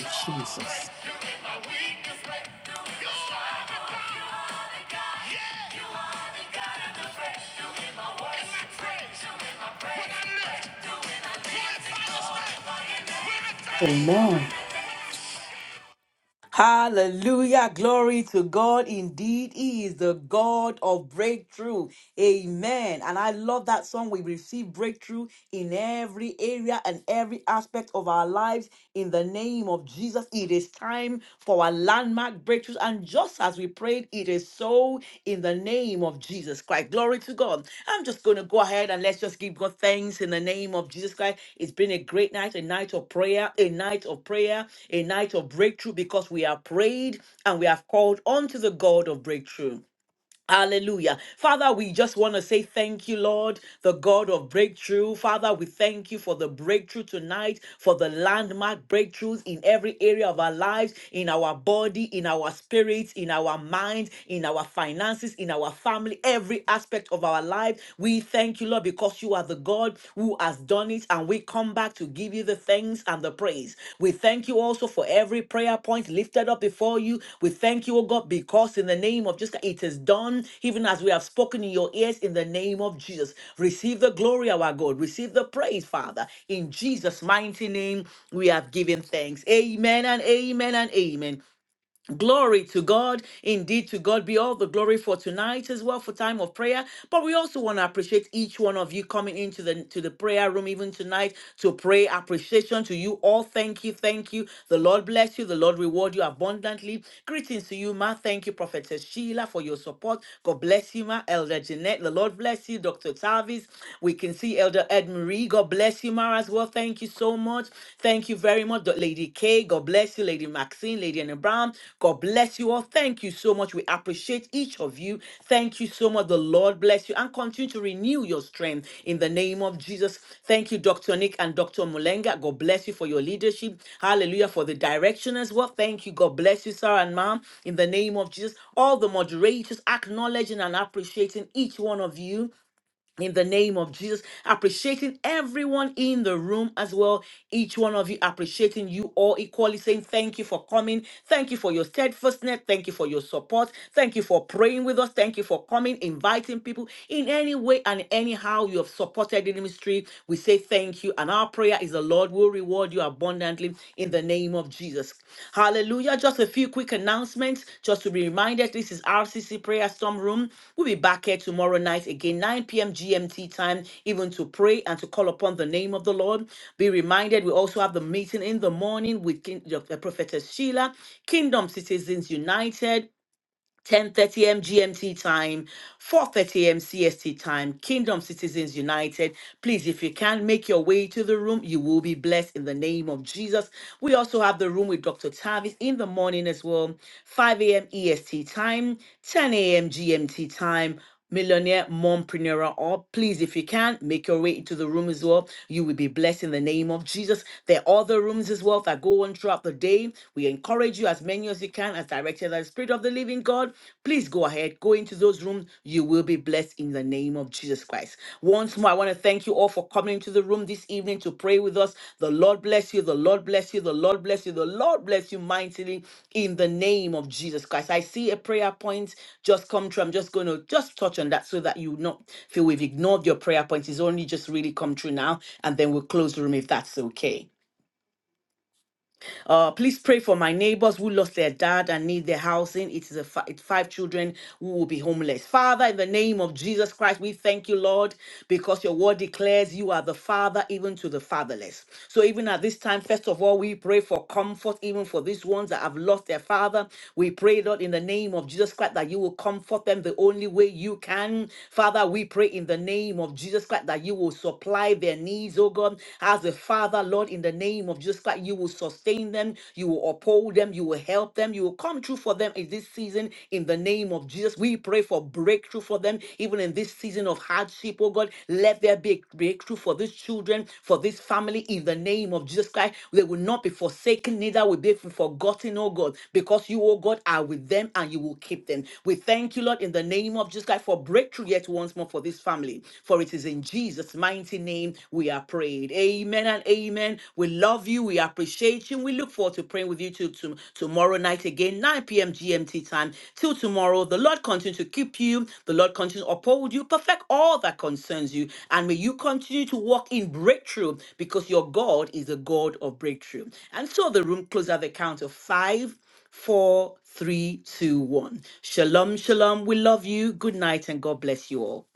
Speaker 4: Jesus. Amen. Hallelujah. Glory to God. Indeed, He is the God of breakthrough. Amen. And I love that song. We receive breakthrough in every area and every aspect of our lives in the name of Jesus. It is time for our landmark breakthroughs and just as we prayed, it is so in the name of Jesus Christ. Glory to God. I'm just going to go ahead and let's just give God thanks in the name of Jesus Christ. It's been a great night, a night of prayer, a night of prayer, a night of breakthrough because we have prayed and we have called unto the God of breakthrough. Hallelujah. Father, we just want to say thank you, Lord, the God of breakthrough. Father, we thank you for the breakthrough tonight, for the landmark breakthroughs in every area of our lives, in our body, in our spirits, in our minds, in our finances, in our family, every aspect of our life. We thank you, Lord, because you are the God who has done it on it and we come back to give you the thanks and the praise. We thank you also for every prayer point lifted up before you. We thank you, O God, because in the name of Jesus, it is done, even as we have spoken in your ears in the name of Jesus. Receive the glory, our God. Receive the praise, Father. In Jesus' mighty name, we have given thanks. Amen and amen and amen. Glory to God. Indeed, to God be all the glory for tonight as well for time of prayer. But we also want to appreciate each one of you coming into the to the prayer room even tonight to pray appreciation to you all. Thank you, thank you. The Lord bless you. The Lord reward you abundantly. Greetings to you, Ma. Thank you, Prophetess Sheila, for your support. God bless you, Ma. Elder Jeanette. The Lord bless you, Dr. Tavis. We can see Elder Ed Marie. God bless you, Ma, as well. Thank you so so much. Thank you very much, Dr. Lady K. God bless you, Lady Maxine, Lady Anna Brown. God bless you all. Thank you so much. We appreciate each of you. Thank you so much. The Lord bless you and continue to renew your strength in the name of Jesus. Thank you, Dr. Nick and Dr. Mulenga. God bless you for your leadership. Hallelujah. For the direction as well. Thank you. God bless you, sir and ma'am, in the name of Jesus. All the moderators acknowledging and appreciating each one of you in the name of Jesus, appreciating everyone in the room as well. Each one of you appreciating you all equally, saying thank you for coming. Thank you for your steadfastness. Thank you for your support. Thank you for praying with us. Thank you for coming, inviting people in any way and anyhow you have supported the ministry. We say thank you. And our prayer is the Lord the Lord will reward you abundantly in the name of Jesus. Hallelujah. Just a few quick announcements just to be reminded this is RCC Prayer Storm Room. We'll be back here tomorrow night again, 9 p.m. GMT time, even to pray and to call upon the name of the Lord. Be reminded we also have the meeting in the morning with King, the prophetess Sheila, Kingdom Citizens United. 10:30 a.m. GMT time, 4:30 a.m. CST time. Kingdom Citizens United. Please, if you can make your way to the room, you will be blessed in the name of Jesus. We also have the room with Dr. Tavis in the morning as well, 5 a.m. EST time, 10 a.m. GMT time millionaire mompreneur or please if you can make your way into the room as well you will be blessed in the name of jesus there are other rooms as well that go on throughout the day we encourage you as many as you can as directed by the spirit of the living god please go ahead go into those rooms you will be blessed in the name of jesus christ once more i want to thank Thank you all for coming into the room this evening to pray with us. The Lord bless you. The Lord bless you. The Lord bless you. The Lord bless you mightily in the name of Jesus Christ. I see a prayer point just come true. I'm just going to just touch on that so that you not feel we've ignored your prayer point. It's only just really come true now. And then we'll close the room if that's okay. Uh, please pray for my neighbors who lost their dad and need their housing. It is a fi- it's five children who will be homeless. Father, in the name of Jesus Christ, we thank you, Lord, because your word declares you are the father even to the fatherless. So even at this time, first of all, we pray for comfort even for these ones that have lost their father. We pray, Lord, in the name of Jesus Christ, that you will comfort them the only way you can. Father, we pray in the name of Jesus Christ that you will supply their needs, oh God, as a father Father, Lord, in the name of Jesus Christ, you will sustain them, you will uphold them, you will help them, you will come through for them in this season. In the name of Jesus, we pray for breakthrough for them, even in this season of hardship, oh God. Let there be a breakthrough for these children, for this family, in the name of Jesus Christ. They will not be forsaken, neither will they be forgotten, oh God, because you, oh God, are with them and you will keep them. We thank you, Lord, in the name of Jesus Christ for breakthrough yet once more for this family, for it is in Jesus' mighty mighty name we are prayed. Amen and amen. We love you. We appreciate you. We look forward to praying with you till to- tomorrow night again, 9 p.m. GMT time. Till tomorrow, the Lord continue to keep you. The Lord continue to uphold you, perfect all that concerns you. And may you continue to walk in breakthrough because your God is a God of breakthrough. And so the room closes at the count of five, four, three, two, one. Shalom, shalom. We love you. Good night and God bless you all.